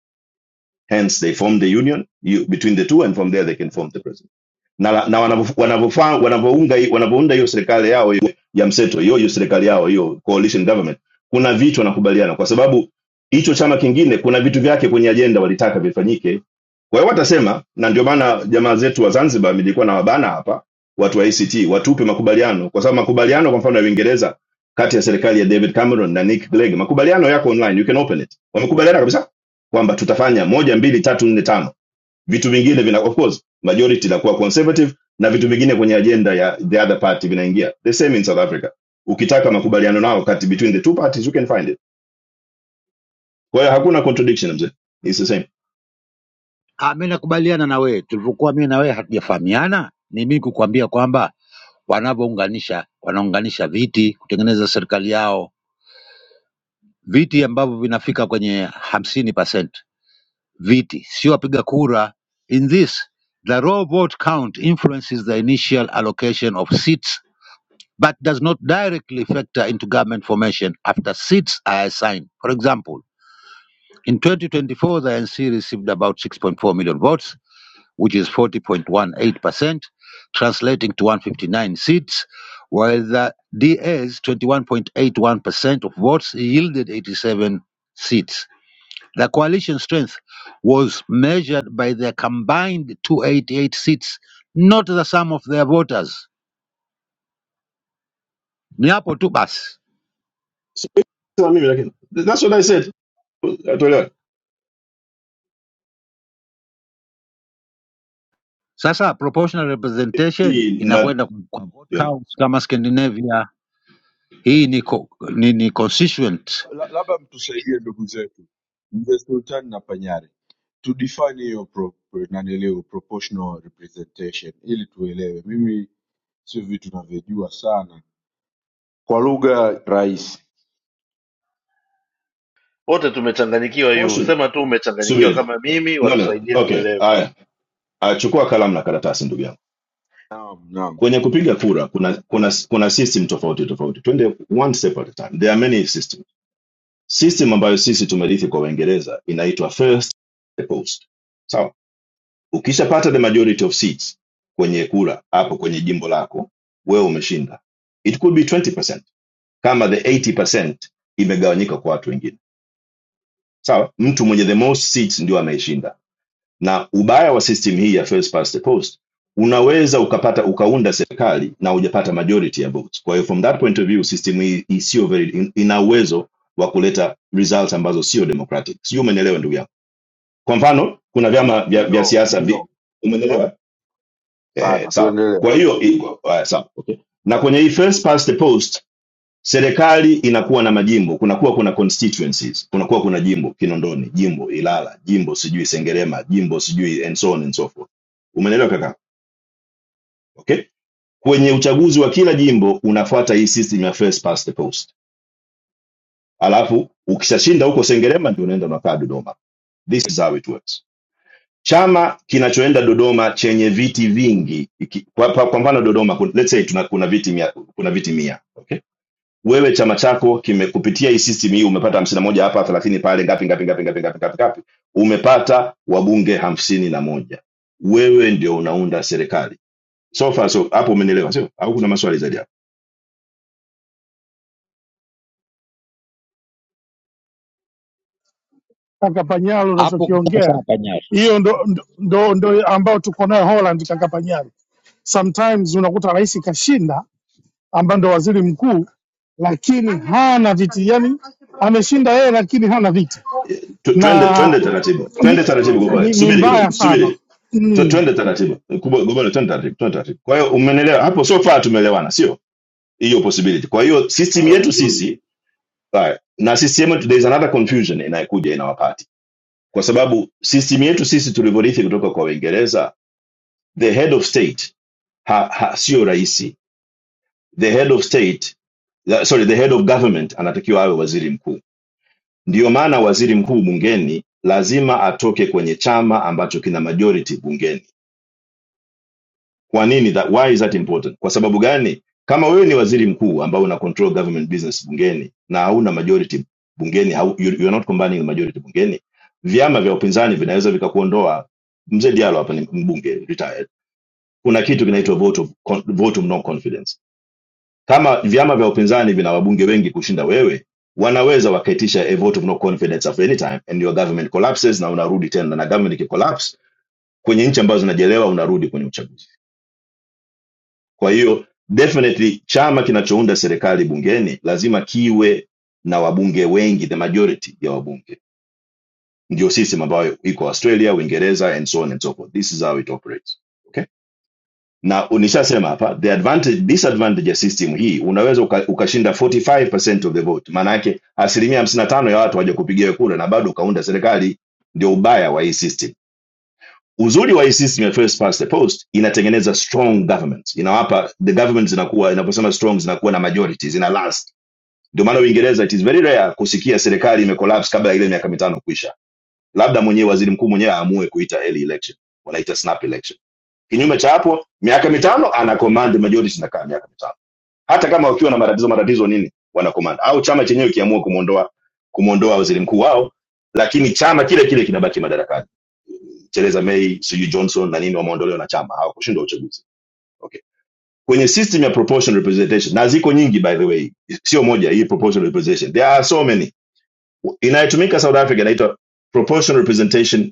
hence they form the union you, between the two and from there they can form the president na, na wanavyofa- wanavyofa- wanavyounga hi- wanavyounda hiyo serikali yao hiyo ya mseto hiyo hiyo serikali yao hiyo coalition government kuna vitu wanakubaliana kwa sababu hicho chama kingine kuna vitu vyake kwenye ajenda walitaka vifanyike Kwa hiyo watasema, na ndio maana jamaa zetu wa Zanzibar nilikuwa na wabana hapa, watu wa ACT watupe makubaliano, kwa sababu makubaliano kwa mfano ya Uingereza kati ya serikali ya David Cameron na Nick Clegg, makubaliano yako online, you can open it. Wamekubaliana kabisa kwamba tutafanya moja, mbili, tatu, nne, tano. Vitu vingine vina of course majority inakuwa conservative na vitu vingine kwenye agenda ya the other party vinaingia. The same in South Africa. Ukitaka makubaliano nao kati between the two parties you can find it. Kwa hiyo hakuna contradiction mzee. It's the same.
Ah, Mimi nakubaliana na wewe, tulivyokuwa mimi na wewe hatujafahamiana, ni mimi kukuambia kwamba wanavyounganisha wanaunganisha viti kutengeneza serikali yao, viti ambavyo vinafika kwenye hamsini percent viti, sio wapiga kura. In this, the raw vote count influences the initial allocation of seats but does not directly factor into government formation after seats are assigned. For example, in 2024, the NC received about 6.4 million votes, which is 40.18%, translating to 159 seats, while the DA's 21.81% of votes yielded 87 seats. The coalition strength was measured by their combined 288 seats, not the sum of their voters. Ni hapo tu basi.
Sasa mimi lakini that's what I said.
Sasa proportional representation
si
inakwenda
nadhiani
kwa vote counts kama Scandinavia. Hii ni, co- ni, ni constituent.
La- Labda mtusaidie ndugu zetu, mzee Sultani na Panyari. to define hiyo naniliu proportional represent ili tu mimi vitu na kwa lugha rahisi
wote tumechanganyikiwa yu
portion
sema tu umechanganyikiwa
subiri
kama mimi
no, no.
watusaidie
okay
tuelewe
haya Ah, chukua kalamu na karatasi ndugu yangu
naam naam
kwenye kupiga kura kuna kuna kuna system tofauti tofauti twende one step at a time there are many systems system ambayo sisi tumerithi kwa uingereza inaitwa first the post sawa ukishapata the majority of seats kwenye kura hapo kwenye jimbo lako wewe umeshinda it could be 20% kama the 80% imegawanyika kwa watu wengine sawa mtu mwenye the most seats ndio ameishinda na ubaya wa system hii ya first past the post unaweza ukapata ukaunda serikali na hujapata majority ya votes kwa hiyo from that point of view system hii hii very ina uwezo wa kuleta results ambazo sio democratic sio umeelewa ndugu yangu kwa mfano kuna vyama vya, vya siasa vi, umeelewa ehe sawa kwa hiyo i- uh, sawa okay na kwenye hii first past the post serikali inakuwa na majimbo kunakuwa kuna constituencies kunakuwa kuna jimbo kinondoni jimbo ilala jimbo sijui sengerema jimbo sijui and so on and so forth umeelewa kaka okay kwenye uchaguzi wa kila jimbo unafuata hii system ya first past the post alafu ukishashinda huko sengerema ndio unaenda unakaa dodoma this is how it works chama kinachoenda dodoma chenye viti vingi iki- kwa, kwa, kwa mfano dodoma kun- let's say tuna, kuna viti mia, kuna viti mia okay? wewe chama chako kime kupitia hii system hii umepata hamsini na moja hapa thelathini pale ngapi ngapi ngapi ngapi ngapi ngapi ngapi umepata wabunge hamsini na moja wewe ndio unaunda serikali so far so hapo umenielewa sio au kuna maswali zaidi hapo
kaka Panyaro
Hapo sasa
unachokiongea
panyao.
hiyo ndo, ndo, ndo, ndo ambayo tuko nayo Holland kaka Panyaro. Sometimes unakuta rais kashinda ambaye ndo waziri mkuu, lakini hana viti, yani ameshinda yeye lakini hana viti
Tu- twende
na
twende taratibu
ni,
twende taratibu gobole
ni, ni
subiri
mbaya
kidogo
sana
subiri Tu-
mm.
twende taratibu Kubo- gobole twende taratibu twende taratibu kwa hiyo umenielewa hapo so far tumeelewana sio hiyo possibility kwa hiyo system
hata
yetu
vizuri
sisi sawa, na system yetu there is another confusion inayokuja inawapata kwa sababu system yetu sisi tulivyorithi kutoka kwa Waingereza, the head of state ha, ha, sio raisi. The head of state la, sorry, the head of government anatakiwa awe waziri mkuu. Ndiyo maana waziri mkuu bungeni lazima atoke kwenye chama ambacho kina majority bungeni. Kwa nini that, why is that important? Kwa sababu gani? Kama wewe ni waziri mkuu ambao una control government business bungeni na hauna majority bungeni, hau, you, you are not combining the majority bungeni, vyama vya upinzani vinaweza vikakuondoa mzee Diallo hapa ni mbunge retired kuna kitu kinaitwa vote of con- vote of no confidence. Kama vyama vya upinzani vina wabunge wengi kushinda wewe, wanaweza wakaitisha a vote of no confidence at any time and your government collapses, na unarudi tena, na government ikicollapse kwenye nchi ambazo zinajelewa, unarudi kwenye uchaguzi. Kwa hiyo definitely chama kinachounda serikali bungeni lazima kiwe na wabunge wengi, the majority ya wabunge, ndio system ambayo iko Australia, Uingereza and so on and so forth. This is how it operates. Okay. na nishasema hapa the advantage disadvantage ya system hii unaweza uka, ukashinda 45% of the vote maana yake asilimia hamsini na tano ya watu waje kupigia kura na bado ukaunda serikali ndio ubaya wa hii system uzuri wa hii system ya first past the post inatengeneza strong government inawapa the government zinakuwa inaposema strong zinakuwa na majority zina last ndio maana uingereza it is very rare kusikia serikali imecollapse kabla ya ile miaka mitano kuisha labda mwenyewe waziri mkuu mwenyewe aamue kuita early election wanaita snap election Kinyume cha hapo, miaka mitano ana command majority, inakaa miaka mitano, hata kama wakiwa na matatizo matatizo nini, wana command au chama chenyewe kiamua kumuondoa kumuondoa waziri mkuu wao, lakini chama kile kile kinabaki madarakani. Theresa May, sijui Johnson na nini, wameondolewa na chama, hawakushindwa uchaguzi. Okay, kwenye system ya proportional representation, na ziko nyingi by the way, sio moja hii proportional representation, there are so many. Inayotumika South Africa inaitwa proportional representation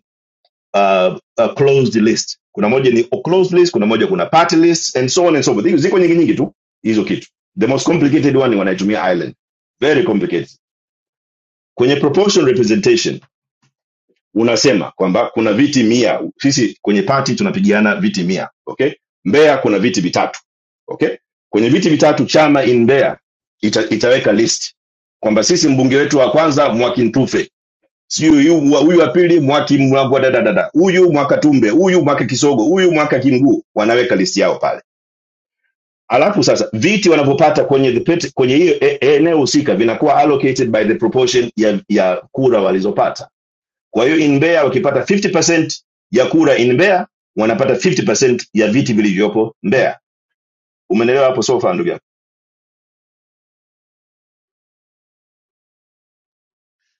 uh, uh, closed list kuna moja ni closed list kuna moja kuna party list and so on and so forth Hizo ziko nyingi nyingi tu hizo kitu the most complicated one ni wanaitumia island very complicated kwenye proportional representation unasema kwamba kuna viti mia sisi kwenye party tunapigiana viti mia okay mbeya kuna viti vitatu okay kwenye viti vitatu chama in mbeya ita, itaweka list kwamba sisi mbunge wetu wa kwanza mwakintufe sijui huyu mwa- huyu wa pili mwaki mlangwa dadadada huyu mwaka tumbe huyu mwaka kisogo huyu mwaka kimguu wanaweka listi yao pale alafu sasa viti wanavyopata kwenye the pet, kwenye hiyo e- e, eneo husika vinakuwa allocated by the proportion ya, ya kura walizopata kwa hiyo in Mbeya wakipata 50% ya kura in Mbeya wanapata 50% ya viti vilivyopo Mbeya umeelewa hapo so far ndugu yangu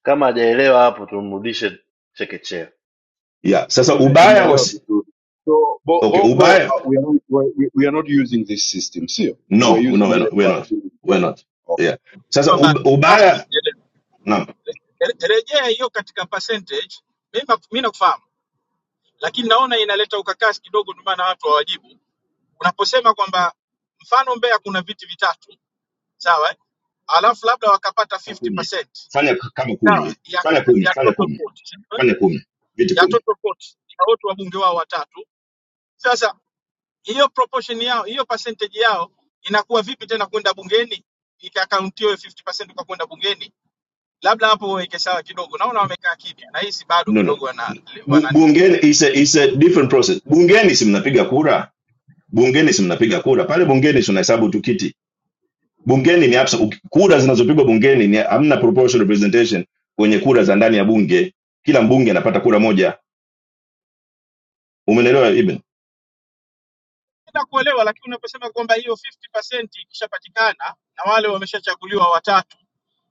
kama hajaelewa hapo tumrudishe chekechea
yeah
mimi
sasa
nime-
ubaya
nimeelewa
was
vizuri so bo,
okay
bongo uh,
ubaya
we, are, not- we, we we are not using this system sio we
no
are
no
using
we're
ile
not we're not,
past
we're not.
nimekupata
yeah sasa
bado
ub-
trust me,
ubaya
Nyerere.
no.
Re- rejea hiyo katika percentage. Mimi mi nakufahamu lakini naona inaleta ukakasi kidogo, ndio maana watu hawajibu. Unaposema kwamba mfano Mbeya kuna viti vitatu, sawa, eh? alafu labda wakapata
Kama kumi
50%
fanya k- kama
sawa,
kumi
ya,
fanya kumi
ya
fanya
total
kumi
vote, sawa, eh?
fanya kumi viti
ya
kumi
total vote ya wote wabunge wao watatu. Sasa hiyo proportion yao, hiyo percentage yao inakuwa vipi tena kwenda bungeni, ikakauntiwa hiyo 50% kwa kwenda bungeni? Labda hapo waweke sawa kidogo. Naona wamekaa kimya, nahisi bado
no, no.
kidogo wana,
Bu-
wana
bungeni is a, is a different process bungeni si mnapiga kura bungeni si mnapiga kura pale bungeni si unahesabu tu kiti bungeni ni absa, uki- kura zinazopigwa bungeni ni hamna proportional representation kwenye kura za ndani ya bunge kila mbunge anapata kura moja umeelewa ibn
Napenda kuelewa, lakini unaposema kwamba hiyo 50% ikishapatikana na wale wameshachaguliwa watatu,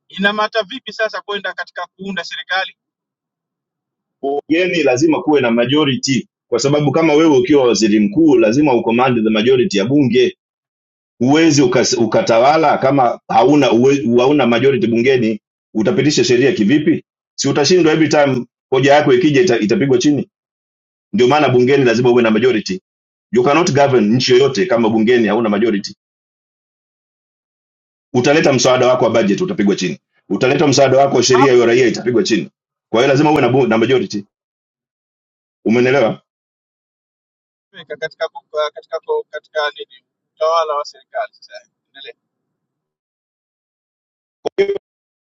inamata vipi sasa kwenda katika kuunda serikali
bungeni lazima kuwe na majority kwa sababu kama wewe ukiwa waziri mkuu lazima ucommand the majority ya bunge huwezi ukas- ukatawala kama hauna uwe- hauna majority bungeni utapitisha sheria kivipi si utashindwa every time hoja yako ikija ita, itapigwa chini ndio maana bungeni lazima uwe na majority you cannot govern nchi yoyote kama bungeni hauna majority utaleta mswada wako wa budget utapigwa chini utaleta mswada wako wa
Hapo
sheria ya raia itapigwa chini kwa hiyo lazima uwe na, bu- na majority umeelewa
weka katika ku- katika katika, katika nini utawala wa serikali sasa. Endelea.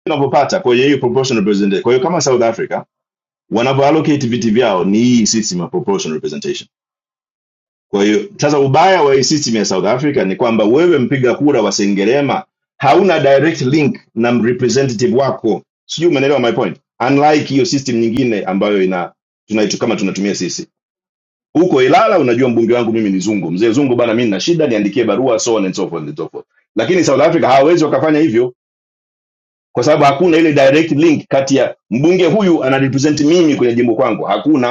tunavyopata kwenye hii proportional representation kwa hiyo kama south africa wanavyoallocate viti vyao ni hii system ya proportional representation Kwa hiyo sasa, ubaya wa hii system ya South Africa ni kwamba wewe mpiga kura wa Sengerema hauna direct link na representative wako, sijui umeelewa my point, unlike hiyo system nyingine ambayo ina tunaitu kama tunatumia sisi huko Ilala. Unajua mbunge wangu mimi ni Zungu, mzee Zungu bana, mimi nina shida, niandikie barua, so on and so forth and so forth. Lakini South Africa hawawezi wakafanya hivyo kwa sababu hakuna ile direct link kati ya mbunge huyu anarepresent mimi kwenye jimbo kwangu, hakuna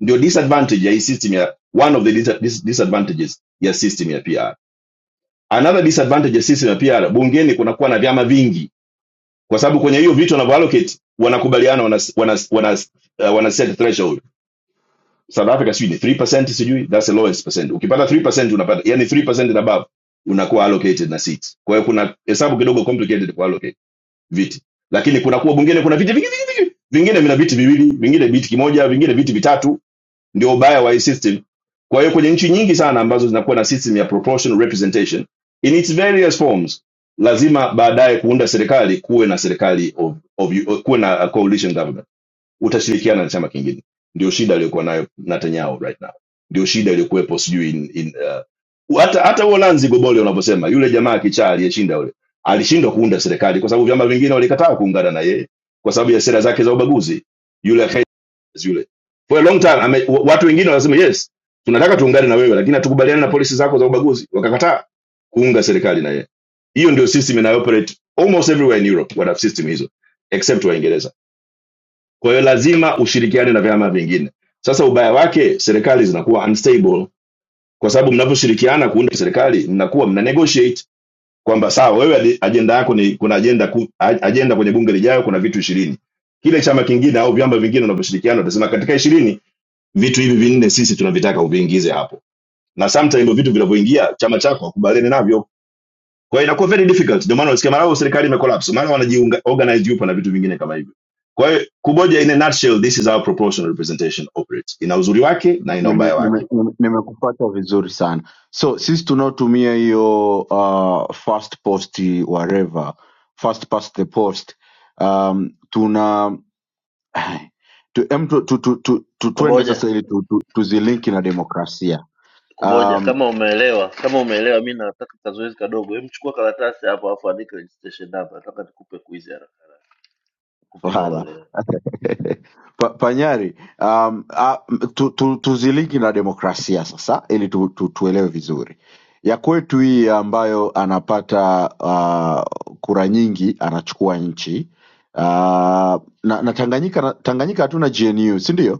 Ndio disadvantage ya hii system ya one of the dis dis disadvantages ya system ya PR. Another disadvantage ya system ya PR, bungeni kunakuwa na vyama vingi, kwa sababu kwenye hiyo vitu wanavyoallocate wanakubaliana wana, wana, wana, uh, wana set threshold. South Africa sijui ni 3% sijui, that's the lowest percent. Ukipata 3% unapata, yani 3% and above unakuwa allocated na seats. Kwa hiyo kuna hesabu kidogo complicated kwa allocate viti, lakini kunakuwa bungeni kuna viti vingi vingine vina viti viwili, vingine viti kimoja, vingine viti vitatu. Ndio ubaya wa hii system Kwa hiyo kwenye nchi nyingi sana ambazo zinakuwa na system ya proportional representation in its various forms, lazima baadaye kuunda serikali kuwe na serikali of, of, kuwe na coalition government, utashirikiana na chama kingine. Ndio shida aliyokuwa nayo Netanyahu right now, ndio shida iliyokuwepo sijui in, in, uh, hata hata huo Nancy Gobole unavyosema, yule jamaa kichaa aliyeshinda yule alishindwa kuunda serikali kwa sababu vyama vingine walikataa kuungana na yeye kwa sababu ya sera zake za ubaguzi. Yule yule for a long time ame, wa- watu wengine wanasema yes tunataka tuungane na wewe lakini hatukubaliani na polisi zako za ubaguzi wakakataa kuunga serikali na yeye hiyo ndio system inayooperate almost everywhere in europe wana system hizo except waingereza kwa hiyo lazima ushirikiane na vyama vingine sasa ubaya wake serikali zinakuwa unstable kwa sababu mnaposhirikiana kuunda serikali mnakuwa mna negotiate kwamba sawa wewe adi- ajenda yako ni kuna ajenda ku, a- ajenda kwenye bunge lijayo kuna vitu ishirini kile chama kingine au vyama vingine unavyoshirikiana utasema katika 20 vitu hivi vinne sisi tunavitaka uviingize hapo na sometimes hivyo vitu vinavyoingia chama chako hakubaliani navyo kwa hiyo inakuwa very difficult ndio maana unasikia mara au serikali imecollapse mara wanajiunga organize yupo na vitu vingine kama hivyo kwa hiyo kuboja in a nutshell this is how proportional representation operates ina uzuri wake na ina
nime,
ubaya
nime
wake
nime- nimekupata vizuri sana so sisi tunaotumia hiyo uh, first post whatever first past the post um, tuna <sighs> <laughs> tu, em, tu, tu, tu, tu, tu, tuende
kuboja
sasa ili tu, tu, tuzilinki na demokrasia
kuboja
um,
kama umeelewa kama umeelewa mi nataka kazoezi kadogo Hem, chukua karatasi hapo alafu andika registration number nataka nikupe quiz ya haraka haraka
<laughs>
kupima
wala.
uelewa
<laughs> Pa- Panyari, um, a, m- tu, tu, tuzilingi na demokrasia sasa ili tu, tu, tuelewe vizuri ya kwetu hii ambayo anapata uh, kura nyingi anachukua nchi uh, na, na Tanganyika na, Tanganyika hatuna GNU si ndio?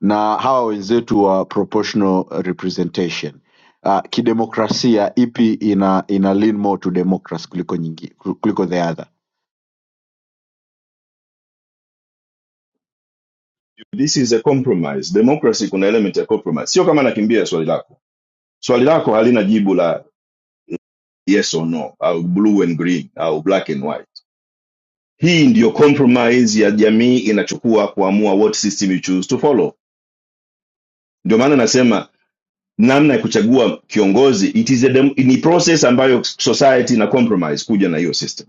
Na hawa wenzetu wa proportional representation uh, kidemokrasia ipi ina, ina lean more to democracy kuliko nyingi, kuliko the other?
this is a compromise democracy kuna element ya compromise sio kama nakimbia swali lako swali lako halina jibu la yes or no au blue and green au black and white hii ndiyo compromise ya jamii inachukua kuamua what system you choose to follow Ndio maana nasema namna ya kuchagua kiongozi it is a dem- ni process ambayo society ina compromise kuja na hiyo system.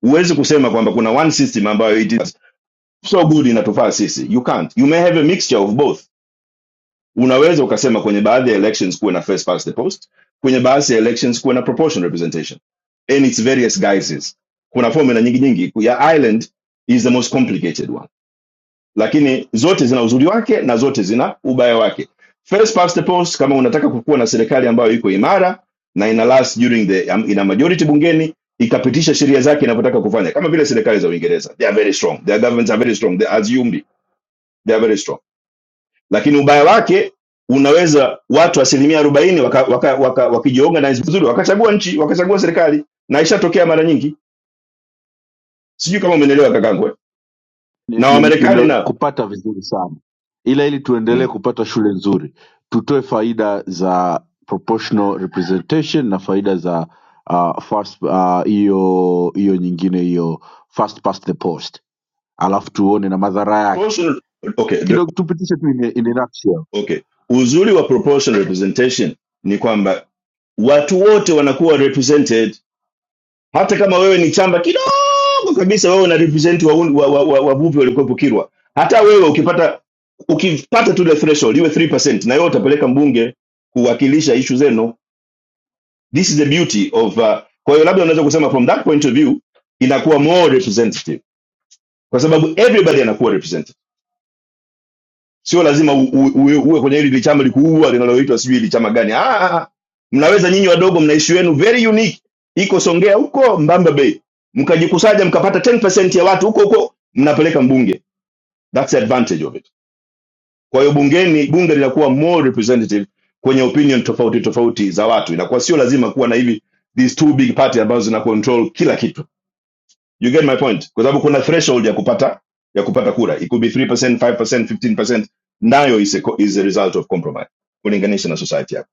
Huwezi kusema kwamba kuna one system ambayo it is so good inatufaa sisi. You can't. You may have a mixture of both. Unaweza ukasema kwenye baadhi ya elections kuwe na first past the post, kwenye baadhi ya elections kuwe na proportional representation and its various guises. Kuna formula nyingi nyingi. Ya Ireland is the most complicated one lakini zote zina uzuri wake na zote zina ubaya wake. First past the post, kama unataka kukuwa na serikali ambayo iko imara na ina last during the um, ina majority bungeni ikapitisha sheria zake inavyotaka kufanya, kama vile serikali za Uingereza, they are very strong, their governments are very strong, they are assumed they are very strong. Lakini ubaya wake unaweza watu asilimia arobaini waka, waka, waka, wakijiorganize vizuri wakachagua nchi wakachagua serikali, na ishatokea mara nyingi. Sijui kama umeelewa kakangwe,
Ni-
na
ni-
Wamarekani na
Nimekupata vizuri sana, ila ili tuendelee
mm.
kupata shule nzuri, tutoe faida za proportional representation na faida za ah, first, ah, hiyo hiyo nyingine hiyo first past the post, alafu tuone na madhara yake
Personal- okay
kidogo, tupitishe tu in a- in a nutshell.
okay uzuri wa proportional representation ni kwamba watu wote wanakuwa represented hata kama wewe ni chamba kidogo kabisa wewe una represent wavuvi wa, wa, wa, wavuvi waliokuwepo kirwa hata wewe ukipata ukipata to the threshold iwe 3% na wewe utapeleka mbunge kuwakilisha ishu zenu this is the beauty of uh, kwa hiyo labda unaweza kusema from that point of view inakuwa more representative kwa sababu everybody anakuwa represented sio lazima u- u- uwe uwe kwenye hili chama likuua linaloitwa sijui hili chama gani ah, ah, ah. mnaweza nyinyi wadogo mna issue yenu very unique iko songea huko mbamba bay mkajikusanya mkapata 10% ya watu huko huko mnapeleka mbunge that's the advantage of it kwa hiyo bungeni bunge linakuwa more representative kwenye opinion tofauti tofauti za watu inakuwa sio lazima kuwa na hivi these two big party ambazo zina control kila kitu you get my point kwa sababu kuna threshold ya kupata ya kupata kura it could be 3% 5% 15% nayo is a, co- is a result of compromise kulinganisha na society yako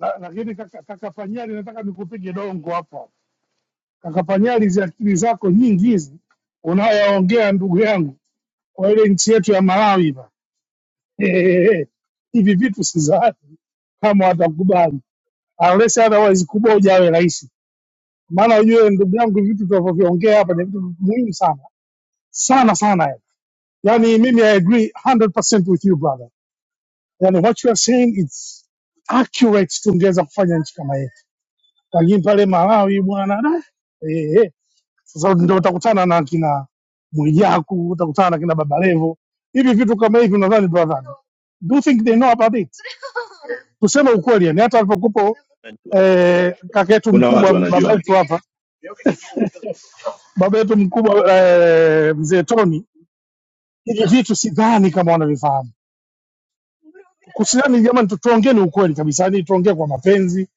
La- Lakini kaka, kaka Panyari, nataka nikupige dongo hapa kaka Panyari, hizi akili zako nyingi hizi unayoongea ndugu yangu, kwa ile nchi yetu ya Malawi eh, hivi vitu sizani kama watakubali unless otherwise kubwa ujawe rais. Maana ujue ndugu yangu, vitu tunavyoviongea hapa ni vitu muhimu sana sana sana, eh. yani Yaani mimi I agree 100% with you brother, yani what you are saying it's accurate, tungeweza kufanya nchi kama yetu, lakini pale Malawi bwana da, eh, eh. Sasa ndio utakutana na kina Mwijaku, utakutana na kina Baba Levo, hivi vitu kama hivi, unadhani brother, do you think they know about it? Tuseme ukweli, yani hata alipokupo eh, kaka yetu
kuna watu
mkubwa, baba
wanajua
yetu hapa, baba yetu mkubwa eh, mzee Toni, hivi vitu sidhani kama wanavifahamu. Kusidhani jamani, tu- tuongeeni ukweli kabisa, yani tuongee kwa mapenzi,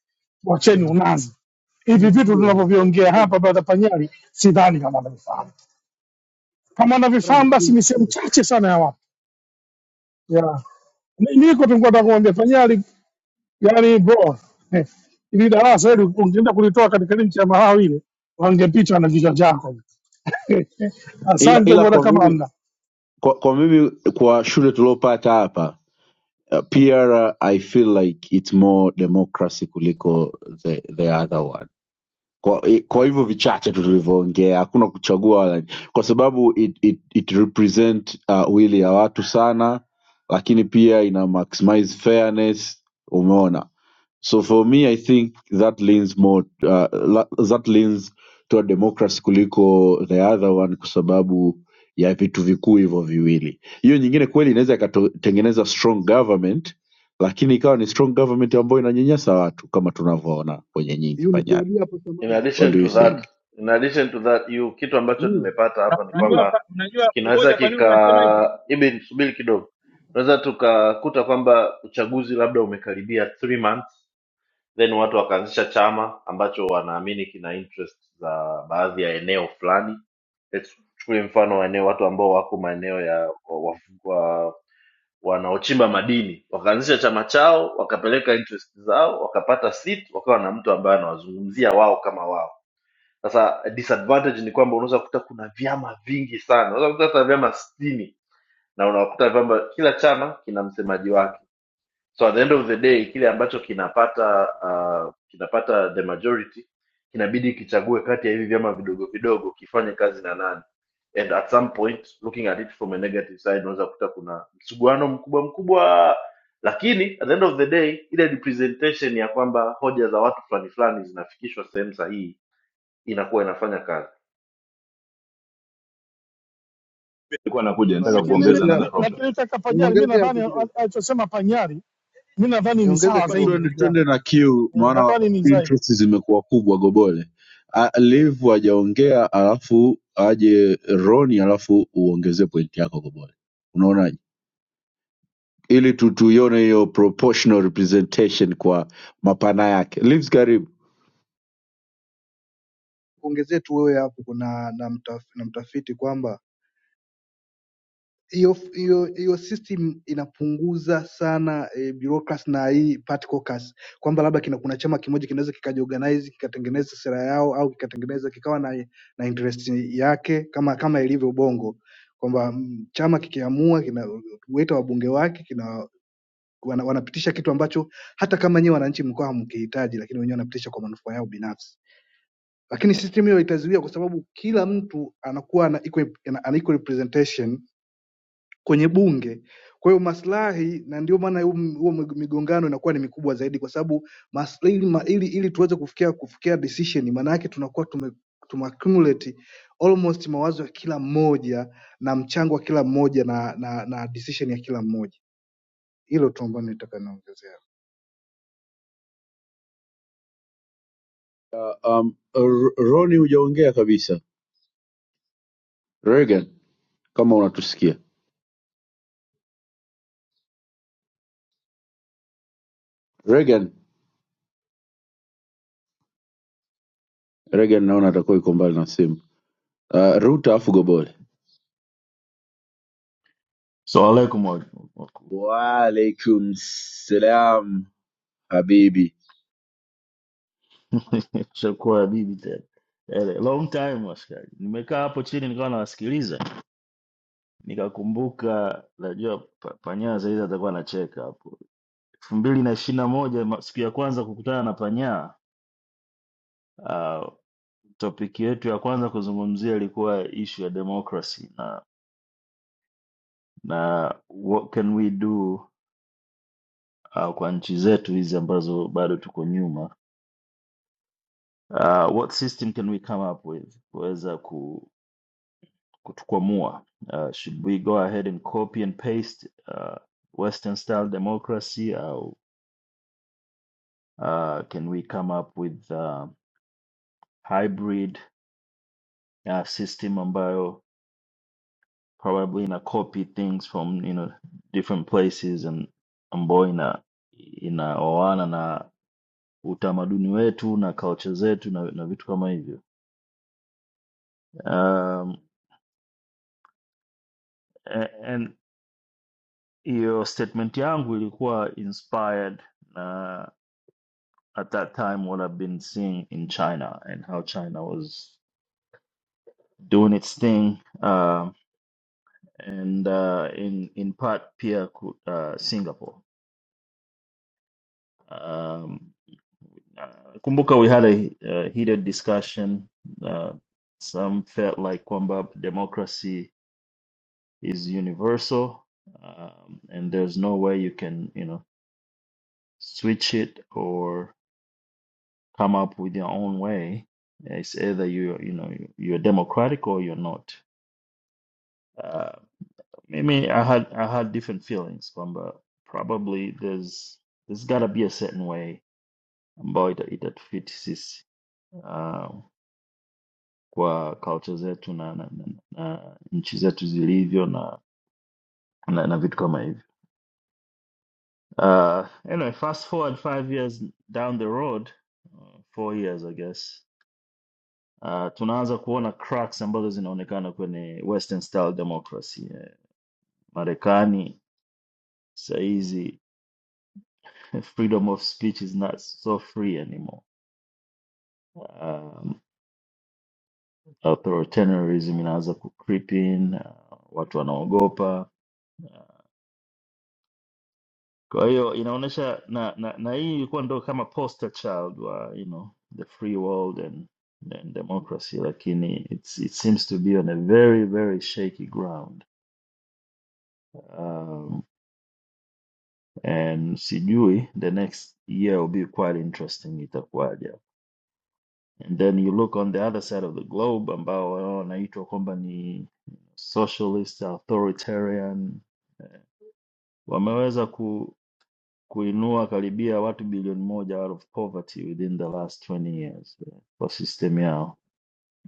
wacheni
Na
unazi.
Kama
Hivi vitu
video ya-
tunavyoviongea
mbona
hapa, brother Panyari, sidhani kama wanavifahamu. Kama
mbona ni
wanavifahamu, basi
full
ni sehemu
story.
chache sana ya watu yeah. Ni- Niko tu nilikuwa nataka kumwambia Panyari Yaani bro eh, ili darasa hili ungeenda kulitoa katika nchi ya Malawi ile wangepita na kichwa chako.
ila
Asante
ila
bwana
kwa mimi
Kamanda.
kwa, kwa mimi kwa shule tuliopata hapa uh, PR I feel like it's more democracy kuliko the, the other one. kwa, i- kwa hivyo vichache tu tulivyoongea hakuna kuchagua wala, kwa sababu it, it, it represent uh, wili ya watu sana lakini pia ina maximize fairness umeona so for me i think that leans more uh, la- that leans to a democracy kuliko the other one kwa sababu ya vitu vikuu hivyo viwili hiyo nyingine kweli inaweza ikatengeneza strong government lakini ikawa ni strong government ambayo inanyanyasa watu kama tunavyoona kwenye nyingi
hiyo ni
panyari
kuambia hapo
in
samani,
What
addition
do
hiyo
you
to that
samani,
think?
in addition to that you kitu ambacho
hiyo
nimepata
Una-
hapa ni
hiyo
Unajua
kwamba
pa- unajua
kinaweza
umoja, kwa nini unasema hivyo?
kika ibi subiri kidogo tunaweza tukakuta kwamba uchaguzi labda umekaribia three months then watu wakaanzisha chama ambacho wanaamini kina interest za baadhi ya eneo fulani Let's chukulie mfano wa eneo watu ambao wako maeneo ya wa, wa, wa, wanaochimba madini wakaanzisha chama chao wakapeleka interest zao wakapata seat wakawa na mtu ambaye anawazungumzia wao kama wao sasa disadvantage ni kwamba unaweza kukuta kuna vyama vingi sana unaweza kukuta hata vyama sitini na unakuta kwamba kila chama kina msemaji wake so at the end of the day kile ambacho kinapata uh, kinapata the majority kinabidi kichague kati ya hivi vyama vidogo vidogo kifanye kazi na nani and at some point looking at it from a negative side unaweza kukuta kuna msuguano mkubwa mkubwa lakini at the end of the day ile representation ya kwamba hoja za watu fulani fulani zinafikishwa sehemu sahihi inakuwa inafanya kazi
nilikuwa
ni
nakuja
kwa
nataka
Lakini
Says-
mimi
kuongeza
nikuongezea
mi-
another
hapo,
problem
lakini kaka Panyari, mi
niongeze
nadhani
hapo kidogo,
al- alichosema Panyari, mi nadhani ni
niongeze
sawa
Labda
zaidi
kidogo,
tuende,
ndugu yangu.
tuende na Q
Eh,
maana
Nadhani ni zaidi
interest zimekuwa kubwa Gobole. Ah, Liv hajaongea alafu aje Roni alafu uongezee pointi yako Gobole, unaonaje? Ili tu tuione hiyo proportional representation kwa mapana yake. Livs karibu.
kuongezee tu wewe hapo. Kuna na, mtaf, na mtafiti kwamba hiyo hiyo hiyo system inapunguza sana e, bureaucracy na hii party caucus, kwamba labda kina, kuna chama kimoja kinaweza kikajiorganize kikatengeneza sera yao au kikatengeneza kikawa na, na interest yake kama kama ilivyo Bongo kwamba mm, chama kikiamua kinaweta wabunge wake kina wana, wanapitisha kitu ambacho hata kama nyewe wananchi mkoa hamkihitaji, lakini wenyewe wanapitisha kwa manufaa yao binafsi. Lakini system hiyo itazuia kwa sababu kila mtu anakuwa ana equal, ana ana equal representation kwenye bunge. Kwa hiyo maslahi, na ndio maana huo huo migongano inakuwa ni mikubwa zaidi, kwa sababu mas- ili, ma- ili, ili tuweze kufikia kufikia decision, maana yake tunakuwa tume tumeaccumulate almost mawazo ya kila mmoja na mchango wa kila mmoja na na, na decision ya kila mmoja. Hilo tu ambalo nitaka niongezea,
Uh, um, R- Roni hujaongea kabisa. Regan kama unatusikia Regan, Regan naona atakuwa yuko mbali na simu. Uh, Ruta alafu Gobole.
<laughs> So alaikum waku.
Waalaikum salam. habibi
Shakuwa <laughs> bibi tena. Eh, Long time askari. Nimekaa hapo chini nikawa nawasikiliza. Nikakumbuka najua pa- panyaa zaidi atakuwa anacheka hapo. elfu mbili na ishirini na moja ma- siku ya kwanza kukutana na panyaa uh, topic yetu ya kwanza kuzungumzia ilikuwa ishu ya democracy na na what can we do uh, kwa nchi zetu hizi ambazo bado tuko nyuma. Uh, what system can we come up with kuweza kutukwamua. Uh, should we go ahead and copy and paste uh, Western style democracy au uh, can we come up with uh, hybrid uh, system ambayo probably ina copy things from you know different places and ambayo ina inaoana na utamaduni wetu na culture zetu na, na vitu kama hivyo. Um, a- and hiyo statement yangu ilikuwa inspired at that time what I've been seeing in China and how China was doing its thing, um, and uh, in in part pia ku- uh, Singapore. Um, uh, kumbuka we had a, uh heated discussion. Uh, some felt like kwamba democracy is universal, um, and there's no way you can you know switch it or come up with your own way. It's either you you know you're democratic or you're not Uh, I mean, I had I had different feelings, but but probably there's there's gotta be a certain way ambayo ita- itatufiti sisi uh, kwa culture zetu na, na, na, na nchi zetu zilivyo na, na, na vitu kama hivyo. Uh, anyway, fast forward five years down the road, uh, four years I guess, uh, tunaanza kuona cracks ambazo zinaonekana kwenye Western style democracy. Eh, Marekani saa hizi <laughs> freedom of speech is not so free anymore um, authoritarianism inaanza kucreep in, uh, watu wanaogopa. Kwa hiyo inaonyesha na, na, na hii ilikuwa ndo kama poster child wa you know the free world and, and democracy, lakini it's, it seems to be on a very very shaky ground um, and sijui the next year will be quite interesting itakuwaje. And then you look on the other side of the globe ambao wao wanaitwa kwamba ni socialist authoritarian wameweza ku, kuinua karibia watu bilioni moja out of poverty within the last 20 years eh, kwa system yao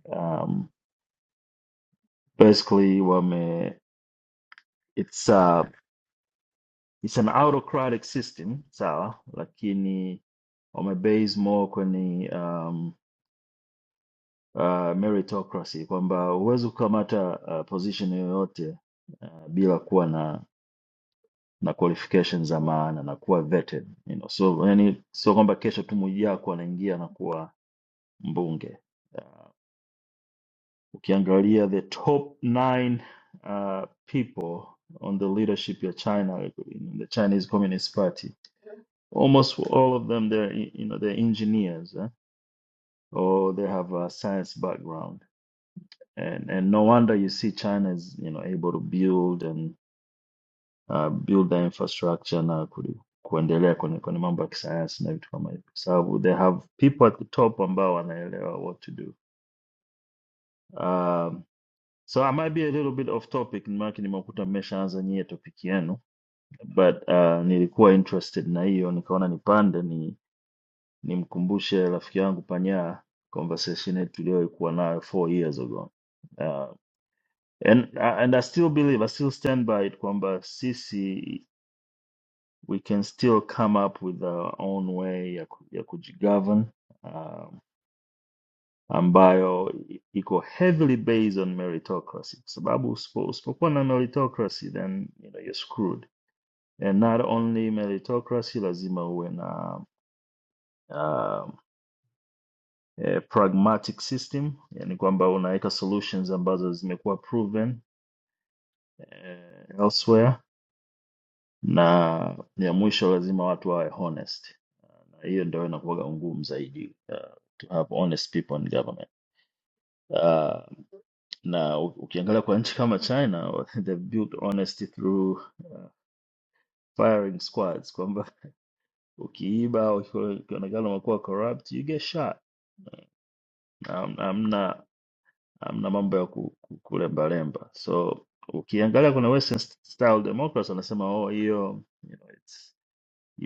um, basically wame it's a, it's an autocratic system sawa lakini wame base more kwenye um, uh, meritocracy kwamba huwezi kukamata uh, position yoyote uh, bila kuwa na na qualifications za maana na kuwa vetted you know so yani sio kwamba kesho tu Mwijaku anaingia na kuwa mbunge. Uh, Ukiangalia the top nine uh, people on the leadership of China, in the Chinese Communist Party, almost all of them they're you know they're engineers eh? or they have a science background, and and no wonder you see China is you know able to build and uh, build the infrastructure na ku- kuendelea kwenye, kwenye mambo ya kisayansi na vitu kama hivyo, kwa sababu they have people at the top ambao wanaelewa what to do. Um, So I might be a little bit off topic, maana nimekuta mmeshaanza nyie topic yenu, but uh, nilikuwa interested na hiyo nikaona nipande ni nimkumbushe rafiki yangu Panya conversation yetu tuliyokuwa nayo four years ago. Uh, and uh, and I still believe, I still stand by it kwamba sisi we can still come up with our own way ya, ku, ya kujigovern uh, ambayo iko heavily based on meritocracy kwa sababu usipo- usipokuwa na meritocracy then you know, you're screwed and not only meritocracy lazima uwe na um, eh, pragmatic system yani kwamba unaweka solutions ambazo zimekuwa proven eh, elsewhere na ya mwisho lazima watu wawe honest na hiyo ndio inakuwaga ngumu zaidi uh, to have honest people in government Uh, na u- ukiangalia kwa nchi kama China <laughs> they built honesty through uh, firing squads, kwamba ukiiba au ukiwa- ukionekana umekuwa corrupt you get shot. Am- Amna amna mambo ya ku- ku- kulembalemba. So ukiangalia kuna Western style democrats wanasema oh, hiyo you know, it's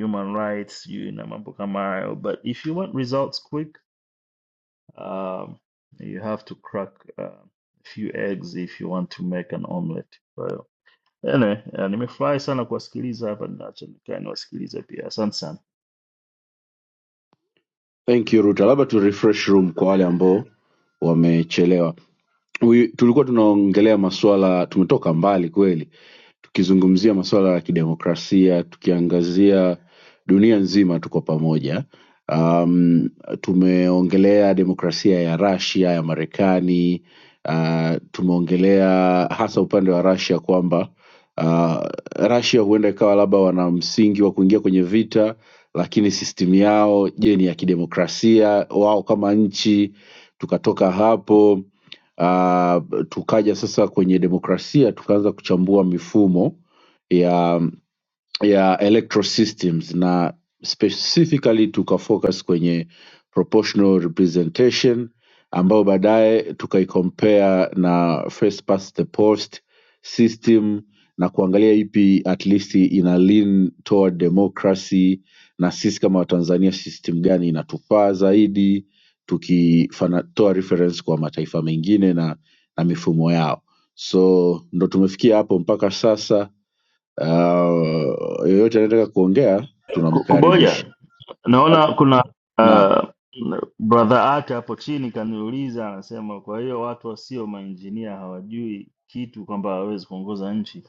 human rights you na mambo kama hayo, but if you want results quick um, you have to crack uh, a few eggs if you want to make an omelet. Ene, eh, nimefurahi sana kuwasikiliza hapa, naacha nikae niwasikilize pia. Asante sana
thank you ruta labda tu refresh room kwa wale ambao wamechelewa we, tulikuwa tunaongelea masuala, tumetoka mbali kweli, tukizungumzia masuala ya kidemokrasia, tukiangazia dunia nzima, tuko pamoja. Um, tumeongelea demokrasia ya Russia ya Marekani. Uh, tumeongelea hasa upande wa Russia kwamba uh, Russia huenda ikawa labda wana msingi wa kuingia kwenye vita, lakini system yao, je, ni ya kidemokrasia wao kama nchi? Tukatoka hapo uh, tukaja sasa kwenye demokrasia tukaanza kuchambua mifumo ya ya electoral systems na specifically tukafocus kwenye proportional representation ambayo baadaye tukaicompare na first past the post system na kuangalia ipi at least ina lean toward democracy na sisi kama watanzania system gani inatufaa zaidi tukitoa reference kwa mataifa mengine na, na mifumo yao so ndo tumefikia hapo mpaka sasa Uh, yoyote anayetaka kuongea
Ku-
tunamkaribisha.
Kuboja. Naona kuna
Naam.
uh, brother yake hapo chini kaniuliza, anasema kwa hiyo watu wasio mainjinia hawajui kitu kwamba hawawezi kuongoza nchi.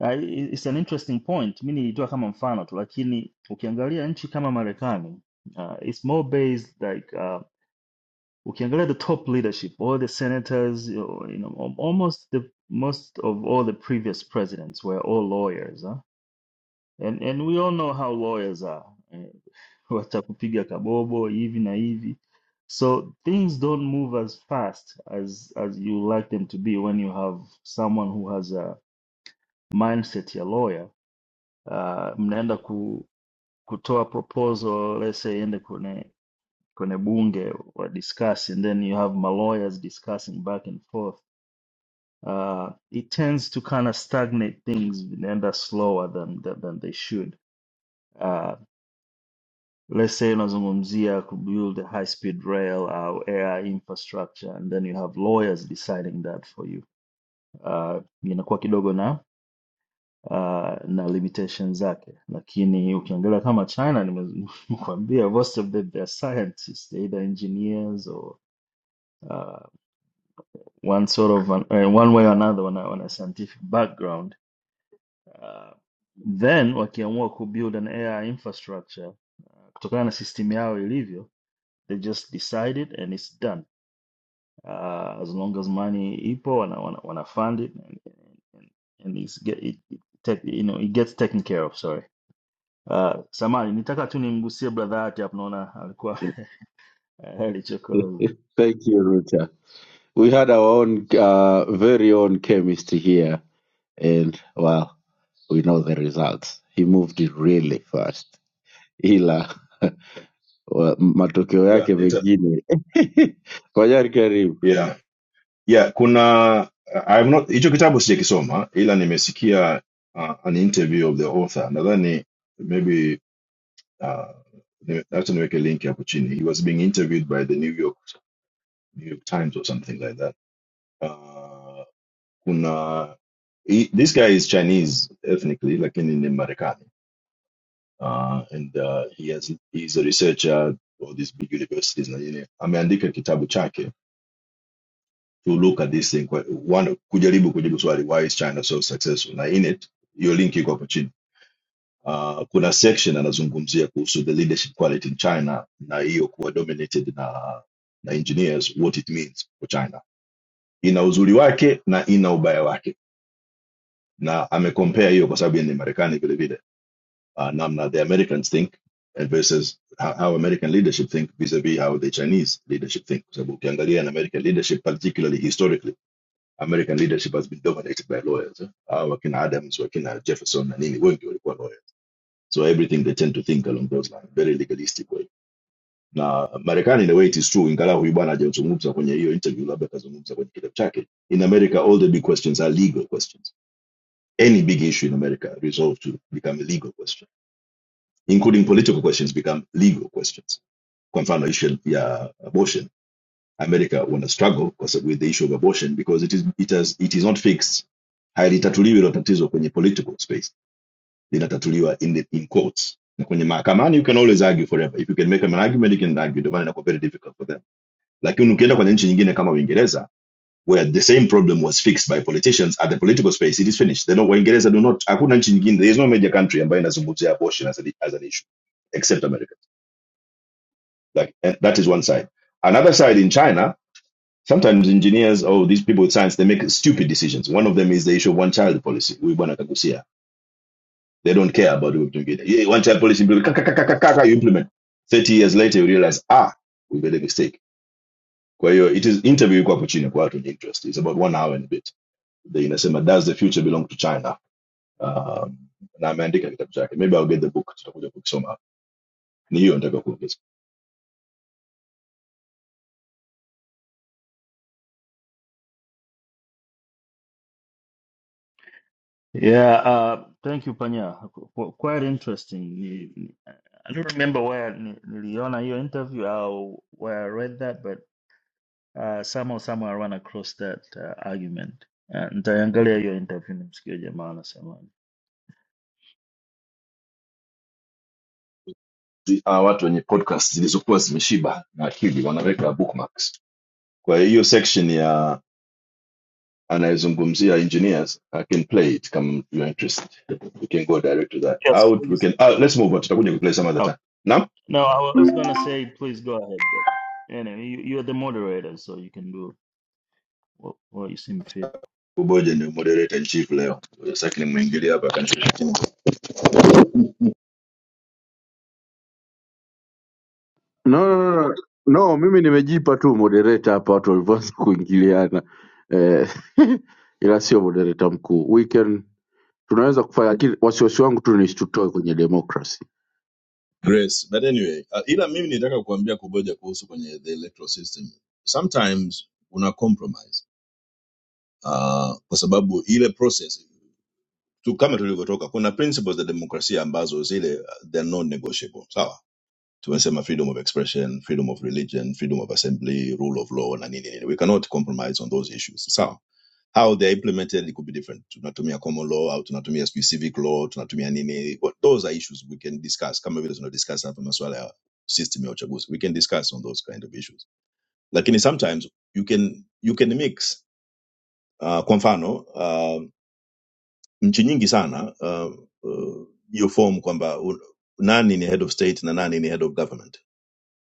Ah, i- It's an interesting point. Mi nilitoa kama mfano tu, lakini ukiangalia nchi kama Marekani uh, it's more based like ah, we can get the top leadership, all the senators, you know, you know, al- almost the most of all the previous presidents were all lawyers, huh? And and we all know how lawyers are. eh, <laughs> Watakupiga kabobo hivi na hivi. So things don't move as fast as as you like them to be when you have someone who has a mindset ya lawyer. Uh, mnaenda ku, kutoa proposal, let's say kwenye bunge wa discuss and then you have my lawyers discussing back and forth uh, it tends to kind of stagnate things vinaenda slower than, than, than they should uh, let's say unazungumzia to build a high speed rail au air infrastructure and then you have lawyers deciding that for you uh, inakuwa kidogo na uh, na limitations zake lakini ukiangalia kama china nime- nimekuambia <laughs> most of them they're scientists they're either engineers or uh, one sort of an, uh, one way or another on a, on a scientific background uh, then wakiamua kubuild an AI infrastructure uh, kutokana na system yao ilivyo they just decide it and it's done uh, as long as money ipo wana, wana, wana fund it and, and, and it's get, it, it take, you know it gets taken care of sorry uh, samani nitaka tu nimgusie brother yake hapo naona alikuwa <laughs>
<laughs>
alichokoza
Thank you, Ruta. We had our own uh, very own chemist here, and well, we know the results. He moved it really fast, ila wa- matokeo
Ka-
yake
nita-
mengine <laughs> Kwajari, karibu.
yeah yeah kuna I have not hicho kitabu sijakisoma ila nimesikia uh, an interview of the author nadhani maybe uh, ni- hata niweke link hapo chini he was being interviewed by the New York New York Times or something like that uh, He, this guy is Chinese ethnically, like in, in Americani, uh, and uh, he has he's a researcher for these big universities na nini. Ameandika kitabu chake to look at this thing, kwa- one kujaribu kujibu swali why is China so successful. Na in it hiyo link iko hapo chini. Uh, kuna section anazungumzia kuhusu the leadership quality in China na hiyo kuwa dominated na na engineers, what it means for China. Ina uzuri wake na ina ubaya wake, na amecompare hiyo kwa sababu yeye ni Marekani vile vile uh, Namna, the Americans think, and versus how, how American leadership think vis-a-vis how the Chinese leadership think. So ukiangalia in American leadership, particularly historically, American leadership has been dominated by lawyers. eh? Hawa wakina Adams, wakina Jefferson na nini, wengi walikuwa lawyers. So everything they tend to think along those lines, very legalistic way. Na Marekani in a way it is true, ingalau huyu bwana hajazungumza kwenye hiyo interview, labda akazungumza kwenye kitabu chake. In America all the big questions are legal questions. Any big issue in America resolved to become a legal question including political questions become legal questions. Kwa mfano issue ya abortion, America wana struggle with the issue of abortion because it is it has it is not fixed. Halitatuliwi hilo tatizo kwenye political space, linatatuliwa in the, in courts na kwenye mahakamani. You can always argue forever if you can make an argument, you can argue. Ndio maana inakuwa very difficult for them, lakini ukienda kwenye nchi nyingine kama Uingereza where the same problem was fixed by politicians at the political space, it is finished. They don't, Waingereza do not, hakuna nchi nyingine, there is no major country ambayo inazungumzia abortion as an, as an issue except America Like eh, that is one side. Another side in China, sometimes engineers or these people with science they make stupid decisions. One of them is the issue of one child policy. We want to see. They don't care about what we get. Yeah, one child policy implement. ka- ka- ka- ka- ka- ka, You implement. Thirty years later, you realize ah, we made a mistake. Kwa hiyo, it is interview kwa puchini kwa watu ni interest. It's about one hour and a bit. The inasema does the future belong to China? Um, na ameandika kitabu chake. Maybe I'll get the book. Tutakuja kukisoma. Ni hiyo nataka kuongeza.
Yeah, uh, thank you Panya. Qu- Quite interesting. Ni- ni- I don't remember where ni- niliona hiyo interview or where I read that, but uh, somehow somehow I ran across that uh, argument. Uh, nitaiangalia hiyo interview nimsikie jamaa anasemaje.
zi- ah, watu wenye podcast zilizokuwa zimeshiba na akili wanaweka bookmarks kwa hiyo section ya anayezungumzia engineers i can play it kama you are interested we can go direct to that
Yes,
out we
please.
can ah, let's move on tutakuja kuplay some other time
Okay.
naam
No, I wa- I was gonna say please go ahead, but anyway, you, you're the moderator so you can do what, what you seem fit.
kuboja ni moderator in chief leo sasa nimwingilia hapa kanishusha
No, no, no, no. No, mimi nimejipa tu moderator hapa watu walivyoanza kuingiliana eh, <laughs> ila sio moderator mkuu. We can tunaweza kufanya lakini wasiwasi wangu tu ni tutoe kwenye democracy
Grace. But anyway, uh, ila mimi nitaka kuambia kuboja kuhusu kwenye the electoral system. Sometimes una compromise. Uh, kwa sababu ile process tu kama tulivyotoka kuna principles za demokrasia ambazo zile uh, they're non negotiable sawa tumesema freedom of expression freedom of religion freedom of assembly rule of law na nini nini we cannot compromise on those issues sawa how they are implemented it could be different tunatumia common law au tunatumia sijui civic law tunatumia nini but those are issues we can discuss kama vile tuna discuss hapa masuala ya system ya uchaguzi we can discuss on those kind of issues lakini sometimes you can you can mix uh, kwa mfano um, nchi nyingi sana uh, uh, hiyo form kwamba u- nani ni head of state na nani ni head of government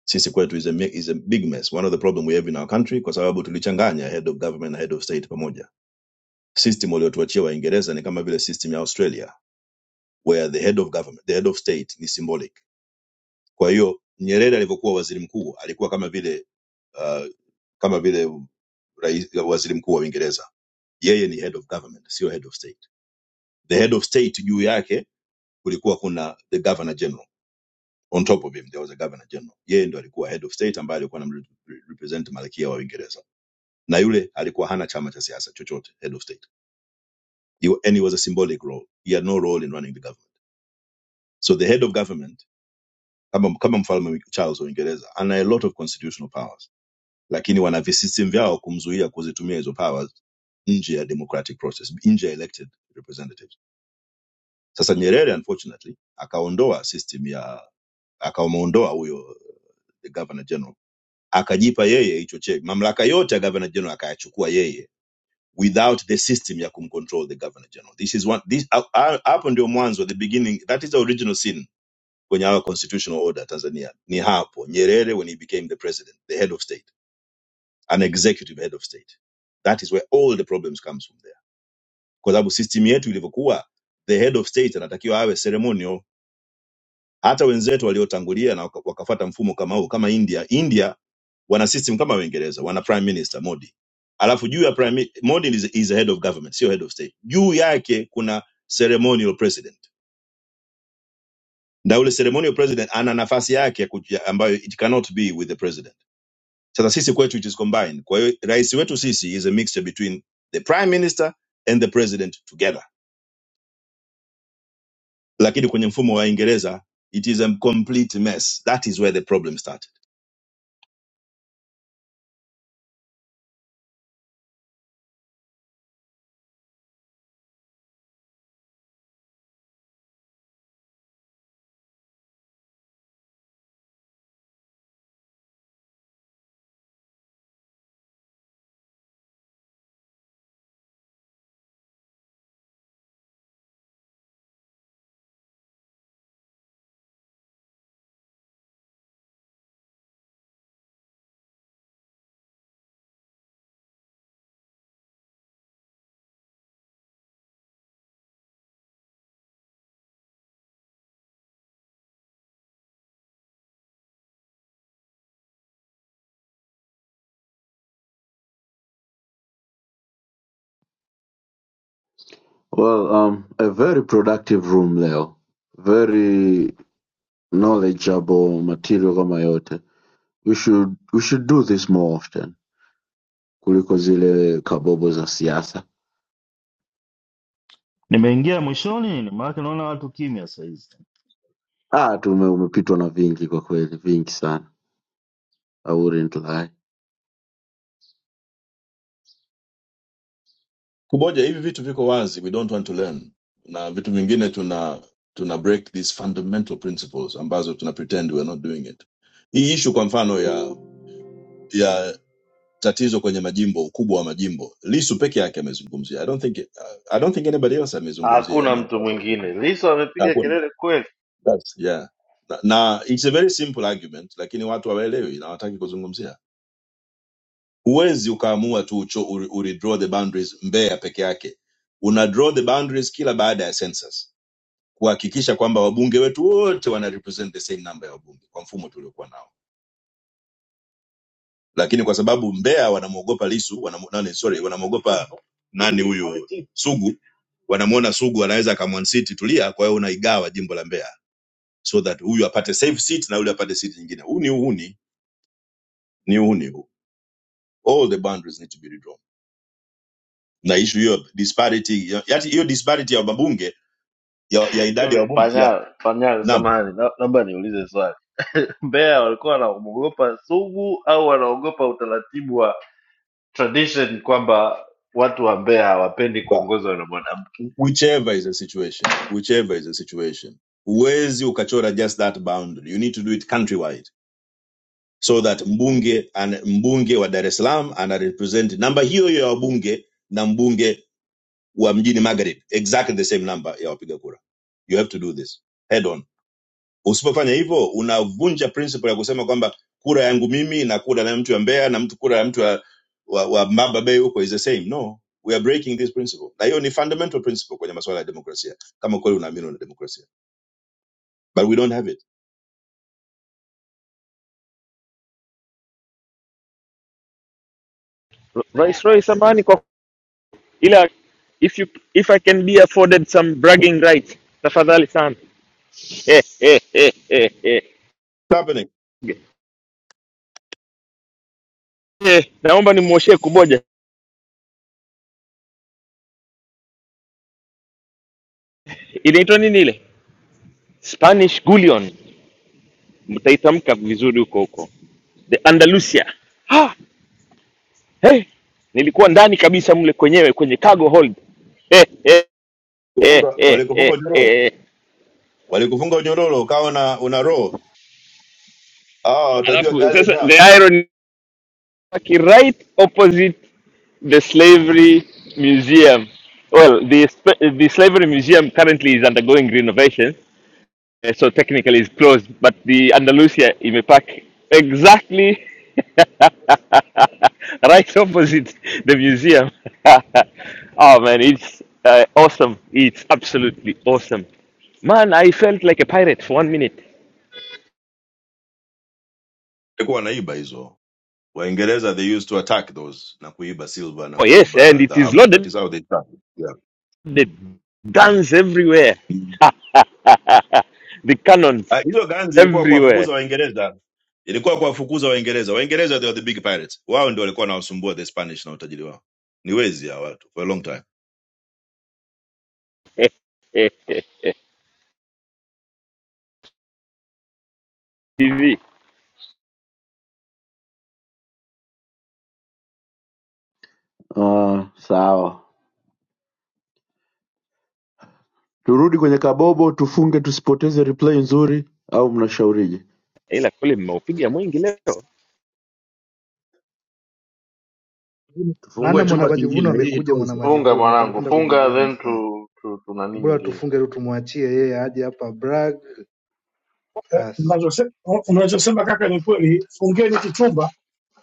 sisi kwetu is a, mi- is a big mess one of the problem we have in our country kwa sababu tulichanganya head of government na head of state pamoja system waliotuachia waingereza ni kama vile system ya australia where the head of government the head of state ni symbolic kwa hiyo nyerere alivyokuwa waziri mkuu alikuwa kama vile uh, kama vile rais, waziri mkuu wa uingereza yeye ni head of government sio head of state the head of state juu yake kulikuwa kuna the governor general on top of him there was a governor general yeye ndo alikuwa head of state ambaye alikuwa anamrepresent malkia wa uingereza na yule alikuwa hana chama cha siasa chochote head of state he, and he was a symbolic role he had no role in running the government so the head of government kama, kama mfalme charles wa uingereza ana a lot of constitutional powers lakini wana visystem vyao kumzuia kuzitumia hizo powers nje ya democratic process nje ya elected representatives sasa nyerere unfortunately akaondoa system ya akamwondoa huyo the governor general akajipa yeye hicho che mamlaka yote ya governor general akayachukua yeye without the system ya kumcontrol the governor general this is one this ha- ha- hapo ndio mwanzo the beginning that is the original sin kwenye our constitutional order Tanzania ni hapo Nyerere when he became the president the head of state an executive head of state that is where all the problems comes from there kwa sababu system yetu ilivyokuwa the head of state anatakiwa awe ceremonial hata wenzetu waliotangulia na waka- wakafata mfumo kama huu kama india india wana system kama uingereza wana prime minister modi alafu juu ya prime mi- modi is, is a head of government sio head of state juu yake kuna ceremonial president na yule ceremonial president ana nafasi yake ya kuji- ambayo it cannot be with the president sasa sisi kwetu it is combined kwa hiyo rais wetu sisi is a mixture between the prime minister and the president together lakini kwenye mfumo wa ingereza it is a complete mess that is where the problem starts.
well um, a very productive room leo very knowledgeable material kama yote we should, we should do this more often kuliko zile kabobo za siasa
Nimeingia mwishoni, maana naona watu kimya
ah, tume umepitwa na vingi kwa kweli vingi sana I wouldn't lie.
kumoja hivi vitu viko wazi we don't want to learn na vitu vingine tuna tuna break these fundamental principles ambazo tuna pretend we're not doing it hii ishu kwa mfano ya ya tatizo kwenye majimbo ukubwa wa majimbo lisu peke yake amezungumzia i don't think i don't think anybody else amezungumzia
hakuna
amongst
mtu
our
mwingine
politicians.
liso amepiga
Hakuna.
kelele kweli
That's- yeah na, na it's a very simple argument lakini watu hawaelewi na hawataki kuzungumzia huwezi ukaamua tu ucho, uri, uri draw the boundaries mbeya peke yake una draw the boundaries kila baada ya census kuhakikisha kwamba wabunge wetu wote wana represent the same number ya wabunge kwa mfumo tuliokuwa nao lakini kwa sababu Mbeya wanamwogopa Lisu wanam, nani, sorry wanamwogopa nani huyu Sugu wanamwona Sugu anaweza akamwansiti Tulia, kwa hiyo unaigawa jimbo la Mbeya so that huyu apate safe seat na yule apate seat nyingine. Huu ni uhuni, ni uhuni huu. All the boundaries need to be redrawn. Na issue hiyo disparity, ya- yaani hiyo disparity ya wabunge ya, ya idadi ya
Hivi
wabunge ya
panyal panyal,
naam
samahani, na- naomba niulize swali. <laughs> Mbeya walikuwa wanaogopa Sugu au wanaogopa utaratibu wa tradition kwamba watu wa Mbeya hawapendi kuongozwa na mwanamke?
whichever is the situation, whichever is the situation, huwezi ukachora just that boundary. You need to do it countrywide so that mbunge and mbunge wa Dar es Salaam ana represent namba hiyo hiyo ya wabunge na mbunge wa mjini Magharibi, exactly the same number ya wapiga kura. You have to do this head on usipofanya hivyo unavunja principle ya kusema kwamba kura yangu mimi na kura ya mtu ya mbeya na mtu kura ya mtu wa, wa, wa mbamba bay huko is the same no we are breaking this principle na hiyo ni fundamental principle kwenye masuala ya demokrasia kama kweli unaamini una demokrasia but we don't have it
Viceroy, samahani kwa ila if you if I can be afforded some bragging rights, tafadhali sana. Eh, eh, eh, eh, eh.
It's happening
Eh, naomba nimwoshee kuboja. Inaitwa nini ile? Spanish Gullion. Mtaitamka vizuri huko huko. The Andalusia. Ah, hey, nilikuwa ndani kabisa mle kwenyewe kwenye cargo hold. Eh, eh. eh,
kufunga
eh, eh,
walikufunga nyororo
eh.
walikufunga nyororo ukawa una, una roho ah watajua
alafu
gari
sasa
na
the irony waki right opposite the slavery museum well the, sp- the slavery museum currently is undergoing renovation eh, so technically it's closed but the andalusia imepark exactly <laughs> right opposite the museum <laughs> oh man it's uh, awesome it's absolutely awesome man i felt like a pirate for one minute
walikuwa wanaiba hizo waingereza they used to attack those na kuiba silver na
oh yes and
kuiba
it is
dhahabu that
loaded
is how they started yeah
They dance everywhere. <laughs> the cannons
Ah, Hizo guns ilikuwa
everywhere.
kuwafukuza Waingereza, ilikuwa kuwafukuza Waingereza. Waingereza they are the big pirates, wao ndio walikuwa wanawasumbua the Spanish na utajiri wao. Ni wezi hao watu for a long time.
<laughs> TV
Uh, sawa turudi kwenye kabobo tufunge tusipoteze replay nzuri au mnashaurije
ila kule mmeupiga mwingi leo.
maana
tufungue chumba
mwanamajivuno
kingine hii
amekuja,
tu
Funga
mwanamajivuno napenda
mwanangu,
penda
funga
kujivuna
then
sana.
tu tu, tuna
Ni
nini
bora
nyingine.
tufunge tu, tumwachie yeye aje hapa brag. Basi
Unachose- unachosema kaka ni kweli. Fungeni kichumba,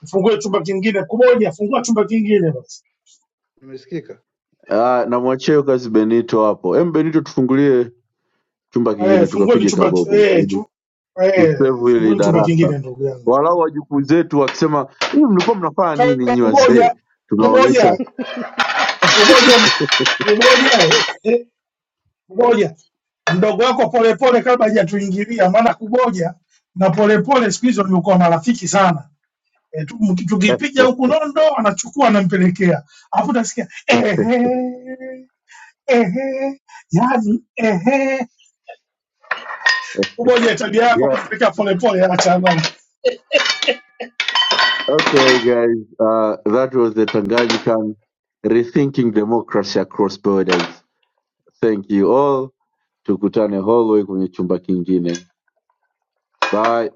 fungue chumba kingine kumoja, fungua chumba kingine basi.
nimesikika.
Ah, namwachia hiyo kazi benito hapo em benito tufungulie chumba kingine
Eh, fungueni
tukapige
chumba ki-
kabobo
eh,
ili
chu, eh,
tusevu ili
fungueni chumba
darasa
kingine ndugu yangu.
walau wajukuu zetu wakisema hivi mlikuwa mnafanya nini
Kama
nyi wazee
kumoja
tunaonyesha
kumoja Kumoja, kumoja, eh, kumoja, mdogo wako polepole, kabla hajatuingilia, maana kumoja na polepole siku hizi wamekuwa marafiki sana. E, tu- mki- tukipiga huku nondo anachukua anampelekea, alafu utasikia ehe, ehe, yani ehe. Kumoja, tabia
<laughs>
yako
yeah,
kumpelekea polepole, acha bana.
okay guys uh, that was the Tanganyikan rethinking democracy across borders thank you all tukutane hallway kwenye chumba kingine bye